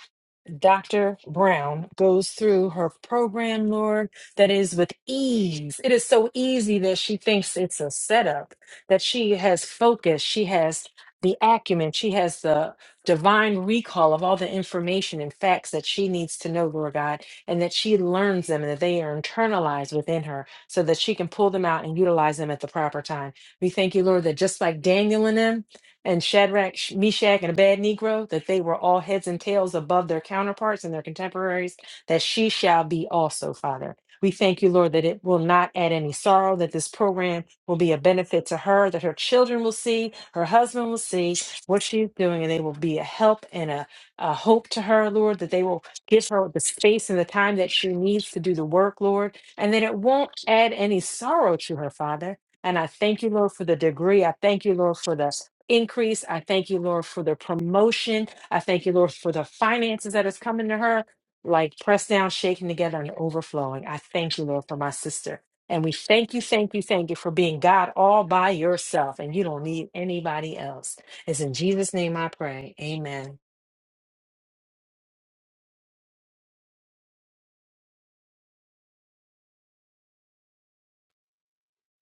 [SPEAKER 9] Dr. Brown goes through her program, Lord, that is with ease. It is so easy that she thinks it's a setup, that she has focus, she has the acumen, she has the divine recall of all the information and facts that she needs to know, Lord God, and that she learns them and that they are internalized within her so that she can pull them out and utilize them at the proper time. We thank you, Lord, that just like Daniel and them and Shadrach, Sh- Meshach, and a bad Negro, that they were all heads and tails above their counterparts and their contemporaries, that she shall be also, Father. We thank you, Lord, that it will not add any sorrow, that this program will be a benefit to her, that her children will see, her husband will see what she's doing, and they will be a help and a, a hope to her, Lord, that they will give her the space and the time that she needs to do the work, Lord, and that it won't add any sorrow to her, Father. And I thank you, Lord, for the degree. I thank you, Lord, for the increase. I thank you, Lord, for the promotion. I thank you, Lord, for the finances that is coming to her, like pressed down, shaken together, and overflowing. I thank you, Lord, for my sister. And we thank you, thank you, thank you for being God all by yourself, and you don't need anybody else. It's in Jesus' name I pray. Amen.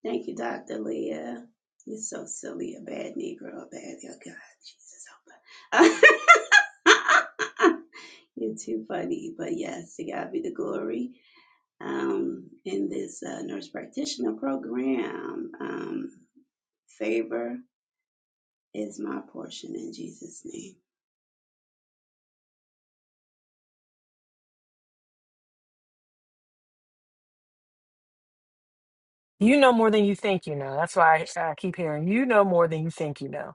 [SPEAKER 11] Thank you, Dr. Leah. You're so silly, a bad Negro, a bad oh God, Jesus help her. [laughs] You're too funny, but yes, to God be the glory. Um, in this uh, nurse practitioner program, um, favor is my portion in Jesus' name.
[SPEAKER 9] You know more than you think you know. That's why I, I keep hearing you know more than you think you know.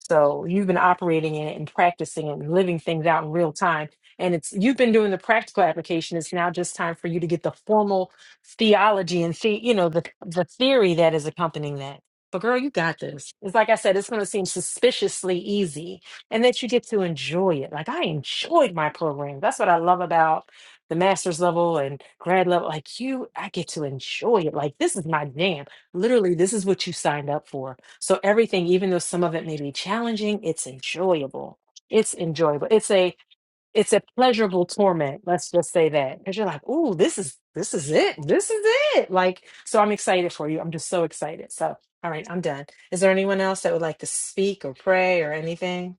[SPEAKER 9] So you've been operating in it and practicing it and living things out in real time. And it's you've been doing the practical application. It's now just time for you to get the formal theology and see, you know, the the theory that is accompanying that. But girl, you got this. It's like I said, it's going to seem suspiciously easy, and that you get to enjoy it. Like I enjoyed my program. That's what I love about the master's level and grad level. Like you, I get to enjoy it. Like this is my jam. Literally, this is what you signed up for. So everything, even though some of it may be challenging, it's enjoyable. It's enjoyable. It's a it's a pleasurable torment. Let's just say that because you're like, "Ooh, this is this is it. This is it." Like, so I'm excited for you. I'm just so excited. So, all right, I'm done. Is there anyone else that would like to speak or pray or anything?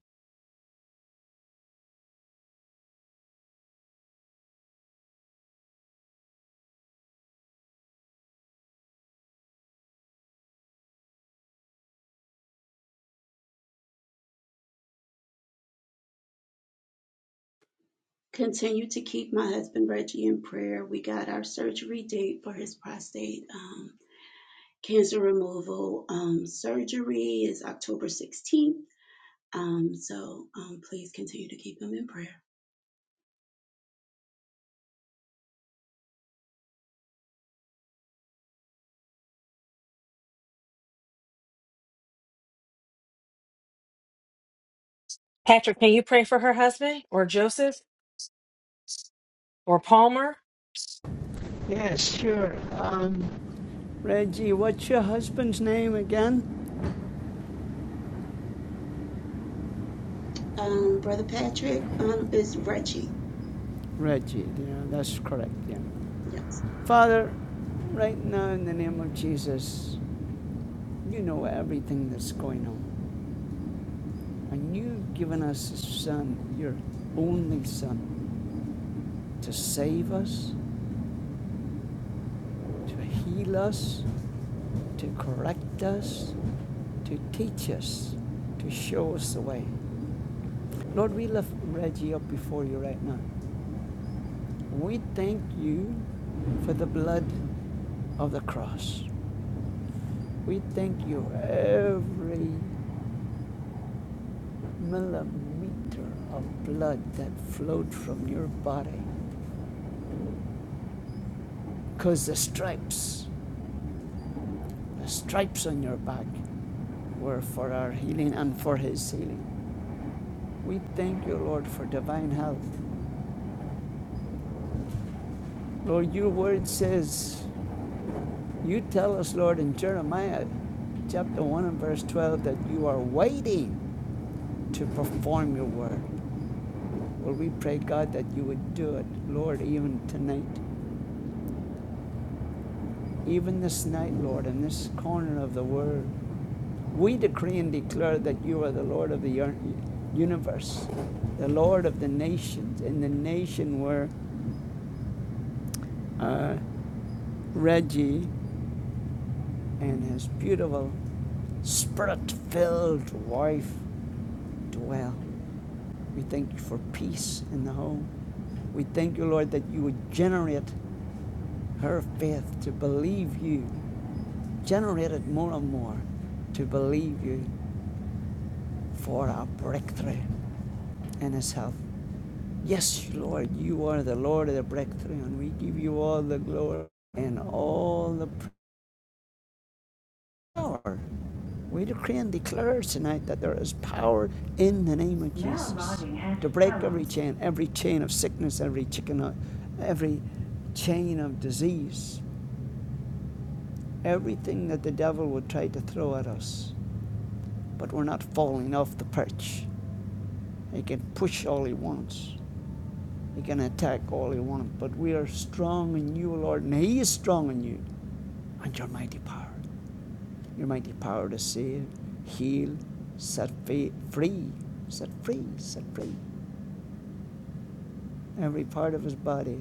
[SPEAKER 11] continue to keep my husband Reggie in prayer. We got our surgery date for his prostate um, cancer removal. Um, surgery is October 16th. Um, so um, please continue to keep him in prayer.
[SPEAKER 9] Patrick, can you pray for her husband or Joseph? or Palmer.
[SPEAKER 12] Yes, sure. Um, Reggie, what's your husband's name again?
[SPEAKER 11] Um, Brother Patrick um, is Reggie.
[SPEAKER 12] Reggie, yeah, that's correct, yeah.
[SPEAKER 11] Yes.
[SPEAKER 12] Father, right now in the name of Jesus, you know everything that's going on. And you've given us a son, your only son, to save us, to heal us, to correct us, to teach us, to show us the way. Lord, we lift Reggie up before you right now. We thank you for the blood of the cross. We thank you every millimeter of blood that flowed from your body because the stripes, the stripes on your back were for our healing and for his healing. We thank you, Lord, for divine health. Lord, your word says, you tell us, Lord, in Jeremiah chapter 1 and verse 12 that you are waiting to perform your word. Lord, we pray, God, that you would do it, Lord, even tonight, even this night, Lord, in this corner of the world. We decree and declare that you are the Lord of the universe, the Lord of the nations, in the nation where uh, Reggie and his beautiful, spirit filled wife dwell. We thank you for peace in the home. We thank you, Lord, that you would generate her faith to believe you, generate it more and more to believe you for our breakthrough in his health. Yes, Lord, you are the Lord of the breakthrough, and we give you all the glory and all the praise. power. We decree and declare tonight that there is power in the name of Jesus to break every chain, every chain of sickness, every chicken, uh, every chain of disease, everything that the devil would try to throw at us. But we're not falling off the perch. He can push all he wants. He can attack all he wants. But we are strong in you, Lord, and He is strong in you and your mighty power. Your mighty power to save, heal, set free, set free, set free every part of his body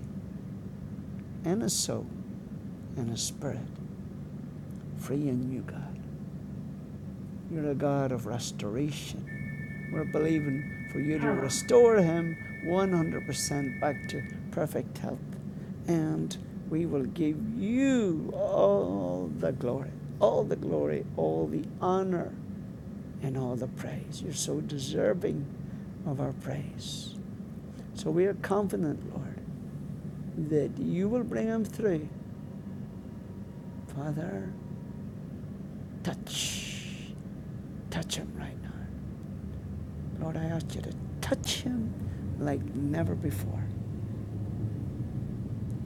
[SPEAKER 12] and his soul and his spirit, free in you, God. You're a God of restoration. We're believing for you to restore him 100% back to perfect health. And we will give you all the glory, all the glory, all the honor and all the praise. You're so deserving of our praise. So we are confident, Lord, that you will bring him through. Father, touch. Touch him right now. Lord, I ask you to touch him like never before.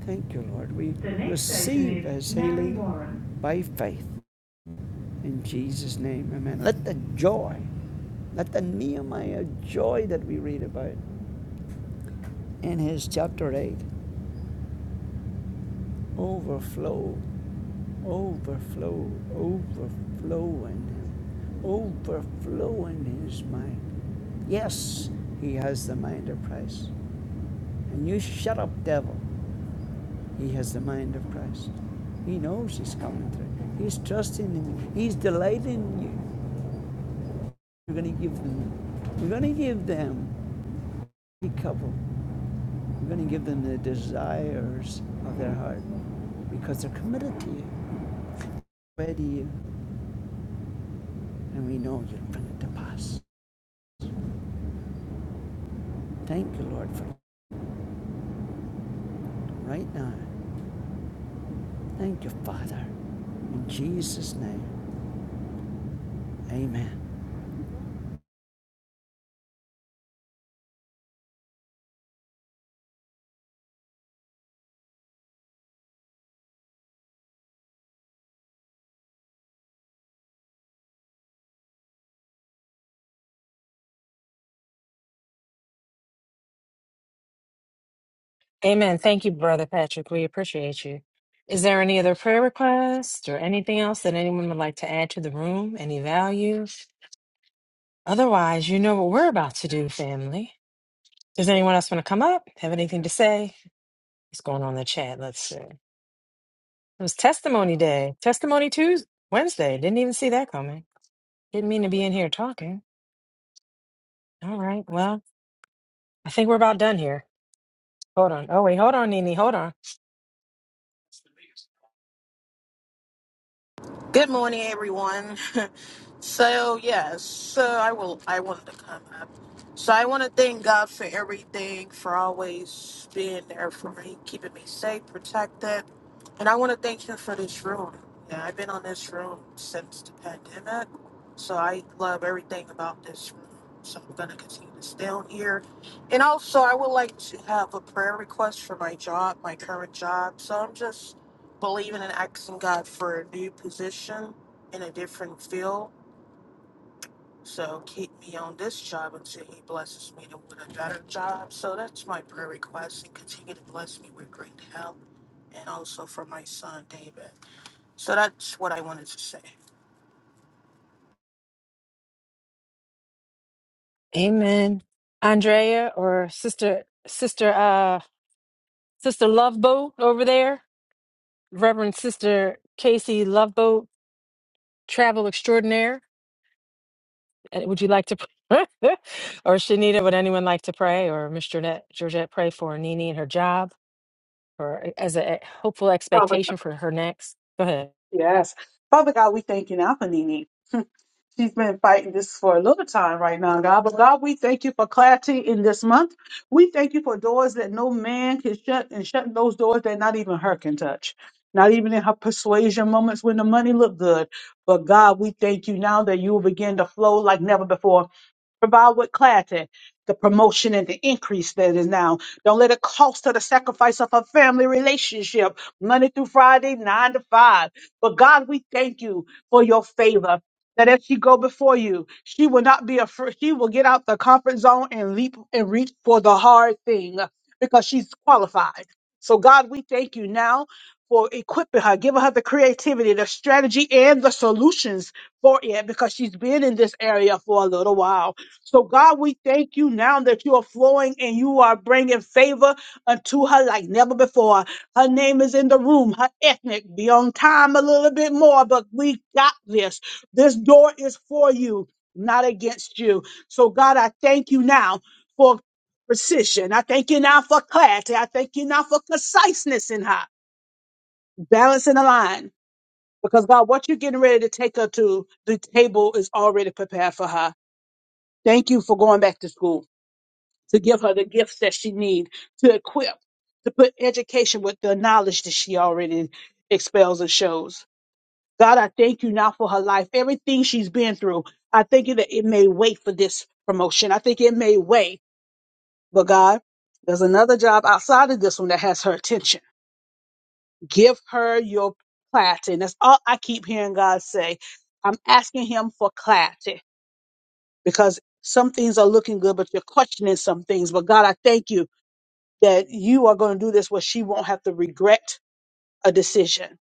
[SPEAKER 12] Thank you, Lord. We receive station his healing by faith. In Jesus' name, amen. Let the joy, let the Nehemiah joy that we read about in his chapter 8 overflow overflow, overflowing, him, overflowing his mind. Yes, he has the mind of Christ. And you shut up, devil. He has the mind of Christ. He knows he's coming through. He's trusting in you. He's delighting you. You're going to give them. You're going to give them a couple. You're going to give them the desires of their heart because they're committed to you, ready to you, and we know you'll bring it to pass. Thank you, Lord, for right now. Thank you, Father. In Jesus' name, amen.
[SPEAKER 9] Amen. Thank you, Brother Patrick. We appreciate you. Is there any other prayer request or anything else that anyone would like to add to the room? Any value? Otherwise, you know what we're about to do, family. Does anyone else want to come up? Have anything to say? What's going on in the chat? Let's see. It was testimony day. Testimony Tuesday, Wednesday. Didn't even see that coming. Didn't mean to be in here talking. All right. Well, I think we're about done here. Hold on. Oh, wait. Hold on, Nini. Hold on.
[SPEAKER 13] Good morning, everyone. [laughs] so yes, so I will. I wanted to come up. So I want to thank God for everything, for always being there for me, keeping me safe, protected, and I want to thank you for this room. Yeah, I've been on this room since the pandemic, so I love everything about this room. So I'm gonna continue to stay on here, and also I would like to have a prayer request for my job, my current job. So I'm just believing and asking God for a new position in a different field. So keep me on this job until He blesses me to with a better job. So that's my prayer request and continue to bless me with great health and also for my son David. So that's what I wanted to say.
[SPEAKER 9] Amen. Andrea or sister sister uh sister Loveboat over there, Reverend Sister Casey Loveboat, travel extraordinaire. Uh, Would you like to pray? [laughs] or Shanita, would anyone like to pray? Or Miss Georgette, Georgette pray for Nini and her job or uh, as a hopeful
[SPEAKER 6] Father
[SPEAKER 9] expectation
[SPEAKER 6] God,
[SPEAKER 9] for her next. Go ahead.
[SPEAKER 6] yes. Father God, we thank you now for Nene. She's been fighting this for a little time right now, God. But God, we thank you for clarity in this month. We thank you for doors that no man can shut and shutting those doors that not even her can touch. Not even in her persuasion moments when the money looked good. But God, we thank you now that you will begin to flow like never before provide with clarity the promotion and the increase that is now. Don't let it cost her the sacrifice of her family relationship, Monday through Friday, nine to five. But God, we thank you for your favor. That as she go before you, she will not be afraid. She will get out the comfort zone and leap and reach for the hard thing because she's qualified. So God, we thank you now for equipping her, giving her the creativity, the strategy, and the solutions for it because she's been in this area for a little while. So, God, we thank you now that you are flowing and you are bringing favor unto her like never before. Her name is in the room, her ethnic, be on time a little bit more, but we got this. This door is for you, not against you. So, God, I thank you now for precision. I thank you now for clarity. I thank you now for conciseness in her, balance in the line. Because, God, what you're getting ready to take her to, the table is already prepared for her. Thank you for going back to school to give her the gifts that she needs, to equip, to put education with the knowledge that she already expels and shows. God, I thank you now for her life, everything she's been through. I thank you that it may wait for this promotion. I think it may wait, but God, there's another job outside of this one that has her attention. Give her your clarity. And that's all I keep hearing God say. I'm asking him for clarity because some things are looking good, but you're questioning some things. But God, I thank you that you are going to do this where she won't have to regret a decision.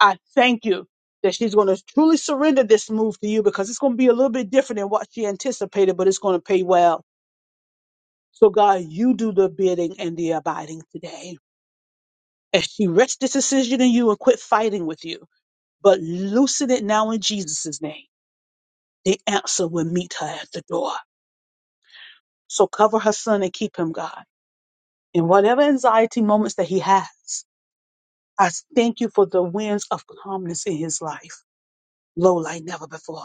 [SPEAKER 6] I thank you that she's going to truly surrender this move to you because it's going to be a little bit different than what she anticipated, but it's going to pay well. So, God, you do the bidding and the abiding today. As she rests this decision in you and quit fighting with you, but loosen it now in Jesus' name, the answer will meet her at the door. So cover her son and keep him, God, in whatever anxiety moments that he has. I thank you for the winds of calmness in his life, low like never before.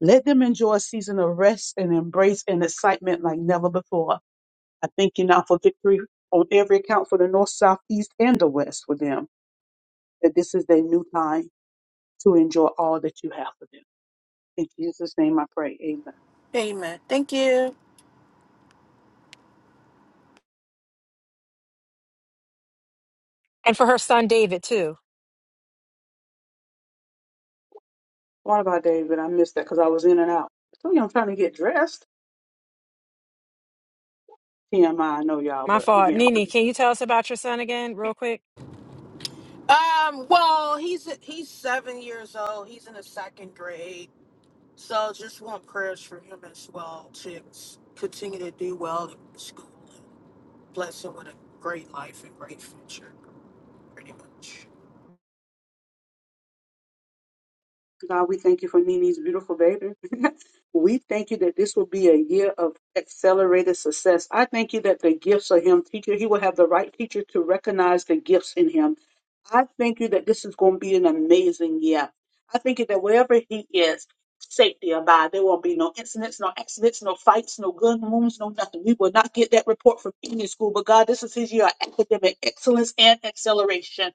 [SPEAKER 6] Let them enjoy a season of rest and embrace and excitement like never before. I thank you now for victory on every account for the north, south, east, and the west for them, that this is their new time to enjoy all that you have for them. In Jesus' name I pray. Amen.
[SPEAKER 13] Amen. Thank you.
[SPEAKER 9] And for her son David too.
[SPEAKER 6] What about David? I missed that because I was in and out. So I'm trying to get dressed. TMI, I I know y'all,
[SPEAKER 9] My
[SPEAKER 6] but we
[SPEAKER 9] fault.
[SPEAKER 6] getting
[SPEAKER 9] Nini, can you tell us about your son again, real quick?
[SPEAKER 13] Um, well, he's he's seven years old. He's in the second grade. So just want prayers for him as well to continue to do well in school bless her with a great life and great future, pretty much.
[SPEAKER 6] God, we thank you for Nini's beautiful baby. [laughs] we thank you that this will be a year of accelerated success. I thank you that the gifts of him teacher, he will have the right teacher to recognize the gifts in him. I thank you that this is going to be an amazing year. I thank you that wherever he is, safety abide. There won't be no incidents, no accidents, no fights, no gun wounds, no nothing. We will not get that report from any school. But God, this is his year of academic excellence and acceleration.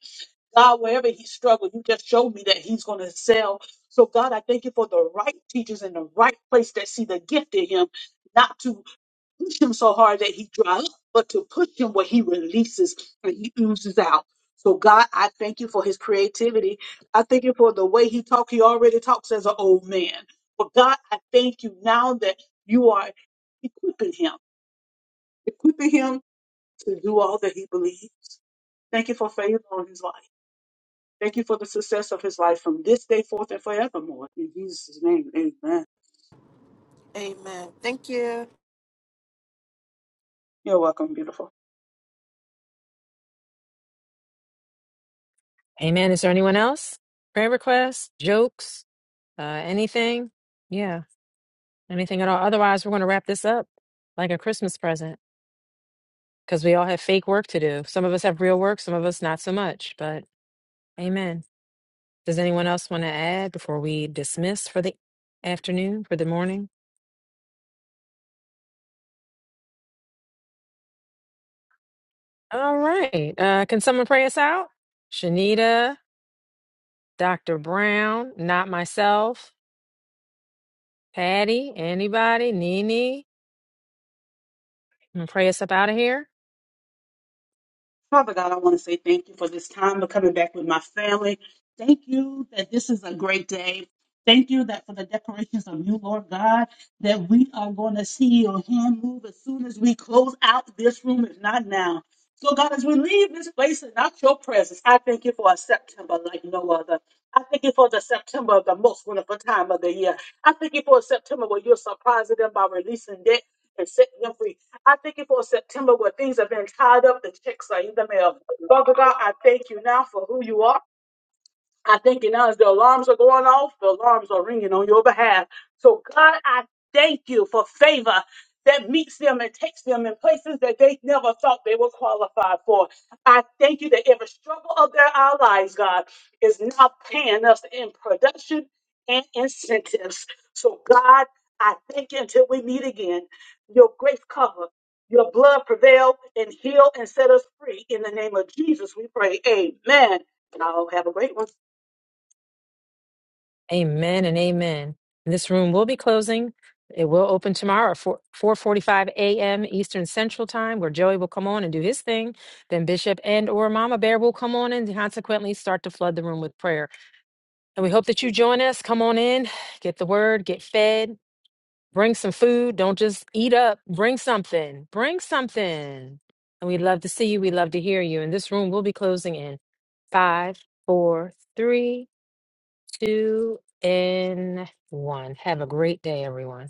[SPEAKER 6] God, wherever he struggled, you just showed me that he's going to sell. So, God, I thank you for the right teachers in the right place that see the gift in him, not to push him so hard that he dry up, but to push him where he releases and he oozes out. So, God, I thank you for his creativity. I thank you for the way he talks. He already talks as an old man. But, God, I thank you now that you are equipping him, equipping him to do all that he believes. Thank you for favor on his life. Thank you for the success of his life from this day forth and forevermore. In Jesus' name, amen.
[SPEAKER 13] Amen. Thank you.
[SPEAKER 6] You're welcome, beautiful.
[SPEAKER 9] Amen. Is there anyone else? Prayer requests, jokes, uh, anything? Yeah. Anything at all? Otherwise, we're going to wrap this up like a Christmas present because we all have fake work to do. Some of us have real work, some of us not so much, but amen. Does anyone else want to add before we dismiss for the afternoon, for the morning? All right. Uh, can someone pray us out? Shanita, Dr. Brown, not myself, Patty, anybody, Nene, and pray us up out of here.
[SPEAKER 6] Father God, I want to say thank you for this time of coming back with my family. Thank you that this is a great day. Thank you that for the decorations of you, Lord God, that we are going to see your hand move as soon as we close out this room, if not now. So, God, as we leave this place and not your presence, I thank you for a September like no other. I thank you for the September of the most wonderful time of the year. I thank you for a September where you're surprising them by releasing debt and setting them free. I thank you for September where things have been tied up, the checks are in the mail. Father God, I thank you now for who you are. I thank you now as the alarms are going off, the alarms are ringing on your behalf. So, God, I thank you for favor that meets them and takes them in places that they never thought they were qualified for. I thank you that every struggle of their our lives, God, is now paying us in production and incentives. So, God, I thank you until we meet again. Your grace cover, your blood prevail and heal and set us free. In the name of Jesus, we pray. Amen. And I'll have a great one.
[SPEAKER 9] Amen and amen. This room will be closing. It will open tomorrow at 4 4:45 a.m. Eastern Central Time, where Joey will come on and do his thing. Then Bishop and or Mama Bear will come on and consequently start to flood the room with prayer. And we hope that you join us. Come on in, get the word, get fed, bring some food. Don't just eat up. Bring something. Bring something. And we'd love to see you. We'd love to hear you. And this room will be closing in five, four, three, two and one. Have a great day, everyone.